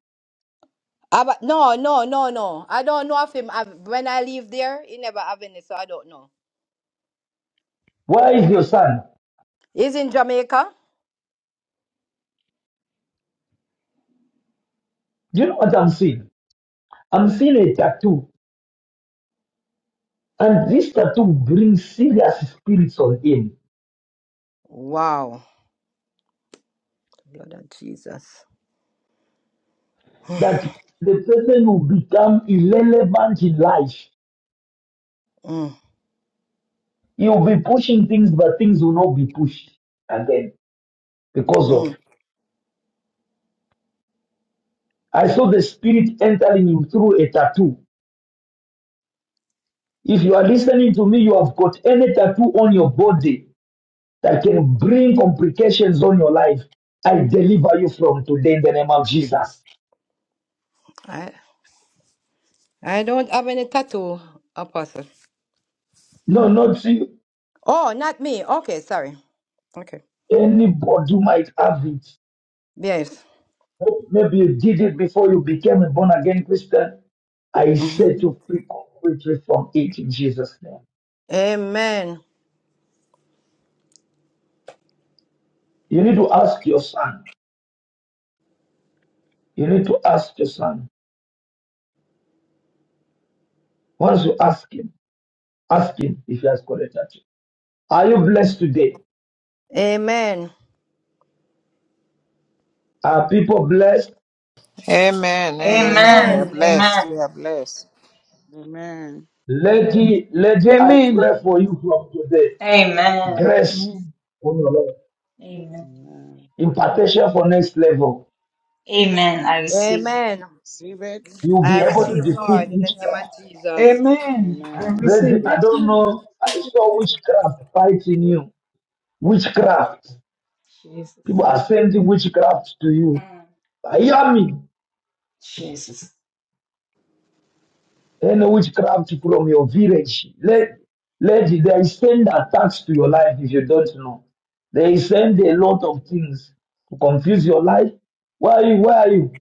[SPEAKER 12] About, no, no, no, no. I don't know of him. I, when I leave there, he never have any, so I don't know.
[SPEAKER 5] Where is your son?
[SPEAKER 12] He's in Jamaica.
[SPEAKER 5] Do you know what I'm seeing? I'm seeing a tattoo. And this tattoo brings serious spirits on him
[SPEAKER 12] Wow. The Blood of Jesus.
[SPEAKER 5] that the person will become irrelevant in life.
[SPEAKER 12] Mm,
[SPEAKER 5] He'll be pushing things, but things will not be pushed again because of.
[SPEAKER 12] mm.
[SPEAKER 5] I saw the spirit entering him through a tattoo. If you are listening to me, you have got any tattoo on your body that can bring complications on your life, I deliver you from today in the name of Jesus.
[SPEAKER 12] I, I don't have any tattoo, Apostle.
[SPEAKER 5] No, not you.
[SPEAKER 12] Oh, not me. Okay, sorry. Okay.
[SPEAKER 5] Anybody might have it.
[SPEAKER 12] Yes.
[SPEAKER 5] Maybe you did it before you became a born again Christian. I set you free completely from it in Jesus' name.
[SPEAKER 12] Amen.
[SPEAKER 5] You need to ask your son. You need to ask your son. Once you ask him, ask him if he has corrected you. Are you blessed today?
[SPEAKER 12] Amen.
[SPEAKER 5] Are people blessed?
[SPEAKER 21] Amen. Amen. We
[SPEAKER 19] Amen.
[SPEAKER 21] are
[SPEAKER 12] Amen.
[SPEAKER 2] Amen.
[SPEAKER 21] blessed.
[SPEAKER 2] Amen.
[SPEAKER 21] We are blessed.
[SPEAKER 19] Amen.
[SPEAKER 5] Lady, lady, I
[SPEAKER 18] Amen.
[SPEAKER 5] pray for you from today.
[SPEAKER 2] Amen.
[SPEAKER 19] Yes.
[SPEAKER 5] grace
[SPEAKER 18] Amen.
[SPEAKER 5] from Lord,
[SPEAKER 2] Amen.
[SPEAKER 19] Amen.
[SPEAKER 5] impartation for next level.
[SPEAKER 2] Amen.
[SPEAKER 19] Amen.
[SPEAKER 2] Receive it.
[SPEAKER 12] Amen.
[SPEAKER 19] Receive it.
[SPEAKER 5] You'll be
[SPEAKER 12] I
[SPEAKER 5] able to
[SPEAKER 12] receive,
[SPEAKER 5] defeat
[SPEAKER 12] Lord, in the name
[SPEAKER 5] witchcraft.
[SPEAKER 12] of Jesus.
[SPEAKER 18] Amen. I
[SPEAKER 19] Amen.
[SPEAKER 18] receive
[SPEAKER 5] Ready-
[SPEAKER 18] it.
[SPEAKER 5] I don't know. I saw witchcraft fighting you. Witchcraft. People
[SPEAKER 2] Jesus.
[SPEAKER 5] are sending witchcraft to you. I hear me.
[SPEAKER 2] Jesus.
[SPEAKER 5] Any witchcraft from your village. Let, lady, they send attacks to your life if you don't know. They send a lot of things to confuse your life. Where are you? Where are you?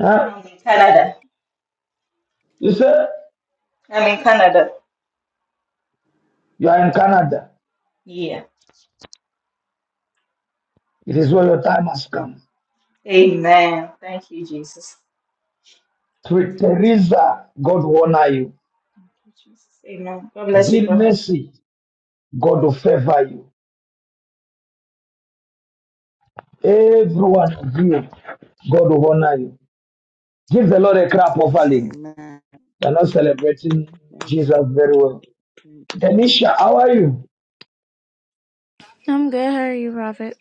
[SPEAKER 5] Huh?
[SPEAKER 2] I'm in Canada.
[SPEAKER 5] You say
[SPEAKER 2] I'm in Canada.
[SPEAKER 5] you are in Canada.
[SPEAKER 2] Yeah.
[SPEAKER 5] It is where your time has come.
[SPEAKER 2] Amen. Thank you, Jesus.
[SPEAKER 5] Through Teresa, God will honor you.
[SPEAKER 2] Thank you, Jesus. Amen. God bless you,
[SPEAKER 5] Bill
[SPEAKER 2] Prophet.
[SPEAKER 5] Mercy, God will favor you. Every one of you, God will honor you. Give the Lord a
[SPEAKER 19] Amen.
[SPEAKER 5] clap offering.
[SPEAKER 19] Amen.
[SPEAKER 5] You're not celebrating
[SPEAKER 19] Thank you.
[SPEAKER 5] Jesus very well.
[SPEAKER 19] Thank you, Jesus.
[SPEAKER 5] Denisha, how are you?
[SPEAKER 27] I'm good. How are you, Prophet?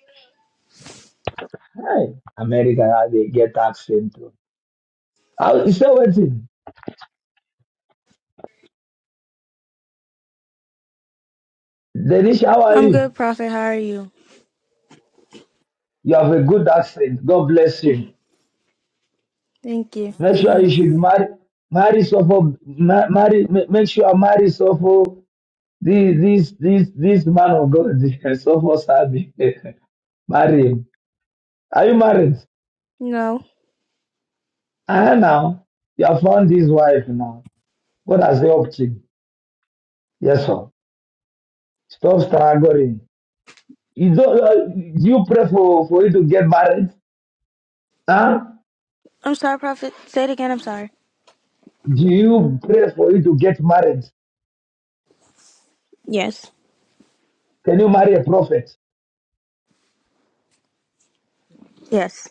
[SPEAKER 5] Hi. America, how they get accent. How, you still waiting. Denisha, how are
[SPEAKER 27] I'm
[SPEAKER 5] you?
[SPEAKER 27] good, Prophet. How are you?
[SPEAKER 5] You have a good accent. God bless you.
[SPEAKER 27] Thank you.
[SPEAKER 5] Make sure you should marry, marry, so marry, ma- marry, ma- make sure marry, so This this this this man of God so much happy. Marry him. Are you married?
[SPEAKER 27] No.
[SPEAKER 5] Ah now. You have found this wife now. God has helped you. Yes, sir. Stop struggling. You don't uh, do you pray for, for you to get married? Huh?
[SPEAKER 27] I'm sorry, Prophet. Say it again. I'm sorry.
[SPEAKER 5] Do you pray for you to get married?
[SPEAKER 27] Yes.
[SPEAKER 5] Can you marry a prophet?
[SPEAKER 27] Yes.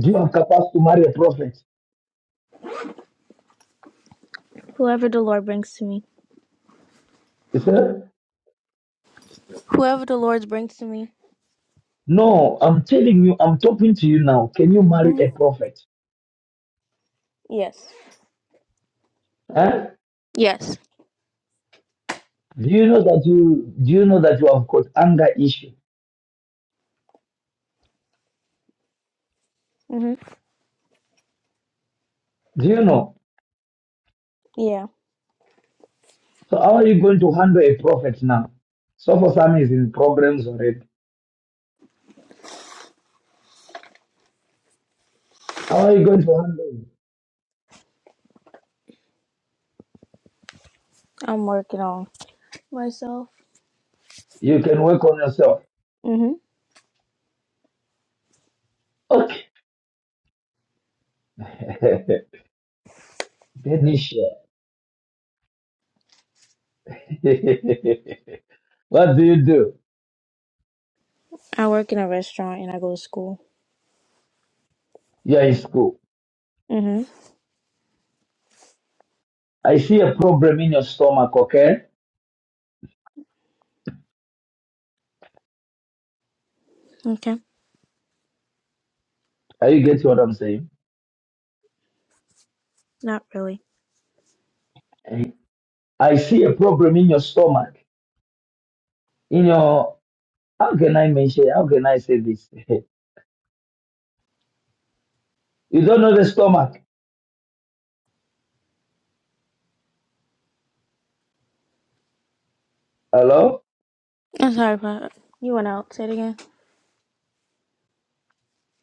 [SPEAKER 5] Do you have capacity to marry a prophet?
[SPEAKER 27] Whoever the Lord brings to me.
[SPEAKER 5] He said,
[SPEAKER 27] Whoever the Lord brings to me.
[SPEAKER 5] No, I'm telling you, I'm talking to you now. Can you marry
[SPEAKER 27] hmm
[SPEAKER 5] a prophet?
[SPEAKER 27] Yes.
[SPEAKER 5] Huh?
[SPEAKER 27] Yes.
[SPEAKER 5] Do you know that you do you know that you have got anger issue?
[SPEAKER 27] hmm
[SPEAKER 5] Do you know?
[SPEAKER 27] Yeah.
[SPEAKER 5] So how are you going to handle a prophet now? So for some is in programs already. How are you going to handle it?
[SPEAKER 27] I'm working on myself.
[SPEAKER 5] You can work on yourself.
[SPEAKER 27] hmm
[SPEAKER 5] Okay. Denisha. what do you do?
[SPEAKER 27] I work in a restaurant and I go to school.
[SPEAKER 5] You're in school.
[SPEAKER 27] hmm
[SPEAKER 5] I see a problem in your stomach, okay?
[SPEAKER 27] Okay.
[SPEAKER 5] Are you getting what I'm saying?
[SPEAKER 27] Not really.
[SPEAKER 5] I see a problem in your stomach. In your how can I mention how can I say this? you don't know the stomach. Hello?
[SPEAKER 27] I'm sorry, Prophet. You went out. Say it again.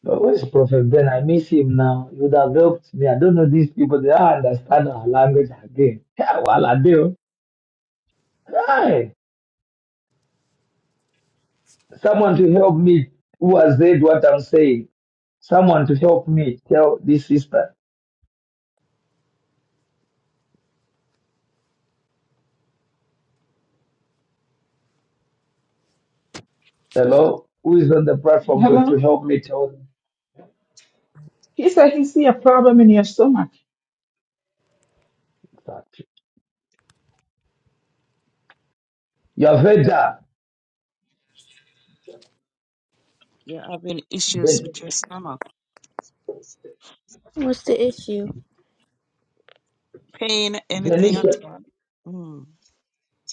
[SPEAKER 5] But where's Prophet Ben? I miss him now. He would have helped me. I don't know these people. They don't understand our language again. Yeah, well, I do. Hey, someone to help me who has read what I'm saying. Someone to help me tell this sister, hello, who is on the platform to, to
[SPEAKER 18] Hello?
[SPEAKER 5] help me tell them
[SPEAKER 18] He said he see a problem in your stomach.
[SPEAKER 5] that. You have
[SPEAKER 19] You're having issues
[SPEAKER 5] Ben,
[SPEAKER 19] with your stomach,
[SPEAKER 27] What's the issue?
[SPEAKER 19] pain, anything at
[SPEAKER 5] Denisha,
[SPEAKER 19] all. Mm.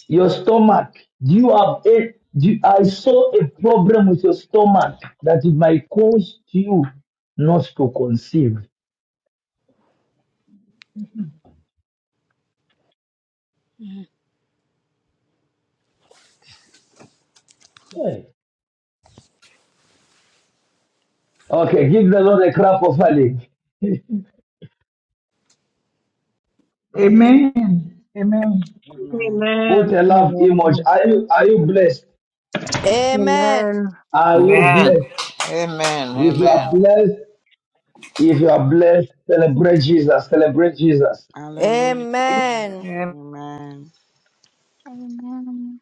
[SPEAKER 5] your stomach. Do you have a, do you- I saw a problem with your stomach that it might cause you not to conceive. Hey. Okay, give the Lord a clap of offering.
[SPEAKER 18] Amen. Amen.
[SPEAKER 19] Amen.
[SPEAKER 5] Put
[SPEAKER 6] Amen.
[SPEAKER 5] a love emoji.
[SPEAKER 6] Amen.
[SPEAKER 5] Are you are you blessed?
[SPEAKER 12] Amen.
[SPEAKER 6] Amen.
[SPEAKER 5] Are you
[SPEAKER 21] Amen.
[SPEAKER 5] blessed?
[SPEAKER 21] Amen.
[SPEAKER 5] If you are
[SPEAKER 21] Amen.
[SPEAKER 5] blessed, if you are blessed, celebrate Jesus. Celebrate Jesus.
[SPEAKER 19] Hallelujah.
[SPEAKER 12] Amen.
[SPEAKER 21] Amen.
[SPEAKER 19] Amen.
[SPEAKER 16] Amen.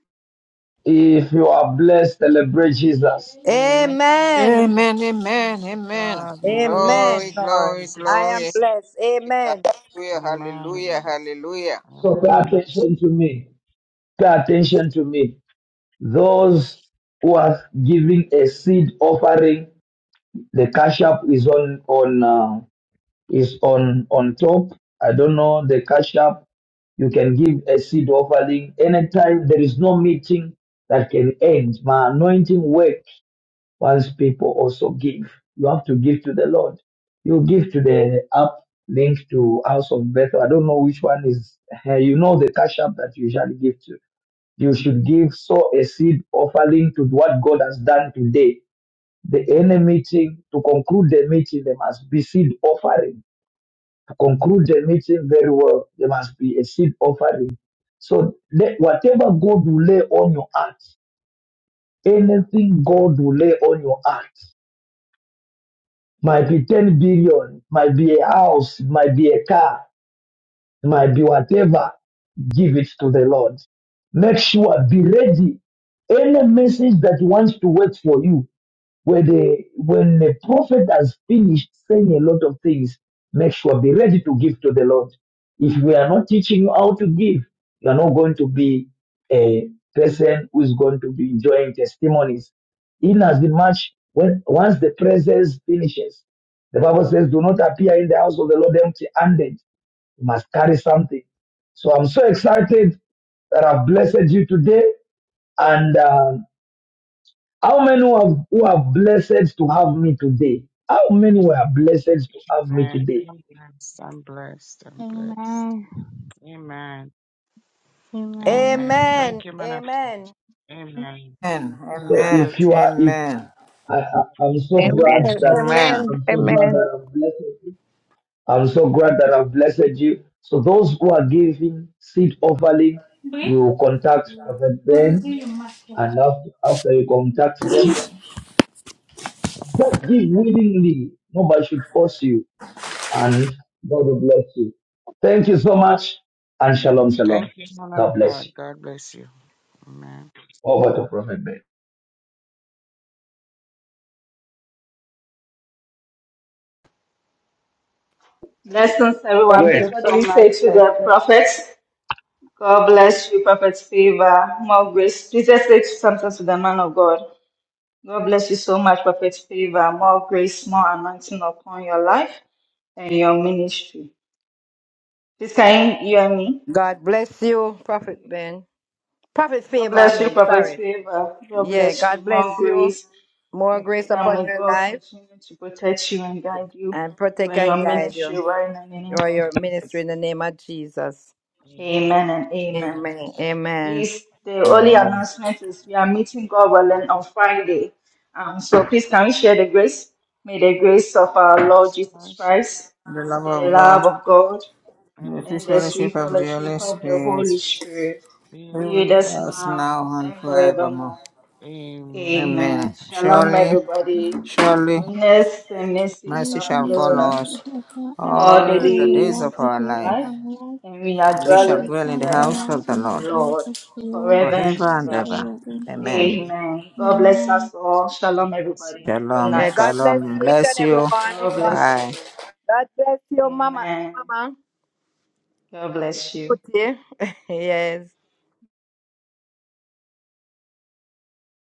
[SPEAKER 5] If you are blessed, celebrate Jesus.
[SPEAKER 19] Amen.
[SPEAKER 12] Amen.
[SPEAKER 19] Glory
[SPEAKER 21] Amen,
[SPEAKER 19] be
[SPEAKER 21] amen,
[SPEAKER 19] to
[SPEAKER 21] amen.
[SPEAKER 19] God in the name of
[SPEAKER 12] Amen,
[SPEAKER 21] Glory,
[SPEAKER 12] Lord.
[SPEAKER 21] glory,
[SPEAKER 12] I am
[SPEAKER 21] glory.
[SPEAKER 19] Jesus.
[SPEAKER 12] blessed. Amen.
[SPEAKER 21] Hallelujah, hallelujah,
[SPEAKER 19] Amen.
[SPEAKER 21] hallelujah.
[SPEAKER 5] So pay
[SPEAKER 19] Amen.
[SPEAKER 5] attention to me. Pay attention to me. Those who are giving a seed offering, the cash up is on on. uh, is on on top. I don't know the cash up. You can give a seed offering anytime. There is no meeting that can end. My anointing works once people also give. You have to give to the Lord. You give to the app link to House of Bethel. I don't know which one is. You know the cash app that you usually give to. You should give so a seed offering to what God has done today. The any meeting to conclude the meeting, there must be seed offering to conclude the meeting very well, there must be a seed offering. So let, whatever God will lay on your heart, anything God will lay on your heart, might be 10 billion, might be a house, might be a car, It might be whatever, give it to the Lord. Make sure, be ready. Any message that wants to work for you, where the, when the prophet has finished saying a lot of things, make sure, be ready to give to the Lord. If we are not teaching you how to give, you are not going to be a person who is going to be enjoying testimonies. In as much, when, once the presence finishes, the Bible says, do not appear in the house of the Lord empty handed you must carry something. So I'm so excited that I've blessed you today. And uh, how many who have, who are blessed to have me today? How many were blessed to have me
[SPEAKER 19] Amen.
[SPEAKER 5] today?
[SPEAKER 19] I'm blessed. I'm blessed. I'm blessed. Amen.
[SPEAKER 16] Amen.
[SPEAKER 19] Amen.
[SPEAKER 12] Amen.
[SPEAKER 19] Thank you, man of
[SPEAKER 12] Amen.
[SPEAKER 19] Amen.
[SPEAKER 5] So
[SPEAKER 19] God
[SPEAKER 21] Amen,
[SPEAKER 5] if
[SPEAKER 19] bless
[SPEAKER 5] you
[SPEAKER 19] you.
[SPEAKER 5] are, if
[SPEAKER 21] amen, amen,
[SPEAKER 5] I, I, I'm so glad
[SPEAKER 3] Amen.
[SPEAKER 5] that
[SPEAKER 21] amen.
[SPEAKER 3] Amen.
[SPEAKER 5] I'm so glad
[SPEAKER 3] Amen.
[SPEAKER 5] that I've blessed you. I'm so glad that I've blessed you. So those who are giving seed offering, you contact Prophet Ben, and after, after you contact them, Just give willingly. Nobody should force you. And God will bless you. Thank you so much. And shalom,
[SPEAKER 19] Thank
[SPEAKER 5] shalom.
[SPEAKER 19] you, man of
[SPEAKER 5] God bless
[SPEAKER 19] God.
[SPEAKER 5] you.
[SPEAKER 19] God bless you. Amen.
[SPEAKER 5] Over to Prophet Ben.
[SPEAKER 2] Everyone,
[SPEAKER 28] Thank
[SPEAKER 2] please,
[SPEAKER 5] Yes.
[SPEAKER 28] you
[SPEAKER 2] what do
[SPEAKER 28] so
[SPEAKER 2] we
[SPEAKER 28] much,
[SPEAKER 2] say to
[SPEAKER 28] sis.
[SPEAKER 2] the prophet? God bless you, Prophet Favor. More grace. Jesus said something to the man of God. God bless you so much, Prophet Favor. More grace, more anointing upon your life and your ministry. Please, can you hear me?
[SPEAKER 12] God bless you, Prophet Ben. Prophet,
[SPEAKER 2] God
[SPEAKER 12] favor
[SPEAKER 2] bless you,
[SPEAKER 12] me.
[SPEAKER 2] Prophet
[SPEAKER 12] Sorry.
[SPEAKER 2] Favor. God
[SPEAKER 12] Yeah,
[SPEAKER 2] bless you.
[SPEAKER 12] God
[SPEAKER 2] More
[SPEAKER 12] bless you.
[SPEAKER 2] grace.
[SPEAKER 12] More
[SPEAKER 2] We pray
[SPEAKER 12] grace
[SPEAKER 2] that
[SPEAKER 12] upon
[SPEAKER 2] may
[SPEAKER 12] your
[SPEAKER 2] God
[SPEAKER 12] life
[SPEAKER 2] continue to protect you and guide you,
[SPEAKER 12] and
[SPEAKER 2] you
[SPEAKER 12] protect
[SPEAKER 2] and your
[SPEAKER 12] and guide you
[SPEAKER 2] ministry right now in the name
[SPEAKER 12] or
[SPEAKER 2] of
[SPEAKER 12] your ministry
[SPEAKER 2] Jesus.
[SPEAKER 12] in the name of Jesus.
[SPEAKER 19] Amen.
[SPEAKER 2] Amen and
[SPEAKER 19] Amen.
[SPEAKER 2] amen.
[SPEAKER 12] Amen.
[SPEAKER 19] Amen.
[SPEAKER 12] Amen.
[SPEAKER 2] Please, the only announcement is we are meeting God willing on Friday. Um, so please, can we share the grace? May the grace of our Lord Jesus
[SPEAKER 19] Christ,
[SPEAKER 2] Christ,
[SPEAKER 21] The love
[SPEAKER 2] the
[SPEAKER 21] of
[SPEAKER 2] love
[SPEAKER 21] God,
[SPEAKER 2] of God,
[SPEAKER 19] and
[SPEAKER 21] the
[SPEAKER 19] the
[SPEAKER 21] free
[SPEAKER 2] and the
[SPEAKER 21] fellowship
[SPEAKER 2] sweet
[SPEAKER 19] forgiveness
[SPEAKER 21] of the
[SPEAKER 19] of
[SPEAKER 2] fellowship
[SPEAKER 21] Holy
[SPEAKER 2] of the
[SPEAKER 19] wrongs,
[SPEAKER 21] Spirit,
[SPEAKER 2] Holy Spirit
[SPEAKER 19] be
[SPEAKER 21] be
[SPEAKER 2] be with
[SPEAKER 19] with
[SPEAKER 21] with
[SPEAKER 2] us
[SPEAKER 19] us
[SPEAKER 21] us
[SPEAKER 19] now.
[SPEAKER 2] now
[SPEAKER 21] now and
[SPEAKER 2] and
[SPEAKER 21] forevermore.
[SPEAKER 2] forevermore.
[SPEAKER 19] Amen.
[SPEAKER 2] Amen.
[SPEAKER 21] Amen.
[SPEAKER 2] Shalom,
[SPEAKER 21] Surely,
[SPEAKER 16] Amen.
[SPEAKER 2] everybody.
[SPEAKER 21] surely,
[SPEAKER 2] Goodness and mercy
[SPEAKER 21] mercy
[SPEAKER 2] shall
[SPEAKER 21] shall
[SPEAKER 2] follow
[SPEAKER 16] Valentinism
[SPEAKER 21] follow
[SPEAKER 2] us
[SPEAKER 16] is
[SPEAKER 21] us
[SPEAKER 16] referred as
[SPEAKER 2] all
[SPEAKER 19] All
[SPEAKER 2] the
[SPEAKER 21] all the days
[SPEAKER 2] days
[SPEAKER 16] all
[SPEAKER 21] of
[SPEAKER 2] of
[SPEAKER 16] the
[SPEAKER 21] our
[SPEAKER 2] our
[SPEAKER 16] days of
[SPEAKER 21] life,
[SPEAKER 2] life,
[SPEAKER 16] our
[SPEAKER 19] things
[SPEAKER 16] love,
[SPEAKER 2] and we are
[SPEAKER 21] and
[SPEAKER 19] and
[SPEAKER 21] we
[SPEAKER 16] and
[SPEAKER 19] so
[SPEAKER 21] shall
[SPEAKER 2] dwelling
[SPEAKER 21] dwell
[SPEAKER 2] in
[SPEAKER 21] in the
[SPEAKER 16] regards
[SPEAKER 2] the
[SPEAKER 21] house
[SPEAKER 16] dwell
[SPEAKER 2] house
[SPEAKER 21] of the
[SPEAKER 2] of
[SPEAKER 16] in the
[SPEAKER 2] the
[SPEAKER 21] Lord
[SPEAKER 16] house
[SPEAKER 2] Lord
[SPEAKER 16] of the Lord
[SPEAKER 2] forever
[SPEAKER 19] on.
[SPEAKER 2] and
[SPEAKER 21] forever and
[SPEAKER 2] ever.
[SPEAKER 21] ever.
[SPEAKER 16] forever and ever.
[SPEAKER 21] Amen.
[SPEAKER 19] Amen.
[SPEAKER 2] Amen. God bless
[SPEAKER 16] Amen.
[SPEAKER 2] us all.
[SPEAKER 19] God
[SPEAKER 2] Shalom,
[SPEAKER 19] bless you.
[SPEAKER 2] everybody. Good
[SPEAKER 21] Shalom,
[SPEAKER 12] Yeah,
[SPEAKER 2] night.
[SPEAKER 12] God
[SPEAKER 2] Have
[SPEAKER 12] bless
[SPEAKER 2] a
[SPEAKER 21] shalom.
[SPEAKER 12] you,
[SPEAKER 2] nice
[SPEAKER 12] each
[SPEAKER 2] day.
[SPEAKER 21] Bless
[SPEAKER 12] and everyone.
[SPEAKER 21] you.
[SPEAKER 12] God
[SPEAKER 2] God bless
[SPEAKER 12] bless.
[SPEAKER 21] Bye.
[SPEAKER 2] you.
[SPEAKER 12] God bless you, Mama.
[SPEAKER 2] Amen.
[SPEAKER 12] Mama.
[SPEAKER 2] God bless you.
[SPEAKER 12] Beauty. yes.